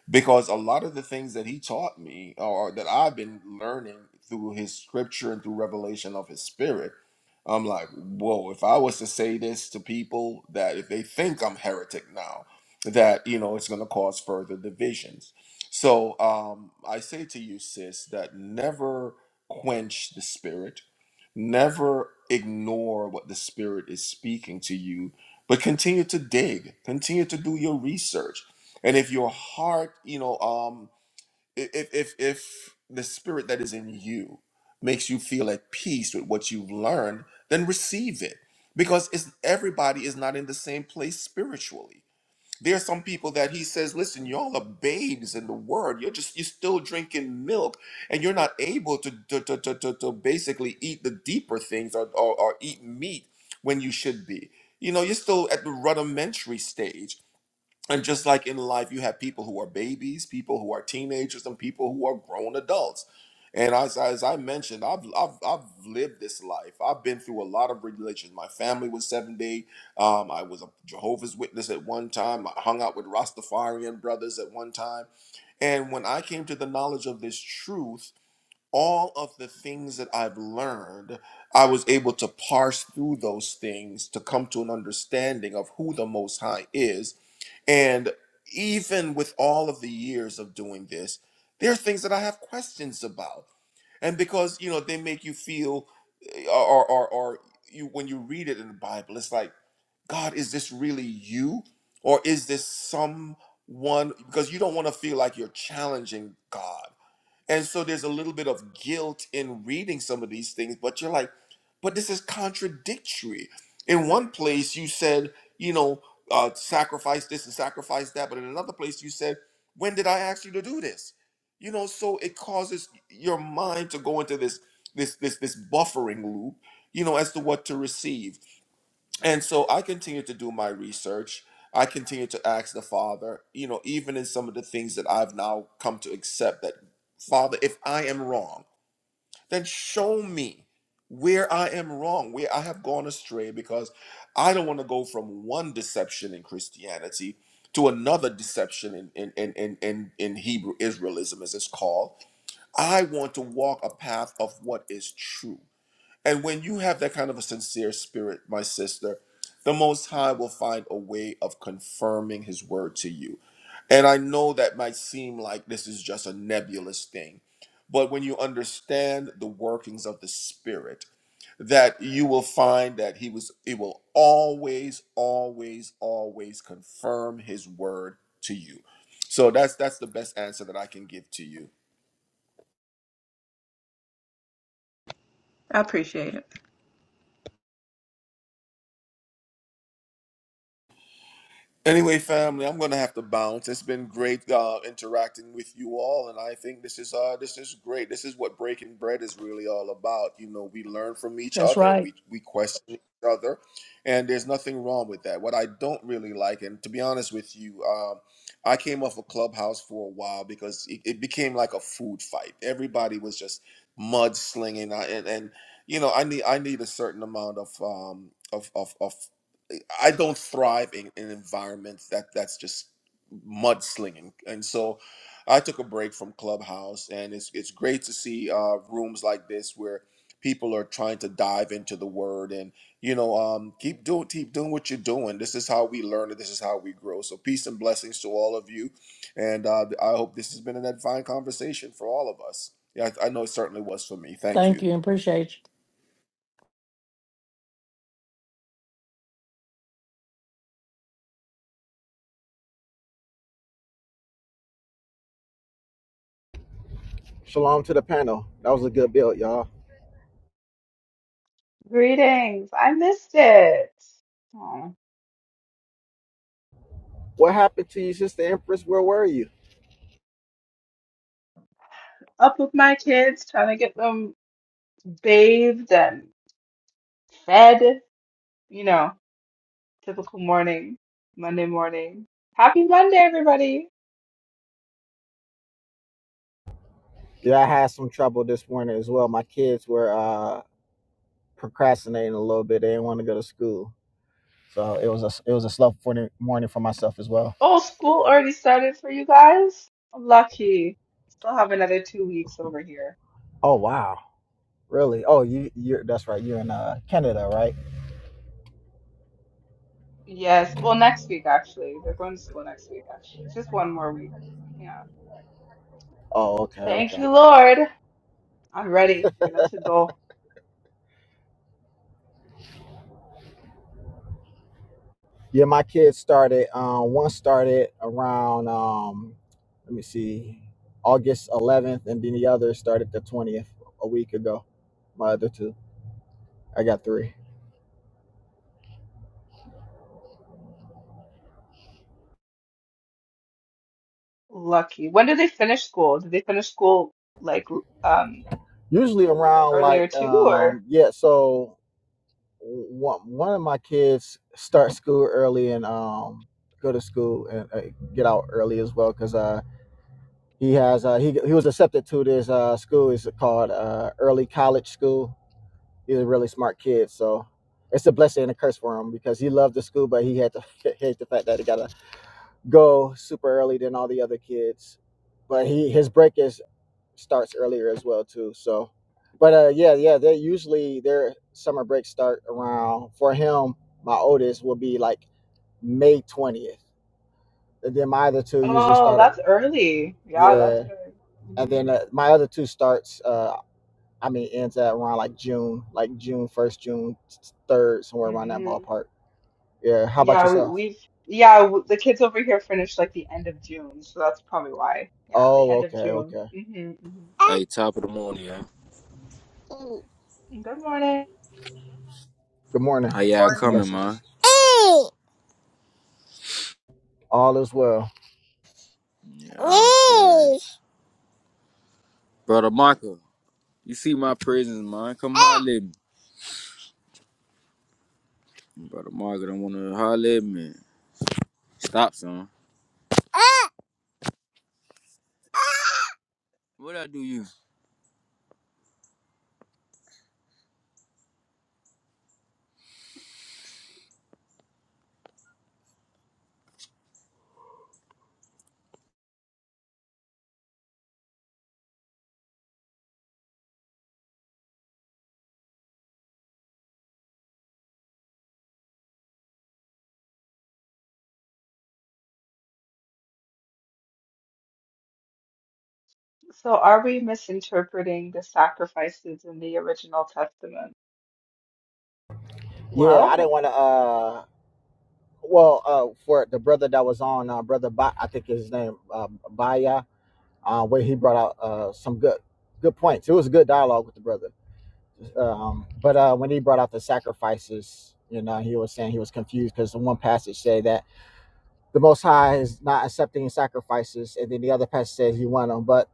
[SPEAKER 14] because a lot of the things that he taught me or that I've been learning through his scripture and through revelation of his spirit, I'm like, whoa, if I was to say this to people that if they think I'm heretic now, that you know it's gonna cause further divisions. So um I say to you, sis, that never quench the spirit Never ignore what the Spirit is speaking to you, but continue to dig, continue to do your research. And if your heart, you know, um, i- if if if the Spirit that is in you makes you feel at peace with what you've learned, then receive it, because it's everybody is not in the same place spiritually there's some people that he says, listen, y'all are babes in the word. You're just, you're still drinking milk and you're not able to, to, to, to, to, to basically eat the deeper things or, or, or eat meat when you should be. You know, you're still at the rudimentary stage. And just like in life, you have people who are babies, people who are teenagers, and people who are grown adults. And as, as I mentioned, I've, I've, I've lived this life. I've been through a lot of religions. My family was seven day. Um, I was a Jehovah's Witness at one time. I hung out with Rastafarian brothers at one time. And when I came to the knowledge of this truth, all of the things that I've learned, I was able to parse through those things to come to an understanding of who the Most High is and even with all of the years of doing this, there are things that I have questions about. And because, you know, they make you feel eh, or or or you when you read it in the Bible, it's like, God, is this really you? Or is this someone because you don't want to feel like you're challenging God. And so there's a little bit of guilt in reading some of these things, but you're like, but this is contradictory. In one place, you said, you know, uh, sacrifice this and sacrifice that, but in another place, you said, when did I ask you to do this? You know, so it causes your mind to go into this this this this buffering loop, you know, as to what to receive. And so I continued to do my research. I continued to ask the Father, you know, even in some of the things that I've now come to accept that, Father, if I am wrong, then show me where I am wrong, where I have gone astray, because I don't want to go from one deception in Christianity to another deception in, in, in, in, in, in Hebrew Israelism, as it's called. I want to walk a path of what is true. And when you have that kind of a sincere spirit, my sister, the Most High will find a way of confirming His word to you. And I know that might seem like this is just a nebulous thing, but when you understand the workings of the Spirit, that you will find that He was, it will always, always, always confirm His word to you. So that's that's the best answer that I can give to you.
[SPEAKER 16] I appreciate it.
[SPEAKER 14] Anyway, family, I'm going to have to bounce. It's been great uh, interacting with you all, and I think this is uh, this is great. This is what breaking bread is really all about. You know, we learn from each
[SPEAKER 1] That's
[SPEAKER 14] other.
[SPEAKER 1] right.
[SPEAKER 14] We we question each other, and there's nothing wrong with that. What I don't really like, and to be honest with you, um, I came off a clubhouse for a while because it, it became like a food fight. Everybody was just mudslinging, I- and and you know, I need I need a certain amount of um, of of, of I don't thrive in, in environments that that's just mudslinging, and so I took a break from Clubhouse, and it's it's great to see uh, rooms like this where people are trying to dive into the word and you know um, keep doing keep doing what you're doing. This is how we learn, and this is how we grow. So peace and blessings to all of you, and uh, I hope this has been an edifying conversation for all of us. Yeah, I, I know it certainly was for me. Thank
[SPEAKER 1] Thank
[SPEAKER 14] you.
[SPEAKER 1] you and appreciate you.
[SPEAKER 17] Shalom to the panel. That was a good build, y'all.
[SPEAKER 18] Greetings. I missed it. Aw.
[SPEAKER 17] What happened to you, Sister Empress? Where were you?
[SPEAKER 18] Up with my kids, trying to get them bathed and fed. You know, typical morning, Monday morning. Happy Monday, everybody.
[SPEAKER 17] Yeah, I had some trouble this morning as well. My kids were uh, procrastinating a little bit. They didn't want to go to school, so it was a it was a slow morning morning for myself as well.
[SPEAKER 18] Oh, school already started for you guys. Lucky. Still have another two weeks over here.
[SPEAKER 17] Oh wow, really? Oh, you you that's right. You're in uh, Canada, right?
[SPEAKER 18] Yes, well, next week, actually. They're going to school next week, actually. Just one more week. Yeah.
[SPEAKER 17] Oh, okay,
[SPEAKER 18] Thank
[SPEAKER 17] okay.
[SPEAKER 18] you, Lord. I'm ready for them to go.
[SPEAKER 17] Yeah, my kids started. Um, one started around um, let me see, August 11th, and then the other started the 20th a week ago. My other two. I got three.
[SPEAKER 18] Lucky. When did they finish school? Did they finish school like um
[SPEAKER 17] Usually around
[SPEAKER 18] earlier
[SPEAKER 17] like
[SPEAKER 18] too, or?
[SPEAKER 17] um yeah, so one one of my kids start school early and um go to school and uh, get out early as well because uh he has uh he he was accepted to this uh school It's called uh early college school. He's a really smart kid, so it's a blessing and a curse for him because he loved the school, but he had to [LAUGHS] hate the fact that he gotta go super early than all the other kids. But he his break is starts earlier as well too. So, but uh, yeah, yeah, they usually their summer break start around for him. My oldest will be like May twentieth, and then my other two usually
[SPEAKER 18] Oh,
[SPEAKER 17] start
[SPEAKER 18] that's
[SPEAKER 17] up.
[SPEAKER 18] early. Yeah, that's
[SPEAKER 17] Yeah,
[SPEAKER 18] early.
[SPEAKER 17] and then
[SPEAKER 18] hmm
[SPEAKER 17] uh, my other two starts. Uh, I mean, ends at around like June, like June first, June third, somewhere around that
[SPEAKER 18] hmm
[SPEAKER 17] ballpark. Yeah. How about
[SPEAKER 18] Yeah, we,
[SPEAKER 17] yourself?
[SPEAKER 18] we've yeah w the kids over here finished like the end of June, so that's probably why. Yeah, the
[SPEAKER 17] Oh,
[SPEAKER 18] end of
[SPEAKER 17] okay,
[SPEAKER 18] June.
[SPEAKER 17] okay.
[SPEAKER 18] hmm hmm
[SPEAKER 19] Hey, top of the morning, yeah.
[SPEAKER 18] Good morning.
[SPEAKER 17] Good morning.
[SPEAKER 19] How y'all
[SPEAKER 17] Peace
[SPEAKER 16] Or
[SPEAKER 17] and
[SPEAKER 16] you?
[SPEAKER 19] coming,
[SPEAKER 17] blessings.
[SPEAKER 19] man?
[SPEAKER 17] All is well.
[SPEAKER 19] Yeah, Brother Michael, you see my prisons, man. Come holler at me. Brother Michael, don't want to holler at me. Stop, son. What I do you?
[SPEAKER 18] So, are we misinterpreting the sacrifices in the original testament?
[SPEAKER 17] Yeah,
[SPEAKER 18] Well,
[SPEAKER 17] I didn't want to. Uh, Well, uh, for the brother that was on, uh, brother ba- I think his name uh, Baya, uh, where he brought out uh, some good good points. It was a good dialogue with the brother. Um, but uh, when he brought out the sacrifices, you know, he was saying he was confused because the one passage said that the Most High is not accepting sacrifices, and then the other passage says he won them, but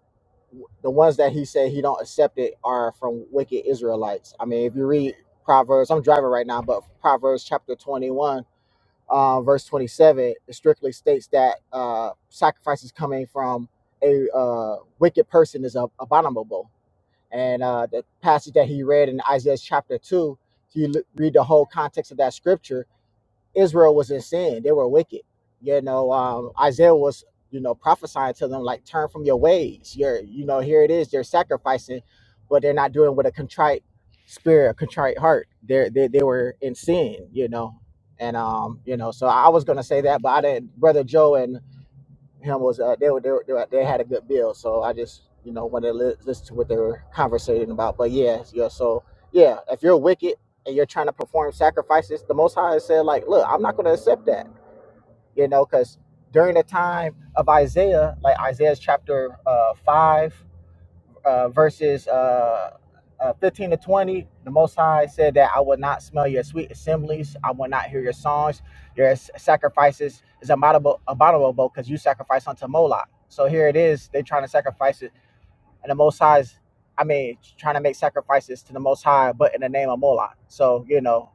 [SPEAKER 17] the ones that he said he don't accept it are from wicked Israelites. I mean, if you read Proverbs, I'm driving right now, but Proverbs chapter 21 uh, verse 27, it strictly states that uh, sacrifices coming from a uh, wicked person is ab- abominable. And uh, the passage that he read in Isaiah chapter 2, if you l- read the whole context of that scripture, Israel was in sin; they were wicked. You know, um, Isaiah was, you know, prophesying to them like, "Turn from your ways." You're, you know, here it is. They're sacrificing, but they're not doing with a contrite spirit, a contrite heart. They're, they they were in sin, you know, and um, you know, so I was gonna say that, but I didn't, brother Joe and him was uh, they were they were, they, were, they had a good build. So I just you know wanted to li- listen to what they were conversating about. But yeah, yeah. So yeah, if you're wicked and you're trying to perform sacrifices, the Most High said like, look, I'm not going to accept that. You know, because during the time of Isaiah, like Isaiah's chapter uh, five uh, verses uh, uh, 15 to 20, the Most High said that I will not smell your sweet assemblies. I will not hear your songs. Your s- sacrifices is abominable abominable because you sacrifice unto Moloch. So here it is. They're trying to sacrifice it. And the Most High is, I mean, trying to make sacrifices to the Most High, but in the name of Moloch. So, you know,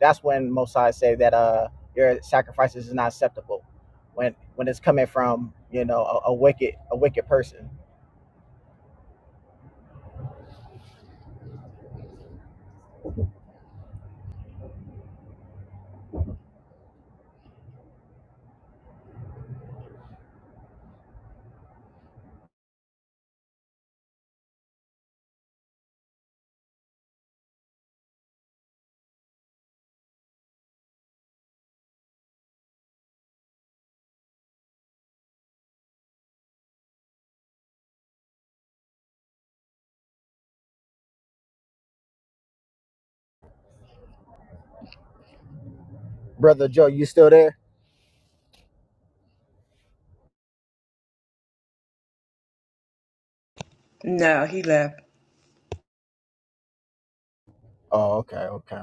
[SPEAKER 17] that's when Most High say that uh, your sacrifices is not acceptable when when it's coming from, you know, a, a wicked a wicked person. Brother Joe, you still there?
[SPEAKER 16] No, he left.
[SPEAKER 17] Oh, okay, okay.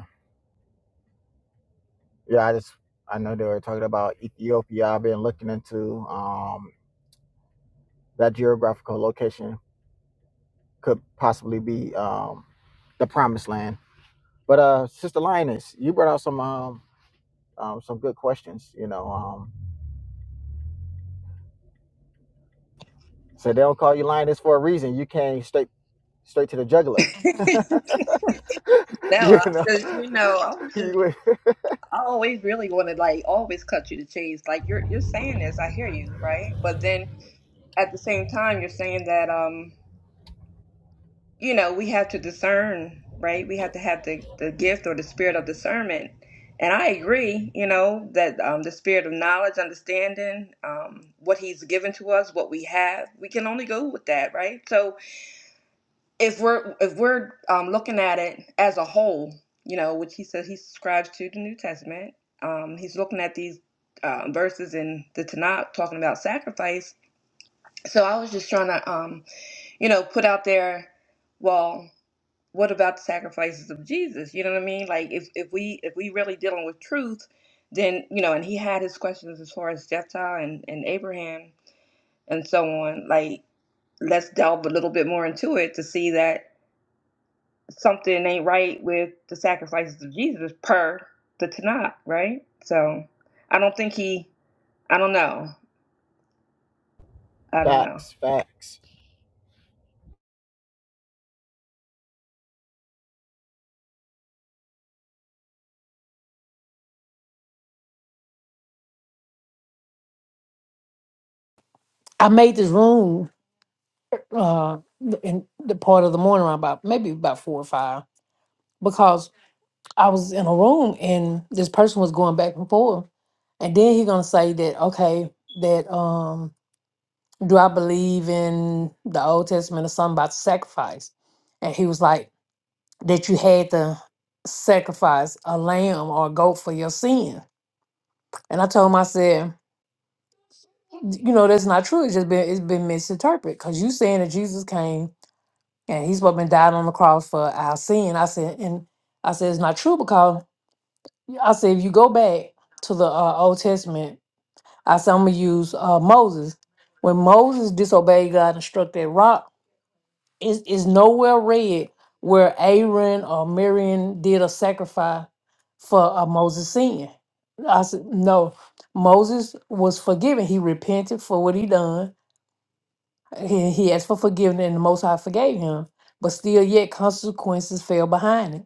[SPEAKER 17] Yeah, I just I know they were talking about Ethiopia. I've been looking into um that geographical location could possibly be um the promised land. But uh Sister Lioness, you brought out some um, um some good questions, you know. Um so they don't call you lioness for a reason. You came straight straight to the juggler. [LAUGHS]
[SPEAKER 16] [LAUGHS] Now,
[SPEAKER 17] you
[SPEAKER 16] I
[SPEAKER 17] know.
[SPEAKER 16] just you
[SPEAKER 17] [LAUGHS]
[SPEAKER 16] know, I was just
[SPEAKER 17] You went-
[SPEAKER 16] I always really wanted like always cut you to chase. Like you're you're saying this, I hear you, right? But then at the same time you're saying that um. you know, we have to discern, right? We have to have the, the gift or the spirit of discernment. And I agree, you know, that um, the spirit of knowledge, understanding, um, what he's given to us, what we have, we can only go with that, right? So if we're if we're um, looking at it as a whole, you know, which he says he subscribes to the New Testament, um, he's looking at these uh, verses in the Tanakh talking about sacrifice. So I was just trying to, um, you know, put out there, well what about the sacrifices of Jesus? You know what I mean? Like if, if we if we really dealing with truth, then you know, and he had his questions as far as Jephthah and, and Abraham and so on, like let's delve a little bit more into it to see that something ain't right with the sacrifices of Jesus per the Tanakh, right? So I don't think he I don't know. I don't know.
[SPEAKER 17] facts, facts,
[SPEAKER 1] I made this room uh, in the part of the morning around about maybe about four or five because I was in a room and this person was going back and forth, and then he gonna say that okay that um do I believe in the Old Testament or something about sacrifice? And he was like, that you had to sacrifice a lamb or a goat for your sin. And I told him, I said, you know, that's not true. It's just been it's been misinterpreted because you saying that Jesus came and he's what been died on the cross for our sin. I said, and I said it's not true because I said if you go back to the uh, Old Testament, I said I'm gonna use uh, Moses. When Moses disobeyed God and struck that rock, is is nowhere read where Aaron or Miriam did a sacrifice for a Moses sin. I said no. Moses was forgiven. He repented for what he done. He, he asked for forgiveness, and the Most High forgave him. But still, yet consequences fell behind it,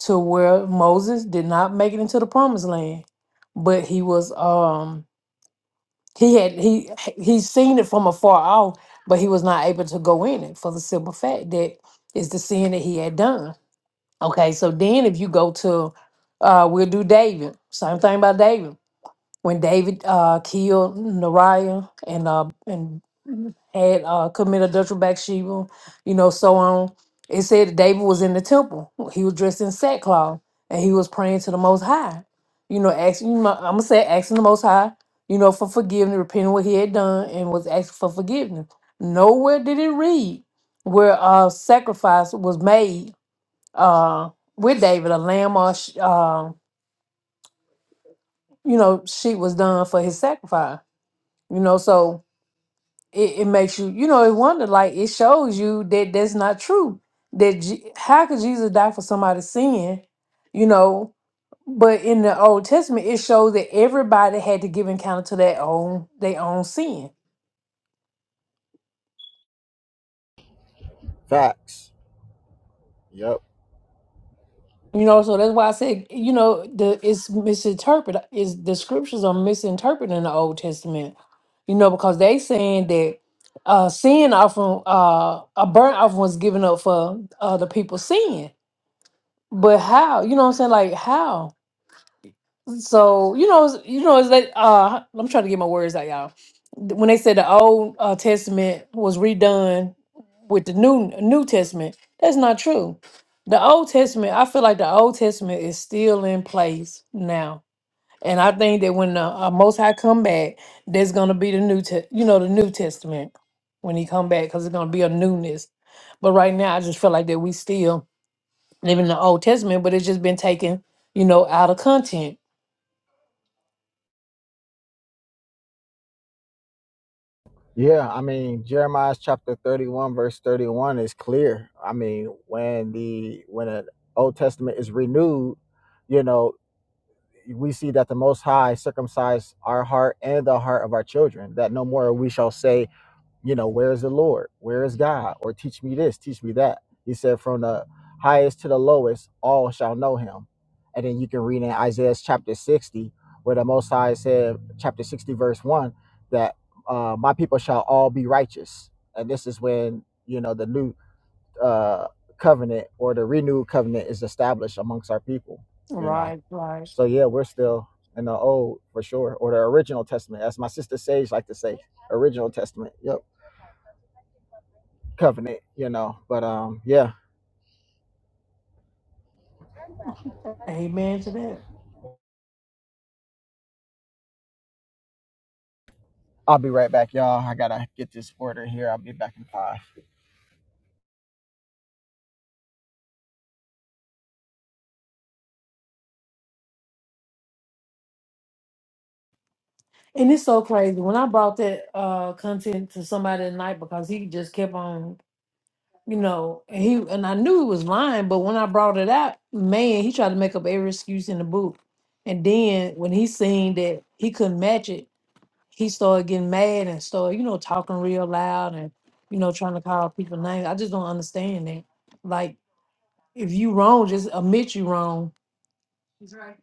[SPEAKER 1] to where Moses did not make it into the Promised Land, but he was um he had he he seen it from afar off, but he was not able to go in it for the simple fact that it's the sin that he had done. Okay, so then if you go to uh we'll do David. Same thing about David. When David uh killed Nariah and uh and had uh, committed adultery with Bathsheba, you know, so on. It said that David was in the temple. He was dressed in sackcloth and he was praying to the Most High, you know, asking, I'm going to say, asking the Most High, you know, for forgiveness, repenting what he had done and was asking for forgiveness. Nowhere did it read where uh, sacrifice was made uh, with David, a lamb or, sh- uh, you know, sheep was done for his sacrifice, you know, so it, it makes you you know it wonder like it shows you that that's not true that Je- how could jesus die for somebody's sin you know but in the old testament it shows that everybody had to give encounter to their own their own sin
[SPEAKER 17] facts. Yep.
[SPEAKER 1] you know so that's why i said you know the it's misinterpreted is the scriptures are misinterpreted in the old testament you know because they saying that uh sin often uh a burnt offering was given up for uh, the people's sin but how? You know what I'm saying? Like how? So you know, you know, it's like uh, I'm trying to get my words out, y'all. When they said the Old uh, Testament was redone with the new New Testament, that's not true. The Old Testament, I feel like the Old Testament is still in place now, and I think that when the uh, Most High come back, there's gonna be the new, te- you know, the New Testament when he come back, because it's gonna be a newness. But right now, I just feel like that we still live in the Old Testament, but it's just been taken, you know, out of content.
[SPEAKER 17] Yeah, I mean Jeremiah chapter thirty-one, verse thirty-one is clear. I mean, when the when the Old Testament is renewed, you know, we see that the Most High circumcised our heart and the heart of our children, that no more we shall say you know, where is the Lord? Where is God? Or teach me this, teach me that. He said, from the highest to the lowest, all shall know him. And then you can read in Isaiah chapter 60, where the Most High said, chapter 60, verse 1, that uh, my people shall all be righteous. And this is when, you know, the new uh, covenant or the renewed covenant is established amongst our people, you know.
[SPEAKER 1] Right, right.
[SPEAKER 17] So, yeah, we're still in the old for sure, or the original testament, as my sister Sage like to say, original testament. Yep covenant, you know. But um, yeah,
[SPEAKER 1] Amen to that.
[SPEAKER 17] I'll be right back, y'all. I gotta get this order here. I'll be back in five.
[SPEAKER 1] And it's so crazy. When I brought that uh content to somebody tonight because he just kept on, you know, and he and I knew he was lying, but when I brought it out, man, he tried to make up every excuse in the book. And then when he seen that he couldn't match it, he started getting mad and started, you know, talking real loud and you know, trying to call people names. I just don't understand that. Like if you wrong, just admit you wrong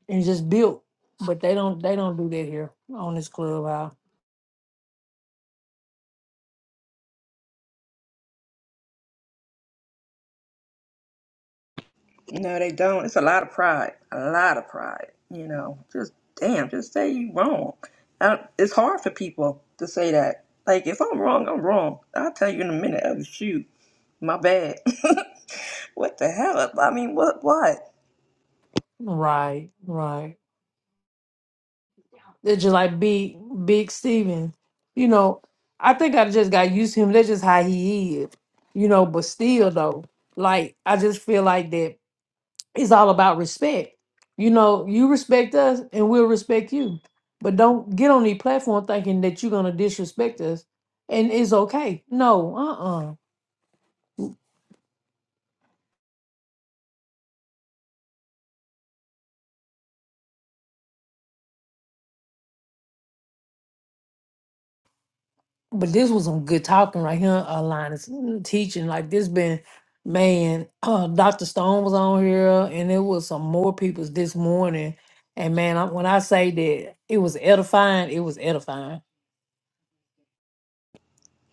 [SPEAKER 1] and just build. But they don't they don't do that here on this club
[SPEAKER 16] No, they don't. It's a lot of pride. A lot of pride. You know, just damn, just say you wrong. I, it's hard for people to say that. Like, if I'm wrong, I'm wrong. I'll tell you in a minute. Oh, shoot, my bad. [LAUGHS] what the hell? I mean, what? What?
[SPEAKER 1] Right, right. They're just like big, big Steven. You know, I think I just got used to him. That's just how he is. You know, but still though, like I just feel like that it's all about respect. You know, you respect us and we'll respect you. But don't get on the platform thinking that you're gonna disrespect us and it's okay. No, uh uh But this was some good talking right here, uh, Linus. mm, Teaching like this been, man. [CLEARS THROAT] Uh, Dr. Stone was on here, and it was some more people's this morning. And man, I, when I say that it was edifying, it was edifying.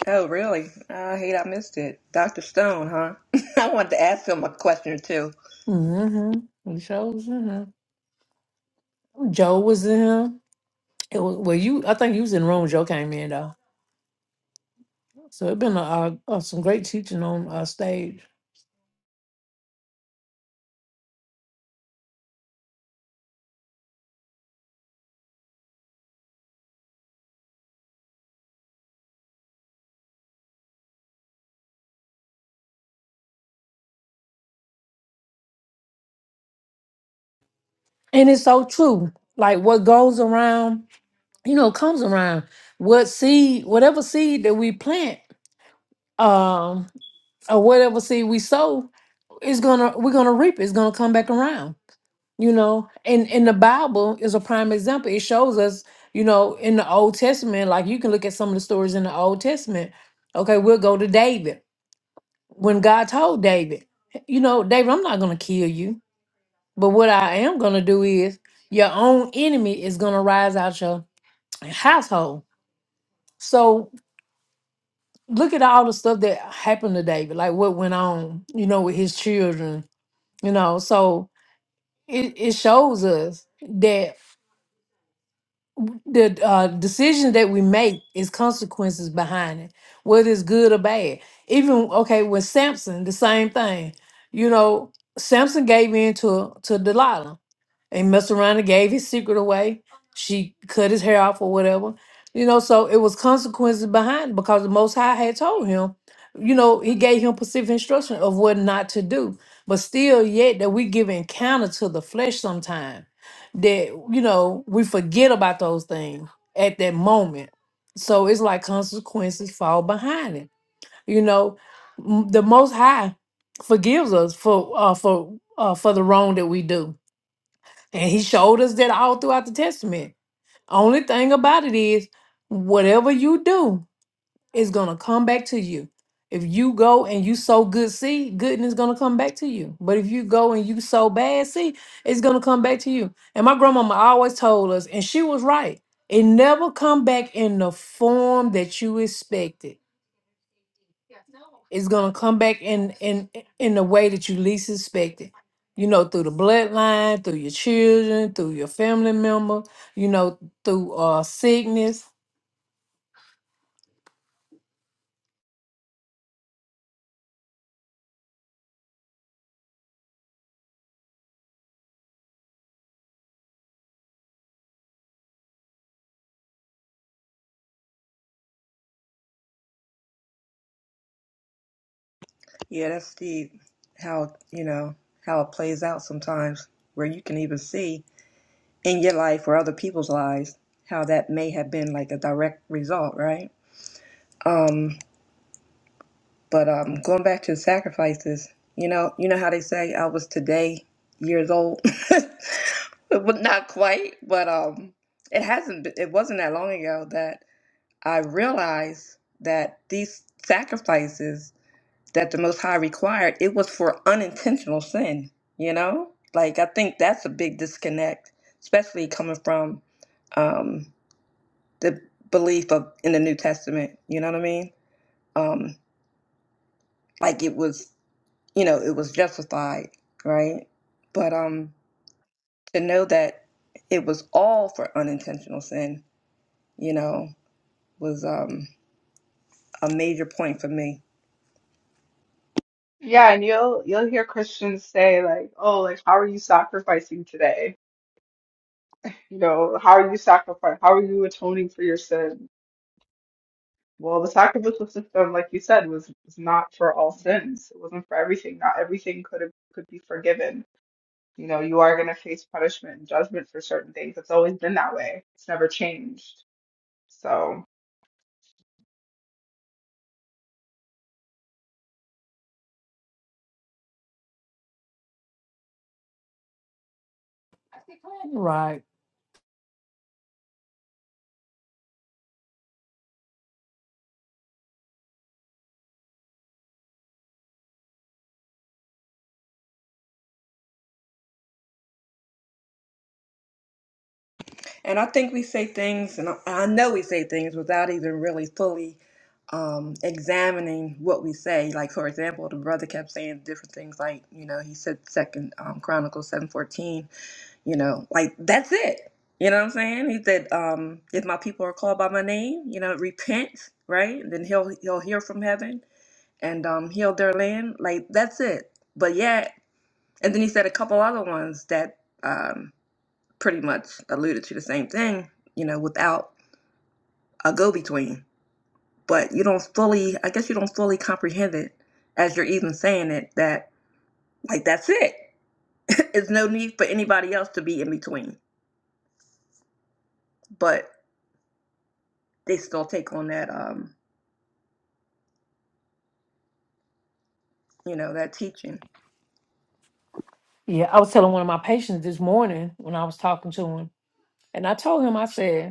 [SPEAKER 16] Oh, really? I hate I missed it. Dr. Stone, huh? [LAUGHS] I wanted to ask him a question or two.
[SPEAKER 1] Mm-hmm. The show was in here. Joe was in here. It was well, you. I think you was in the room. when Joe came in though, so it been a, a- some great teaching on our stage, and it's so true. Like what goes around. you know, comes around. What seed, whatever seed that we plant, um, or whatever seed we sow, is gonna we're gonna reap. it. It's gonna come back around. You know, and and the Bible is a prime example. It shows us, you know, in the Old Testament, like you can look at some of the stories in the Old Testament. Okay, we'll go to David when God told David, you know, David, I'm not gonna kill you, but what I am gonna do is your own enemy is gonna rise out your household. So look at all the stuff that happened to David, like what went on, you know, with his children, you know. So it, it shows us that the uh, decisions that we make is consequences behind it, whether it's good or bad. Even okay, with Samson, the same thing. You know, Samson gave in to to Delilah they messed around and gave his secret away. She cut his hair off or whatever. You know, so it was consequences behind because the Most High had told him, you know, he gave him specific instruction of what not to do. But still, yet that we give encounter to the flesh sometime that, you know, we forget about those things at that moment. So it's like consequences fall behind it. You know, M- the Most High forgives us for uh, for uh, for the wrong that we do and he showed us that all throughout the Testament. Only thing about it is, whatever you do is going to come back to you. If you go and you sow good seed, goodness is going to come back to you. But if you go and you sow bad seed, it's going to come back to you. And my grandmama always told us, and she was right, it never come back in the form that you expected. It's gonna come back in in in the way that you least expect it. You know, through the bloodline, through your children, through your family member. You know, through uh sickness.
[SPEAKER 16] Yeah, that's the how you know how it plays out sometimes, where you can even see. in your life or other people's lives, how that may have been like a direct result, right? Um, but um, going back to sacrifices, you know, you know how they say I was today years old, [LAUGHS] but not quite. But um, it hasn't. Been, it wasn't that long ago that I realized that these sacrifices that the Most High required, it was for unintentional sin. You know, like I think that's a big disconnect, especially coming from. Um, the belief of in the New Testament. You know what I mean? Um, like it was, you know, it was justified, right? But um, to know that it was all for unintentional sin, you know, was um a major point for me.
[SPEAKER 18] yeah, and you'll you'll hear Christians say like, "Oh, like how are you sacrificing today?" You know, how are you sacrificing? How are you atoning for your sin? Well, the sacrificial system, like you said, was, was not for all sins. It wasn't for everything. Not everything could have, could be forgiven. You know, you are going to face punishment and judgment for certain things. It's always been that way. It's never changed. So.
[SPEAKER 1] Right.
[SPEAKER 16] And I think we say things, and I, I know we say things without even really fully um examining what we say like for example the brother kept saying different things like you know he said second um chronicles 7:14 you know like that's it you know what i'm saying he said um if my people are called by my name you know repent right then he'll he'll hear from heaven and um heal their land like that's it but yet and then he said a couple other ones that um pretty much alluded to the same thing you know without a go-between but you don't fully i guess you don't fully comprehend it as you're even saying it that like that's it [LAUGHS] it's no need for anybody else to be in between but they still take on that Um, you know, that teaching.
[SPEAKER 1] Yeah, I was telling one of my patients this morning when I was talking to him, and I told him I said.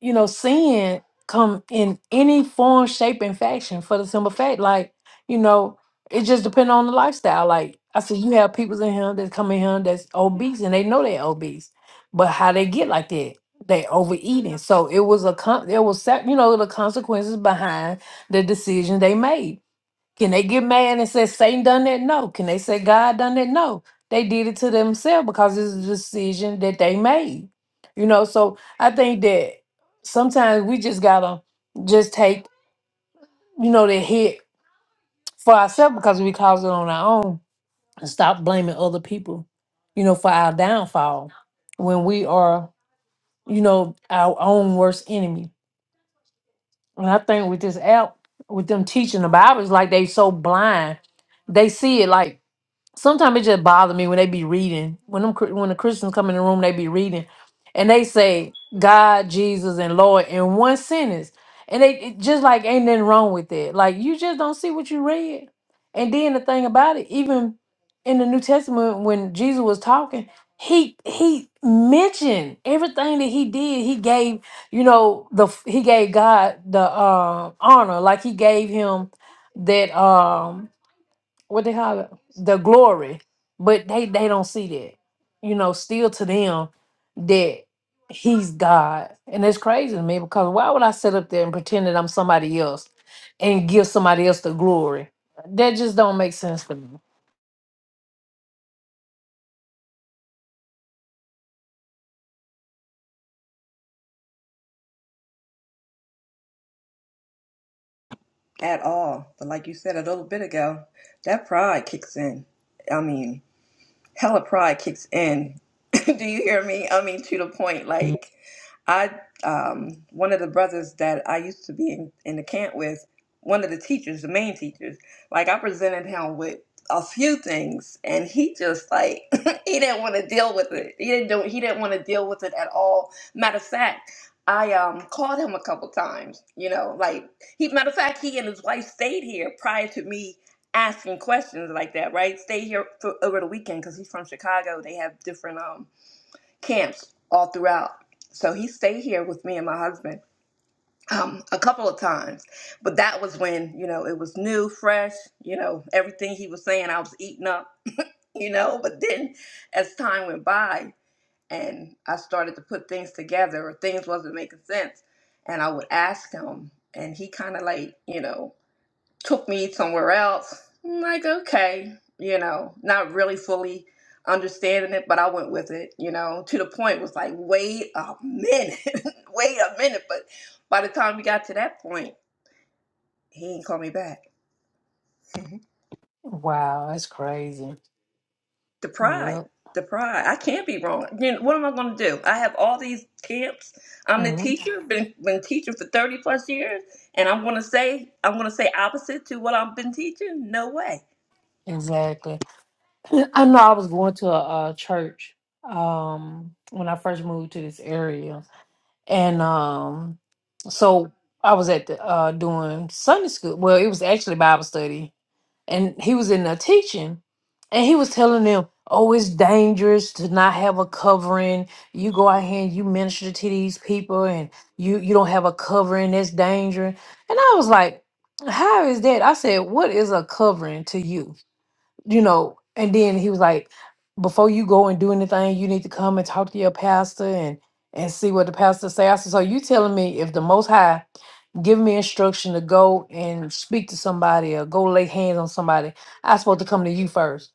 [SPEAKER 1] you know, sin come in any form, shape, and fashion for the simple fact, like, you know, it just depends on the lifestyle. Like I said, you have people in here that come in here that's obese and they know they're obese, but how they get like that, they overeating. So it was a con there was sep- you know the consequences behind the decision they made. Can they get mad and say Satan done that? No. Can they say God done that? No. They did it to themselves because it's a decision that they made. You know, so I think that sometimes we just gotta just take, you know, the hit for ourselves because we caused it on our own and stop blaming other people, you know, for our downfall when we are, you know, our own worst enemy. And I think with this app, with them teaching the Bible, it's like they so blind. They see it like sometimes it just bothers me when they be reading when them Chri- when the Christians come in the room they be reading and they say God Jesus and Lord in one sentence and they it just like ain't nothing wrong with that like you just don't see what you read and then the thing about it even in the New Testament when Jesus was talking he he mentioned everything that he did he gave you know the f- he gave God the uh, honor like he gave him that um what they call it the glory but they they don't see that you know still to them that he's god and it's crazy to me because why would i sit up there and pretend that i'm somebody else and give somebody else the glory that just don't make sense to me
[SPEAKER 16] at all. But like you said a little bit ago, that pride kicks in. I mean, hella pride kicks in. [LAUGHS] Do you hear me? I mean, to the point, like, I um one of the brothers that I used to be in, in the camp with, one of the teachers, the main teachers, like I presented him with a few things and he just like [LAUGHS] he didn't want to deal with it. He didn't do, he didn't want to deal with it at all. Matter of fact, I um called him a couple times, you know, like he matter of fact he and his wife stayed here prior to me asking questions like that, right? Stay here for over the weekend because he's from Chicago. They have different um camps all throughout. So he stayed here with me and my husband um, a couple of times. But that was when, you know, it was new, fresh, you know, everything he was saying, I was eating up, [LAUGHS] you know. But then as time went by and I started to put things together or things wasn't making sense, and I would ask him, and he kind of like, you know, took me somewhere else. I'm like, okay, you know, not really fully understanding it, but I went with it, you know, to the point it was like, wait a minute, [LAUGHS] wait a minute. But by the time we got to that point, he ain't call me back.
[SPEAKER 1] wow that's crazy
[SPEAKER 16] The pride,
[SPEAKER 1] yep
[SPEAKER 16] the pride. I can't be wrong. You know, what am I going to do? I have all these camps. I'm the
[SPEAKER 1] Mhm.
[SPEAKER 16] teacher, been been teaching for 30 plus years, and I'm going to say I'm going to say opposite to what I've been teaching? No way.
[SPEAKER 1] exactly [CLEARS THROAT] i know i was going to a, a church um when i first moved to this area And um, so I was at the uh doing Sunday school. Well, it was actually Bible study, and he was in there teaching, and he was telling them, "Oh, it's dangerous to not have a covering. You go out here and you minister to these people, and you you don't have a covering. That's dangerous." And I was like, "How is that?" I said, "What is a covering to you?" you know, and then he was like, before you go and do anything, you need to come and talk to your pastor and and see what the pastor say. I said, so you telling me if the Most High give me instruction to go and speak to somebody or go lay hands on somebody, I supposed to come to you first?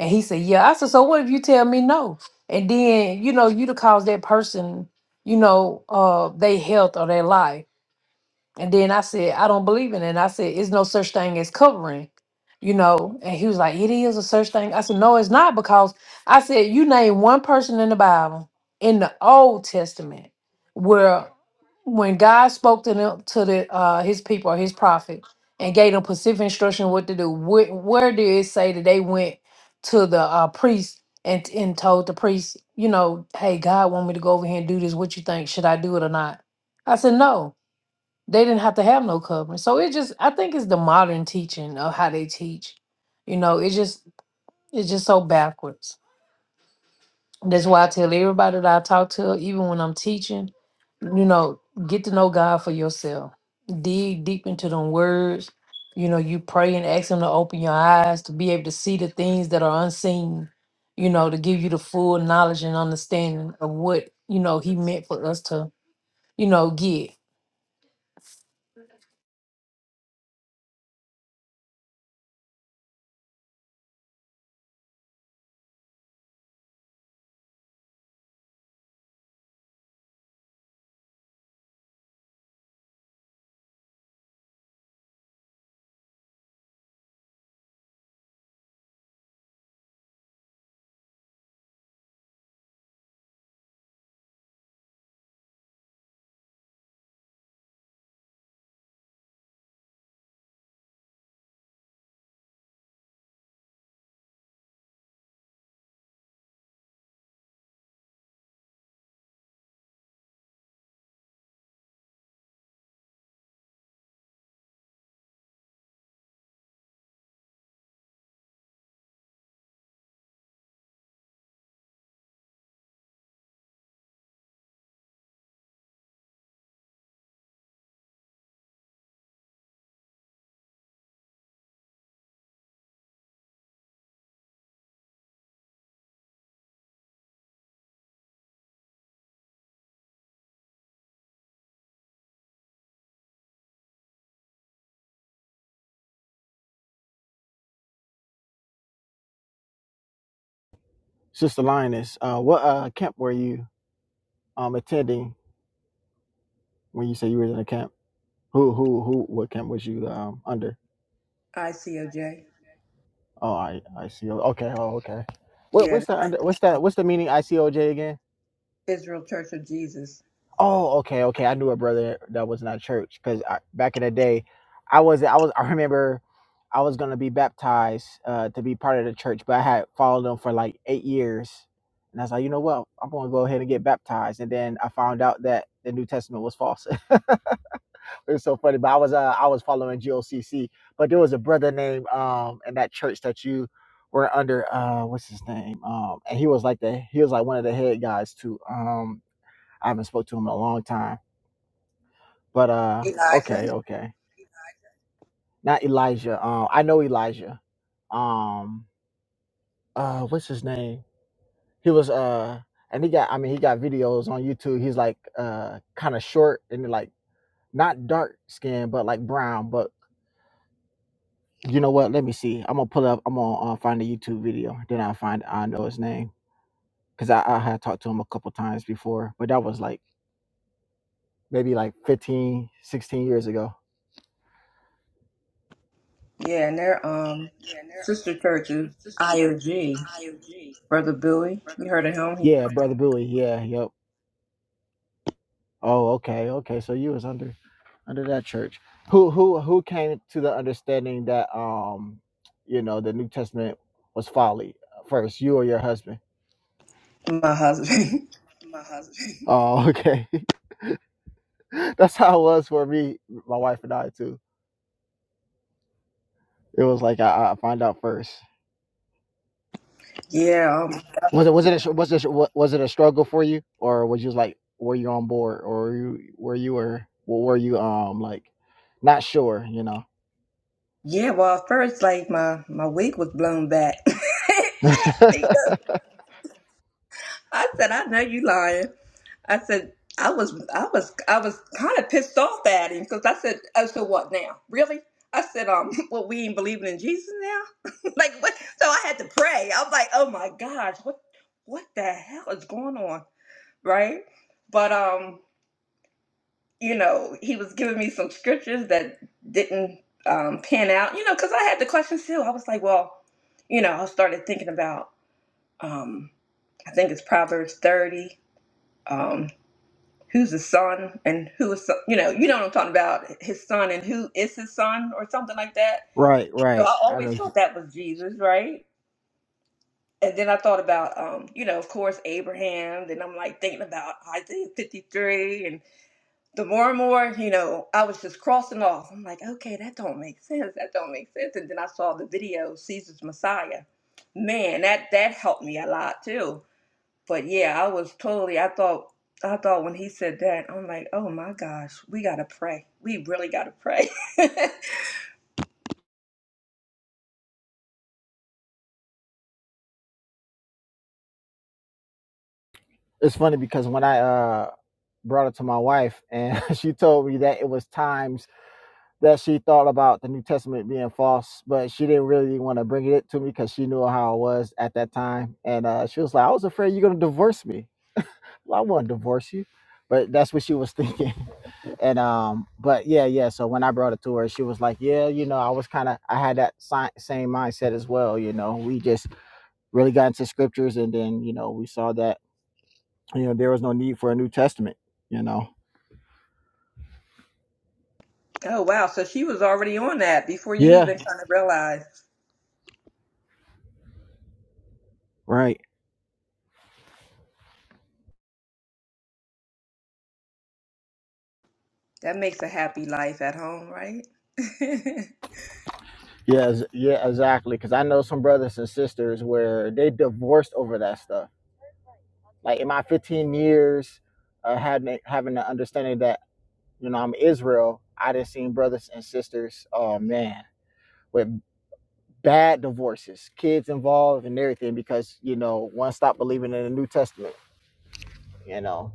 [SPEAKER 1] And he said, yeah. I said, so what if you tell me no? And then you know you to cause that person, you know, uh, their health or their life. And then I said, I don't believe in it. And I said, it's no such thing as covering, you know. And he was like, it is a such thing. I said, no, it's not because I said, you name one person in the Bible in the Old Testament where when God spoke to them to the uh, his people or his prophet and gave them specific instruction what to do, where, where did it say that they went to the uh, priest and and told the priest, you know, hey, God want me to go over here and do this. What you think? Should I do it or not? I said, no they didn't have to have no covering. So it just I think it's the modern teaching of how they teach. You know, it's just it's just so backwards. That's why I tell everybody that I talk to, even when I'm teaching, you know, get to know God for yourself. Dig deep into them words. You know, you pray and ask him to open your eyes to be able to see the things that are unseen, you know, to give you the full knowledge and understanding of what, you know, he meant for us to, you know, get.
[SPEAKER 17] Sister Lioness, uh, what uh camp were you um attending when you say you were in a camp? Who who who? What camp was you um under?
[SPEAKER 16] I see OJ.
[SPEAKER 17] Oh, I I see. Oh, Okay, oh okay. What
[SPEAKER 16] Yeah,
[SPEAKER 17] what's that
[SPEAKER 16] like
[SPEAKER 17] under? What's that? What's the meaning? ICOJ again?
[SPEAKER 16] Israel Church of Jesus.
[SPEAKER 17] Oh, okay, okay. I knew a brother that was not church because back in the day, I was I was I remember I was gonna be baptized uh, to be part of the church, but I had followed them for like eight years, and I was like, you know what, I'm gonna go ahead and get baptized. And then I found out that the New Testament was false. [LAUGHS] it was so funny, but I was uh, I was following GOCC, but there was a brother named um in that church that you were under uh what's his name um and he was like the he was like one of the head guys too um I haven't spoke to him in a long time but uh,
[SPEAKER 16] Elijah.
[SPEAKER 17] okay, okay, not Elijah. Um, I know Elijah. Um, uh, what's his name? He was uh, and he got. I mean, he got videos on YouTube. He's like uh, kind of short and like not dark skin, but like brown. But you know what? Let me see. I'm gonna pull up. I'm gonna uh, find a YouTube video. Then I'll find. I know his name because I, I had talked to him a couple times before, but that was like maybe like 15, 16 years ago.
[SPEAKER 16] Yeah, and their um sister church is IOG. Brother Billy, you heard of him? He,
[SPEAKER 17] Yeah, brother Bowie. Yeah, yep. Oh, okay, okay. So you was under under that church. Who who who came to the understanding that um you know the New Testament was folly first, you or your husband?
[SPEAKER 16] my husband.
[SPEAKER 17] [LAUGHS] Oh, [LAUGHS] okay. [LAUGHS] That's how it was for me, my wife and I too. It was like I, I find out first.
[SPEAKER 16] [LAUGHS] yeah, um,
[SPEAKER 17] Was it was it a, yeah. str- was it a- wa- was it a struggle for you, or was you like were you on board, or were you were you were were you um like not sure? You know.
[SPEAKER 16] yeah. Well, at first, like my my wig was blown back [LAUGHS]
[SPEAKER 17] [LAUGHS]
[SPEAKER 16] because I said, I know you lying. I said, I was, I was, I was kind of pissed off at him because I said, oh, so what now? Really? I said, um, [LAUGHS] what we ain't believing in Jesus now? [LAUGHS] like what? So I had to pray. I was like, oh my gosh, what, what the hell is going on, right? But um, you know, he was giving me some scriptures that didn't um pan out, you know, because I had the questions too. I was like, well, you know, I started thinking about um, I think it's Proverbs thirty. um, who's his son and who is so- you know you know what I'm talking about his son and who is his son or something like that.
[SPEAKER 17] right,
[SPEAKER 16] So
[SPEAKER 17] right.
[SPEAKER 16] I
[SPEAKER 17] I know.
[SPEAKER 16] always thought that was Jesus, right? And then I thought about um, you know of course Abraham. Then I'm like thinking about Isaiah 53, and the more and more you know I was just crossing off. I'm like okay that don't make sense. That don't make sense. And then I saw the video Caesar's Messiah. Man, that that helped me a lot too but yeah, I was totally. I thought. I thought when he said that, I'm like, oh my gosh, we gotta pray. We really gotta pray. [LAUGHS]
[SPEAKER 17] it's funny because when I uh brought it to my wife and [LAUGHS] she told me that it was times that she thought about the New Testament being false, but she didn't really want to bring it to me because she knew how I was at that time. And uh she was like, I was afraid you're gonna divorce me. Well, I won't divorce you. But that's what she was [LAUGHS] thinking. And um but yeah, yeah. So when I brought it to her, she was like, Yeah, you know, I was kinda I had that si- same mindset as well, you know. We just really got into scriptures and then, you know, we saw that you know there was no need for a new testament you know
[SPEAKER 16] oh wow, so she was already on that before you
[SPEAKER 17] yeah
[SPEAKER 16] even kind of realized.
[SPEAKER 17] right
[SPEAKER 16] That makes a happy life at home, right? [LAUGHS] oh,
[SPEAKER 17] yeah ex- yeah exactly because i know some brothers and sisters where they divorced over that stuff like in my 15 years uh having having the understanding that you know i'm israel i did seen brothers and sisters oh man with bad divorces kids involved and everything because you know one stopped believing in the new testament you know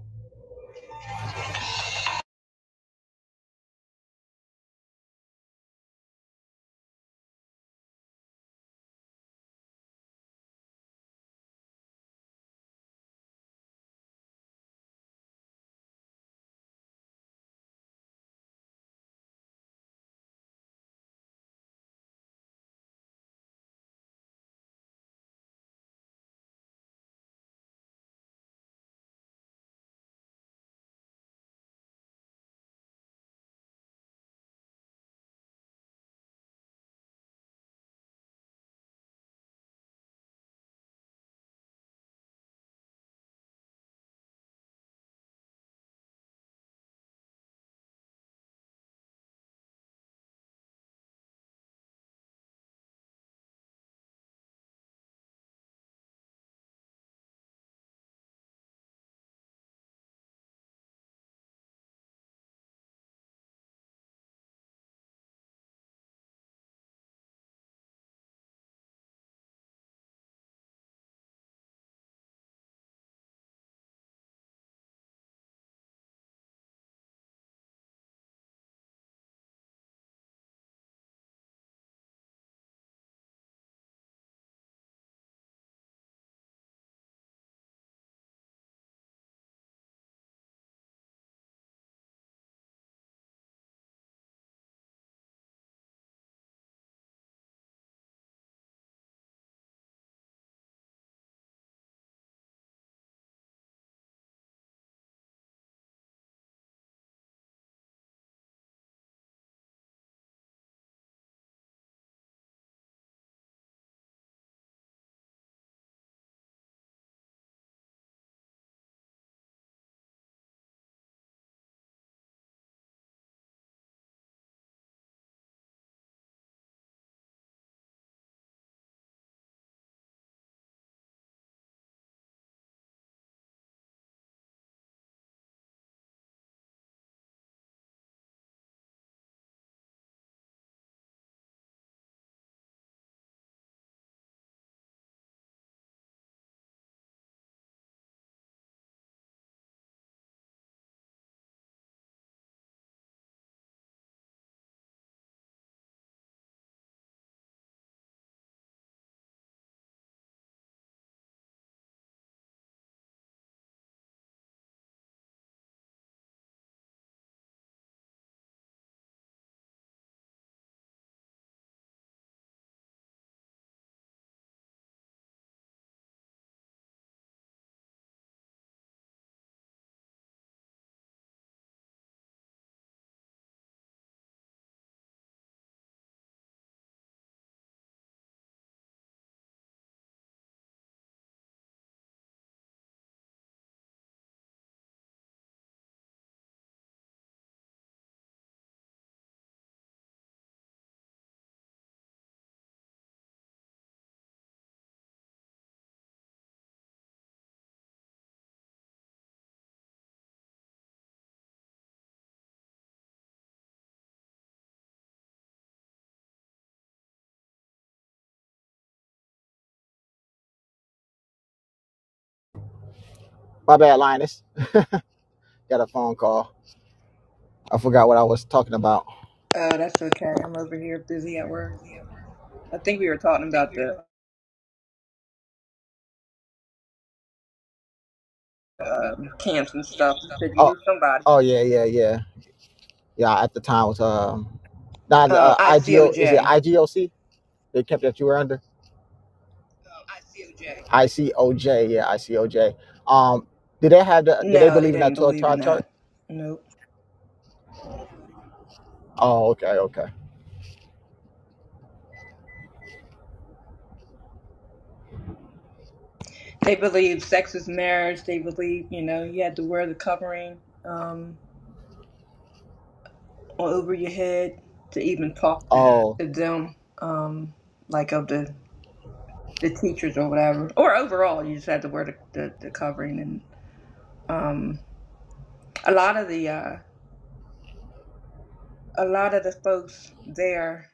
[SPEAKER 17] my bad linus got a phone call i forgot what i was talking about
[SPEAKER 16] that's okay. I'm over here busy at work. I think we were talking about the um, camps and stuff. You said you
[SPEAKER 17] Oh,
[SPEAKER 16] knew somebody.
[SPEAKER 17] oh yeah, yeah, yeah, yeah. At the time it was um, now the
[SPEAKER 16] Um,
[SPEAKER 17] uh, IGO is it
[SPEAKER 16] ICOJ.
[SPEAKER 17] IGOC? They kept that you were under ICOJ, yeah, ICOJ. Um, did they have the? Did they
[SPEAKER 16] No, they
[SPEAKER 17] believe in that
[SPEAKER 16] didn't
[SPEAKER 17] twelve
[SPEAKER 16] believe in
[SPEAKER 17] tribe chart?
[SPEAKER 16] that. Nope.
[SPEAKER 17] Oh, okay, okay.
[SPEAKER 16] They believe sex is marriage. They believe, you know, you had to wear the covering um, all over your head to even talk to,
[SPEAKER 17] Oh,
[SPEAKER 16] to them, um, like of the, the teachers or whatever. Or overall, you just had to wear the, the, the covering. And um, a lot of the uh, a lot of the folks there,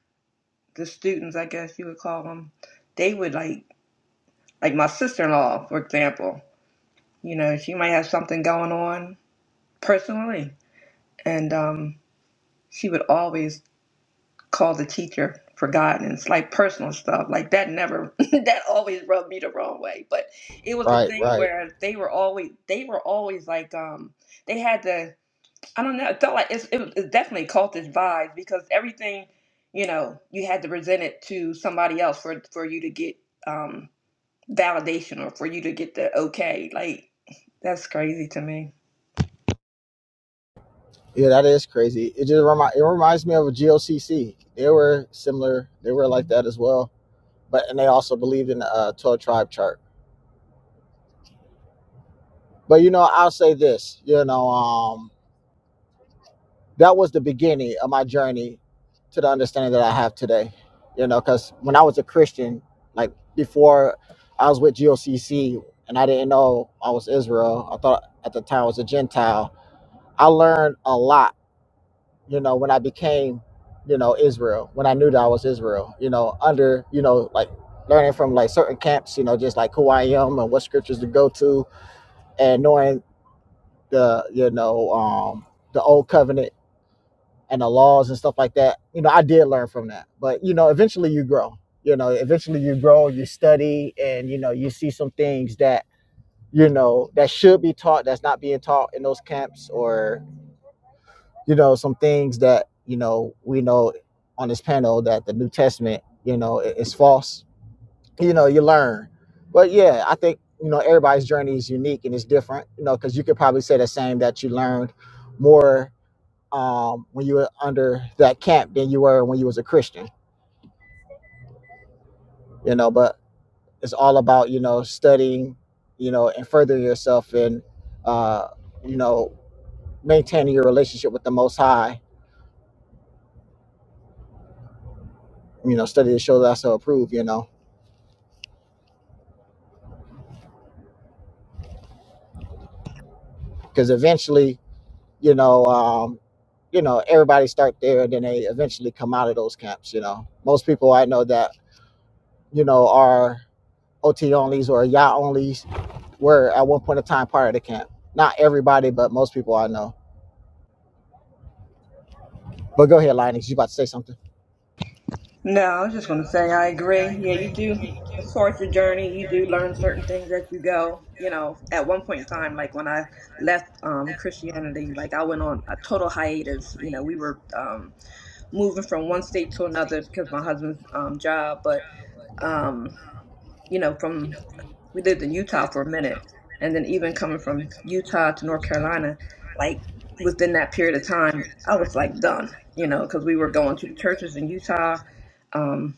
[SPEAKER 16] the students, I guess you would call them, they would like like my sister in law, for example. You know, she might have something going on personally, and um, she would always call the teacher for guidance, like personal stuff. Like that never [LAUGHS] that always rubbed me the wrong way. But it was a
[SPEAKER 17] right,
[SPEAKER 16] thing
[SPEAKER 17] right.
[SPEAKER 16] where they were always they were always like um they had the I don't know, it felt like it's it was it's definitely cultish vibes because everything, you know, you had to present it to somebody else for for you to get um validation or for you to get the okay. Like that's crazy to me.
[SPEAKER 17] Yeah, that is crazy. It just remind, it reminds me of a G O C C. They were similar. They were like that as well. But and they also believed in the uh, twelve tribe chart. But you know, I'll say this. You know, um. That was the beginning of my journey to the understanding that I have today. You know, because when I was a Christian, like before I was with GOCC and I didn't know I was Israel, I thought at the time I was a Gentile. I learned a lot, you know, when I became, you know, Israel, when I knew that I was Israel, you know, under, you know, like learning from like certain camps, you know, just like who I am and what scriptures to go to and knowing the, you know, um, the old covenant and the laws and stuff like that. You know, I did learn from that. But you know, eventually you grow. You know, eventually you grow, you study, and you know, you see some things that you know that should be taught that's not being taught in those camps, or you know, some things that you know we know on this panel that the New Testament, you know, is false. You know, you learn. But yeah, I think you know everybody's journey is unique and it's different. You know, because you could probably say the same that you learned more um, when you were under that camp than you were when you was a Christian, you know. But it's all about you know studying, you know, and furthering yourself and uh, you know maintaining your relationship with the Most High. You know, study to show that so approved. You know, because eventually, you know, um, you know, everybody start there, and then they eventually come out of those camps. You know, most people I know that you know are OT onlys or Yah onlys were at one point in time part of the camp. Not everybody, but most people I know But go ahead, Linus. You about to say something?
[SPEAKER 16] No, I was just going to say I agree. Yeah, you do. As far as your journey, you do learn certain things as you go. You know, at one point in time, like when I left um, Christianity, like I went on a total hiatus. You know, we were um, moving from one state to another because my husband's um, job. But um, you know, from we lived in Utah for a minute, and then even coming from Utah to North Carolina, like within that period of time, I was like done. You know, because we were going to the churches in Utah um,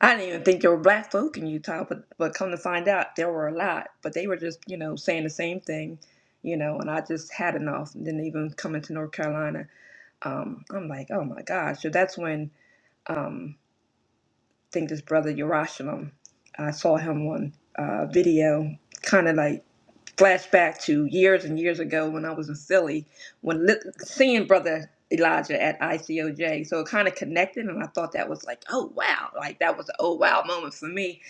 [SPEAKER 16] I didn't even think there were black folk in Utah, but but come to find out, there were a lot. But they were just, you know, saying the same thing, you know. And I just had enough. And then even coming to North Carolina, um, I'm like, oh my gosh. So that's when um, I think this brother Yerushalayim, I saw him on uh, video, kind of like flashback to years and years ago when I was in Philly, when li- seeing Brother Elijah at ICOJ. So it kind of connected, and I thought that was like, oh wow, like that was an oh wow moment for me.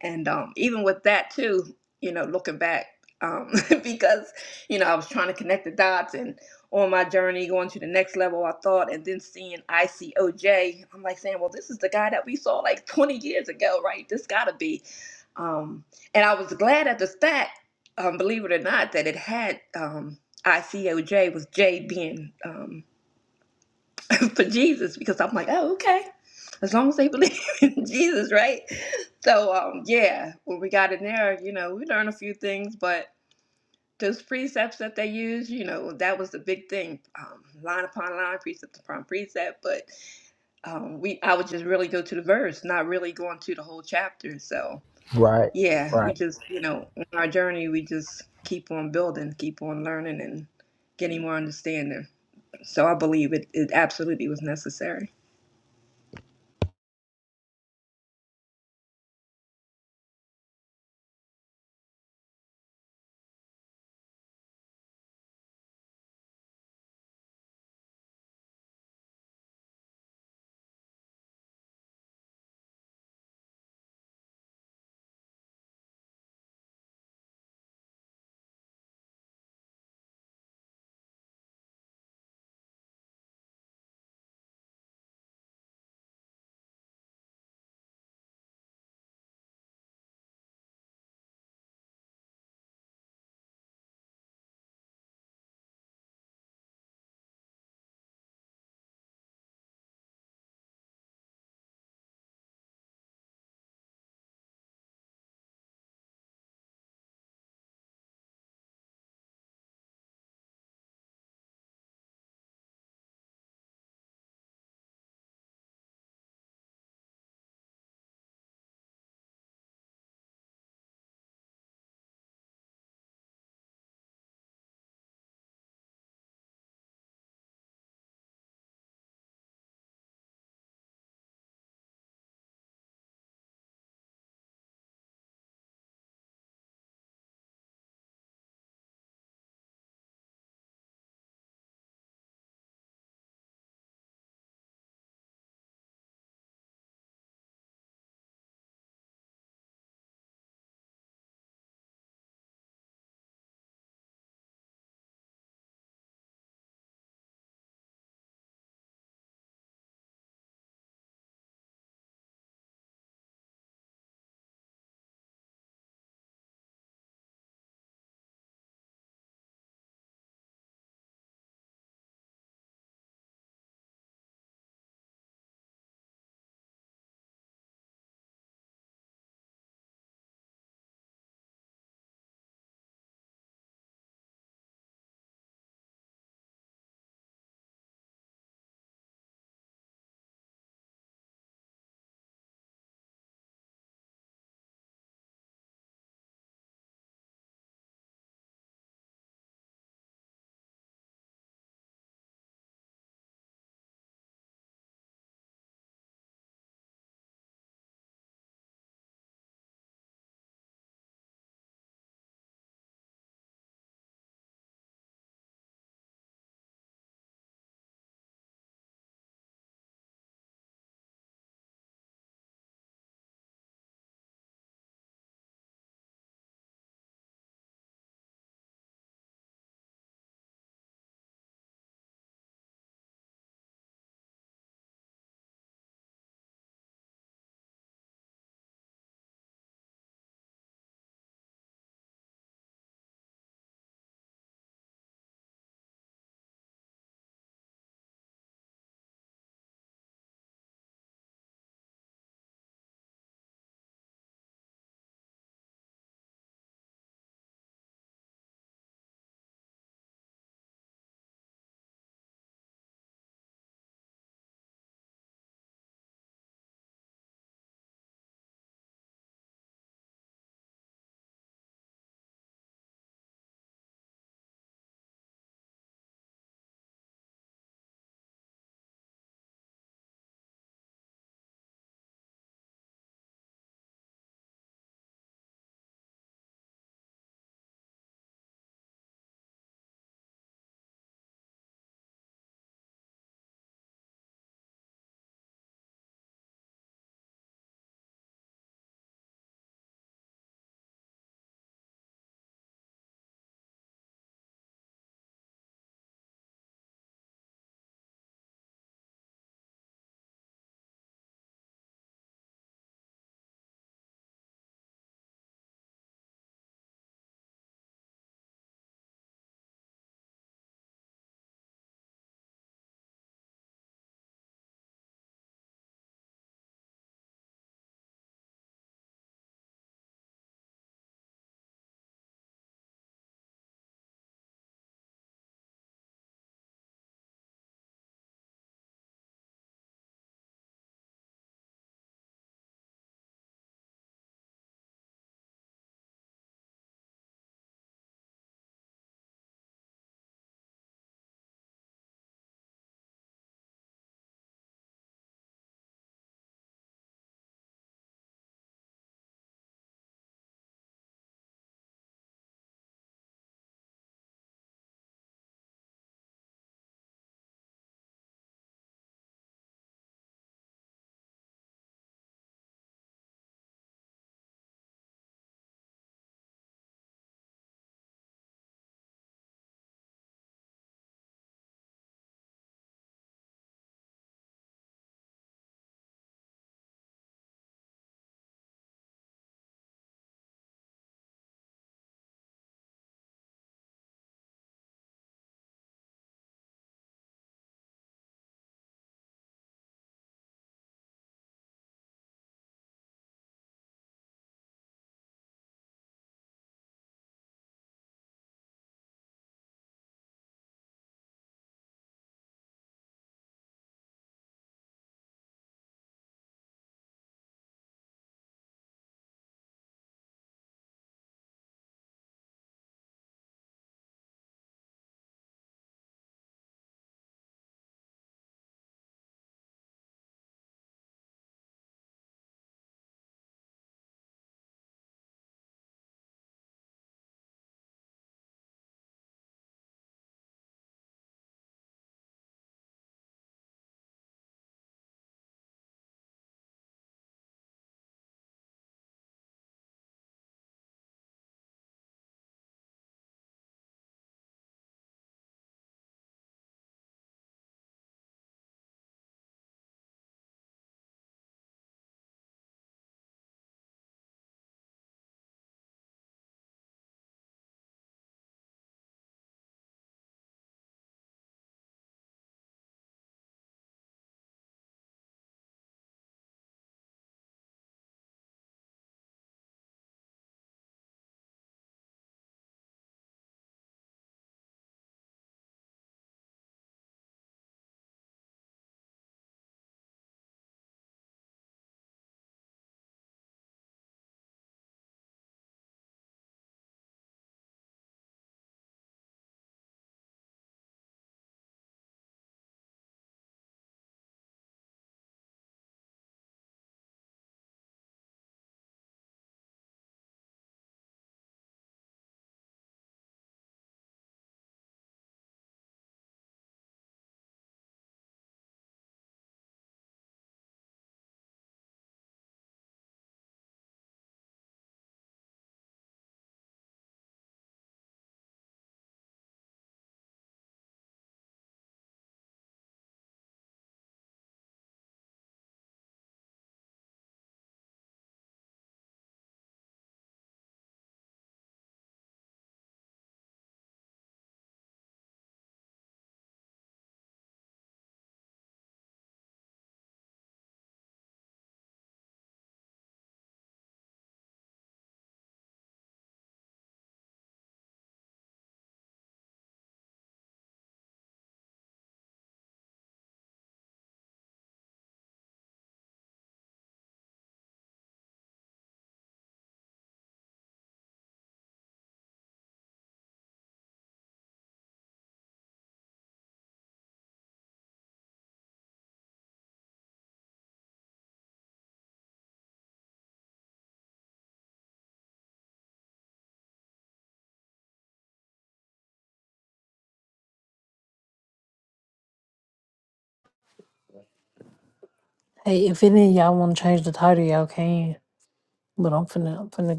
[SPEAKER 16] And um, even with that too, you know, looking back, um, [LAUGHS] because you know I was trying to connect the dots and on my journey going to the next level i thought and then seeing icoj i'm like saying well this is the guy that we saw like 20 years ago right this gotta be um, and I was glad at the fact um, believe it or not, that it had um, ICOJ with J being um, [LAUGHS] for Jesus because I'm like, oh, okay. As long as they believe [LAUGHS] in Jesus, right? So, um, yeah, when we got in there, you know, we learned a few things, but those precepts that they use, you know, that was the big thing um, line upon line, precept upon precept. But um, we, I would just really go to the verse, not really going to the whole chapter. So, yeah,
[SPEAKER 17] Right.
[SPEAKER 16] we just, you know, on our journey, we just keep on building, keep on learning, and getting more understanding. So I believe it, it absolutely was necessary.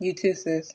[SPEAKER 16] You too, sis.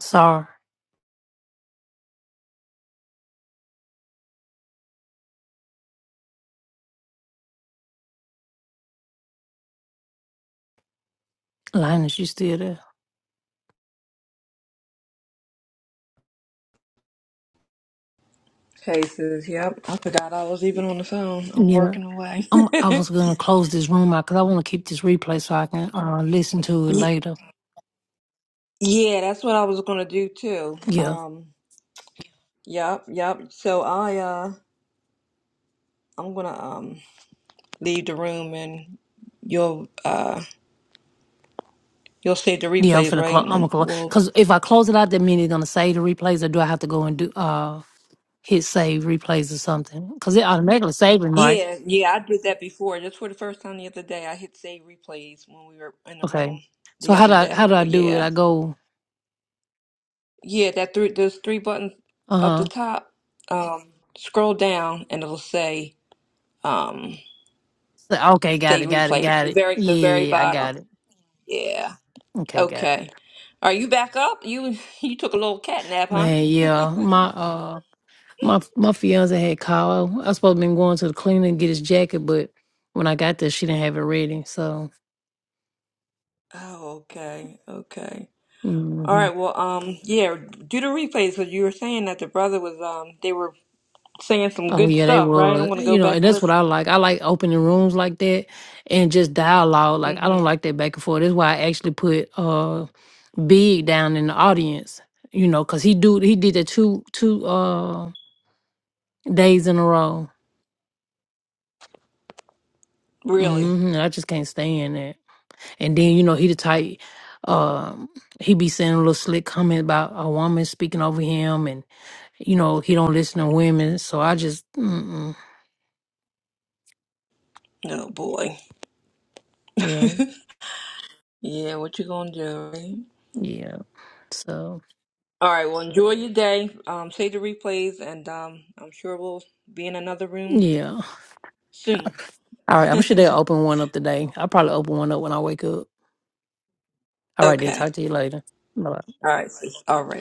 [SPEAKER 1] Sorry. Linus, you still there?
[SPEAKER 16] Hey sis, yep. I forgot I was even on the phone. I'm
[SPEAKER 1] Yeah,
[SPEAKER 16] working away.
[SPEAKER 1] I'm. I
[SPEAKER 16] [LAUGHS]
[SPEAKER 1] was gonna close this room out because I want to keep this replay so I can uh, listen to it
[SPEAKER 16] Ye-
[SPEAKER 1] later.
[SPEAKER 16] yeah, that's what I was gonna do too.
[SPEAKER 1] Yeah,
[SPEAKER 16] Um, yep, yep. So I uh I'm gonna um leave the room and you'll uh you'll save the
[SPEAKER 1] yeah. I'm
[SPEAKER 16] replays,
[SPEAKER 1] finna
[SPEAKER 16] right?
[SPEAKER 1] close.
[SPEAKER 16] And
[SPEAKER 1] I'm gonna
[SPEAKER 16] then
[SPEAKER 1] close
[SPEAKER 16] we'll
[SPEAKER 1] because if I close it out, that means it's gonna save the replays, or do I have to go and do uh hit save replays or something? Because it automatically saves them, right?
[SPEAKER 16] Yeah, yeah, I did that before. Just for the first time the other day, I hit save replays when we were in the
[SPEAKER 1] Okay.
[SPEAKER 16] room
[SPEAKER 1] So
[SPEAKER 16] the
[SPEAKER 1] how
[SPEAKER 16] other
[SPEAKER 1] do I how
[SPEAKER 16] day.
[SPEAKER 1] do
[SPEAKER 16] So
[SPEAKER 1] I do it?
[SPEAKER 16] yeah,
[SPEAKER 1] I go
[SPEAKER 16] yeah, that three, those three buttons up
[SPEAKER 1] uh
[SPEAKER 16] the
[SPEAKER 1] huh.
[SPEAKER 16] top. Um, scroll down and it'll say um
[SPEAKER 1] Okay, got it,
[SPEAKER 16] save
[SPEAKER 1] got it,
[SPEAKER 16] replay.
[SPEAKER 1] got
[SPEAKER 16] The
[SPEAKER 1] it.
[SPEAKER 16] very, the very
[SPEAKER 1] Yeah, I
[SPEAKER 16] bottom.
[SPEAKER 1] got it.
[SPEAKER 16] Yeah.
[SPEAKER 1] Okay, got it.
[SPEAKER 16] Okay. Are you back up? You [LAUGHS] you took a little cat nap, huh?
[SPEAKER 1] Man, yeah, my uh. My my fiance had called. I was supposed to been going to the cleaner and get his jacket, but when I got there, she didn't have it ready. So,
[SPEAKER 16] Oh, okay, okay. All
[SPEAKER 1] mhm.
[SPEAKER 16] right. Well, um, yeah. Do the replays because you were saying that the brother was um they were saying some
[SPEAKER 1] oh
[SPEAKER 16] good
[SPEAKER 1] yeah, they
[SPEAKER 16] stuff, right? I'm
[SPEAKER 1] were.
[SPEAKER 16] gonna go
[SPEAKER 1] You know,
[SPEAKER 16] back
[SPEAKER 1] and
[SPEAKER 16] and
[SPEAKER 1] that's what
[SPEAKER 16] listen.
[SPEAKER 1] I like. I like opening rooms like that and just dialogue. Like I
[SPEAKER 16] hmm
[SPEAKER 1] don't like that back and forth. That's why I actually put uh Big down in the audience. You know, cause he do he did that two two uh days in a row.
[SPEAKER 16] Really?
[SPEAKER 1] hmm I just can't stand that. And then, you know, he the type, um, he be saying a little slick comment about a woman speaking over him and, you know, he don't listen to women. So I just, mm-mm,
[SPEAKER 16] no boy.
[SPEAKER 1] yeah,
[SPEAKER 16] [LAUGHS] yeah, what you gonna do? right?
[SPEAKER 1] yeah. So,
[SPEAKER 16] All right. Well, enjoy your day. Um, save the replays, and um, I'm sure we'll be in another room
[SPEAKER 1] yeah.
[SPEAKER 16] soon.
[SPEAKER 1] All right.
[SPEAKER 16] [LAUGHS]
[SPEAKER 1] I'm sure they'll
[SPEAKER 16] okay.
[SPEAKER 1] open one up today. I'll probably open one up when I wake up. All
[SPEAKER 16] All
[SPEAKER 1] right, then. Talk to you later. Bye.
[SPEAKER 16] right. sis. All right.